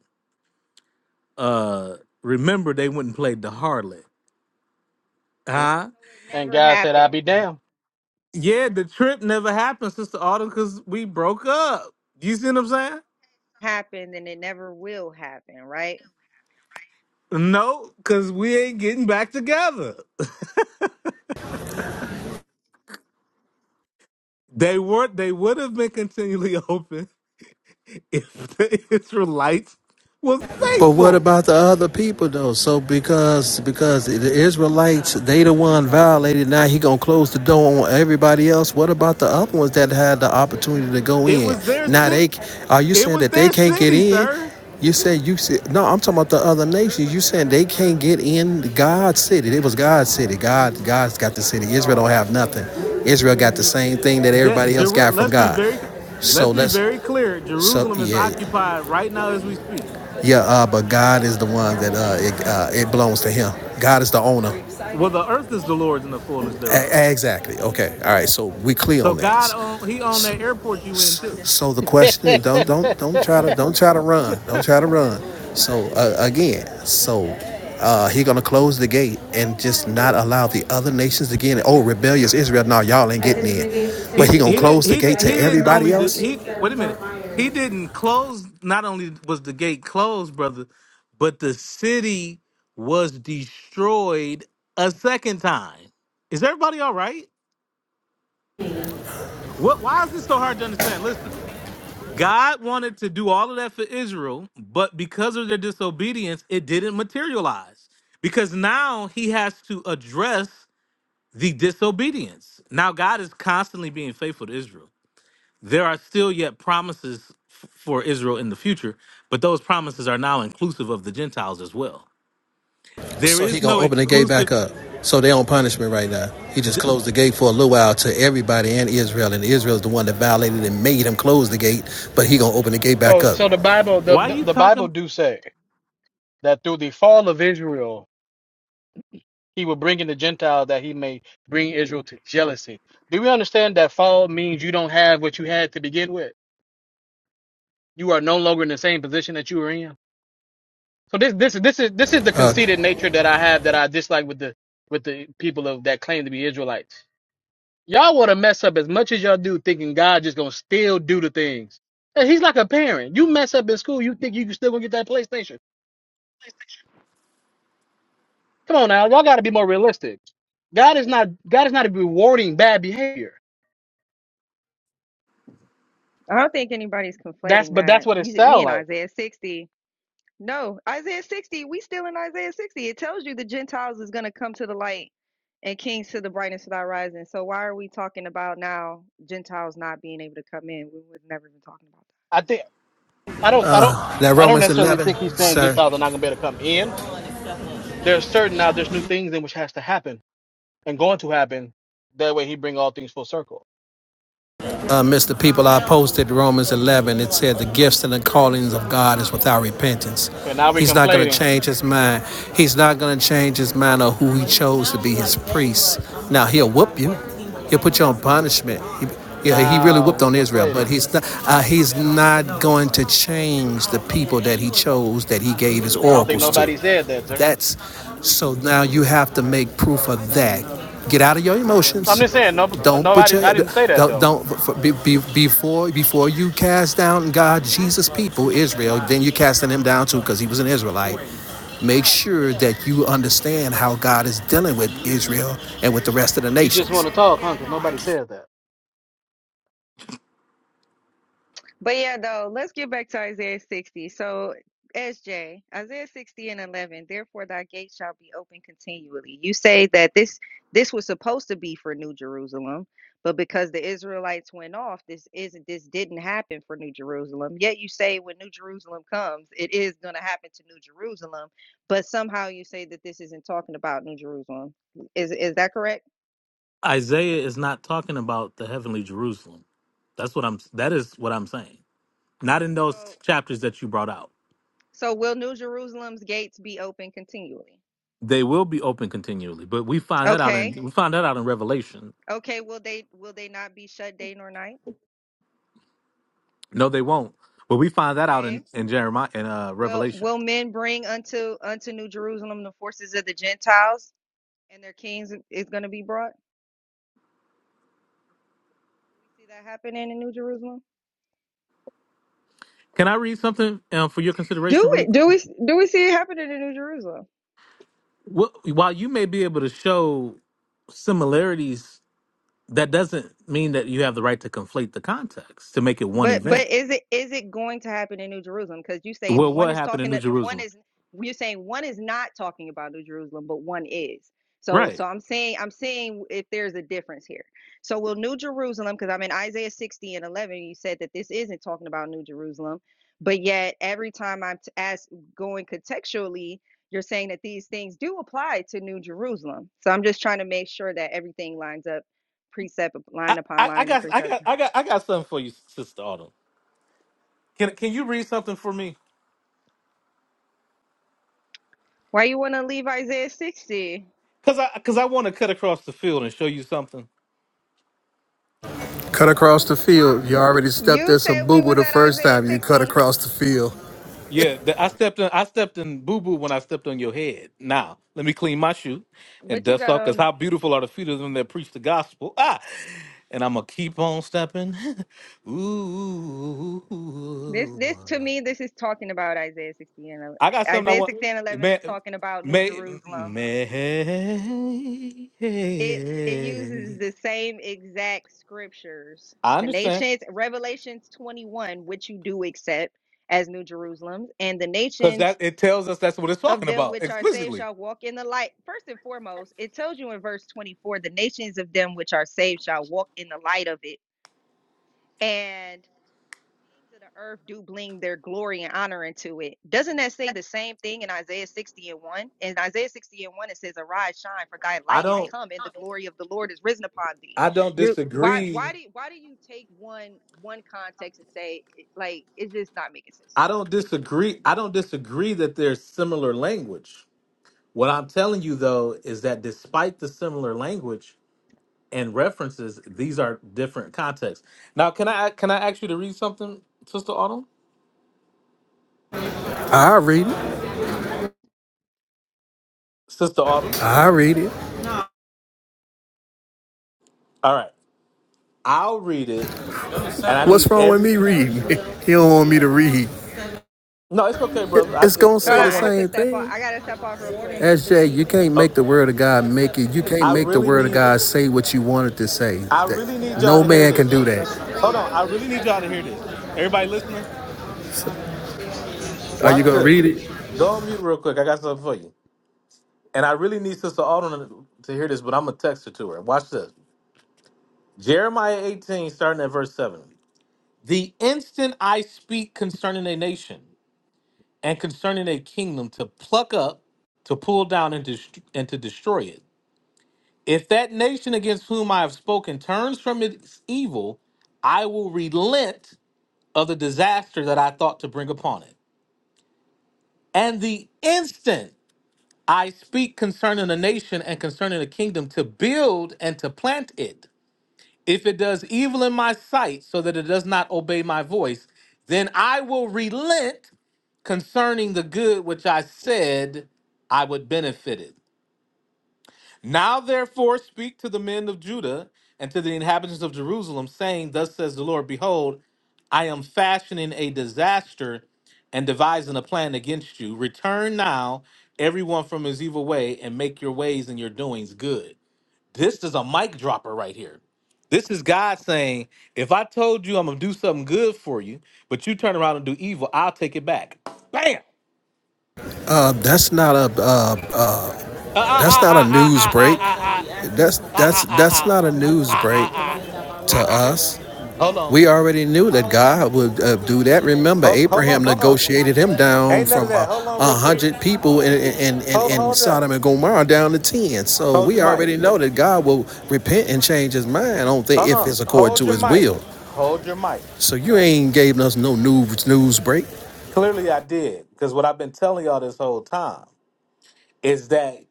[SPEAKER 1] Uh, remember they wouldn't play the harlot,
[SPEAKER 4] And,
[SPEAKER 1] huh?
[SPEAKER 6] it
[SPEAKER 4] and
[SPEAKER 6] never
[SPEAKER 4] God said, I
[SPEAKER 6] happened.
[SPEAKER 4] be damned.
[SPEAKER 1] Yeah, the trip never happened, Sister Autumn, because we broke up. You see what I'm saying?
[SPEAKER 6] happened and it never will happen, right?
[SPEAKER 1] No, because we ain't getting back together. They were they would have been continually open if the Israelites was
[SPEAKER 10] But what
[SPEAKER 1] faithful.
[SPEAKER 10] about the other people though? So because because the Israelites they the one violated. Now he gonna close the door on everybody else. What about the other ones that had the opportunity to go
[SPEAKER 1] It
[SPEAKER 10] in?
[SPEAKER 1] was their
[SPEAKER 10] Now they
[SPEAKER 1] city.
[SPEAKER 10] are you
[SPEAKER 1] It
[SPEAKER 10] saying
[SPEAKER 1] was
[SPEAKER 10] that they
[SPEAKER 1] their
[SPEAKER 10] can't get
[SPEAKER 1] city,
[SPEAKER 10] in?
[SPEAKER 1] sir.
[SPEAKER 10] You said you said no. I'm talking about the other nations. You saying they can't get in God's city? It was God's city. God God's got the city. Israel don't have nothing. Israel got the same thing that
[SPEAKER 1] That
[SPEAKER 10] everybody else
[SPEAKER 1] Jeru-
[SPEAKER 10] got from
[SPEAKER 1] let's be
[SPEAKER 10] God.
[SPEAKER 1] very let's
[SPEAKER 10] So
[SPEAKER 1] be
[SPEAKER 10] let's
[SPEAKER 1] very clear.
[SPEAKER 10] so
[SPEAKER 1] Jerusalem is
[SPEAKER 10] yeah.
[SPEAKER 1] occupied right now as we speak.
[SPEAKER 10] Yeah, uh, but God is the one that uh, it, uh, it belongs to Him. God is the owner.
[SPEAKER 1] Well, the earth is the Lord's and the fullness thereof.
[SPEAKER 10] A- exactly. Okay. All right. So we clear
[SPEAKER 1] So
[SPEAKER 10] on that.
[SPEAKER 1] God own He owned that airport you in too.
[SPEAKER 10] So the question is, don't don't don't try to don't try to run. Don't try to run. So uh, again, so uh, he gonna close the gate and just not allow the other nations to get in. Oh, rebellious Israel! No, y'all ain't get.
[SPEAKER 1] He he did he did- he didn't only do, he wait a minute he didn't close. Not only was the gate closed, brother, but the city was destroyed a second time. Is everybody all right? What? Why is this so hard to understand? Listen, God wanted to do all of that for Israel, but because of their disobedience, it didn't materialize. Because now He has to address the disobedience. Now God is constantly being faithful to Israel. there are still yet promises f- for Israel in the future, but those promises are now inclusive of the Gentiles as well. There
[SPEAKER 10] So he
[SPEAKER 1] is
[SPEAKER 10] gonna
[SPEAKER 1] no
[SPEAKER 10] open the gate
[SPEAKER 1] exclusive.
[SPEAKER 10] back up. So they on punishment right now. He just
[SPEAKER 1] d-
[SPEAKER 10] closed the gate for a little while to everybody and Israel, and Israel is the one that violated and made him close the gate. But he gonna open the gate back
[SPEAKER 4] so
[SPEAKER 10] up.
[SPEAKER 4] so the Bible the,
[SPEAKER 1] Why are
[SPEAKER 4] the,
[SPEAKER 1] you
[SPEAKER 4] the Bible
[SPEAKER 1] talking?
[SPEAKER 4] do say that through the fall of Israel he will bring in the Gentiles that he may bring Israel to jealousy. Do we understand that fall means you don't have what you had to begin with? You are no longer in the same position that you were in. So this this is this is this is the
[SPEAKER 10] Uh,
[SPEAKER 4] conceited nature that I have that I dislike with the with the people of that claim to be Israelites. Y'all want to mess up as much as y'all do, thinking God just gonna still do the things. And he's like a parent. You mess up in school, you think you can still gonna get that PlayStation? Come on now, y'all got to be more realistic. God is not God is not rewarding bad behavior.
[SPEAKER 6] I don't think anybody's
[SPEAKER 4] That's
[SPEAKER 6] conflating
[SPEAKER 4] but
[SPEAKER 6] that.
[SPEAKER 4] that's what it
[SPEAKER 6] We we
[SPEAKER 4] sounds
[SPEAKER 6] in
[SPEAKER 4] like.
[SPEAKER 6] Isaiah 60. No, Isaiah 60, we still in Isaiah 60. It tells you the Gentiles is going to come to the light and kings to the brightness of thy rising. So why are we talking about now Gentiles not being able to come in? We was never even talking about
[SPEAKER 4] I think I don't I don't
[SPEAKER 10] now
[SPEAKER 4] I don't
[SPEAKER 10] Romans
[SPEAKER 4] necessarily think he's
[SPEAKER 10] 11,
[SPEAKER 4] saying good
[SPEAKER 10] sir.
[SPEAKER 4] thoughts are not gonna be able to come in. There's certain now there's new things in which has to happen and going to happen. That way he bring all things full circle.
[SPEAKER 10] Uh, Mr. People, I posted Romans 11. It said the gifts and the callings of God is without repentance.
[SPEAKER 4] Okay, now we're
[SPEAKER 10] He's not going to
[SPEAKER 4] conflating.
[SPEAKER 10] change his mind. He's not going to change his mind of who he chose to be his priest. Now, he'll whoop you. He'll put you on punishment. He, yeah, he really
[SPEAKER 4] Now
[SPEAKER 10] whooped
[SPEAKER 4] we're
[SPEAKER 10] on Israel, but
[SPEAKER 4] conflating.
[SPEAKER 10] he's not, uh, he's not going to change the people that he chose, that he gave his
[SPEAKER 4] I don't think
[SPEAKER 10] oracles to.
[SPEAKER 4] nobody said that, sir.
[SPEAKER 10] That's so now you have to make proof of that. Get out of your
[SPEAKER 4] I'm
[SPEAKER 10] emotions.
[SPEAKER 4] just saying, no,
[SPEAKER 10] Don't put
[SPEAKER 4] nobody. I
[SPEAKER 10] your
[SPEAKER 4] didn't say that
[SPEAKER 10] don't
[SPEAKER 4] though.
[SPEAKER 10] don't be, be, before before you cast down God, Jesus, people, Israel. Then you're casting him down too because he was an Israelite. Make sure that you understand how God is dealing with Israel and with the rest of the
[SPEAKER 4] You just
[SPEAKER 10] nations.
[SPEAKER 4] want to talk, huh? Because nobody says that.
[SPEAKER 6] But yeah, though, let's get back to Isaiah 60. So, SJ, Isaiah 60 and 11, therefore thy gate shall be open continually. You say that this this was supposed to be for New Jerusalem, but because the Israelites went off, this isn't this didn't happen for New Jerusalem. Yet you say when New Jerusalem comes, it is going to happen to New Jerusalem, but somehow you say that this isn't talking about New Jerusalem. Is is that correct?
[SPEAKER 1] Isaiah is not talking about the heavenly Jerusalem. That's what I'm. That is what I'm saying. Not in
[SPEAKER 6] Okay,
[SPEAKER 1] those
[SPEAKER 6] so
[SPEAKER 1] chapters that you brought out.
[SPEAKER 6] so will New Jerusalem's gates be open continually?
[SPEAKER 1] They will be open continually, but we find that out
[SPEAKER 6] Okay.
[SPEAKER 1] in we find that out in Revelation.
[SPEAKER 6] Okay, will they will they not be shut day nor night?
[SPEAKER 1] No, they won't. But we find that out
[SPEAKER 6] Okay.
[SPEAKER 1] in in Jeremiah in uh,
[SPEAKER 6] Will
[SPEAKER 1] Revelation.
[SPEAKER 6] will men bring unto unto New Jerusalem the forces of the Gentiles and their kings is going to be brought? Do we see that happening in New Jerusalem?
[SPEAKER 1] Can I read something um, for your consideration,
[SPEAKER 6] Do
[SPEAKER 1] really?
[SPEAKER 6] we do we do we see it happening in New Jerusalem?
[SPEAKER 1] wh- while you may be able to show similarities, that doesn't mean that you have the right to conflate the context to make it one
[SPEAKER 6] But
[SPEAKER 1] event.
[SPEAKER 6] but is it is it going to happen in New Jerusalem? Because you say
[SPEAKER 1] Well,
[SPEAKER 6] one
[SPEAKER 1] what
[SPEAKER 6] is
[SPEAKER 1] happened in
[SPEAKER 6] talking
[SPEAKER 1] New
[SPEAKER 6] that one
[SPEAKER 1] Jerusalem?
[SPEAKER 6] is you're saying one is not talking about New Jerusalem, but one is. So so
[SPEAKER 1] Right.
[SPEAKER 6] I'm saying I'm saying if there's a difference here. So will New Jerusalem? Because I'm in Isaiah 60 and 11. You said that this isn't talking about New Jerusalem, but yet every time I'm t- asked going contextually, you're saying that these things do apply to New Jerusalem. So I'm just trying to make sure that everything lines up, precept
[SPEAKER 1] I,
[SPEAKER 6] line upon
[SPEAKER 1] I, I
[SPEAKER 6] line and
[SPEAKER 1] got I
[SPEAKER 6] precept.
[SPEAKER 1] got I got I got something for you, Sister Autumn. Can can you read something for me?
[SPEAKER 6] Why you want to leave Isaiah 60?
[SPEAKER 1] Cause I cause I want to cut across the field and show you something.
[SPEAKER 10] Cut across the field. You already stepped
[SPEAKER 6] You
[SPEAKER 10] in some
[SPEAKER 6] said we
[SPEAKER 10] boo boo
[SPEAKER 6] was
[SPEAKER 10] the
[SPEAKER 6] at
[SPEAKER 10] first
[SPEAKER 6] Isaiah
[SPEAKER 10] time you cut
[SPEAKER 6] 60,
[SPEAKER 10] across the field.
[SPEAKER 1] Yeah, the, I stepped in. I stepped in boo boo when I stepped on your head. Now let me clean my shoe and
[SPEAKER 6] but you
[SPEAKER 1] dust
[SPEAKER 6] got
[SPEAKER 1] off. Cause
[SPEAKER 6] on
[SPEAKER 1] how beautiful are the feet of them that preach the gospel. Ah, and I'm gonna keep on stepping. Ooh,
[SPEAKER 6] this this to me this is talking about Isaiah 60 and ele-
[SPEAKER 1] I got something I
[SPEAKER 6] Isaiah
[SPEAKER 1] want.
[SPEAKER 6] 60 and 11
[SPEAKER 1] May,
[SPEAKER 6] is talking about New
[SPEAKER 1] may,
[SPEAKER 6] Jerusalem.
[SPEAKER 1] may.
[SPEAKER 6] It it uses the same exact scriptures.
[SPEAKER 1] I
[SPEAKER 6] The
[SPEAKER 1] understand.
[SPEAKER 6] nations Revelations 21 which you do accept as New Jerusalem and the
[SPEAKER 1] Cause that
[SPEAKER 6] nations
[SPEAKER 1] it tells us that's what it's
[SPEAKER 6] of
[SPEAKER 1] talking
[SPEAKER 6] them
[SPEAKER 1] about
[SPEAKER 6] which are saved
[SPEAKER 1] explicitly.
[SPEAKER 6] shall walk in the light. First and foremost, it tells you in verse 24 the nations of them which are saved shall walk in the light of it and kings of the earth do bling their glory and honor into it. Doesn't that say the same thing in Isaiah 60 and 1? In Isaiah 60 and 1, it says, Arise, shine, for thy
[SPEAKER 1] I
[SPEAKER 6] light is
[SPEAKER 1] don't.
[SPEAKER 6] come, and the glory of the Lord is risen upon thee.
[SPEAKER 1] I don't
[SPEAKER 6] You're why
[SPEAKER 1] disagree.
[SPEAKER 6] why do why do you take one one context and say like it's just not making sense?
[SPEAKER 1] I don't disagree. I don't disagree that there's similar language. What I'm telling you though is that despite the similar language and references, these are different contexts. Now, can I can I ask you to read something, Sister Autumn?
[SPEAKER 10] I read it.
[SPEAKER 1] Sister Autumn.
[SPEAKER 10] I read it.
[SPEAKER 1] All right, I'll read it, and I
[SPEAKER 10] What's
[SPEAKER 1] need
[SPEAKER 10] wrong with
[SPEAKER 1] every.
[SPEAKER 10] me reading? he don't want me to read.
[SPEAKER 1] No, it's okay, brother. I,
[SPEAKER 10] It's
[SPEAKER 1] if
[SPEAKER 10] gonna
[SPEAKER 1] if
[SPEAKER 6] Hold
[SPEAKER 10] say
[SPEAKER 1] I
[SPEAKER 6] on,
[SPEAKER 10] the
[SPEAKER 6] I
[SPEAKER 1] want
[SPEAKER 6] have
[SPEAKER 1] it,
[SPEAKER 6] to
[SPEAKER 10] same
[SPEAKER 6] step off.
[SPEAKER 10] thing.
[SPEAKER 6] I gotta step off real quick.
[SPEAKER 10] SJ, you can't make the
[SPEAKER 1] okay.
[SPEAKER 10] word of God make it. You can't
[SPEAKER 1] I
[SPEAKER 10] make the
[SPEAKER 1] really
[SPEAKER 10] word of
[SPEAKER 1] need
[SPEAKER 10] God say what you want it to say.
[SPEAKER 1] I
[SPEAKER 10] That-
[SPEAKER 1] really need y'all
[SPEAKER 10] No
[SPEAKER 1] to hear
[SPEAKER 10] man
[SPEAKER 1] this.
[SPEAKER 10] can do that.
[SPEAKER 1] Hold on, I really need y'all to hear this. Everybody listening,
[SPEAKER 10] Are you
[SPEAKER 1] watch
[SPEAKER 10] gonna read
[SPEAKER 1] this.
[SPEAKER 10] it?
[SPEAKER 1] Go on mute real quick. I got something for you. And I really need Sister Alden to hear this, but I'm going to text her to her. Watch this. Jeremiah 18, starting at verse 7. The instant I speak concerning a nation and concerning a kingdom to pluck up, to pull down, and, dest- and to destroy it, if that nation against whom I have spoken turns from its evil, I will relent of the disaster that I thought to bring upon it. And the instant I speak concerning a nation and concerning a kingdom to build and to plant it, If it does evil in my sight so that it does not obey my voice, then I will relent concerning the good which I said I would benefit it. Now, therefore, speak to the men of Judah and to the inhabitants of Jerusalem, saying, Thus says the Lord, behold, I am fashioning a disaster and devising a plan against you. Return now, everyone from his evil way, and make your ways and your doings good. This is a mic dropper right here. This is God saying, if I told you I'm gonna do something good for you, but you turn around and do evil, I'll take it back. Bam!
[SPEAKER 10] Uh, that's not a uh,
[SPEAKER 1] Ah
[SPEAKER 10] that's
[SPEAKER 1] ah
[SPEAKER 10] not a
[SPEAKER 1] ah ah
[SPEAKER 10] news
[SPEAKER 1] ah ah
[SPEAKER 10] break.
[SPEAKER 1] ah
[SPEAKER 10] That's
[SPEAKER 1] ah ah
[SPEAKER 10] that's
[SPEAKER 1] ah ah
[SPEAKER 10] that's
[SPEAKER 1] ah
[SPEAKER 10] not a news
[SPEAKER 1] ah
[SPEAKER 10] break
[SPEAKER 1] ah
[SPEAKER 10] to
[SPEAKER 1] ah ah.
[SPEAKER 10] us.
[SPEAKER 1] Hold on.
[SPEAKER 10] We already knew that God would uh, do that. Remember,
[SPEAKER 1] Hold hold on.
[SPEAKER 10] Abraham
[SPEAKER 1] Uh uh
[SPEAKER 10] negotiated him down
[SPEAKER 1] Ain't none
[SPEAKER 10] from
[SPEAKER 1] of that.
[SPEAKER 10] a
[SPEAKER 1] Hold on real
[SPEAKER 10] uh,
[SPEAKER 1] quick.
[SPEAKER 10] hundred people in, in, in,
[SPEAKER 1] Hold
[SPEAKER 10] in
[SPEAKER 1] hold that.
[SPEAKER 10] Sodom and Gomorrah down to ten. So
[SPEAKER 1] Hold
[SPEAKER 10] we
[SPEAKER 1] your mic.
[SPEAKER 10] already know that God will repent and change His mind. I don't
[SPEAKER 1] Uh
[SPEAKER 10] think if
[SPEAKER 1] uh.
[SPEAKER 10] it's according
[SPEAKER 1] Hold
[SPEAKER 10] to
[SPEAKER 1] your
[SPEAKER 10] His
[SPEAKER 1] mic.
[SPEAKER 10] will.
[SPEAKER 1] Hold your mic.
[SPEAKER 10] So you ain't gave us no news news break.
[SPEAKER 1] Clearly I did, because what I've been telling y'all this whole time is that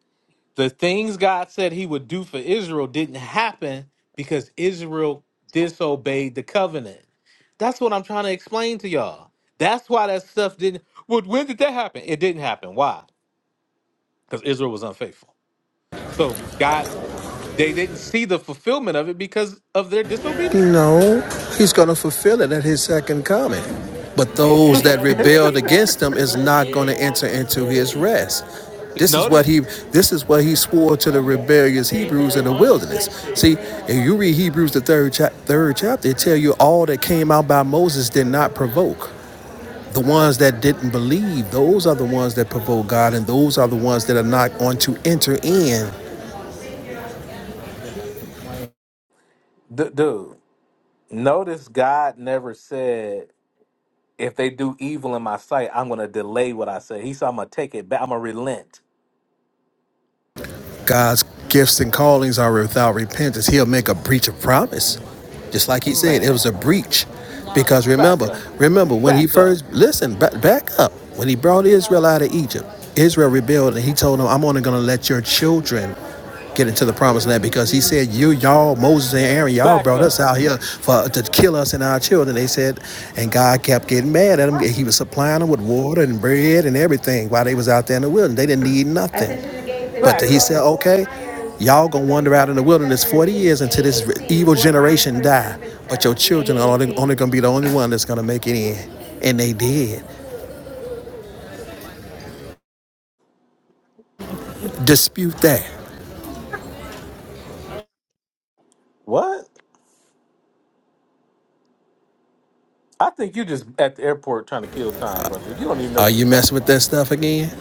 [SPEAKER 1] The things God said he would do for Israel didn't happen because Israel disobeyed the covenant. That's what I'm trying to explain to y'all. That's why that stuff didn't. Well, when did that happen? It didn't happen. Why? Because Israel was unfaithful. So God, they didn't see the fulfillment of it because of their disobedience.
[SPEAKER 10] No, he's going to fulfill it at his second coming. But those that rebelled against him is not going to enter into his rest. This is what
[SPEAKER 1] Notice,
[SPEAKER 10] he this is what he swore to the rebellious Hebrews in the wilderness. See, if you read Hebrews the third chap third chapter, it tell you all that came out by Moses did not provoke. The ones that didn't believe, those are the ones that provoke God, and those are the ones that are not going to enter in
[SPEAKER 1] d- dude. Notice God never said, "If they do evil in my sight, I'm going to delay what I say." He said, "I'm going to take it back. I'm going to relent."
[SPEAKER 10] God's gifts and callings are without repentance, he'll make a breach of promise. Just like he said, it was a
[SPEAKER 1] Man.
[SPEAKER 10] breach. Because
[SPEAKER 1] Back
[SPEAKER 10] remember,
[SPEAKER 1] up.
[SPEAKER 10] remember when he
[SPEAKER 1] Back up.
[SPEAKER 10] first, listen, ba- back up. When he brought Israel out of Egypt, Israel rebelled and he told them, I'm only going to let your children get into the promised land because he said, You, y'all, Moses and Aaron, y'all
[SPEAKER 1] Back
[SPEAKER 10] brought us
[SPEAKER 1] up.
[SPEAKER 10] out here for to kill us and our children. They said, and God kept getting mad at them. He was supplying them with water and bread and everything while they was out there in the wilderness. They didn't need nothing.
[SPEAKER 1] Back up.
[SPEAKER 10] Y'all gonna wander out in the wilderness 40 years until this evil generation die, but your children are only, only gonna be the only one that's gonna make it in. And they did. Dispute that.
[SPEAKER 1] What? I think you just at the airport trying to kill time, brother. You don't even know
[SPEAKER 10] Are
[SPEAKER 1] what
[SPEAKER 10] you
[SPEAKER 1] you're
[SPEAKER 10] messing
[SPEAKER 1] talking
[SPEAKER 10] with
[SPEAKER 1] about.
[SPEAKER 10] that stuff again?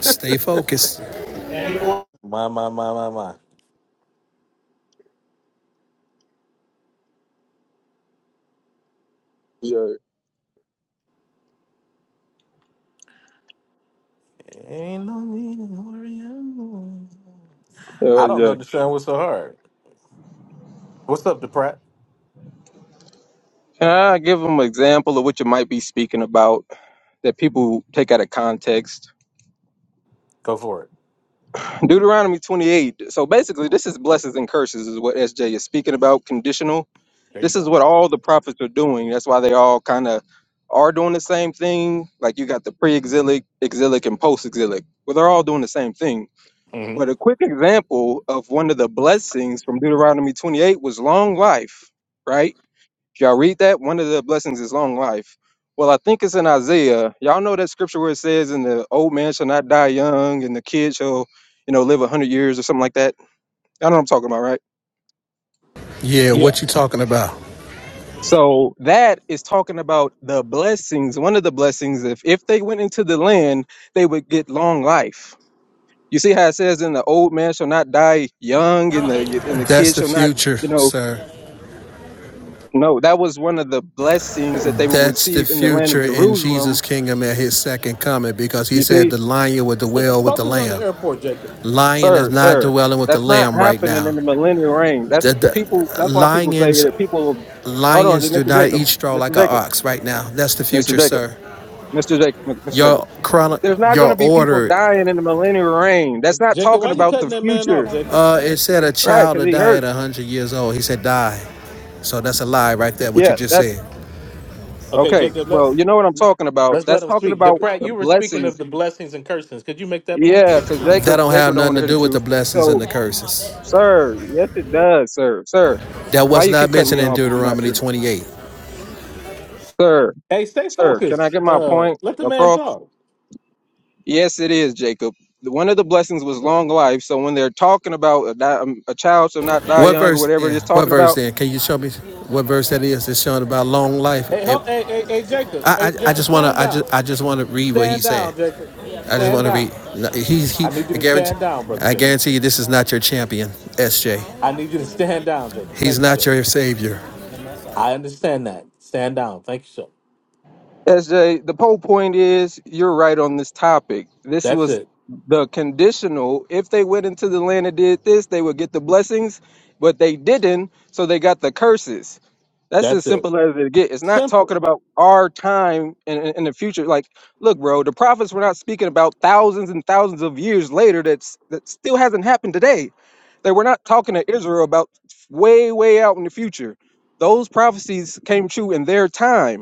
[SPEAKER 10] Stay focused.
[SPEAKER 1] my, my, my, my, my.
[SPEAKER 8] Yeah.
[SPEAKER 1] Ain't no need to worry. I'm on. I
[SPEAKER 8] Hell
[SPEAKER 1] don't
[SPEAKER 8] yeah.
[SPEAKER 1] understand what's so hard. What's up, DePrat?
[SPEAKER 8] Can I give them an example of what you might be speaking about that people take out of context?
[SPEAKER 1] Go for it.
[SPEAKER 8] Deuteronomy 28. So basically, this is blessings and curses, is what SJ is speaking about, conditional.
[SPEAKER 1] There you
[SPEAKER 8] This is
[SPEAKER 1] go.
[SPEAKER 8] what all the prophets are doing. That's why they all kind of are doing the same thing. Like you got the pre exilic, exilic, and post exilic. Well, they're all doing the same thing.
[SPEAKER 1] hmm
[SPEAKER 8] But a quick example of one of the blessings from Deuteronomy 28 was long life, right? Did y'all read that? One of the blessings is long life. Well, I think it's in Isaiah. Y'all know that scripture where it says, "And the old man shall not die young, and the kid shall, you know, live a hundred years or something like that." Y'all know what I'm talking about, right?
[SPEAKER 10] Yeah, what you
[SPEAKER 1] Yes.
[SPEAKER 10] talking about?
[SPEAKER 8] So that is talking about the blessings. One of the blessings, if if they went into the land, they would get long life. You see how it says, "Then the old man shall not die young, and the and the
[SPEAKER 10] That's
[SPEAKER 8] kid
[SPEAKER 10] the
[SPEAKER 8] shall not,
[SPEAKER 10] future,
[SPEAKER 8] you know."
[SPEAKER 10] sir.
[SPEAKER 8] No, that was one of the blessings that they would
[SPEAKER 10] That's the
[SPEAKER 8] receive in the land
[SPEAKER 10] future
[SPEAKER 8] of
[SPEAKER 10] in
[SPEAKER 8] Jerusalem.
[SPEAKER 10] Jesus' kingdom at his second coming because he
[SPEAKER 8] You
[SPEAKER 10] said
[SPEAKER 8] see,
[SPEAKER 10] the lion would
[SPEAKER 1] Hey,
[SPEAKER 10] dwell with the
[SPEAKER 1] Focus on the
[SPEAKER 10] lamb.
[SPEAKER 1] airport, Jacob.
[SPEAKER 10] Lion is
[SPEAKER 8] sir,
[SPEAKER 10] not
[SPEAKER 8] sir.
[SPEAKER 10] dwelling with the
[SPEAKER 8] That's not
[SPEAKER 10] lamb right
[SPEAKER 8] happening in
[SPEAKER 10] now.
[SPEAKER 8] the millennial reign. That's
[SPEAKER 10] The,
[SPEAKER 8] the people.
[SPEAKER 10] the,
[SPEAKER 8] That's why people say
[SPEAKER 10] lions
[SPEAKER 8] that people. Hold on,
[SPEAKER 10] Lions do
[SPEAKER 8] Mr.
[SPEAKER 10] not
[SPEAKER 8] Jacob,
[SPEAKER 10] eat straw like
[SPEAKER 8] Mr.
[SPEAKER 10] an
[SPEAKER 8] Jacob,
[SPEAKER 10] ox right now. That's the
[SPEAKER 8] Mr.
[SPEAKER 10] future,
[SPEAKER 8] Jacob,
[SPEAKER 10] sir.
[SPEAKER 8] Mr. Jacob, Mr. Jacob.
[SPEAKER 10] Your chrono-
[SPEAKER 8] There's not going to
[SPEAKER 10] your
[SPEAKER 8] be people
[SPEAKER 10] order.
[SPEAKER 8] dying in the millennial reign. That's not
[SPEAKER 1] Jacob,
[SPEAKER 8] talking
[SPEAKER 1] why you
[SPEAKER 8] about the
[SPEAKER 1] cutting that man off,
[SPEAKER 8] future,
[SPEAKER 1] Jacob?
[SPEAKER 10] Uh, it said a
[SPEAKER 8] right?
[SPEAKER 10] child to
[SPEAKER 8] Because he
[SPEAKER 10] die at
[SPEAKER 8] hurt.
[SPEAKER 10] 100 years old. He said die. So that's a lie right there, what you
[SPEAKER 8] Yeah,
[SPEAKER 10] just
[SPEAKER 8] that's
[SPEAKER 10] said.
[SPEAKER 1] Okay,
[SPEAKER 8] okay.
[SPEAKER 1] Jacob, let,
[SPEAKER 8] Well, you know what I'm talking about.
[SPEAKER 1] let's let
[SPEAKER 8] That's
[SPEAKER 1] him
[SPEAKER 8] talking
[SPEAKER 1] speak.
[SPEAKER 8] about
[SPEAKER 1] DePrat,
[SPEAKER 8] the
[SPEAKER 1] you were speaking
[SPEAKER 8] blessing.
[SPEAKER 1] of the blessings and cursings. Could you make that point?
[SPEAKER 8] Yeah, because
[SPEAKER 10] That
[SPEAKER 8] Jacob,
[SPEAKER 10] don't
[SPEAKER 8] Jacob
[SPEAKER 10] have
[SPEAKER 8] don't want
[SPEAKER 10] nothing
[SPEAKER 8] to
[SPEAKER 10] to
[SPEAKER 8] hear the
[SPEAKER 10] do with
[SPEAKER 8] truth.
[SPEAKER 10] the blessings and
[SPEAKER 8] So,
[SPEAKER 10] the curses.
[SPEAKER 8] sir, yes, it does, sir, sir.
[SPEAKER 10] That
[SPEAKER 8] Why
[SPEAKER 10] was
[SPEAKER 8] you keep
[SPEAKER 10] not
[SPEAKER 8] cutting me
[SPEAKER 10] mentioned in
[SPEAKER 8] off if you're not
[SPEAKER 10] Deuteronomy
[SPEAKER 8] true,
[SPEAKER 10] 28.
[SPEAKER 8] sir?
[SPEAKER 1] Hey, stay
[SPEAKER 8] Sir, can I
[SPEAKER 1] focused.
[SPEAKER 8] get my
[SPEAKER 1] Uh,
[SPEAKER 8] point
[SPEAKER 1] let the man
[SPEAKER 8] across?
[SPEAKER 1] talk.
[SPEAKER 8] Yes, it is, Jacob. One of the blessings was long life. So when they're talking about a, di- um, a child shall not die
[SPEAKER 10] What
[SPEAKER 8] young or
[SPEAKER 10] verse
[SPEAKER 8] whatever
[SPEAKER 10] then?
[SPEAKER 8] it is
[SPEAKER 10] What
[SPEAKER 8] talking
[SPEAKER 10] verse
[SPEAKER 8] about,
[SPEAKER 10] then? Can you show me what verse that is? It's showing about long life.
[SPEAKER 1] Hey,
[SPEAKER 10] It,
[SPEAKER 1] ho- hey, hey, hey, Jacob.
[SPEAKER 10] I,
[SPEAKER 1] Hey,
[SPEAKER 10] I I
[SPEAKER 1] Jacob,
[SPEAKER 10] just wanna
[SPEAKER 1] stand
[SPEAKER 10] I
[SPEAKER 1] down.
[SPEAKER 10] just I just wanna read what he
[SPEAKER 1] Stand
[SPEAKER 10] said.
[SPEAKER 1] down, Jacob.
[SPEAKER 10] I just
[SPEAKER 1] Stand
[SPEAKER 10] want to
[SPEAKER 1] down.
[SPEAKER 10] read. no, He's he.
[SPEAKER 1] I need you
[SPEAKER 10] I
[SPEAKER 1] to
[SPEAKER 10] guarantee.
[SPEAKER 1] stand down, brother
[SPEAKER 10] I
[SPEAKER 1] Jacob.
[SPEAKER 10] guarantee you, this is not your champion, SJ.
[SPEAKER 1] I need you to stand down, Jacob.
[SPEAKER 10] He's
[SPEAKER 1] Thank you,
[SPEAKER 10] not
[SPEAKER 1] sir.
[SPEAKER 10] your savior.
[SPEAKER 1] I understand that. Stand down. Thank you, sir.
[SPEAKER 8] SJ, the whole point is you're right on this topic. This
[SPEAKER 1] That's
[SPEAKER 8] was
[SPEAKER 1] it.
[SPEAKER 8] the conditional. If they went into the land and did this, they would get the blessings, but they didn't, so they got the curses. That's as
[SPEAKER 1] That's it.
[SPEAKER 8] simple as it get. It's not
[SPEAKER 1] Simple.
[SPEAKER 8] talking about our time in, in, in the future. Like, look, bro, the prophets were not speaking about thousands and thousands of years later. That's that still hasn't happened today. They were not talking to Israel about way, way out in the future. Those prophecies came true in their time.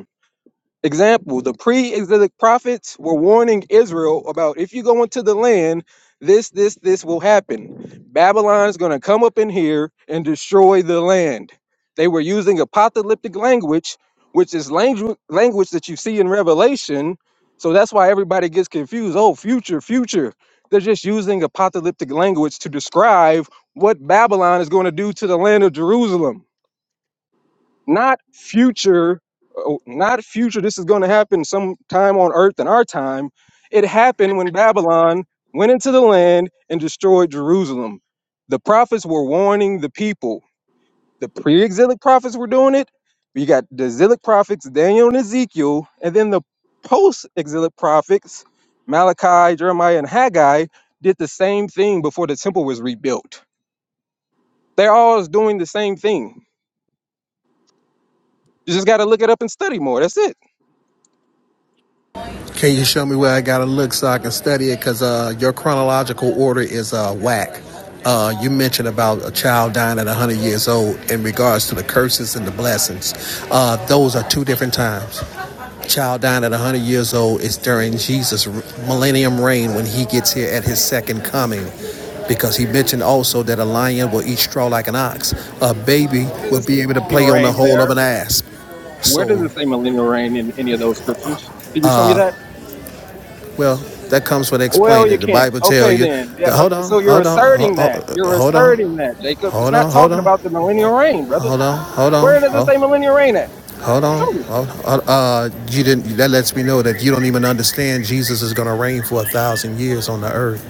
[SPEAKER 8] Example, the pre exilic prophets were warning Israel about if you go into the land, this, this, this will happen. Babylon's going to come up in here and destroy the land. They were using apocalyptic language, which is language, language that you see in Revelation. So that's why everybody gets confused. Oh, future, future. They're just using apocalyptic language to describe what Babylon is going to do to the land of Jerusalem not future oh, not future this is going to happen sometime on earth in our time it happened when babylon went into the land and destroyed jerusalem the prophets were warning the people the pre-exilic prophets were doing it you got the exilic prophets daniel and ezekiel and then the post-exilic prophets malachi jeremiah and haggai did the same thing before the temple was rebuilt they're all doing the same thing you just got to look it up and study more that's it
[SPEAKER 10] Can you show me where I gotta look so I can study it? Because uh, your chronological order is uh, whack. Uh, you mentioned about a child dying at 100 years old in regards to the curses and the blessings. Uh, those are two different times. Child dying at 100 years old is during Jesus' millennium reign when he gets here at his second coming. Because he mentioned also that a lion will eat straw like an ox, a baby
[SPEAKER 8] Where does
[SPEAKER 10] will
[SPEAKER 8] it say
[SPEAKER 10] be able to
[SPEAKER 8] millennial
[SPEAKER 10] play on the
[SPEAKER 8] reign
[SPEAKER 10] hole of
[SPEAKER 8] there?
[SPEAKER 10] an asp.
[SPEAKER 8] Where does
[SPEAKER 10] So,
[SPEAKER 8] it say millennial reign in any of those scriptures? Did you show me that?
[SPEAKER 10] well, that comes when
[SPEAKER 8] Well, you
[SPEAKER 10] explaining. The
[SPEAKER 8] can't.
[SPEAKER 10] Bible tell
[SPEAKER 8] Okay,
[SPEAKER 10] you,
[SPEAKER 8] then. Yeah.
[SPEAKER 10] the,
[SPEAKER 8] uh,
[SPEAKER 10] hold on,
[SPEAKER 8] So you're
[SPEAKER 10] hold on,
[SPEAKER 8] asserting that. You're
[SPEAKER 10] hold on,
[SPEAKER 8] asserting that, Jacob. It's
[SPEAKER 10] hold
[SPEAKER 8] not
[SPEAKER 10] on, hold
[SPEAKER 8] talking
[SPEAKER 10] on,
[SPEAKER 8] about the millennial reign, brother.
[SPEAKER 10] hold on, hold on,
[SPEAKER 8] Where
[SPEAKER 10] hold
[SPEAKER 8] does
[SPEAKER 10] on.
[SPEAKER 8] it say millennial reign at?
[SPEAKER 10] Hold on.
[SPEAKER 8] Show me.
[SPEAKER 10] Hold on. Uh, uh, you didn't. That lets me know that you don't even understand Jesus is going to reign for a thousand years on the earth.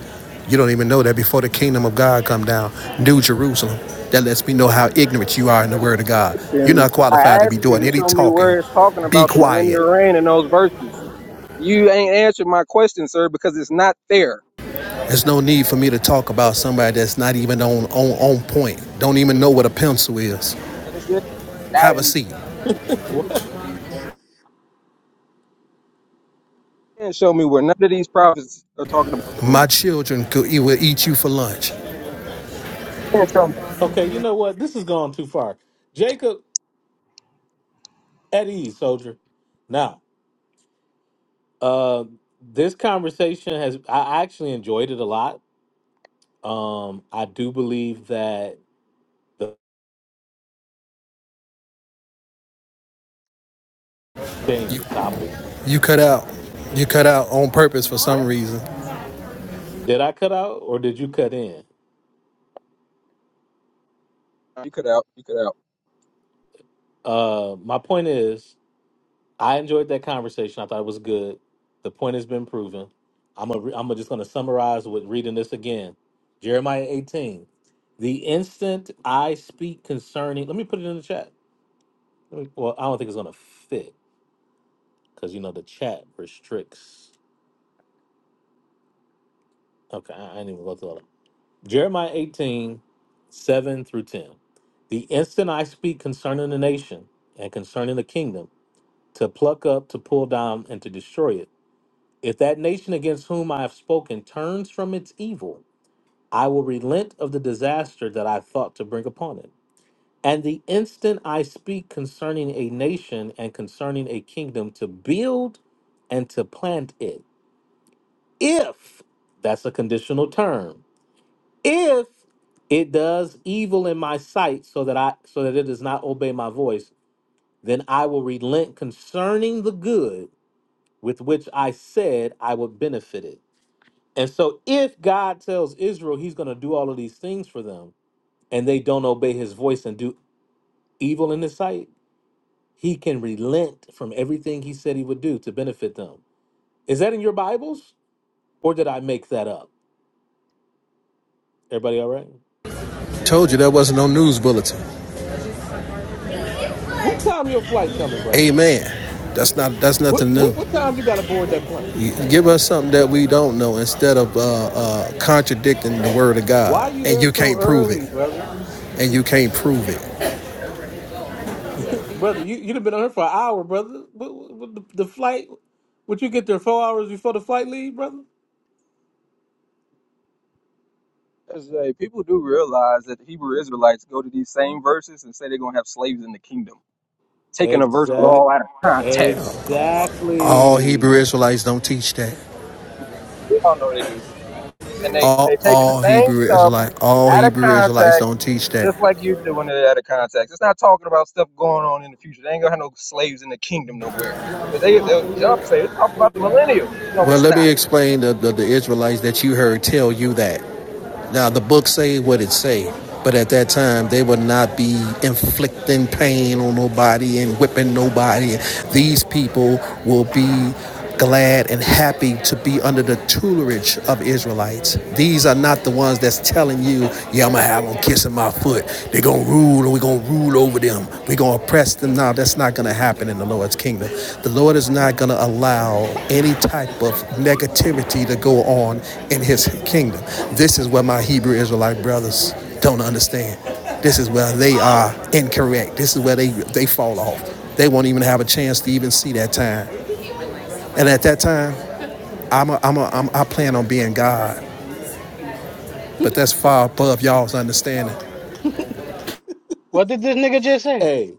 [SPEAKER 10] You don't even know that before the kingdom of God come down, New Jerusalem. That lets me know how ignorant you are in the
[SPEAKER 8] But
[SPEAKER 10] Word of God. You're
[SPEAKER 8] And
[SPEAKER 10] not qualified
[SPEAKER 8] I
[SPEAKER 10] to be
[SPEAKER 8] asked you
[SPEAKER 10] doing
[SPEAKER 8] to
[SPEAKER 10] any
[SPEAKER 8] show me
[SPEAKER 10] talking.
[SPEAKER 8] where it's talking
[SPEAKER 10] Be
[SPEAKER 8] about the millennial
[SPEAKER 10] quiet.
[SPEAKER 8] reign in those verses. You ain't answered my question, sir, because it's not there.
[SPEAKER 10] There's no need for me to talk about somebody that's not even on on, on point. Don't even know what a pencil is.
[SPEAKER 8] That is just that.
[SPEAKER 10] Have a
[SPEAKER 8] And you
[SPEAKER 10] seat.
[SPEAKER 1] what?
[SPEAKER 8] can't show me where none of these prophets are talking about the
[SPEAKER 10] My
[SPEAKER 8] millennial.
[SPEAKER 10] children could will eat you for lunch.
[SPEAKER 8] reign.
[SPEAKER 1] Okay, you know what? This has gone too far. Jacob, at ease, soldier. Now, uh, this conversation has. I actually enjoyed it a lot. Um, I do believe that change
[SPEAKER 10] You
[SPEAKER 1] the topic.
[SPEAKER 10] you cut out. You cut out on purpose for some reason.
[SPEAKER 1] Did I cut out or did you cut in?
[SPEAKER 8] You cut out. You cut out.
[SPEAKER 1] Uh, my point is, I enjoyed that conversation. I thought it was good. The point has been proven. I'm a, I'm a just going to summarize with reading this again. Jeremiah 18. The instant I speak concerning, let me put it in the chat. Let me, well, I don't think it's going to fit because you know the chat restricts. Okay, I, I didn't even go through all of it. Jeremiah 18, 7 through 10. The instant I speak concerning the nation and concerning the kingdom to pluck up, to pull down, and to destroy it. If that nation against whom I have spoken turns from its evil, I will relent of the disaster that I thought to bring upon it. And the instant I speak concerning a nation and concerning a kingdom to build and to plant it, if that's a conditional term, if it does evil in my sight so that I so that it does not obey my voice, then I will relent concerning the good with which I said I would benefit it. And so, if God tells Israel he's going to do all of these things for them and they don't obey his voice and do evil in his sight, he can relent from everything he said he would do to benefit them. Is that in your Bibles or did I make that up? Everybody all right?
[SPEAKER 10] Told you that wasn't no news bulletin.
[SPEAKER 1] What time your flight coming, brother?
[SPEAKER 10] Amen. That's not that's
[SPEAKER 1] What,
[SPEAKER 10] nothing new.
[SPEAKER 1] what, what time you got to board that plane?
[SPEAKER 10] You give us something that we don't know instead of uh, uh, contradicting the word of
[SPEAKER 1] Why are
[SPEAKER 10] God,
[SPEAKER 1] you
[SPEAKER 10] and
[SPEAKER 1] there
[SPEAKER 10] you
[SPEAKER 1] so
[SPEAKER 10] can't prove it,
[SPEAKER 1] early, brother?
[SPEAKER 10] and you can't prove it.
[SPEAKER 1] Brother, you you'd have been on here for an hour, brother. What, what, what the, the flight? Would you get there four hours before the flight leave, brother?
[SPEAKER 8] As uh, people do realize that the Hebrew Israelites go to these same verses and say they're going to have slaves in the kingdom, taking a verse at
[SPEAKER 1] Exact.
[SPEAKER 8] all out of context.
[SPEAKER 10] All Hebrew
[SPEAKER 1] Exactly.
[SPEAKER 10] Israelites don't teach that.
[SPEAKER 8] We all know they do, and they they
[SPEAKER 10] All
[SPEAKER 8] taking the
[SPEAKER 10] all
[SPEAKER 8] same
[SPEAKER 10] Hebrew
[SPEAKER 8] stuff
[SPEAKER 10] Israelites. all
[SPEAKER 8] out of
[SPEAKER 10] Hebrew Israelites
[SPEAKER 8] context,
[SPEAKER 10] don't teach that.
[SPEAKER 8] just like you do when they're out of context. It's not talking about stuff going on in the future. They ain't gonna have no slaves in the kingdom nowhere. But they they'll jump and say it's talking about the millennial. No,
[SPEAKER 10] Well,
[SPEAKER 8] it's
[SPEAKER 10] let
[SPEAKER 8] not.
[SPEAKER 10] me explain the, the, the Israelites that you heard tell you that. Now the book say what it say, but at that time they would not be inflicting pain on nobody and whipping nobody. These people will be glad and happy to be under the tutelage of Israelites. These are not the ones that's telling you, yeah, I'm gonna have them kissing my foot. They're gonna rule and we're gonna rule over over them. We're going to oppress them now. That's not going to happen in the Lord's kingdom. The Lord is not going to allow any type of negativity to go on in his kingdom. This is what my Hebrew Israelite brothers don't understand. This is where they are incorrect. This is where they, they fall off. They won't even have a chance to even see that time. And at that time, I'm a, I'm a, I'm, I plan on being God, but that's far above y'all's understanding.
[SPEAKER 4] What did this nigga just say?
[SPEAKER 1] Hey,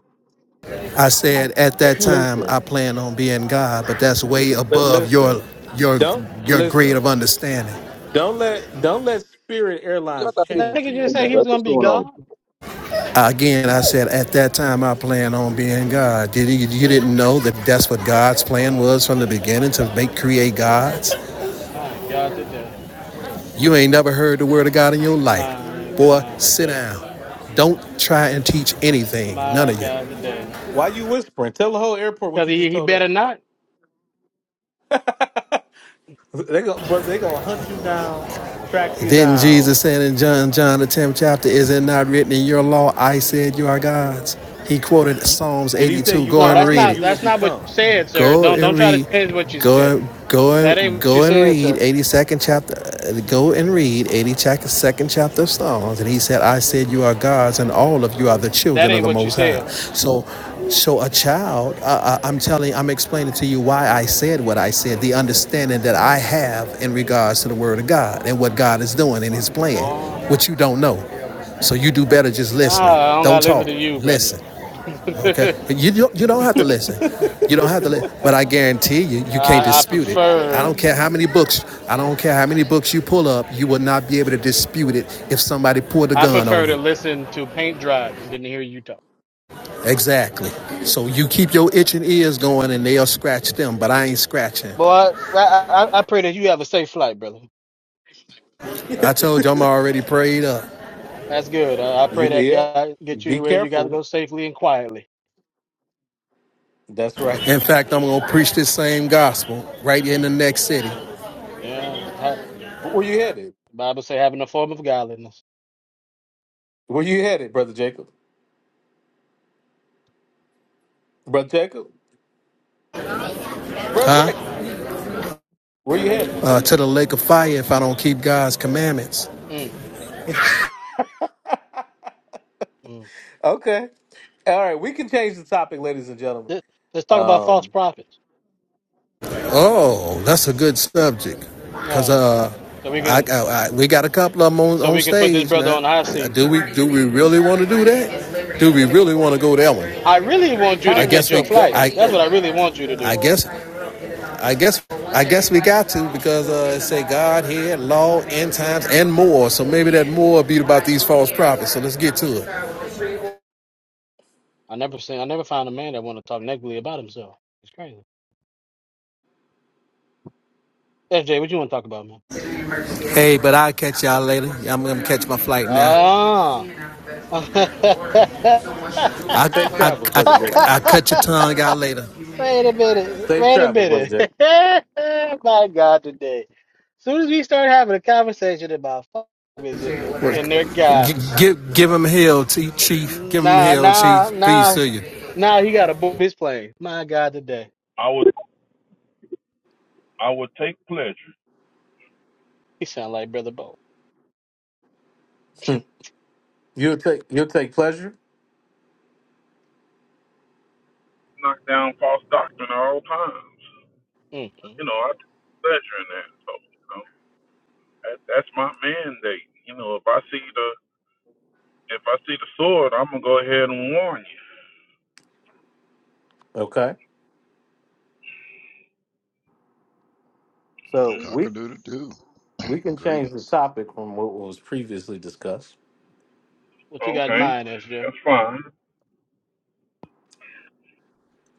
[SPEAKER 10] I said at that time
[SPEAKER 1] listen.
[SPEAKER 10] I plan on being God, but that's way
[SPEAKER 1] li-
[SPEAKER 10] above
[SPEAKER 1] Listen.
[SPEAKER 10] your your
[SPEAKER 1] Don't
[SPEAKER 10] your grade
[SPEAKER 1] listen.
[SPEAKER 10] of understanding.
[SPEAKER 1] Don't let don't let Spirit
[SPEAKER 8] I
[SPEAKER 1] Airlines
[SPEAKER 8] thought
[SPEAKER 4] Did
[SPEAKER 8] people-
[SPEAKER 4] that
[SPEAKER 1] change
[SPEAKER 4] nigga
[SPEAKER 1] you.
[SPEAKER 4] just say he
[SPEAKER 1] Okay.
[SPEAKER 8] Bro,
[SPEAKER 4] was
[SPEAKER 8] what's
[SPEAKER 4] gonna be
[SPEAKER 8] going on?
[SPEAKER 4] God?
[SPEAKER 10] Again, I said at that time I plan on being God. Did you, you didn't know that that's what God's plan was from the beginning to make create gods?
[SPEAKER 4] My God, today.
[SPEAKER 10] You ain't never heard the word of God in your life.
[SPEAKER 4] My
[SPEAKER 10] Boy,
[SPEAKER 4] God,
[SPEAKER 10] sit
[SPEAKER 4] today.
[SPEAKER 10] down. Don't try and teach anything, none
[SPEAKER 4] My
[SPEAKER 10] of you.
[SPEAKER 4] God, today.
[SPEAKER 1] Why you whispering? Tell the whole airport what
[SPEAKER 4] Because
[SPEAKER 1] you just
[SPEAKER 4] he, he
[SPEAKER 1] told
[SPEAKER 4] better
[SPEAKER 1] us.
[SPEAKER 4] not.
[SPEAKER 1] they go, but they gonna hunt you down, track you
[SPEAKER 10] Didn't
[SPEAKER 1] down.
[SPEAKER 10] Jesus say in John, John the 10th chapter, is it not written in your law, I said you are God's? He quoted
[SPEAKER 1] You,
[SPEAKER 10] Psalms
[SPEAKER 1] did he say
[SPEAKER 10] 82.
[SPEAKER 1] you
[SPEAKER 10] Go
[SPEAKER 4] No,
[SPEAKER 10] and
[SPEAKER 1] are
[SPEAKER 4] that's
[SPEAKER 1] or
[SPEAKER 10] read
[SPEAKER 4] not.
[SPEAKER 10] it.
[SPEAKER 1] you will
[SPEAKER 4] That's not what you
[SPEAKER 1] become?
[SPEAKER 4] said, sir.
[SPEAKER 10] Go
[SPEAKER 4] Don't don't
[SPEAKER 10] and
[SPEAKER 4] try to
[SPEAKER 10] read.
[SPEAKER 4] change what you said.
[SPEAKER 10] Go go
[SPEAKER 4] That ain't what you
[SPEAKER 10] go and
[SPEAKER 4] said,
[SPEAKER 10] read
[SPEAKER 4] sir.
[SPEAKER 10] 82nd chapter. uh, Go and read 82nd chapter of Psalms. And he said, "I said you are gods, and all of you are the
[SPEAKER 4] That
[SPEAKER 10] children of
[SPEAKER 4] ain't
[SPEAKER 10] the
[SPEAKER 4] what you
[SPEAKER 10] Most High."
[SPEAKER 4] said.
[SPEAKER 10] So. So a child, uh, uh, I'm telling, I'm explaining to you why I said what I said, the understanding that I have in regards to the Word of God and what God is doing in His
[SPEAKER 4] Boy,
[SPEAKER 10] plan, which you don't know. So you do better just listening.
[SPEAKER 4] ah, I don't gotta
[SPEAKER 10] Don't
[SPEAKER 4] listen
[SPEAKER 10] talk.
[SPEAKER 4] to you, brother.
[SPEAKER 10] Listen. Okay, you don't, you don't have to listen. You don't have to listen. But I guarantee you, you can't
[SPEAKER 4] I, I
[SPEAKER 10] dispute it. I
[SPEAKER 4] prefer.
[SPEAKER 10] don't care how many books. I don't care how many books you pull up. You will not be able to dispute it if somebody pulled a
[SPEAKER 4] I
[SPEAKER 10] gun on
[SPEAKER 4] prefer to
[SPEAKER 10] you.
[SPEAKER 4] listen to paint dry than to hear you talk.
[SPEAKER 10] Exactly. So you keep your itching ears going, and they'll scratch them. But I ain't scratching.
[SPEAKER 4] Boy, I, I, I pray that you have a safe flight, brother.
[SPEAKER 10] I told you I'm already prayed up.
[SPEAKER 4] That's good. I, I pray
[SPEAKER 1] You
[SPEAKER 4] that
[SPEAKER 1] yeah.
[SPEAKER 4] God get
[SPEAKER 1] Be
[SPEAKER 4] you where you got to
[SPEAKER 1] careful.
[SPEAKER 4] go safely and quietly.
[SPEAKER 1] That's right.
[SPEAKER 10] In fact, I'm gonna preach this same gospel right in the next city,
[SPEAKER 4] Yeah, ha-
[SPEAKER 1] Where you headed?
[SPEAKER 4] Bible say having a form of godliness.
[SPEAKER 1] Where you headed, brother Jacob? Brother Jacob? Brother
[SPEAKER 10] huh?
[SPEAKER 1] Jacob? Where you headed?
[SPEAKER 10] Uh, to the lake of fire if I don't keep God's commandments.
[SPEAKER 4] Mm, mm.
[SPEAKER 1] Okay. All right, we can change the topic, ladies and gentlemen.
[SPEAKER 4] Let- Let's talk about false
[SPEAKER 1] Um,
[SPEAKER 4] prophets.
[SPEAKER 10] Oh, that's a good subject. Cause
[SPEAKER 4] Yeah,
[SPEAKER 10] uh,
[SPEAKER 4] so we
[SPEAKER 10] I,
[SPEAKER 4] can
[SPEAKER 10] I, I we got a couple of them on,
[SPEAKER 4] so
[SPEAKER 10] on
[SPEAKER 4] we can put this
[SPEAKER 10] stage
[SPEAKER 4] brother
[SPEAKER 10] now.
[SPEAKER 4] on the hot
[SPEAKER 10] Uh,
[SPEAKER 4] seat.
[SPEAKER 10] Do we do we really want to do that? Do we really want to go that one?
[SPEAKER 4] I really want you to
[SPEAKER 10] I
[SPEAKER 1] counting
[SPEAKER 4] catch
[SPEAKER 10] guess
[SPEAKER 4] your
[SPEAKER 10] we
[SPEAKER 1] yourself
[SPEAKER 4] flight.
[SPEAKER 1] double is
[SPEAKER 10] I
[SPEAKER 4] That's what I
[SPEAKER 1] crazy.
[SPEAKER 4] really want you to
[SPEAKER 10] I
[SPEAKER 4] do.
[SPEAKER 10] guess I guess I guess we got to because uh, it say Godhead, law, end times, and more. So maybe that more be about these false prophets. So let's get to it.
[SPEAKER 4] I never seen. I never found a man that want to talk negatively about himself. It's crazy. SJ, what you want to talk about, man?
[SPEAKER 10] Hey, but I'll catch y'all later. I'm gonna catch my flight now.
[SPEAKER 4] Ah. Wait
[SPEAKER 10] I
[SPEAKER 1] Safe
[SPEAKER 10] I
[SPEAKER 1] travels,
[SPEAKER 10] I
[SPEAKER 1] brother Jackson.
[SPEAKER 10] I cut your tongue out later.
[SPEAKER 4] a minute.
[SPEAKER 1] Safe
[SPEAKER 4] Wait a
[SPEAKER 1] travels, brother
[SPEAKER 4] minute.
[SPEAKER 1] Jackson.
[SPEAKER 4] My God, today. soon as we start having a conversation about fuck is in the in their guy,
[SPEAKER 10] G- give give him hell, Chief. Give him
[SPEAKER 4] nah,
[SPEAKER 10] hell, Chief.
[SPEAKER 4] nah,
[SPEAKER 10] Peace
[SPEAKER 4] nah,
[SPEAKER 10] to you.
[SPEAKER 4] nah, he got to board his plane. My God, today.
[SPEAKER 13] I would I would take pleasure
[SPEAKER 4] He sound like Brother Bo.
[SPEAKER 1] Hmm. you'll take you'll take pleasure.
[SPEAKER 13] in knock down false doctrine at all times.
[SPEAKER 4] mm mm
[SPEAKER 13] You know,
[SPEAKER 4] mm.
[SPEAKER 13] I take pleasure in that. So you know, that, that's my mandate. You know, if I see the if I see the sword, I'm gonna go ahead and warn
[SPEAKER 1] Okay. So we
[SPEAKER 14] Cock-a-doodle-doo.
[SPEAKER 1] we can change the
[SPEAKER 14] Greetings.
[SPEAKER 1] topic from what was previously discussed.
[SPEAKER 4] What you
[SPEAKER 13] you.
[SPEAKER 4] got in
[SPEAKER 13] Okay,
[SPEAKER 4] mind, SJ?
[SPEAKER 13] that's fine.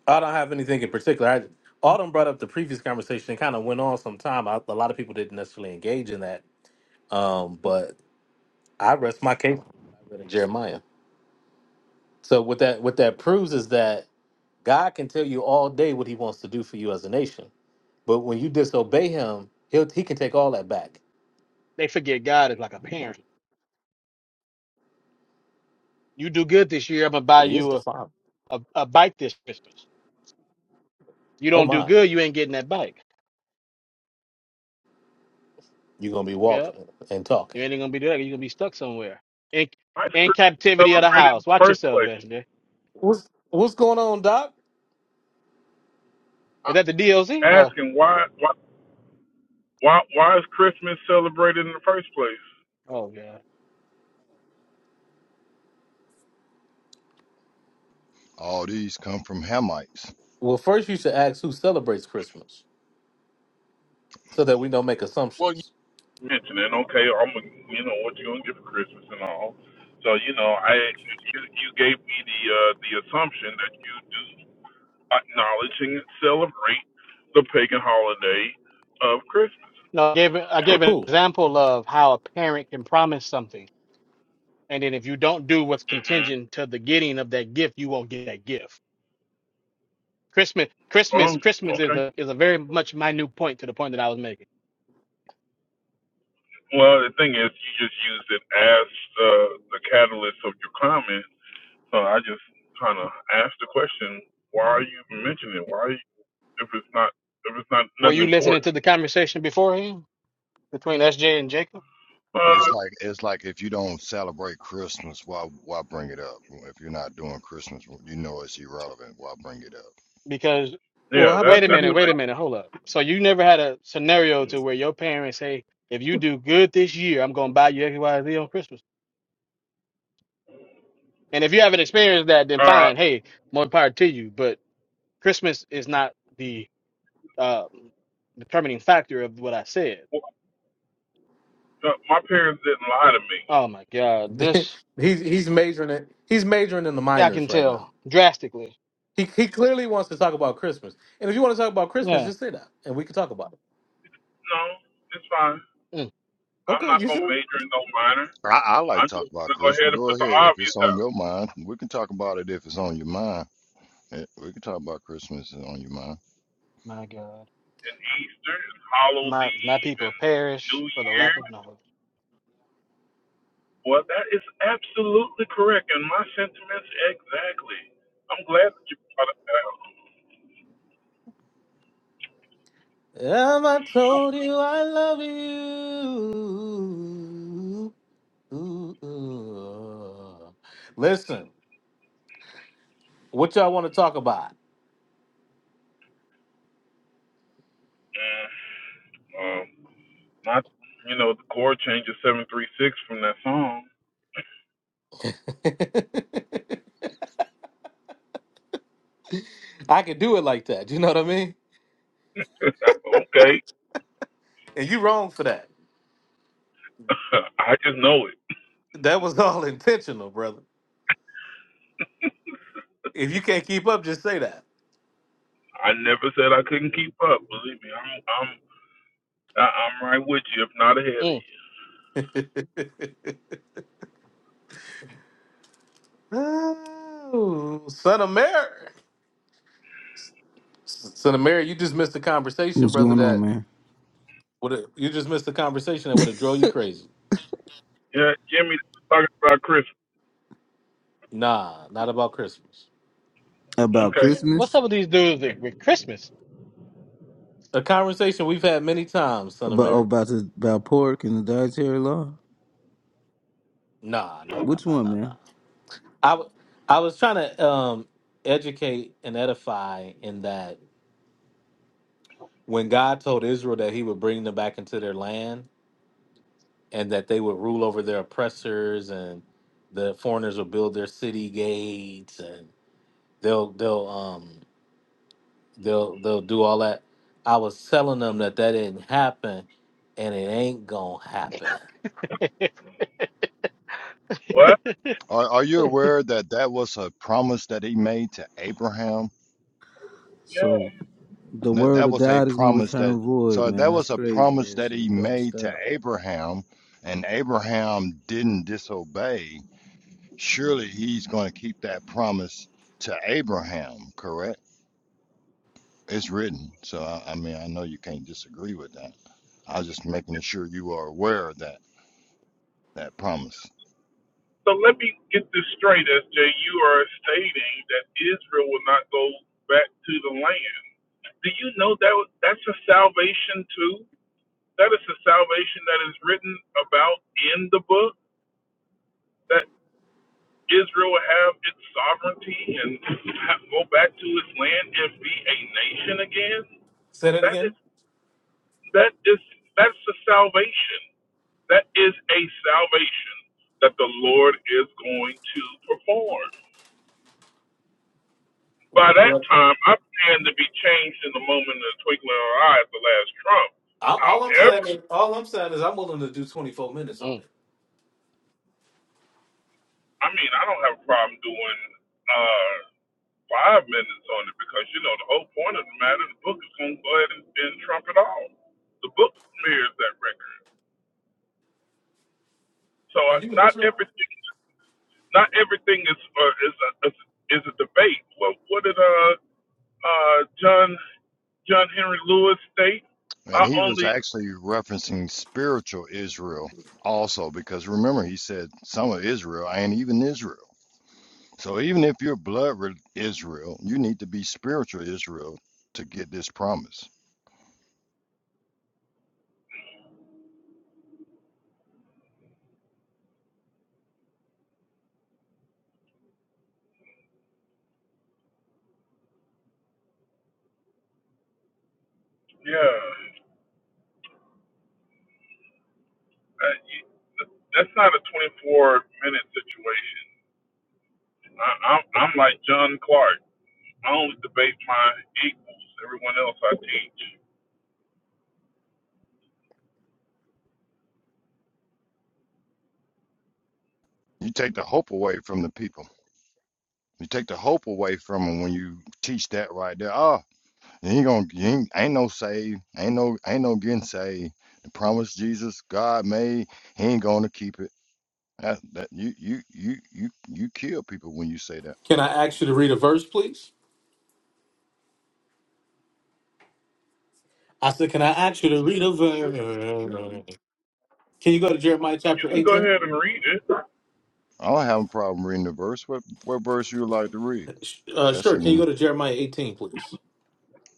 [SPEAKER 1] I don't have anything in particular. I, Autumn brought up the previous conversation. It kind of went on some time. I, a lot of people didn't necessarily engage in that. Um, but I rest my case. I read in Jeremiah. So what that what that proves is that God can tell you all day what He wants to do for you as a nation, but when you disobey Him, He'll He can take all that back.
[SPEAKER 4] They forget God is like a parent. You do good this year, I'm gonna buy
[SPEAKER 1] Well, He is
[SPEAKER 4] you
[SPEAKER 1] the
[SPEAKER 4] a,
[SPEAKER 1] Father.
[SPEAKER 4] a, a bike this Christmas. You
[SPEAKER 1] Oh
[SPEAKER 4] don't do
[SPEAKER 1] my,
[SPEAKER 4] good, you ain't getting that bike.
[SPEAKER 1] you're gonna be
[SPEAKER 4] Yep.
[SPEAKER 1] walking and
[SPEAKER 4] You
[SPEAKER 1] talking.
[SPEAKER 4] ain't gonna be doing that. You're gonna be stuck somewhere in
[SPEAKER 13] Why is
[SPEAKER 4] in
[SPEAKER 13] Christmas
[SPEAKER 4] captivity of the
[SPEAKER 13] celebrated in
[SPEAKER 4] house.
[SPEAKER 13] the
[SPEAKER 4] Watch
[SPEAKER 13] first
[SPEAKER 4] yourself,
[SPEAKER 13] place?
[SPEAKER 4] SJ.
[SPEAKER 1] What's What's going on, Doc?
[SPEAKER 13] I,
[SPEAKER 4] Is that the DLC? Or
[SPEAKER 13] asking why why why why is Christmas celebrated in the first place?
[SPEAKER 4] oh god.
[SPEAKER 14] All these come from Hamites.
[SPEAKER 1] Well, first you should ask who celebrates Christmas, so that we don't make assumptions.
[SPEAKER 13] mentioning, okay, I'm gonna, you know what you gonna get for Christmas and all. So you know, I you you gave me the uh, the assumption that you do acknowledge and celebrate the pagan holiday of Christmas.
[SPEAKER 4] No, I gave it- I gave an
[SPEAKER 1] Who?
[SPEAKER 4] example of how a parent can promise something, and then if you don't do what's
[SPEAKER 13] hmm
[SPEAKER 4] contingent to the getting of that gift, you won't get that gift. Christmas, Christmas,
[SPEAKER 13] Oh,
[SPEAKER 4] Christmas is
[SPEAKER 13] okay.
[SPEAKER 4] a is a very much minute point to the point that I was making.
[SPEAKER 13] Well, the thing is, you just used it as the the catalyst of your comment. So I just kind of asked the question, why are you mentioning it? Why if it's not if it's not
[SPEAKER 4] Were
[SPEAKER 13] nothing
[SPEAKER 4] you listening
[SPEAKER 13] important?
[SPEAKER 4] to the conversation beforehand between SJ and Jacob?
[SPEAKER 13] Uh,
[SPEAKER 14] It's like it's like if you don't celebrate Christmas, why why bring it up? If you're not doing Christmas, you know it's irrelevant. Why bring it up?
[SPEAKER 4] Because
[SPEAKER 13] yeah,
[SPEAKER 1] Well, how
[SPEAKER 13] that
[SPEAKER 4] wait
[SPEAKER 1] about
[SPEAKER 4] a
[SPEAKER 13] that's
[SPEAKER 4] minute,
[SPEAKER 1] you?
[SPEAKER 4] wait a
[SPEAKER 13] amazing.
[SPEAKER 4] minute, hold up. So you never had a scenario to where your parents say, if you do good this year, I'm gonna buy you XYZ on Christmas. And if you haven't experienced that, then
[SPEAKER 13] All
[SPEAKER 4] fine,
[SPEAKER 13] right.
[SPEAKER 4] hey, more power to you. But Christmas is not the uh determining factor of what I said.
[SPEAKER 13] No, my parents didn't lie to me.
[SPEAKER 4] Oh my God,
[SPEAKER 1] Get,
[SPEAKER 4] this
[SPEAKER 1] he's he's majoring in he's majoring in the
[SPEAKER 4] I
[SPEAKER 1] minors
[SPEAKER 4] can
[SPEAKER 1] right now.
[SPEAKER 4] tell drastically.
[SPEAKER 1] He he clearly wants to talk about Christmas. And if you want to talk about Christmas,
[SPEAKER 4] Yeah.
[SPEAKER 1] just say that, and we can talk about it.
[SPEAKER 13] No, it's fine.
[SPEAKER 4] Mm,
[SPEAKER 13] I'm
[SPEAKER 1] Okay,
[SPEAKER 13] not
[SPEAKER 1] you
[SPEAKER 13] gonna
[SPEAKER 1] sure?
[SPEAKER 13] major in no minor.
[SPEAKER 14] I, I like to
[SPEAKER 13] I'm
[SPEAKER 14] talk
[SPEAKER 13] just
[SPEAKER 14] about
[SPEAKER 13] gonna go
[SPEAKER 14] Christmas.
[SPEAKER 13] ahead and put
[SPEAKER 14] Go
[SPEAKER 13] the
[SPEAKER 14] ahead if it's
[SPEAKER 13] obvious
[SPEAKER 14] on
[SPEAKER 13] out.
[SPEAKER 14] your mind. We can talk about it if it's on your mind. Eh, We can talk about Christmas if it's on your mind.
[SPEAKER 4] my God,
[SPEAKER 13] And Easter and Hallows
[SPEAKER 4] my my
[SPEAKER 13] Eve
[SPEAKER 4] people
[SPEAKER 13] and New
[SPEAKER 4] perish for the
[SPEAKER 13] Year.
[SPEAKER 4] lack of knowledge.
[SPEAKER 13] Well, that is absolutely correct, and my sentiments exactly. I'm glad that you brought it out.
[SPEAKER 1] Have I told you I love you? Listen, what y'all want to talk about?
[SPEAKER 13] Um, not you know the chord changes seven three six from that song.
[SPEAKER 1] I could do it like that. You know what I mean?
[SPEAKER 13] okay,
[SPEAKER 1] And you wrong for that.
[SPEAKER 13] I just know it.
[SPEAKER 1] That was all intentional, brother. If you can't keep up, just say
[SPEAKER 13] I never said I couldn't keep up. Believe me, I'm I'm I, I'm right with you, if not ahead
[SPEAKER 4] Mm.
[SPEAKER 13] of you.
[SPEAKER 1] that. Oh, son of Mary. Son of Mary, you just missed a conversation,
[SPEAKER 15] What's
[SPEAKER 1] brother,
[SPEAKER 15] going on,
[SPEAKER 1] that
[SPEAKER 15] man?
[SPEAKER 1] would have you just missed a conversation that would have drove you crazy.
[SPEAKER 13] Yeah, Jimmy talking about Christmas.
[SPEAKER 1] Nah, not about Christmas.
[SPEAKER 15] About
[SPEAKER 13] Okay.
[SPEAKER 4] What's
[SPEAKER 15] Christmas?
[SPEAKER 4] up with these dudes with, with Christmas?
[SPEAKER 1] A conversation we've had many times, son of
[SPEAKER 15] About oh,
[SPEAKER 1] Mary.
[SPEAKER 15] about the, about pork and the dietary law?
[SPEAKER 1] Nah, nah, nah,
[SPEAKER 15] Which
[SPEAKER 1] nah,
[SPEAKER 15] one,
[SPEAKER 1] nah, nah.
[SPEAKER 15] man?
[SPEAKER 1] I, w- I was trying to um, educate and edify in that when God told Israel that he would bring them back into their land and that they would rule over their oppressors and the foreigners will build their city gates and they'll they'll um they'll they'll do all that. I was telling them that that didn't happen and it ain't gonna happen.
[SPEAKER 13] What?
[SPEAKER 14] Are, are you aware that that was a promise that he made to Abraham?
[SPEAKER 13] Yeah.
[SPEAKER 15] So the
[SPEAKER 14] That,
[SPEAKER 15] word
[SPEAKER 14] that
[SPEAKER 15] of
[SPEAKER 14] was a
[SPEAKER 15] God is gonna
[SPEAKER 14] promise that,
[SPEAKER 15] return void,
[SPEAKER 14] so that
[SPEAKER 15] man. That's
[SPEAKER 14] was a
[SPEAKER 15] crazy.
[SPEAKER 14] promise
[SPEAKER 15] That
[SPEAKER 14] that
[SPEAKER 15] shit.
[SPEAKER 14] he
[SPEAKER 15] You gotta
[SPEAKER 14] made to
[SPEAKER 15] stop.
[SPEAKER 14] Abraham, and Abraham didn't disobey. Surely he's going to keep that promise to Abraham, correct? It's written. So, I, I mean, I know you can't disagree with that. I was just making sure you are aware of that, that promise.
[SPEAKER 13] So let me get this straight, SJ. You are stating that Israel will not go back to the land. Do you know that was- that's a salvation too? That is a salvation that is written about in the book. That Israel will have its sovereignty and ha- go back to its land and be a nation again.
[SPEAKER 1] Say that
[SPEAKER 13] That is
[SPEAKER 1] again.
[SPEAKER 13] that is that's the salvation. That is a salvation that the Lord is going to perform. By that time, I plan to be changed in the moment of the twinkling of an eye at the last trump.
[SPEAKER 1] All, all I'm
[SPEAKER 13] However,
[SPEAKER 1] saying is, all I'm saying is, I'm willing to do 24 minutes on
[SPEAKER 4] Mm.
[SPEAKER 1] it.
[SPEAKER 13] I mean, I don't have a problem doing uh, five minutes on it because, you know, the whole point of the matter, the book is going to go ahead and, and trump it all. The book mirrors that record. So
[SPEAKER 1] Are
[SPEAKER 13] uh,
[SPEAKER 1] you an
[SPEAKER 13] not
[SPEAKER 1] Israelite?
[SPEAKER 13] everything, not everything is uh, is a, is a debate. Well, what did uh, uh, John John Henry Lewis State.
[SPEAKER 14] And
[SPEAKER 13] I
[SPEAKER 14] he was
[SPEAKER 13] only,
[SPEAKER 14] actually referencing spiritual Israel also, because remember, he said some of Israel and even Israel. So even if you're blood re- Israel, you need to be spiritual Israel to get this promise.
[SPEAKER 13] yeah, uh, you- that's not a 24 minute situation. I, I'm, I'm like John Clark. I only debate my equals. Everyone else I teach.
[SPEAKER 14] You take the hope away from the people. You take the hope away from them when you teach that right there. Oh, you ain't gonna you ain't, ain't no save, ain't no ain't no getting saved. The promise Jesus God made, He ain't gonna keep it. That, that you you you you you kill people when you say that.
[SPEAKER 1] Can I ask you to read a verse, please? I said, can I ask you to read a verse? Can you go to Jeremiah
[SPEAKER 13] You
[SPEAKER 1] chapter
[SPEAKER 13] can go
[SPEAKER 1] 18?
[SPEAKER 13] ahead and read it.
[SPEAKER 14] I don't have a problem reading the verse. What what verse you would like to read?
[SPEAKER 1] Uh,
[SPEAKER 14] That's
[SPEAKER 1] sure. Can you
[SPEAKER 14] in
[SPEAKER 1] go to Jeremiah 18, please?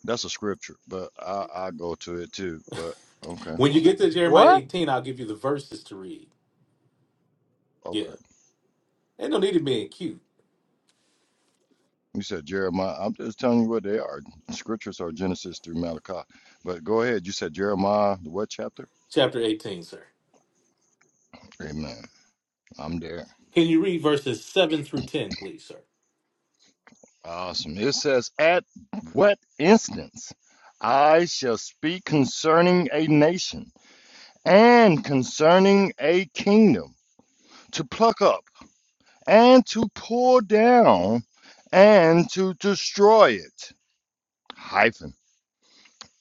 [SPEAKER 14] that's a scripture, but I I go to it too. But okay.
[SPEAKER 1] When you get to Jeremiah
[SPEAKER 4] What?
[SPEAKER 1] 18, I'll give you the verses to read.
[SPEAKER 14] Okay.
[SPEAKER 1] Yeah. Ain't no need to being cute.
[SPEAKER 14] You said Jeremiah. I'm just telling you what they are. Scriptures are Genesis through Malachi. But go ahead. You said Jeremiah, the what chapter?
[SPEAKER 1] Chapter 18, sir.
[SPEAKER 14] Amen. I'm there.
[SPEAKER 1] Can you read verses 7 through 10, please, sir?
[SPEAKER 14] Awesome. It says, At what instance I shall speak concerning a nation and concerning a kingdom to pluck up and to pull down and to destroy it. Hyphen.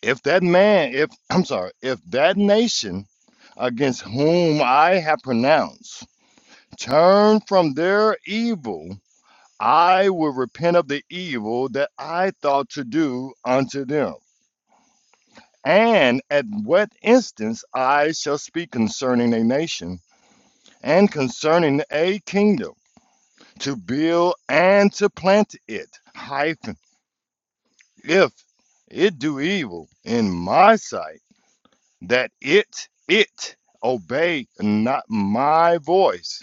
[SPEAKER 14] if that man, if I'm sorry, if that nation against whom I have pronounced turn from their evil, I will repent of the evil that I thought to do unto them. And at what instance I shall speak concerning a nation and concerning a kingdom to build and to plant it, hyphen, if it do evil in my sight that it, it obey not my voice,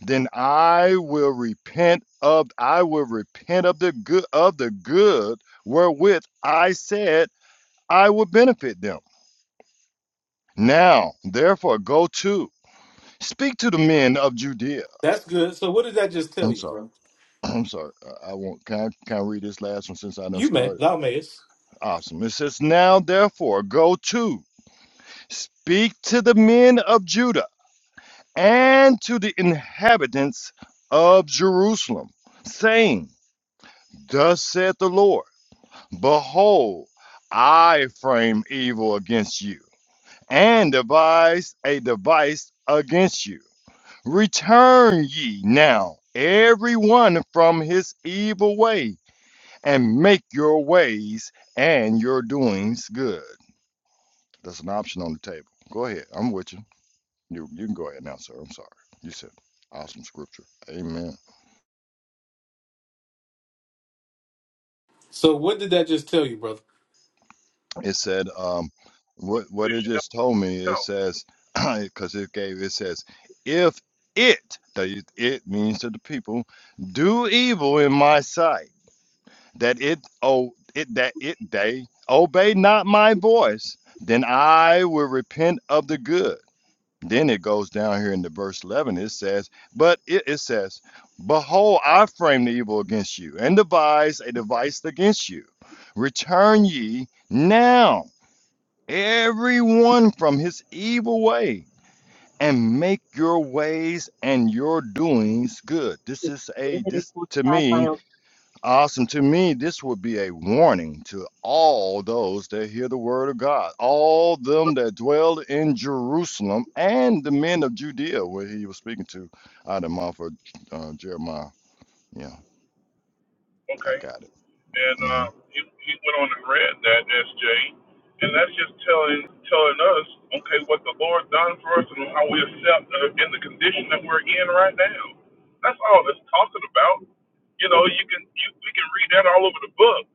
[SPEAKER 14] then I will repent of I will repent of the good of the good wherewith I said I would benefit them. Now, therefore, go to speak to the men of Judea.
[SPEAKER 1] That's good. So what did that just tell
[SPEAKER 14] I'm
[SPEAKER 1] you,
[SPEAKER 14] sorry.
[SPEAKER 1] bro?
[SPEAKER 14] I'm sorry. I I won't. Can I, can I read this last one since I done
[SPEAKER 1] You may.
[SPEAKER 14] started?
[SPEAKER 1] Thou mayest.
[SPEAKER 14] Awesome. It says, Now, therefore, go to speak to the men of Judah and to the inhabitants of Jerusalem, saying, Thus saith the Lord, Behold, I frame evil against you, and devise a device against you. Return ye now, every one from his evil way, and make your ways and your doings good. That's an option on the table. Go ahead. I'm with you. You, you can go ahead now, sir. I'm sorry. You said awesome scripture. Amen.
[SPEAKER 1] So what did that just tell you, brother?
[SPEAKER 14] It said, um, what what it
[SPEAKER 13] Petition
[SPEAKER 14] just told me. It
[SPEAKER 13] doesn't
[SPEAKER 14] says, because it gave it says, if it the it means to the people do evil in my sight, that it oh it that it they obey not my voice, then I will repent of the good. Then it goes down here in the verse eleven. It says, but it, it says, behold, I frame the evil against you, and devise a device against you. Return ye now everyone from his evil way and make your ways and your doings good this is a this to me
[SPEAKER 13] count.
[SPEAKER 14] awesome to me this would be a warning to all those that hear the word of god all them that dwell in jerusalem and the men of judea where he was speaking to out of the mouth of uh, jeremiah yeah i
[SPEAKER 13] Okay.
[SPEAKER 14] got it
[SPEAKER 13] and
[SPEAKER 14] Mm-hmm.
[SPEAKER 13] uh, he, he went on and read that SJ, and that's just telling telling us, okay, what the Lord done for us and how we accept uh, in the condition that we're in right now. That's all that's talking about. You know, you can you, we can read that all over the book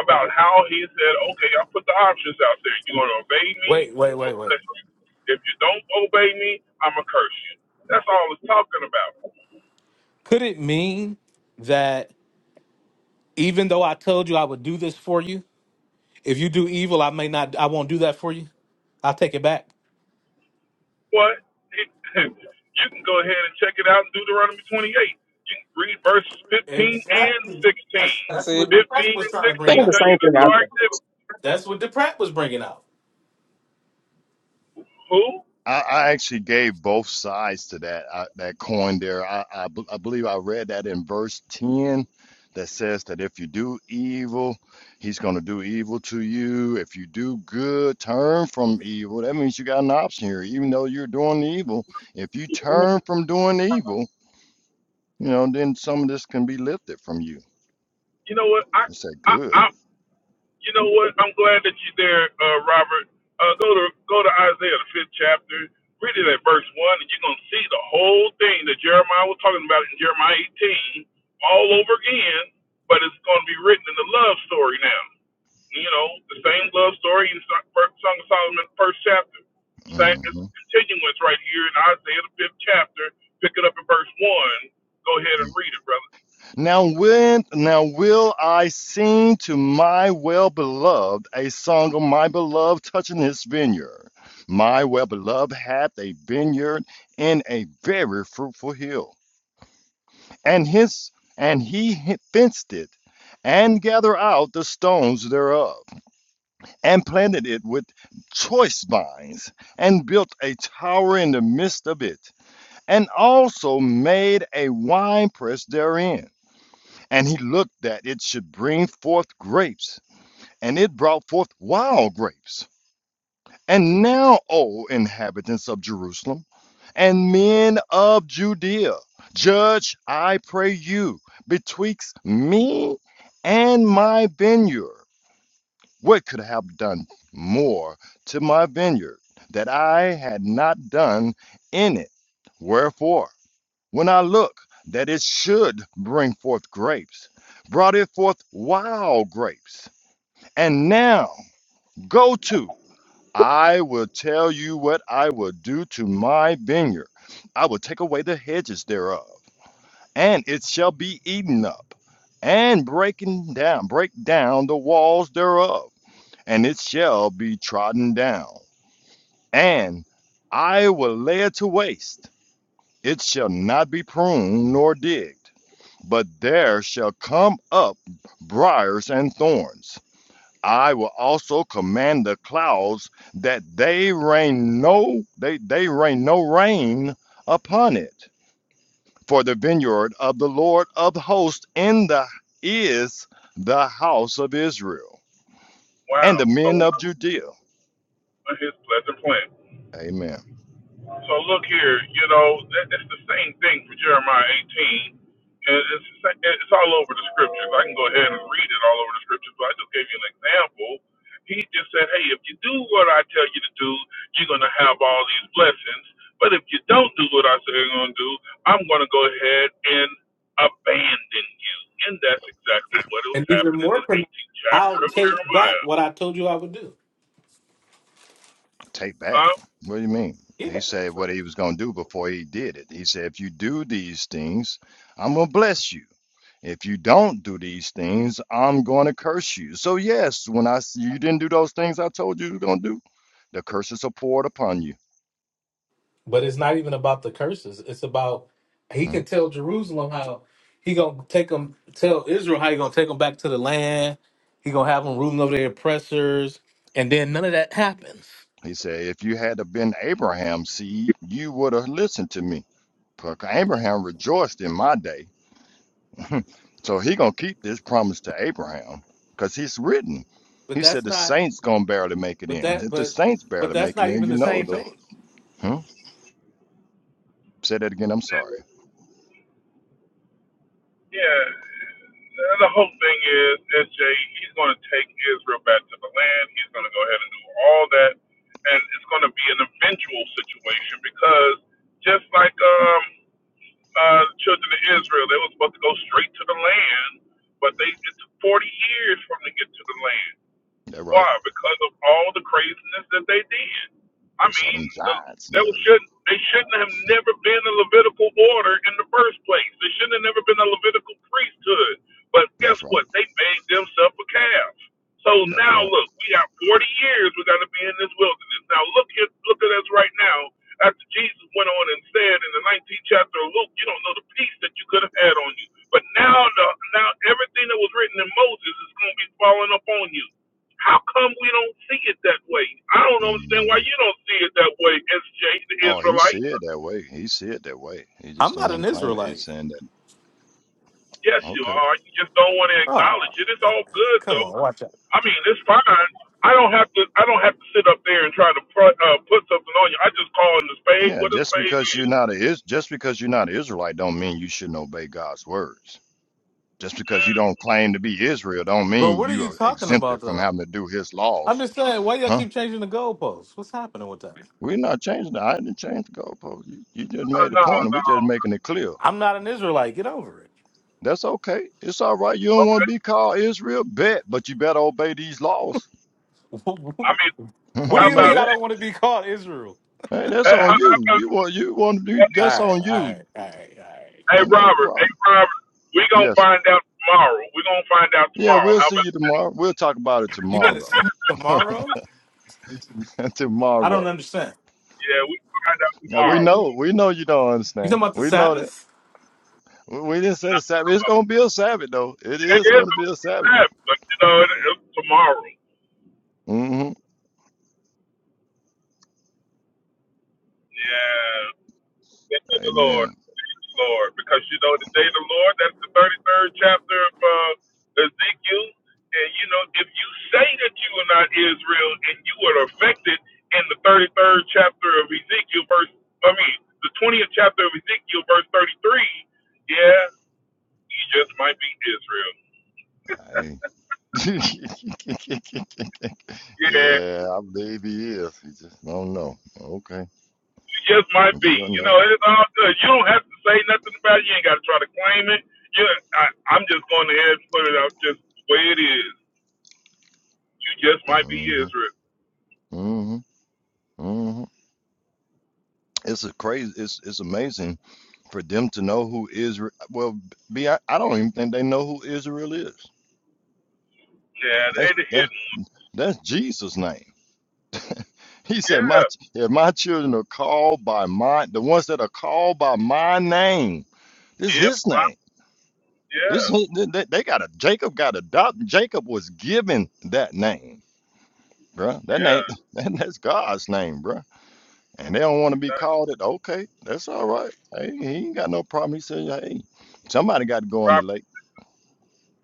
[SPEAKER 13] about how he said, okay, I put the options out there. You're gonna obey me.
[SPEAKER 1] Wait, wait,
[SPEAKER 13] I'm
[SPEAKER 1] wait,
[SPEAKER 13] gonna
[SPEAKER 1] wait.
[SPEAKER 13] bless you. If you don't obey me, I'm gonna curse you. That's all it's talking about.
[SPEAKER 1] Could it mean that even though I told you I would do this for you, if you do evil, I may not, I won't do that for you? I'll take it back.
[SPEAKER 13] What? you can go ahead and check it out in Deuteronomy 28. You can read verses 15 and
[SPEAKER 1] Exactly. That's,
[SPEAKER 8] I
[SPEAKER 1] that's
[SPEAKER 8] said,
[SPEAKER 1] what
[SPEAKER 13] 16. 15
[SPEAKER 1] Deprat was
[SPEAKER 13] and
[SPEAKER 1] trying to bring
[SPEAKER 8] think
[SPEAKER 13] 16
[SPEAKER 8] the
[SPEAKER 1] out.
[SPEAKER 13] tell you
[SPEAKER 8] same
[SPEAKER 13] the
[SPEAKER 8] thing. I
[SPEAKER 13] car
[SPEAKER 8] think.
[SPEAKER 1] That's what Deprat was bringing out.
[SPEAKER 13] Who?
[SPEAKER 14] I, I actually gave both sides to that I, that coin there. I, I b- I believe I read that in verse ten that says that if you do evil, he's going to do evil to you. If you do good, turn from evil. That means you got an option here, even though you're doing evil. If you turn from doing evil, you know, then some of this can be lifted from you.
[SPEAKER 13] You know what? I,
[SPEAKER 14] It's that
[SPEAKER 13] I,
[SPEAKER 14] good.
[SPEAKER 13] I, you know what? I'm glad that you're there, uh, Robert. Uh, go to go to Isaiah the fifth chapter. Read it at verse one, and you're gonna see the whole thing that Jeremiah was talking about in Jeremiah 18 all over again. But it's gonna be written in the love story now. You know, the same love story in Song Song of Solomon, first chapter. Same, it's a
[SPEAKER 14] hmm
[SPEAKER 13] continuance right here in Isaiah, the fifth chapter. Pick it up in verse one. Go ahead and read it, brother.
[SPEAKER 14] Now when now will I sing to my well beloved a song of my beloved touching his vineyard. My well beloved hath a vineyard in a very fruitful hill, and his and he fenced it, and gathered out the stones thereof, and planted it with choice vines, and built a tower in the midst of it, and also made a winepress therein and he looked that it should bring forth grapes, and it brought forth wild grapes. And now, O inhabitants of Jerusalem, and men of Judea, judge, I pray you, betwixt me and my vineyard. What could I have done more to my vineyard that I had not done in it? Wherefore? when I look, that it should bring forth grapes, brought it forth wild grapes. And now go to, I will tell you what I will do to my vineyard. I will take away the hedges thereof, and it shall be eaten up, and breaking down, break down the walls thereof, and it shall be trodden down. And I will lay it to waste, it shall not be pruned nor digged but there shall come up briars and thorns. I will also command the clouds that they rain no they, they rain no rain upon it. For the vineyard of the Lord of hosts in the is the house of Israel
[SPEAKER 13] Wow.
[SPEAKER 14] and the
[SPEAKER 13] So
[SPEAKER 14] men
[SPEAKER 13] we
[SPEAKER 14] of Judea.
[SPEAKER 13] uh, his pleasant plan.
[SPEAKER 14] Amen.
[SPEAKER 13] So look here, you know, that, that's the same thing for Jeremiah 18. And it's, the sa- it's all over the scriptures. I can go ahead and read it all over the scriptures, but I just gave you an example. He just said, hey, if you do what I tell you to do, you're going to have all these blessings. But if you don't do what I say you're going to do, I'm going to go ahead and abandon you. And that's exactly what was
[SPEAKER 1] And even
[SPEAKER 13] happening in
[SPEAKER 1] more
[SPEAKER 13] the
[SPEAKER 1] pronounced,
[SPEAKER 13] 18th chapter
[SPEAKER 1] I'll
[SPEAKER 13] of
[SPEAKER 1] take back
[SPEAKER 13] Jeremiah.
[SPEAKER 1] what I told you I would do.
[SPEAKER 14] Take back.
[SPEAKER 13] Huh?
[SPEAKER 14] What do you mean?
[SPEAKER 1] Yeah.
[SPEAKER 14] He said what he was gonna do before he did it. He said, if you do these things, I'm gonna bless you. If you don't do these things, I'm going to curse you. So, yes, when I s- you didn't do those things I told you you were going to do, the curses are poured upon you.
[SPEAKER 1] But it's not even about the curses. It's about he
[SPEAKER 14] Hmm?
[SPEAKER 1] can tell Jerusalem how he gonna take them, tell Israel how he gonna take them back to the land. He gonna have them ruling over their oppressors, and then none of that happens.
[SPEAKER 14] He said, if you had have been Abraham's seed, you would have listened to me. For Abraham rejoiced in my day. so he gonna keep this promise to Abraham, because it's written.
[SPEAKER 1] But
[SPEAKER 14] He said
[SPEAKER 1] that's
[SPEAKER 14] the
[SPEAKER 1] not.
[SPEAKER 14] saints gonna barely make it
[SPEAKER 1] But
[SPEAKER 14] in.
[SPEAKER 1] that.
[SPEAKER 14] If the
[SPEAKER 1] But
[SPEAKER 14] saints
[SPEAKER 1] but
[SPEAKER 14] barely
[SPEAKER 1] that's
[SPEAKER 14] make it
[SPEAKER 1] not
[SPEAKER 14] in,
[SPEAKER 1] even
[SPEAKER 14] you
[SPEAKER 1] the
[SPEAKER 14] know
[SPEAKER 1] same
[SPEAKER 14] though.
[SPEAKER 1] thing.
[SPEAKER 14] Hmm? Say that again, I'm sorry.
[SPEAKER 13] Yeah. And the whole thing is, SJ, he's going to take Israel back to the land. He's going to go ahead and do all that. And it's going to be an eventual situation because just like um, uh, the children of Israel, they were supposed to go straight to the land, but they it took 40 years for them to get to the land.
[SPEAKER 14] That right.
[SPEAKER 13] Why? Because of all the craziness that they did. I
[SPEAKER 14] You saw
[SPEAKER 13] mean,
[SPEAKER 14] them
[SPEAKER 13] the,
[SPEAKER 14] giants in
[SPEAKER 13] they
[SPEAKER 14] the earth.
[SPEAKER 13] shouldn't they shouldn't have never been a Levitical order in the first place. They shouldn't have never been a Levitical priesthood. But guess
[SPEAKER 14] That's right.
[SPEAKER 13] what? They made themselves a calf. So
[SPEAKER 14] That's
[SPEAKER 13] now
[SPEAKER 14] right.
[SPEAKER 13] look, we got 40 years. We got to be in this wilderness. Now look at look at us right now. After Jesus went on and said in the 19th chapter of Luke, you don't know the peace that you could have had on you. But now the now everything that was written in Moses is going to be falling upon you. How come we don't see it that way? I don't understand why
[SPEAKER 14] Mhm.
[SPEAKER 13] you don't see it that way, SJ, the
[SPEAKER 14] Oh, he see
[SPEAKER 13] Israelite.
[SPEAKER 14] it that way. He see it that way. He
[SPEAKER 1] I'm
[SPEAKER 14] just don't
[SPEAKER 1] not
[SPEAKER 14] want to
[SPEAKER 1] an
[SPEAKER 14] claim it. He's
[SPEAKER 1] Israelite.
[SPEAKER 14] saying that.
[SPEAKER 13] Yes, you
[SPEAKER 14] Okay.
[SPEAKER 13] are. You just don't want to acknowledge
[SPEAKER 1] Oh,
[SPEAKER 13] it. It's all good
[SPEAKER 1] come
[SPEAKER 13] though.
[SPEAKER 1] on, watch out.
[SPEAKER 13] I mean, it's fine. I don't have to. I don't have to sit up there and try to pr- uh, put something on you. I just call in the spade
[SPEAKER 14] Yeah,
[SPEAKER 13] what a
[SPEAKER 14] just
[SPEAKER 13] spade
[SPEAKER 14] because you're
[SPEAKER 13] is.
[SPEAKER 14] not a is just because you're not Israelite don't mean you shouldn't obey God's words. Just because you don't claim to be Israel don't
[SPEAKER 1] But
[SPEAKER 14] mean
[SPEAKER 1] what are
[SPEAKER 14] you
[SPEAKER 1] you
[SPEAKER 14] are
[SPEAKER 1] talking
[SPEAKER 14] exempted
[SPEAKER 1] about
[SPEAKER 14] from
[SPEAKER 1] though?
[SPEAKER 14] having to do his laws.
[SPEAKER 1] I'm just saying, why y'all
[SPEAKER 14] Huh?
[SPEAKER 1] keep changing the goalposts? What's happening with that?
[SPEAKER 14] We're not changing that. I didn't change the goalpost. You, you just
[SPEAKER 13] Uh,
[SPEAKER 14] made the
[SPEAKER 13] no,
[SPEAKER 14] point and we're
[SPEAKER 13] no.
[SPEAKER 14] just making it clear.
[SPEAKER 1] I'm not an Israelite. Get over it.
[SPEAKER 14] That's okay. It's all right. You don't want to
[SPEAKER 13] Okay.
[SPEAKER 14] be called Israel, bet, but you better obey these laws.
[SPEAKER 13] I mean,
[SPEAKER 1] What do
[SPEAKER 14] I
[SPEAKER 13] how
[SPEAKER 1] you
[SPEAKER 14] know
[SPEAKER 1] mean
[SPEAKER 13] about
[SPEAKER 1] I
[SPEAKER 14] that.
[SPEAKER 13] this?
[SPEAKER 1] don't want to be called Israel?
[SPEAKER 14] Hey, that's
[SPEAKER 13] Hey,
[SPEAKER 14] on
[SPEAKER 13] how, how
[SPEAKER 14] you.
[SPEAKER 13] about,
[SPEAKER 14] You want you want to do
[SPEAKER 1] All
[SPEAKER 14] that's
[SPEAKER 1] right,
[SPEAKER 14] on
[SPEAKER 1] all
[SPEAKER 14] you.
[SPEAKER 1] right, all right, all right.
[SPEAKER 13] hey
[SPEAKER 14] Ain't no
[SPEAKER 13] Robert? Hey
[SPEAKER 14] problem.
[SPEAKER 13] Robert, we gonna
[SPEAKER 14] Yes.
[SPEAKER 13] find out tomorrow. We gonna find out
[SPEAKER 14] Yeah,
[SPEAKER 13] tomorrow.
[SPEAKER 14] we'll
[SPEAKER 13] How
[SPEAKER 14] see
[SPEAKER 13] about?
[SPEAKER 14] you tomorrow. We'll talk about it
[SPEAKER 1] You gonna
[SPEAKER 14] tomorrow.
[SPEAKER 1] see me tomorrow? I don't
[SPEAKER 14] tomorrow.
[SPEAKER 1] understand.
[SPEAKER 13] Yeah, we gonna find out
[SPEAKER 14] Now we
[SPEAKER 13] tomorrow.
[SPEAKER 14] know we know you don't
[SPEAKER 1] You
[SPEAKER 14] understand.
[SPEAKER 1] talking about the
[SPEAKER 14] We know that.
[SPEAKER 1] Sabbath?
[SPEAKER 14] We, we didn't say
[SPEAKER 13] No,
[SPEAKER 14] the Sabbath. It's gonna be a Sabbath though. It
[SPEAKER 13] it
[SPEAKER 14] is
[SPEAKER 13] is
[SPEAKER 14] gonna be
[SPEAKER 13] over
[SPEAKER 14] a Sabbath.
[SPEAKER 13] trap, but you know, it, it's tomorrow. Yeah,
[SPEAKER 14] Mm-hmm.
[SPEAKER 13] thank you, the Lord,
[SPEAKER 14] Amen.
[SPEAKER 13] thank you, Lord, because you know the day of the Lord. That's the thirty-third chapter of uh, Ezekiel, and you know, if you say that you are not Israel and you are affected in the thirty-third chapter of Ezekiel, verse I mean, the twentieth chapter of Ezekiel, verse thirty-three. Yeah, you just might be Israel.
[SPEAKER 14] Hey.
[SPEAKER 13] Yeah,
[SPEAKER 14] yeah, I believe he is. He just don't know. Okay.
[SPEAKER 13] You just might be.
[SPEAKER 14] You don't
[SPEAKER 13] You
[SPEAKER 14] know.
[SPEAKER 13] know, it's all good. You don't have to say nothing about it. You ain't got to try to claim it. You, I, I'm just going ahead and put it out just the way it is. You just might be
[SPEAKER 14] Mm-hmm.
[SPEAKER 13] Israel.
[SPEAKER 14] Mm-hmm. Mm-hmm. It's a crazy. It's it's amazing for them to know who Israel. Well, be I, I don't even think they know who Israel is.
[SPEAKER 13] Yeah,
[SPEAKER 14] That's
[SPEAKER 13] they the
[SPEAKER 14] that's
[SPEAKER 13] hidden one.
[SPEAKER 14] that's Jesus' name. He said, "My
[SPEAKER 13] Yeah.
[SPEAKER 14] ch- if my children are called by my the ones that are called by my name, this is
[SPEAKER 13] If
[SPEAKER 14] His
[SPEAKER 13] I,
[SPEAKER 14] name.
[SPEAKER 13] yeah,
[SPEAKER 14] This is- they, they they got a Jacob got adopted. Jacob was given that name, bruh. That
[SPEAKER 13] yeah.
[SPEAKER 14] name that that's God's name, bruh. And they don't want to be
[SPEAKER 13] Uh,
[SPEAKER 14] called it. Okay, that's all right. Hey, he ain't got no problem. He said, hey, somebody got to go on the lake."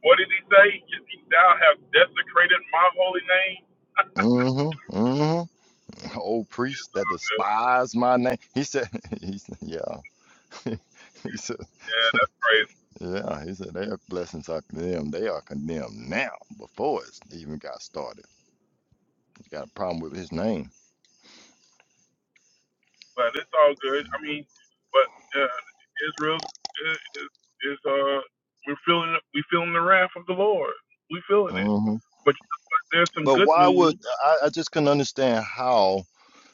[SPEAKER 13] What did he say? Thou have desecrated my holy name.
[SPEAKER 14] Mm-hmm. Mm-hmm. Old priest that
[SPEAKER 13] Yeah,
[SPEAKER 14] despise my name. He said, he said, yeah. He said,
[SPEAKER 13] that's crazy.
[SPEAKER 14] yeah. He said, their blessings are condemned. They are condemned now before it's even got started. Got a problem with his name.
[SPEAKER 13] but it's all good. I mean, but uh, Israel's is, is uh we're feeling we feeling the wrath of the Lord. We feeling it.
[SPEAKER 14] Mm-hmm.
[SPEAKER 13] But there's some
[SPEAKER 14] But
[SPEAKER 13] good
[SPEAKER 14] why would
[SPEAKER 13] news.
[SPEAKER 14] I, I just couldn't understand how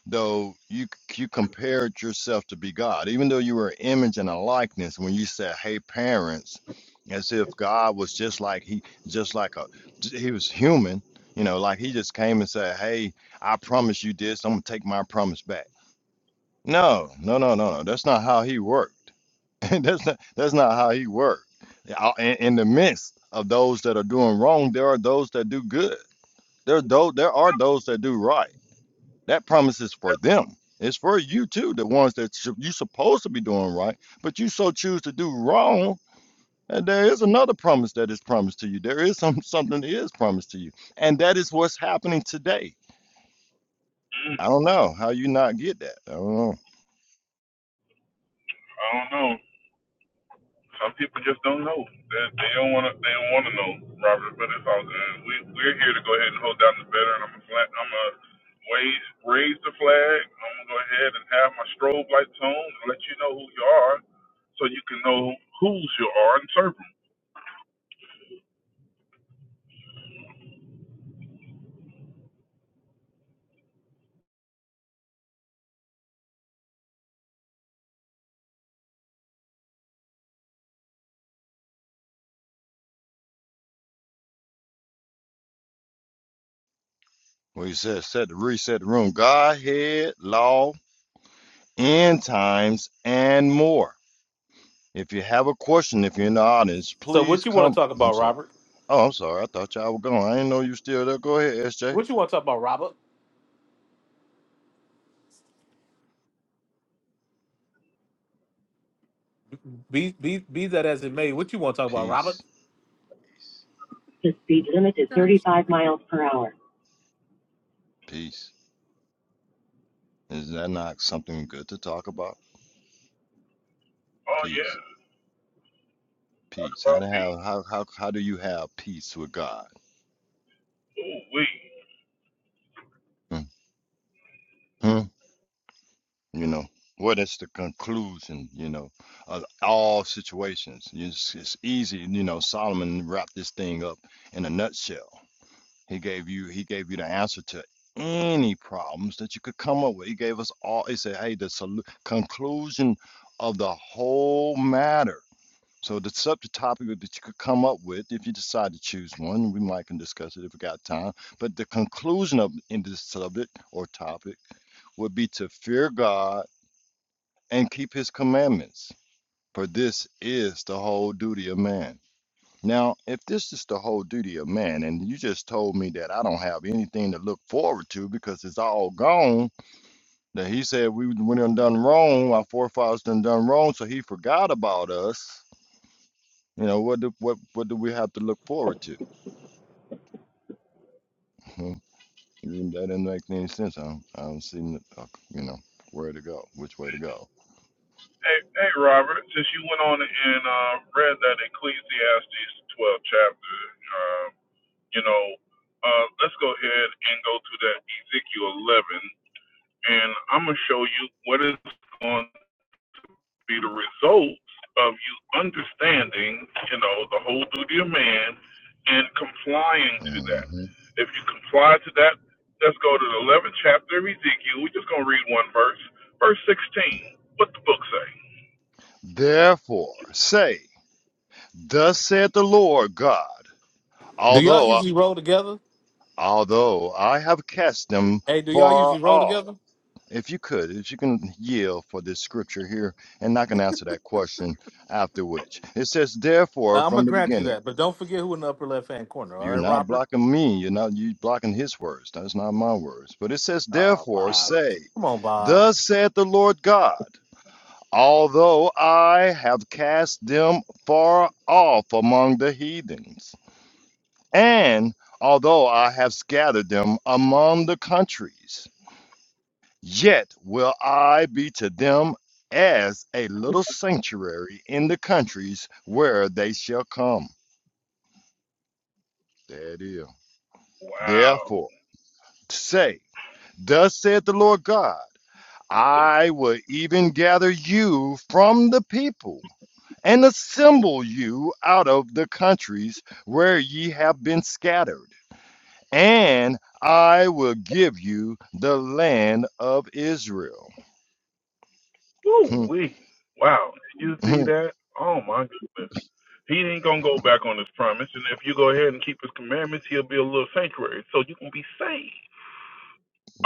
[SPEAKER 14] though you you compared yourself to be God, even though you were an image and a likeness. When you said, "Hey, parents," as if God was just like he, just like a, j- he was human. You know, like he just came and said, "Hey, I promise you this. I'm gonna take my promise back." No, no, no, no, no. That's not how he worked. that's not that's not how he worked. Yeah, In, in the midst of those that are doing wrong, there are those that do good. There are those, there are those that do right that promise is for them. It's for you too, the ones that you- are supposed to be doing right, but you so choose to do wrong. And there is another promise that is promised to you. There is some something that is promised to you, and that is what's happening today. I don't know how you not get that. I don't know.
[SPEAKER 13] I don't know. Some people just don't know. They, they don't want to. They don't want to know, Robert. But it's all good. We we're here to go ahead and hold down the banner. And I'm a flat. I'm a raise raise the flag. I'm gonna go ahead and have my strobe lights on and let you know who you are, so you can know whose you are and serve 'em.
[SPEAKER 14] Well, he said, set the reset the room. Godhead, law, end times, and more. If you have a question, if you're in the audience,
[SPEAKER 1] So
[SPEAKER 14] please
[SPEAKER 1] what you want to
[SPEAKER 14] come.
[SPEAKER 1] talk
[SPEAKER 14] I'm
[SPEAKER 1] about,
[SPEAKER 14] sorry.
[SPEAKER 1] Robert?
[SPEAKER 14] Oh, I'm sorry. I thought y'all were gone. I didn't know you were still there. Go ahead, SJ.
[SPEAKER 1] What you want to talk about, Robert? Be be be that as it may, what you want to talk about,
[SPEAKER 14] Peace.
[SPEAKER 1] Robert?
[SPEAKER 13] The speed limit is 35 miles per hour.
[SPEAKER 14] Peace. Is that not something good to talk about?
[SPEAKER 13] Oh
[SPEAKER 14] Peace.
[SPEAKER 13] yeah, talk
[SPEAKER 14] Peace. How
[SPEAKER 13] about
[SPEAKER 14] to have
[SPEAKER 13] being
[SPEAKER 14] how how how do you have peace with God?
[SPEAKER 13] ooh wee.
[SPEAKER 14] hmm You know what is the conclusion? You know of all situations. It's, it's easy. You know Solomon wrapped this thing up in a nutshell. He gave you he gave you the answer to any problems that you could come up with. He gave us all. He said, "Hey, the solu- conclusion of the whole matter." So the subject topic that you could come up with, if you decide to choose one, we might can discuss it if we got time. But the conclusion of in this subject or topic would be to fear God and keep his commandments, for this is the whole duty of man. Now, if this is the whole duty of man, and you just told me that I don't have anything to look forward to because it's all gone, that he said we went and done wrong, our forefathers done done wrong, so he forgot about us. You know, what do what what do we have to look forward to? Hmm, That doesn't make any sense. I don't, I don't see, n- uh, you know, where to go, which way to go.
[SPEAKER 13] Hey, hey, Robert. Since you went on and uh, read that Ecclesiastes 12 chapter, um, you know, uh, let's go ahead and go to that Ezekiel 11, and I'm gonna show you what is going be the result of you understanding, you know, the whole duty of man and complying to that.
[SPEAKER 14] hmm
[SPEAKER 13] If you comply to that, let's go to the 11th chapter of Ezekiel. We're just going to read one verse, verse 16. What the book say?
[SPEAKER 14] Therefore, say, thus saith the Lord God,
[SPEAKER 1] Do y'all
[SPEAKER 14] although I,
[SPEAKER 1] usually roll together?
[SPEAKER 14] although I have cast them
[SPEAKER 1] Hey, do y'all
[SPEAKER 14] far
[SPEAKER 1] usually roll
[SPEAKER 14] off.
[SPEAKER 1] together?
[SPEAKER 14] If you could, if you can yield for this scripture here, and I can answer that question after which it says, therefore,
[SPEAKER 1] Uh, I'm gonna
[SPEAKER 14] from the
[SPEAKER 1] grant you
[SPEAKER 14] beginning.
[SPEAKER 1] that, but don't forget who in the upper left hand corner. All
[SPEAKER 14] You're
[SPEAKER 1] right,
[SPEAKER 14] not
[SPEAKER 1] Robert.
[SPEAKER 14] blocking me. You're not you blocking his words. That's not my words. But it says,
[SPEAKER 1] Oh,
[SPEAKER 14] therefore
[SPEAKER 1] Bob.
[SPEAKER 14] say,
[SPEAKER 1] Come on, Bob.
[SPEAKER 14] Thus saith the Lord God, although I have cast them far off among the heathens, and although I have scattered them among the countries, yet will I be to them as a little sanctuary in the countries where they shall come. There it is.
[SPEAKER 13] Wow.
[SPEAKER 14] Therefore, say. Thus saith the Lord God, I will even gather you from the people and assemble you out of the countries where ye have been scattered, and I will give you the land of Israel.
[SPEAKER 13] Woo wee. Wow. Did you see that? Oh my goodness. He ain't gonna go back on his promise, and if you go ahead and keep his commandments, he'll be a little sanctuary, so you can be saved.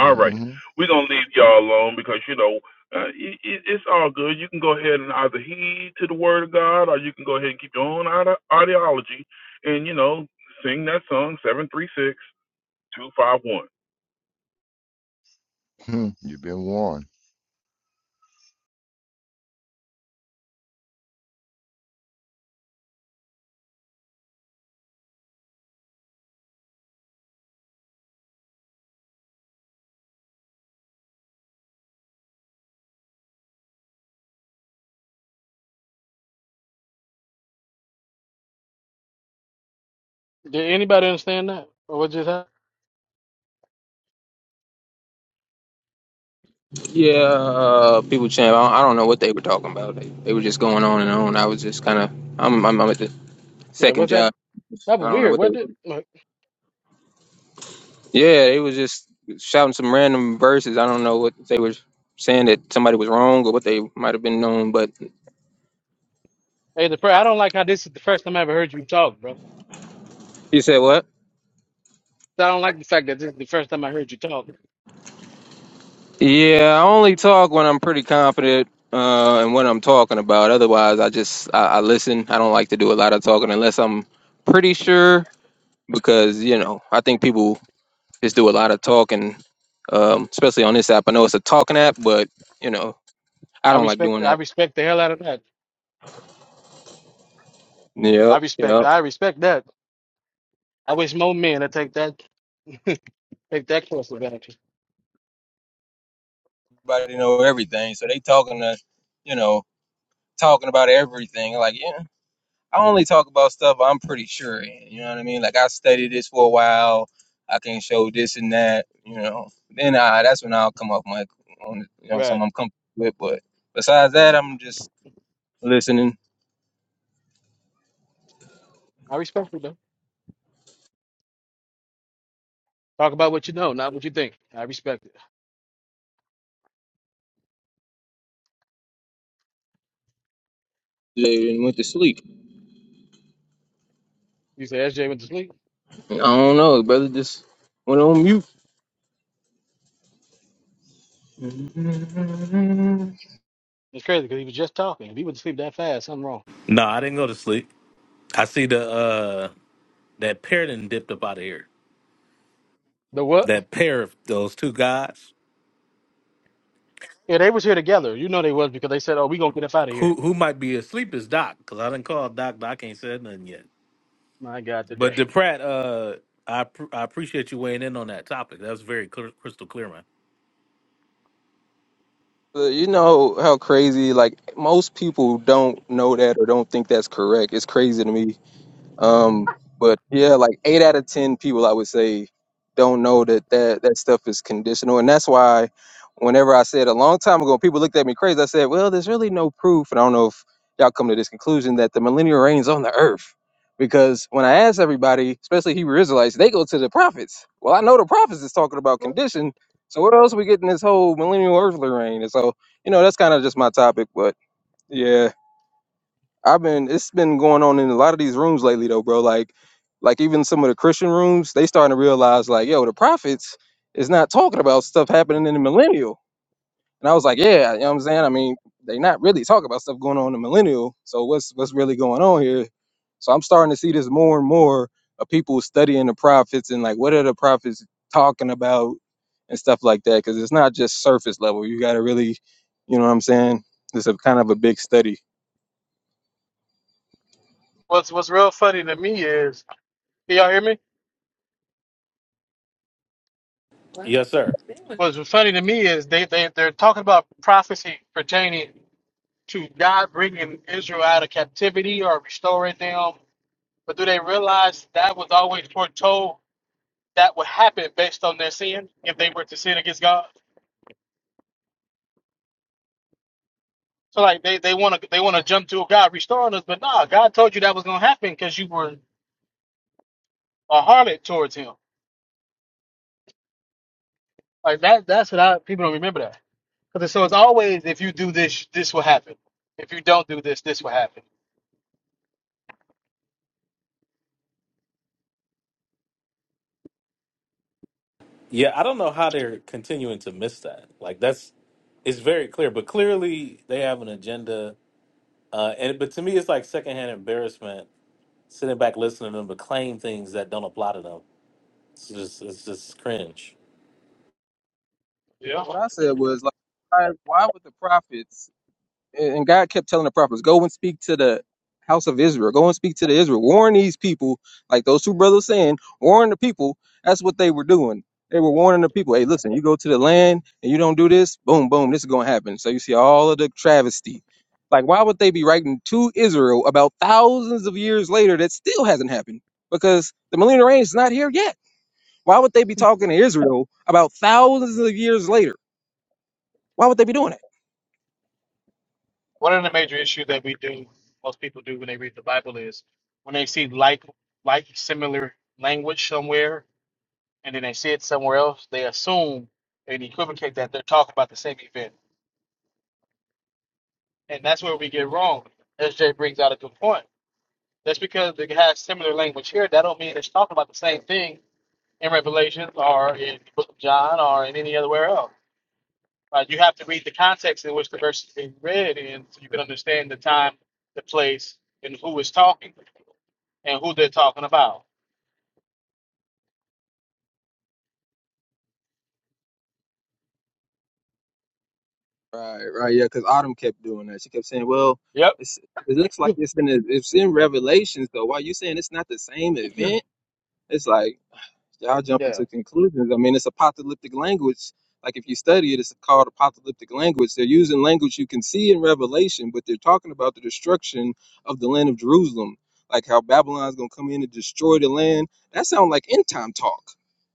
[SPEAKER 13] All right, we're gonna leave y'all alone because you know uh, it, it, it's all good. You can go ahead and either heed to the word of God, or you can go ahead and keep your own ide- ideology, and you know sing that song seven three six two five one.
[SPEAKER 14] been warned.
[SPEAKER 4] Did anybody understand that? Or what just happened?
[SPEAKER 8] Yeah, uh, kinda. I'm with the
[SPEAKER 4] Yeah,
[SPEAKER 8] second
[SPEAKER 4] what's that?
[SPEAKER 8] job.
[SPEAKER 4] That
[SPEAKER 8] I
[SPEAKER 4] was
[SPEAKER 8] don't.
[SPEAKER 4] weird. What did? Look,
[SPEAKER 8] s- shouting some random verses. I don't know what they were saying that somebody was wrong or what they might have been known, but
[SPEAKER 4] Hey, the prayer. I don't like how this is the first time I ever heard you talk, bro.
[SPEAKER 8] he said what?
[SPEAKER 4] So, I don't like the fact that this is the first time I heard you talk.
[SPEAKER 8] Yeah, I only talk when I'm pretty confident uh, and what I'm talking about. Otherwise, I just I, I listen. I don't like to do a lot of talking unless I'm pretty sure because you know I think people just do a lot of talking, um, especially on this app. I know it's a talking app, but you know I
[SPEAKER 4] I
[SPEAKER 8] don't like
[SPEAKER 4] respect.
[SPEAKER 8] doing
[SPEAKER 4] I
[SPEAKER 8] that.
[SPEAKER 4] respect the hell out of that. I
[SPEAKER 8] Yep,
[SPEAKER 4] respect.
[SPEAKER 8] yep.
[SPEAKER 4] I respect that. I wish more men would take that. Take that course of action.
[SPEAKER 8] Everybody know everything, so they talking to you know talking about everything. Like, yeah, I only talk about stuff I'm pretty sure in. You know what I mean? Like, I studied this for a while. I can show this and that. You know, then I that's when I'll come up like on you know
[SPEAKER 4] Right.
[SPEAKER 8] something I'm comfortable with. But besides that, I'm just listening
[SPEAKER 4] I respect it though. Talk about what you know, not what you think. I respect it.
[SPEAKER 8] and went to sleep.
[SPEAKER 4] You say SJ went to sleep.
[SPEAKER 8] I don't know, brother. Just went on mute.
[SPEAKER 4] It's crazy because he was just talking. If he went to sleep that fast, something wrong.
[SPEAKER 1] No, I didn't go to sleep. I see the uh that pair didn't dipped up out of here.
[SPEAKER 4] The what?
[SPEAKER 1] That pair of those two guys.
[SPEAKER 4] Yeah, they was here together. You know they was because they said, "Oh, we gonna get up out of
[SPEAKER 1] Who
[SPEAKER 4] here."
[SPEAKER 1] who might be asleep is Doc because I didn't call Doc. Doc ain't said nothing yet.
[SPEAKER 4] My God, today.
[SPEAKER 1] But DePratt, uh, I pr- I appreciate you weighing in on that topic. That was very clear, crystal clear, man.
[SPEAKER 8] But you know how crazy like most people don't know that or don't think that's correct. It's crazy to me Um, but yeah, like eight out of ten people, I would say, don't know that that that stuff is conditional, and that's why whenever I said a long time ago, people looked at me crazy. I said, well, there's really no proof, and I don't know if y'all come to this conclusion that the millennial reigns on the earth. Because when I asked everybody, especially Hebrew Israelites, they go to the prophets. Well, I know the prophets is talking about condition. So what else we getting this whole millennial earthly reign? And so, you know, that's kind of just my topic. But yeah, I've been it's been going on in a lot of these rooms lately though, bro. Like like even some of the Christian rooms, they starting to realize like, yo, the prophets is not talking about stuff happening in the millennial. And I was like, yeah, you know what I'm saying? I mean, they not really talking about stuff going on in the millennial. So what's what's really going on here? So I'm starting to see this more and more of people studying the prophets and like what are the prophets talking about and stuff like that. Cause it's not just surface level. You gotta really, you know what I'm saying? It's a kind of a big study.
[SPEAKER 4] What's What's real funny to me is, can y'all hear me?
[SPEAKER 1] Yes, sir.
[SPEAKER 4] What's funny to me is they they they're talking about prophecy pertaining to God bringing Israel out of captivity or restoring them, but do they realize that was always foretold that would happen based on their sin if they were to sin against God? So like they they want to they want to jump to God restoring us, but nah, God told you that was gonna happen because you were a harlot towards Him. Like that that's what I people don't remember that. 'Cause it's- so it's always if you do this, this will happen. If you don't do this, this will happen.
[SPEAKER 1] Yeah, I don't know how they're continuing to miss that. Like that's it's very clear, but clearly they have an agenda. Uh, and but to me, it's like secondhand embarrassment sitting back listening to them but claim things that don't apply to them. It's just it's just cringe.
[SPEAKER 4] Yeah.
[SPEAKER 8] What I said was like, why, why would the prophets and and God kept telling the prophets, go and speak to the house of Israel, go and speak to the Israel, warn these people, like those two brothers saying, warn the people. That's what they were doing. They were warning the people, hey, listen, you go to the land and you don't do this, boom, boom, this is gonna happen. So you see all of the travesty. Like, why would they be writing to Israel about thousands of years later that still hasn't happened? Because the millennial reign is not here yet. Why would they be talking to Israel about thousands of years later? Why would they be doing it?
[SPEAKER 4] One of the major issues that we do, most people do when they read the Bible is when they see like like similar language somewhere, and then they see it somewhere else, they assume and equivocate that they're talking about the same event, and that's where we get wrong. SJ brings out a good point. Just because they have similar language here, that don't mean it's talking about the same thing in Revelation or in the Book of John or in any other where else Uh, you have to read the context in which the verse is being read in so you can understand the time, the place, and who is talking and who they're talking about.
[SPEAKER 8] Right, right, yeah, because Autumn kept doing that. She kept saying, "Well,
[SPEAKER 4] Yep.
[SPEAKER 8] it's, it looks like it's been it's in Revelations, though. Why you saying it's not the same event?" It's like Y'all jumping to conclusions. I mean, it's apocalyptic language. Like if you study it, it's called apocalyptic language. They're using language you can see in Revelation, but they're talking about the destruction of the land of Jerusalem, like how Babylon's gonna come in and destroy the land. That sounds like end time talk.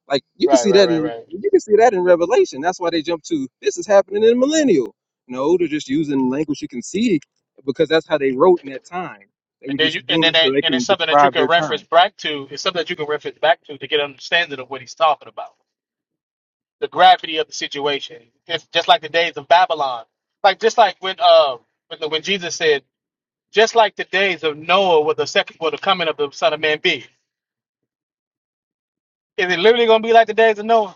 [SPEAKER 8] Like you can
[SPEAKER 4] Right,
[SPEAKER 8] see
[SPEAKER 4] right,
[SPEAKER 8] that
[SPEAKER 4] right,
[SPEAKER 8] in
[SPEAKER 4] right.
[SPEAKER 8] you can see that in Revelation. That's why they jump to this is happening in the millennial. No, they're just using language you can see because that's how they wrote in that time. They were
[SPEAKER 4] And then you
[SPEAKER 8] just
[SPEAKER 4] and
[SPEAKER 8] doing
[SPEAKER 4] then
[SPEAKER 8] it so
[SPEAKER 4] that,
[SPEAKER 8] they
[SPEAKER 4] and
[SPEAKER 8] can
[SPEAKER 4] it's something that you
[SPEAKER 8] describe their
[SPEAKER 4] can reference
[SPEAKER 8] time.
[SPEAKER 4] back to. It's something that you can reference back to to get an understanding of what he's talking about. The gravity of the situation. It's just like the days of Babylon. Like just like when uh when the, when Jesus said, just like the days of Noah will the second will the coming of the Son of Man be. Is it literally gonna be like the days of Noah?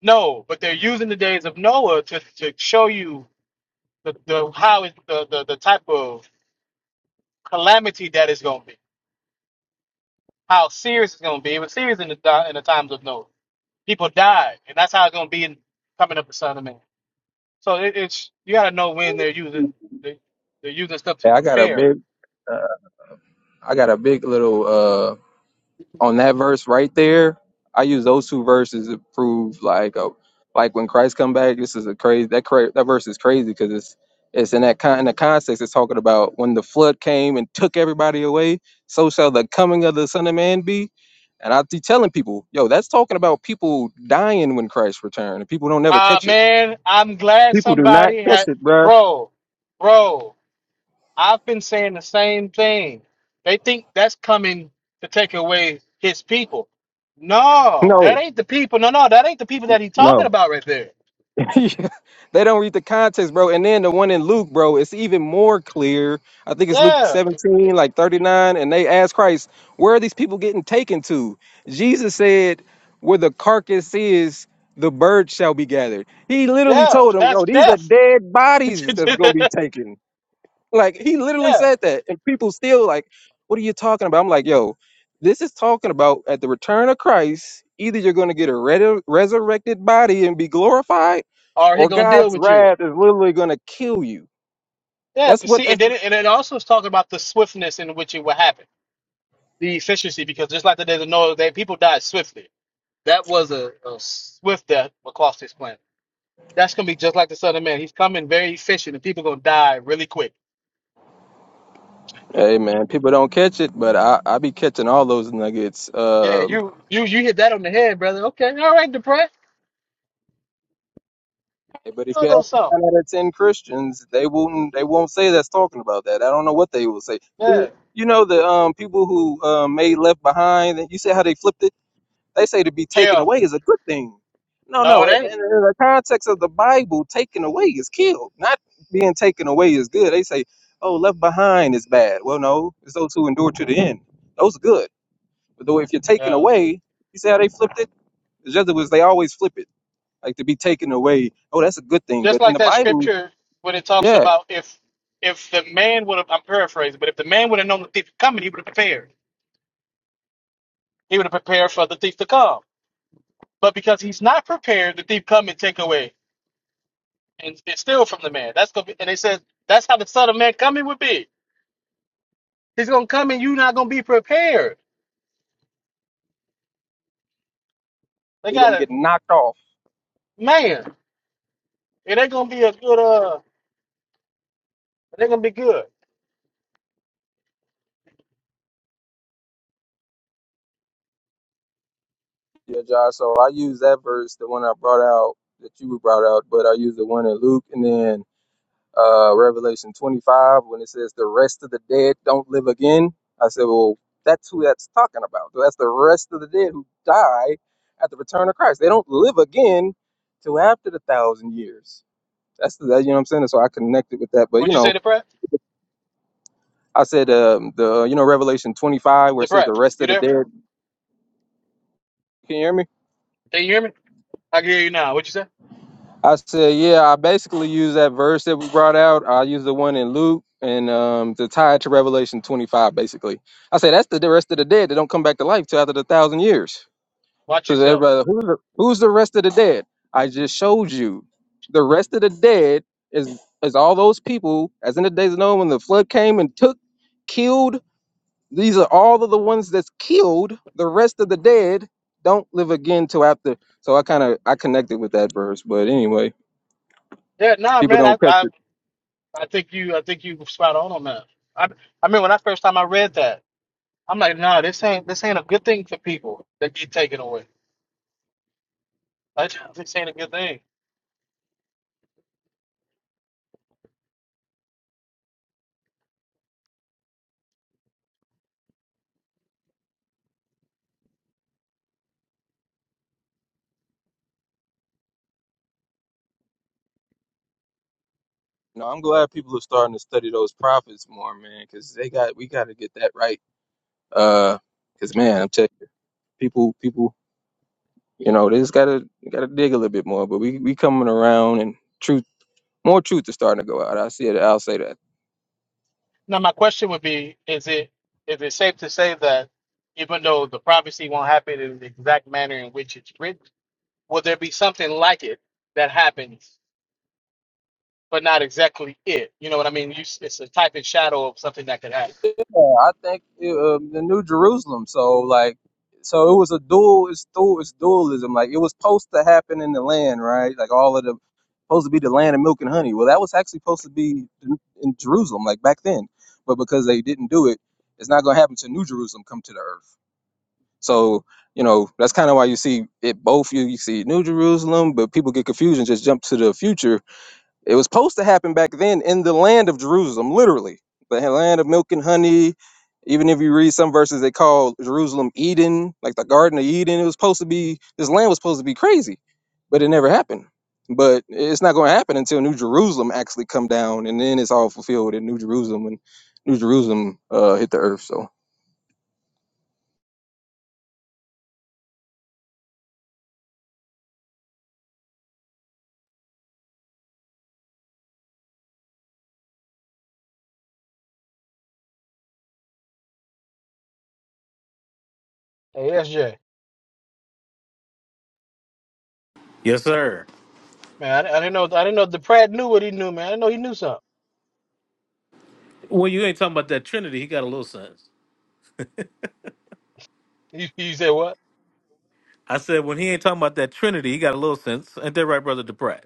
[SPEAKER 4] No, but they're using the days of Noah to, to show you the, the how it, the, the the type of calamity that is going to be, how serious it's going to be. It was serious in the di- in the times of Noah. People died, and that's how it's going to be in coming up the Son of Man. So it, it's you got to know when they're using they, they're using stuff to
[SPEAKER 8] Yeah, I got a
[SPEAKER 4] compare.
[SPEAKER 8] big, uh, I got a big little uh on that verse right there. I use those two verses to prove like uh like when Christ come back. This is a crazy that cra- that verse is crazy because it's it's in that con- in the context it's talking about when the flood came and took everybody away. So shall the coming of the Son of Man be. And I be telling people, yo, that's talking about people dying when Christ returned. And people don't never
[SPEAKER 4] Ah
[SPEAKER 8] catch it.
[SPEAKER 4] man, I'm glad
[SPEAKER 8] People do not
[SPEAKER 4] somebody
[SPEAKER 8] catch
[SPEAKER 4] had
[SPEAKER 8] it, bruh.
[SPEAKER 4] bro, bro. I've been saying the same thing. They think that's coming to take away his people. No,
[SPEAKER 8] No,
[SPEAKER 4] that ain't the people. No, no, that ain't the people that he's
[SPEAKER 8] no.
[SPEAKER 4] talking about right there.
[SPEAKER 8] they don't read the context, bro. And then the one in Luke, bro, it's even more clear. I think it's Luke
[SPEAKER 4] Yeah,
[SPEAKER 8] 17, like 39. And they asked Christ, Where are these people getting taken to? Jesus said, Where the carcass is, the birds shall be gathered. He literally
[SPEAKER 4] yeah,
[SPEAKER 8] told them,
[SPEAKER 4] that's
[SPEAKER 8] No, these are
[SPEAKER 4] death.
[SPEAKER 8] dead bodies that's going to be taken. Like he literally
[SPEAKER 4] yeah,
[SPEAKER 8] said that, and people still like, "What are you talking about?" I'm like, "Yo, this is talking about at the return of Christ. Either you're going to get a red- resurrected body and be glorified,
[SPEAKER 4] or he
[SPEAKER 8] or
[SPEAKER 4] gonna deal
[SPEAKER 8] God's
[SPEAKER 4] with you.
[SPEAKER 8] wrath is literally going to kill you."
[SPEAKER 4] Yeah,
[SPEAKER 8] That's
[SPEAKER 4] but
[SPEAKER 8] what.
[SPEAKER 4] see,
[SPEAKER 8] That's
[SPEAKER 4] and then it, and it also is talking about the swiftness in which it will happen, the efficiency, because just like the days of Noah, that people died swiftly. That was a, a swift death across this planet. That's gonna be just like the Son of Man. He's coming very efficient, and people gonna die really quick.
[SPEAKER 8] hey man, people don't catch it, but I I be catching all those nuggets.
[SPEAKER 4] Yeah,
[SPEAKER 8] Um,
[SPEAKER 4] you you you hit that on the head, brother. Okay, all right, Deprat.
[SPEAKER 8] hey, but if
[SPEAKER 4] You know
[SPEAKER 8] you ask
[SPEAKER 4] those songs.
[SPEAKER 8] nine out of ten Christians, they won't they won't say that's talking about that. I don't know what they will say.
[SPEAKER 4] Yeah.
[SPEAKER 8] You know the um people who um, made Left Behind. You see how they flipped it They say to be taken
[SPEAKER 4] Yeah.
[SPEAKER 8] away is a good thing. No,
[SPEAKER 4] No,
[SPEAKER 8] no.
[SPEAKER 4] it
[SPEAKER 8] In,
[SPEAKER 4] ain't.
[SPEAKER 8] in the context of the Bible, taken away is killed. Not being taken away is good. They say, oh, left behind is bad. Well, no, it's those who endure to the end. Those are good. But though if you're taken
[SPEAKER 4] Yeah.
[SPEAKER 8] away, you see how they flipped it? The Jesuits, they always flip it. Like to be taken away. Oh, that's a good thing.
[SPEAKER 4] Just
[SPEAKER 8] But in
[SPEAKER 4] like
[SPEAKER 8] the
[SPEAKER 4] that
[SPEAKER 8] Bible,
[SPEAKER 4] scripture when it talks
[SPEAKER 8] yeah,
[SPEAKER 4] about if if the man would have I'm paraphrasing, but if the man would have known the thief was coming, he would have prepared. He would have prepared for the thief to come. But because he's not prepared, the thief come and take away and, and steal from the man. That's gonna be and they said that's how the son of man coming would be. He's gonna come and you not gonna be prepared. They
[SPEAKER 8] it's going
[SPEAKER 4] got
[SPEAKER 8] to
[SPEAKER 4] a
[SPEAKER 8] get knocked off.
[SPEAKER 4] man. It ain't gonna be a good uh it ain't gonna be good.
[SPEAKER 8] Yeah, Josh. So I use that verse, the one I brought out that you brought out, but I use the one in Luke and then uh, Revelation 25, when it says the rest of the dead don't live again. I said, well, that's who that's talking about. That's the rest of the dead who die at the return of Christ. They don't live again till after the thousand years. That's the, that, you know what I'm saying? So I connected with that. But, you
[SPEAKER 4] What'd you say,
[SPEAKER 8] know,
[SPEAKER 4] the prep?
[SPEAKER 8] I said, um, the, you know, Revelation 25, where it
[SPEAKER 4] The
[SPEAKER 8] says the
[SPEAKER 4] prep.
[SPEAKER 8] rest of
[SPEAKER 4] You
[SPEAKER 8] the
[SPEAKER 4] there?
[SPEAKER 8] dead. Can you hear me?
[SPEAKER 4] Can you hear me? I can hear you now. What'd you say?
[SPEAKER 8] I said, yeah, I basically use that verse that we brought out. I use the one in Luke and um to tie it to Revelation 25, basically. I say that's the rest of the dead that don't come back to life till after the thousand years.
[SPEAKER 4] Watch
[SPEAKER 8] Because
[SPEAKER 4] yourself.
[SPEAKER 8] everybody, who's the, who's the rest of the dead? I just showed you. The rest of the dead is is all those people, as in the days of Noah when the flood came and took, killed. These are all of the ones that's killed. The rest of the dead don't live again till after. So I kind of I connected with that verse, but anyway.
[SPEAKER 4] Yeah, nah,
[SPEAKER 8] People
[SPEAKER 4] man. I,
[SPEAKER 8] don't catch
[SPEAKER 4] I,
[SPEAKER 8] it.
[SPEAKER 4] I think you, I think you spot on on that. I, I mean, when I first time I read that, I'm like, nah, this ain't, this ain't a good thing for people that get taken away. Like, this ain't a good thing.
[SPEAKER 8] No, I'm glad people are starting to study those prophets more, man, because they got we got to get that right. Uh, because man, I'm telling you, people, people, you know, they just gotta gotta dig a little bit more. But we we coming around, and truth, more truth is starting to go out. I see it. I'll say that.
[SPEAKER 4] Now, my question would be, is it, is it safe to say that even though the prophecy won't happen in the exact manner in which it's written, will there be something like it that happens? but not exactly it. You know what I mean? You, it's a type and shadow of something that could happen.
[SPEAKER 8] Yeah, I think uh, the New Jerusalem. So like, so it was a dual. It's dual. It's dualism. Like it was supposed to happen in the land, right? Like all of the supposed to be the land of milk and honey. Well, that was actually supposed to be in in Jerusalem, like back then. But because they didn't do it, it's not going to happen to New Jerusalem come to the earth. So you know that's kind of why you see it both. You, you see New Jerusalem, but people get confused and just jump to the future it was supposed to happen back then in the land of Jerusalem, literally, the land of milk and honey. Even if you read some verses, they call Jerusalem Eden, like the Garden of Eden. It was supposed to be this land was supposed to be crazy, but it never happened. But it's not going to happen until New Jerusalem actually come down, and then it's all fulfilled in New Jerusalem when New Jerusalem uh, hit the earth. So
[SPEAKER 4] Hey, SJ,
[SPEAKER 1] Yes, sir.
[SPEAKER 4] man, I, I didn't know. I didn't know the Pratt knew what he knew, man. I didn't know he knew something.
[SPEAKER 1] Well, you ain't talking about that Trinity. He got a little sense.
[SPEAKER 4] You, you said what?
[SPEAKER 1] I said when he ain't talking about that Trinity, he got a little sense. Ain't that right, brother DePratt?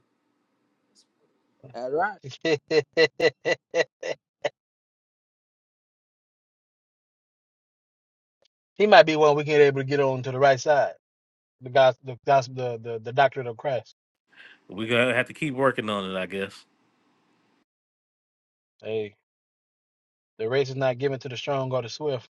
[SPEAKER 4] he might be one we can able to get on to the right side. The God, the gospel, the, the the doctrine of Christ.
[SPEAKER 1] We're gonna have to keep working on it, I guess.
[SPEAKER 4] Hey, the race is not given to the strong or the swift.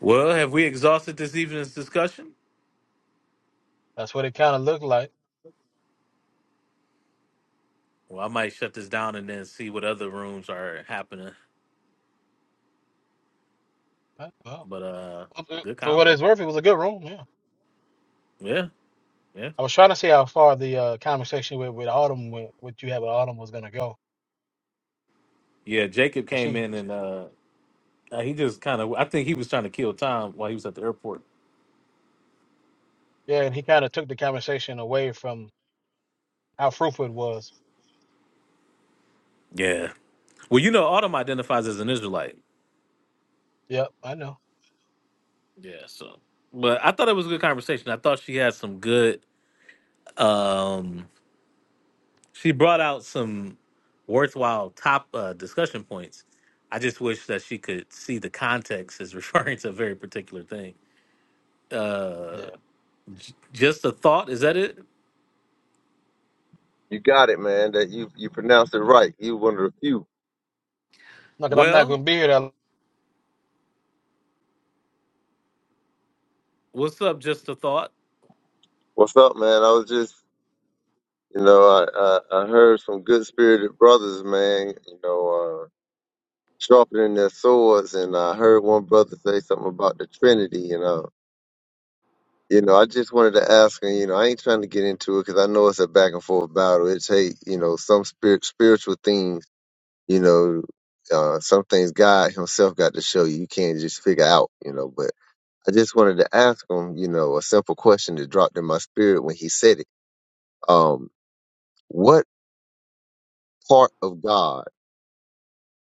[SPEAKER 1] Well, have we exhausted this evening's discussion?
[SPEAKER 4] That's what it kind of looked like.
[SPEAKER 1] Well, I might shut this down and then see what other rooms are happening.
[SPEAKER 4] Uh, Well,
[SPEAKER 1] But uh good
[SPEAKER 4] for what
[SPEAKER 1] convo.
[SPEAKER 4] it's worth, it was a good room. Yeah,
[SPEAKER 1] Yeah, yeah.
[SPEAKER 4] I was trying to see how far the uh, conversation with with Autumn went. What you had with Autumn was gonna go.
[SPEAKER 1] Yeah, Jacob
[SPEAKER 4] 'Cause
[SPEAKER 1] came
[SPEAKER 4] She
[SPEAKER 1] in and uh uh, he just kind of I think he was trying to kill time while he was at the airport.
[SPEAKER 4] Yeah, and he kind of took the conversation away from how fruitful it was.
[SPEAKER 1] Yeah. Well, you know, Autumn identifies as an Israelite.
[SPEAKER 4] Yep, I know.
[SPEAKER 1] Yeah, so but I thought it was a good conversation. I thought she had some good um she brought out some worthwhile top uh, discussion points. I just wish that she could see the context as referring to a very particular thing.
[SPEAKER 4] Yeah.
[SPEAKER 1] Just a thought, is that it?
[SPEAKER 16] You got it, man. That you you pronounced it right. You one of the few.
[SPEAKER 4] Look, I'm not
[SPEAKER 1] Well,
[SPEAKER 4] going to be here that
[SPEAKER 1] what's up? Just a thought.
[SPEAKER 16] What's up, man? I was just, you know, I I, I heard some good spirited brothers, man. You know, uh, sharpening their swords, and I heard one brother say something about the Trinity. You know, you know, I just wanted to ask, and you know, I ain't trying to get into it because I know it's a back and forth battle. It take, you know, some spirit spiritual things, you know. Uh, some things God Himself got to show you. You can't just figure out, you know. But I just wanted to ask him, you know, a simple question that dropped in my spirit when he said it. Um, what part of God,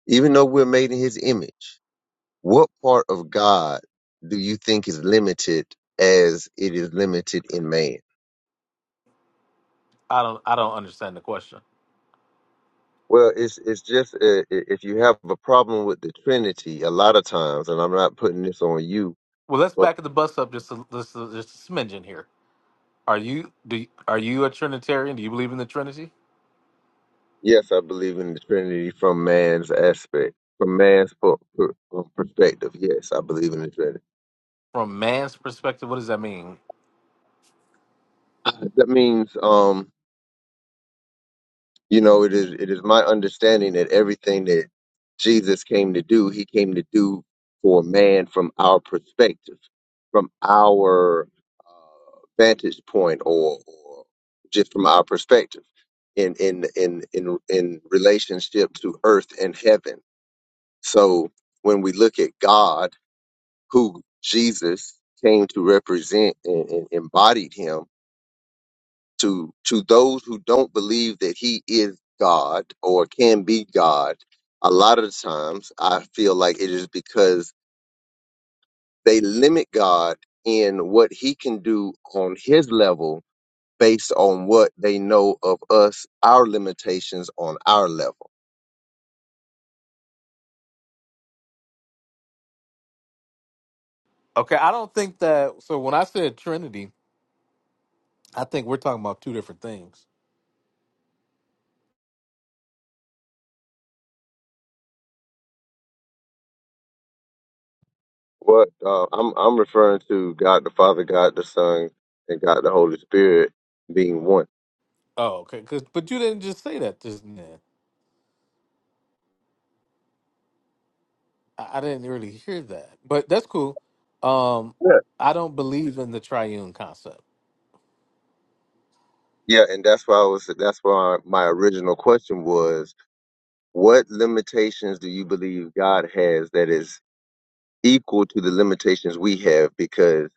[SPEAKER 16] even though we're made in his image, what part of God do you think is limited as it is limited in man?
[SPEAKER 1] I don't. I don't understand the question.
[SPEAKER 16] Well, it's it's just uh, i- if you have a problem with the Trinity, a lot of times, and I'm not putting this on you,
[SPEAKER 1] Well, let's
[SPEAKER 16] but
[SPEAKER 1] back the bus up just a, just a, just a smidgen here. Are you do you- are you a Trinitarian? Do you believe in the Trinity?
[SPEAKER 16] yes, I believe in the Trinity from man's aspect, from man's per- per- perspective. Yes, I believe in the Trinity
[SPEAKER 1] From man's perspective, what does that mean?
[SPEAKER 16] That means, um, you know, it is it is my understanding that everything that Jesus came to do, he came to do for man from our perspective, from our uh, vantage point, or, or just from our perspective in in in in in relationship to earth and heaven. So when we look at God, who Jesus came to represent and, and embodied Him to to those who don't believe that he is God or can be God, a lot of the times I feel like it is because they limit God in what he can do on his level based on what they know of us, our limitations on our level.
[SPEAKER 1] Okay, I don't think that. So when I said Trinity, I think we're talking about two different things.
[SPEAKER 16] What uh, I'm I'm referring to God the Father, God the Son, and God the Holy Spirit being one.
[SPEAKER 1] Oh, okay. Cause, but you didn't just say that just then. I, I didn't really hear that. But that's cool. Um,
[SPEAKER 16] Yeah.
[SPEAKER 1] I don't believe in the triune concept.
[SPEAKER 16] Yeah, and that's why I was that's why my original question was What limitations do you believe God has that is equal to the limitations we have? Because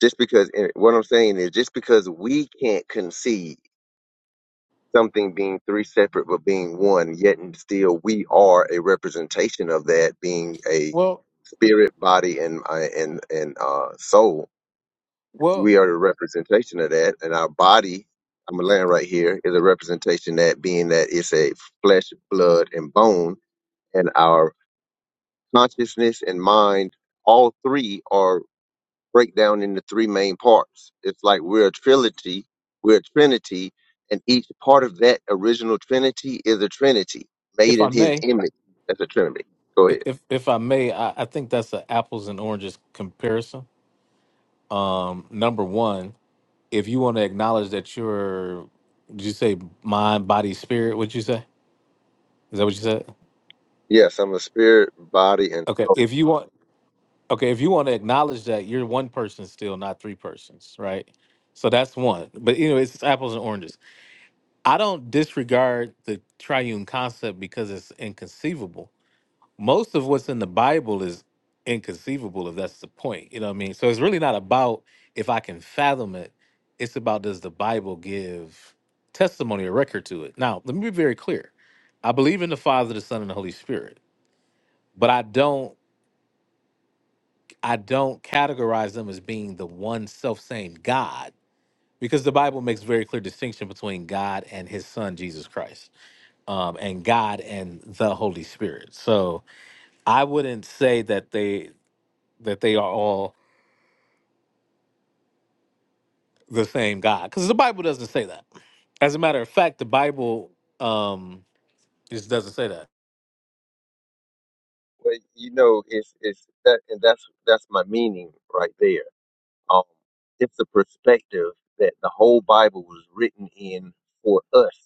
[SPEAKER 16] just because and what I'm saying is just because we can't conceive something being three separate but being one, yet and still we are a representation of that being a
[SPEAKER 1] Well,
[SPEAKER 16] spirit, body, and uh, and and uh, soul.
[SPEAKER 1] well,
[SPEAKER 16] We are a representation of that, and our body. I'm gonna land right here is a representation that being that it's a flesh, blood, and bone, and our consciousness and mind, all three are break down into three main parts. It's like we're a trinity, we're a trinity, and each part of that original trinity is a trinity made
[SPEAKER 1] if I
[SPEAKER 16] in his
[SPEAKER 1] may,
[SPEAKER 16] image. That's a trinity. Go
[SPEAKER 1] i-
[SPEAKER 16] ahead.
[SPEAKER 1] if if I may, I, I think that's an apples and oranges comparison. Number one, if you want to acknowledge that you're, did you say mind, body, spirit? What'd you say? Is that what you said?
[SPEAKER 16] Yes, I'm a spirit, body, and
[SPEAKER 1] Okay. If you want, okay, if you want to acknowledge that you're one person still, not three persons, right? So that's one. But you know, it's apples and oranges I don't disregard the triune concept because it's inconceivable. Most of what's in the Bible is inconceivable, if that's the point. You know what I mean? So it's really not about if I can fathom it. It's about does the Bible give testimony or record to it? Now, let me be very clear. I believe in the Father, the Son, and the Holy Spirit, but I don't I don't categorize them as being the one self-same God because the Bible makes very clear distinction between God and his son Jesus Christ. um, and God and the Holy Spirit. So I wouldn't say that they that they are all the same God because the Bible doesn't say that. As a matter of fact, the Bible um, just doesn't say that.
[SPEAKER 16] well, you know, it's it's that, and that's that's my meaning right there. Um, it's the perspective that the whole Bible was written in for us.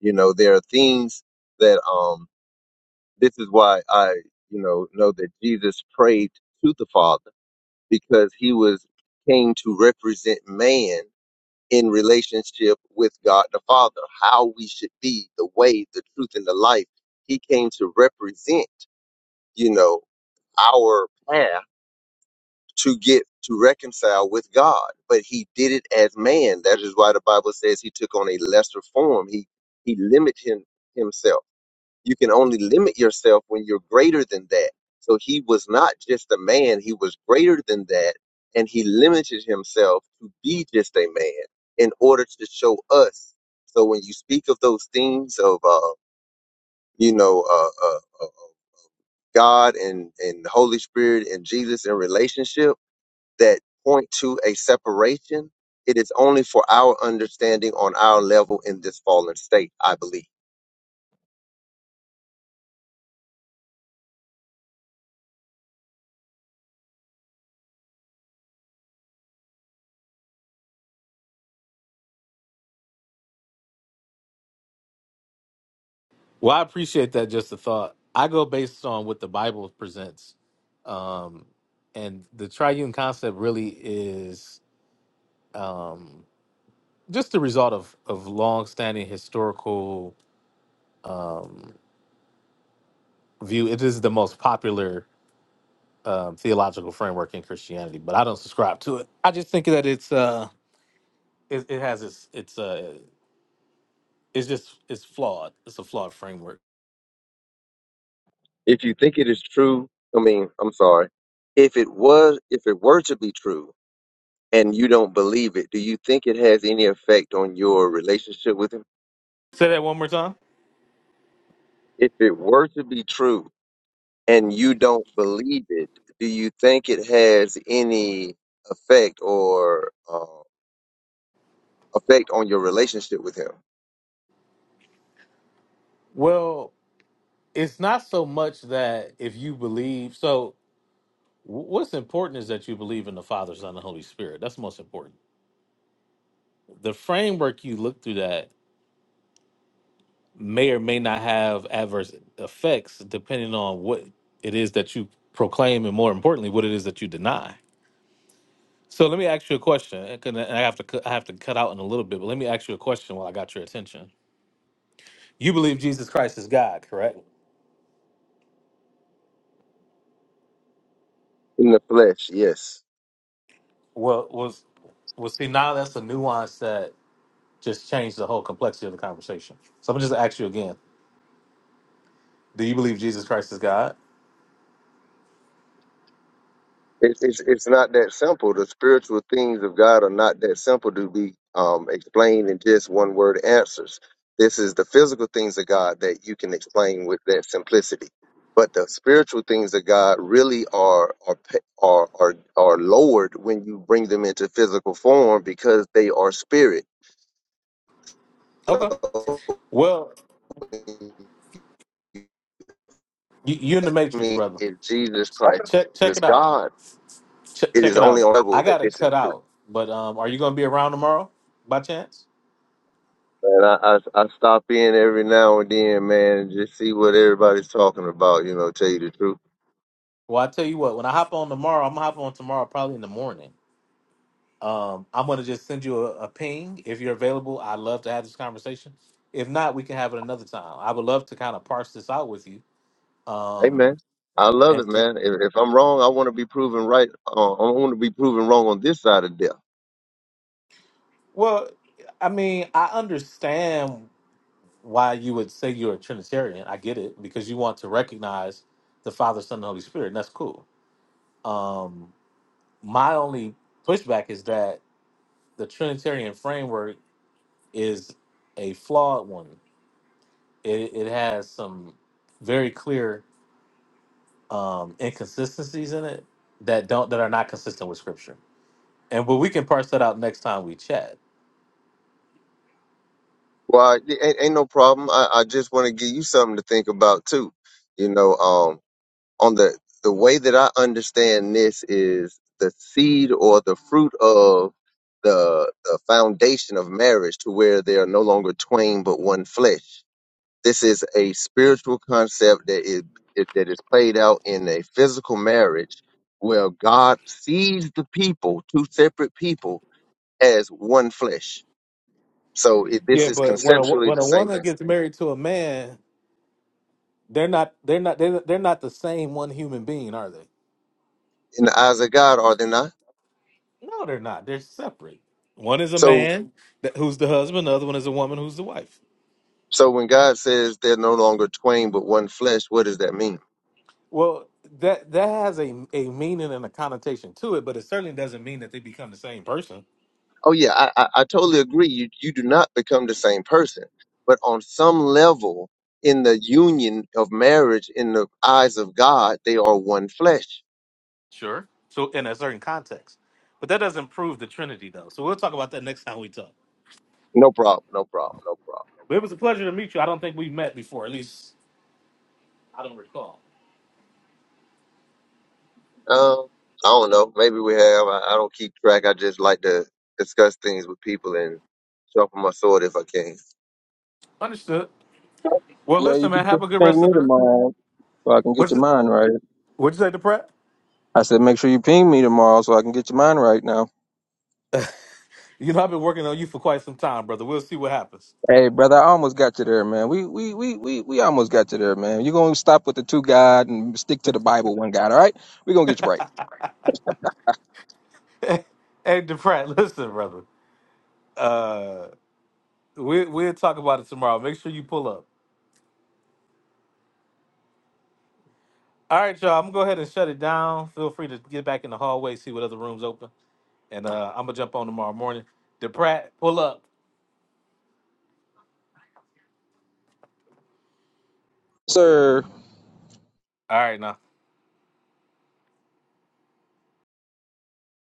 [SPEAKER 16] You know, there are things that um This is why I, you know, know that Jesus prayed to the Father because he was came to represent man in relationship with God the Father, how we should be, the way, the truth, and the life. He came to represent, you know, our path to get to reconcile with God. But he did it as man. That is why the Bible says he took on a lesser form. He he limited him, himself you can only limit yourself when you're greater than that. So he was not just a man, he was greater than that. And he limited himself to be just a man in order to show us. So when you speak of those things of, uh, you know, uh, uh, uh, God and, and the Holy Spirit and Jesus in relationship that point to a separation, it is only for our understanding on our level in this fallen state, I believe.
[SPEAKER 1] Well, I appreciate that. Just a thought. I go based on what the Bible presents, and the triune concept really is just the result of of long-standing historical view. It is the most popular um, theological framework in Christianity, but I don't subscribe to it. I just think that it's. Uh, it, it has its it's uh it's just it's flawed. It's a flawed framework.
[SPEAKER 16] If you think it is true, I mean, I'm sorry. If it was, if it were to be true, and you don't believe it, do you think it has any effect on your relationship with him?
[SPEAKER 1] Say that one more time.
[SPEAKER 16] If it were to be true and you don't believe it, do you think it has any effect or uh, effect on your relationship with him
[SPEAKER 1] Well, it's not so much that if you believe so wh- what's important is that you believe in the Father, Son, and Holy Spirit. That's most important. The framework you look through that may or may not have adverse effects depending on what it is that you proclaim and more importantly what it is that you deny. So let me ask you a question. and I have to cu- I have to cut out in a little bit, but let me ask you a question while I got your attention. You believe Jesus Christ is God, correct?
[SPEAKER 16] in the flesh? Yes.
[SPEAKER 1] Well, was well. See, now that's a nuance that just changed the whole complexity of the conversation. So I'm gonna just ask you again: Do you believe Jesus Christ is God?
[SPEAKER 16] It's, it's it's not that simple. The spiritual things of God are not that simple to be um, explained in just one word answers. This is the physical things of God that you can explain with that simplicity, but the spiritual things of God really are are pe- are are, are lowered when you bring them into physical form because they are spirit.
[SPEAKER 1] Okay.
[SPEAKER 16] So,
[SPEAKER 1] Well, you, you're in the matrix,
[SPEAKER 16] me,
[SPEAKER 1] brother.
[SPEAKER 16] if Jesus Christ
[SPEAKER 1] Check check
[SPEAKER 16] is
[SPEAKER 1] it out.
[SPEAKER 16] God,
[SPEAKER 1] Check
[SPEAKER 16] it
[SPEAKER 1] check
[SPEAKER 16] is
[SPEAKER 1] it
[SPEAKER 16] only
[SPEAKER 1] out.
[SPEAKER 16] on
[SPEAKER 1] I
[SPEAKER 16] level that
[SPEAKER 1] gotta
[SPEAKER 16] this is
[SPEAKER 1] cut
[SPEAKER 16] true.
[SPEAKER 1] out, but um, are you gonna be around tomorrow by chance?
[SPEAKER 16] And I, I I stop in every now and then, man, and just see what everybody's talking about. You know, tell you the truth.
[SPEAKER 1] Well, I tell you what. When I hop on tomorrow, I'm gonna hop on tomorrow, probably in the morning. Um, I'm going to just send you a, a ping if you're available. I'd love to have this conversation. If not, we can have it another time. I would love to kind of parse this out with you.
[SPEAKER 16] Hey,
[SPEAKER 1] Um,
[SPEAKER 16] man, I love it,
[SPEAKER 1] and to,
[SPEAKER 16] man. If, if I'm wrong, I want to be proven right. Uh, I want to be proven wrong on this side of death.
[SPEAKER 1] well, I mean, I understand why you would say you're a Trinitarian. I get it because you want to recognize the Father, Son, and Holy Spirit, and that's cool. Um, my only pushback is that the Trinitarian framework is a flawed one. It, it has some very clear um, inconsistencies in it that don't that are not consistent with scripture. And but we can parse that out next time we chat.
[SPEAKER 16] Well, it ain't, ain't no problem. I, I just want to give you something to think about too. You know, um, on the the way that I understand this is the seed or the fruit of the, the foundation of marriage, to where they are no longer twain but one flesh This is a spiritual concept that is it- that is played out in a physical marriage where God sees the people, two separate people, as one flesh. So it, this
[SPEAKER 1] Yeah,
[SPEAKER 16] is
[SPEAKER 1] but when a wo-
[SPEAKER 16] conceptually
[SPEAKER 1] when
[SPEAKER 16] the
[SPEAKER 1] a
[SPEAKER 16] same
[SPEAKER 1] woman
[SPEAKER 16] thing.
[SPEAKER 1] gets married to a man, they're not they're not they're, they're not the same one human being, are they?
[SPEAKER 16] In the eyes of God, are they not?
[SPEAKER 1] No, they're not. They're separate. One is a
[SPEAKER 16] So
[SPEAKER 1] man that, who's the husband. The other one is a woman who's the wife.
[SPEAKER 16] so when God says they're no longer twain but one flesh, what does that mean?
[SPEAKER 1] Well, that that has a a meaning and a connotation to it, but it certainly doesn't mean that they become the same person.
[SPEAKER 16] Oh yeah, I, I, I totally agree. You you do not become the same person, but on some level, in the union of marriage in the eyes of God, they are one flesh.
[SPEAKER 1] Sure. So in a certain context. But that doesn't prove the Trinity though. So we'll talk about that next time we talk.
[SPEAKER 16] No problem. No problem. No
[SPEAKER 1] But it was a pleasure to meet you. I don't think we've met before, at least I don't recall.
[SPEAKER 16] problem. Um, I don't know. Maybe we have. I, I don't keep track. I just like to discuss things with people and sharpen my sword if I can.
[SPEAKER 1] Understood. Well
[SPEAKER 8] yeah, you
[SPEAKER 1] listen,
[SPEAKER 8] be
[SPEAKER 1] man,
[SPEAKER 8] sure
[SPEAKER 1] have
[SPEAKER 8] to
[SPEAKER 1] a good
[SPEAKER 8] ping
[SPEAKER 1] rest of
[SPEAKER 8] me
[SPEAKER 1] the
[SPEAKER 8] tomorrow so I can get
[SPEAKER 1] what's
[SPEAKER 8] your
[SPEAKER 1] the,
[SPEAKER 8] mind right.
[SPEAKER 1] what'd you say, Deprat?
[SPEAKER 8] I said make sure you ping me tomorrow so I can get your mind right now.
[SPEAKER 1] You know, I've been working on you for quite some time, brother. We'll see what happens.
[SPEAKER 8] Hey, brother, I almost got you there, man. We we we we we almost got you there, man. You're gonna stop with the two God and stick to the Bible, one God. All right, we're gonna get you right,
[SPEAKER 1] Hey Deprat, listen, brother. Uh we we'll talk about it tomorrow. Make sure you pull up. All right, y'all. I'm gonna go ahead and shut it down. Feel free to get back in the hallway, see what other rooms open. And uh I'm gonna jump on tomorrow morning. DePrat, pull up.
[SPEAKER 8] Yes, sir.
[SPEAKER 1] All right, now.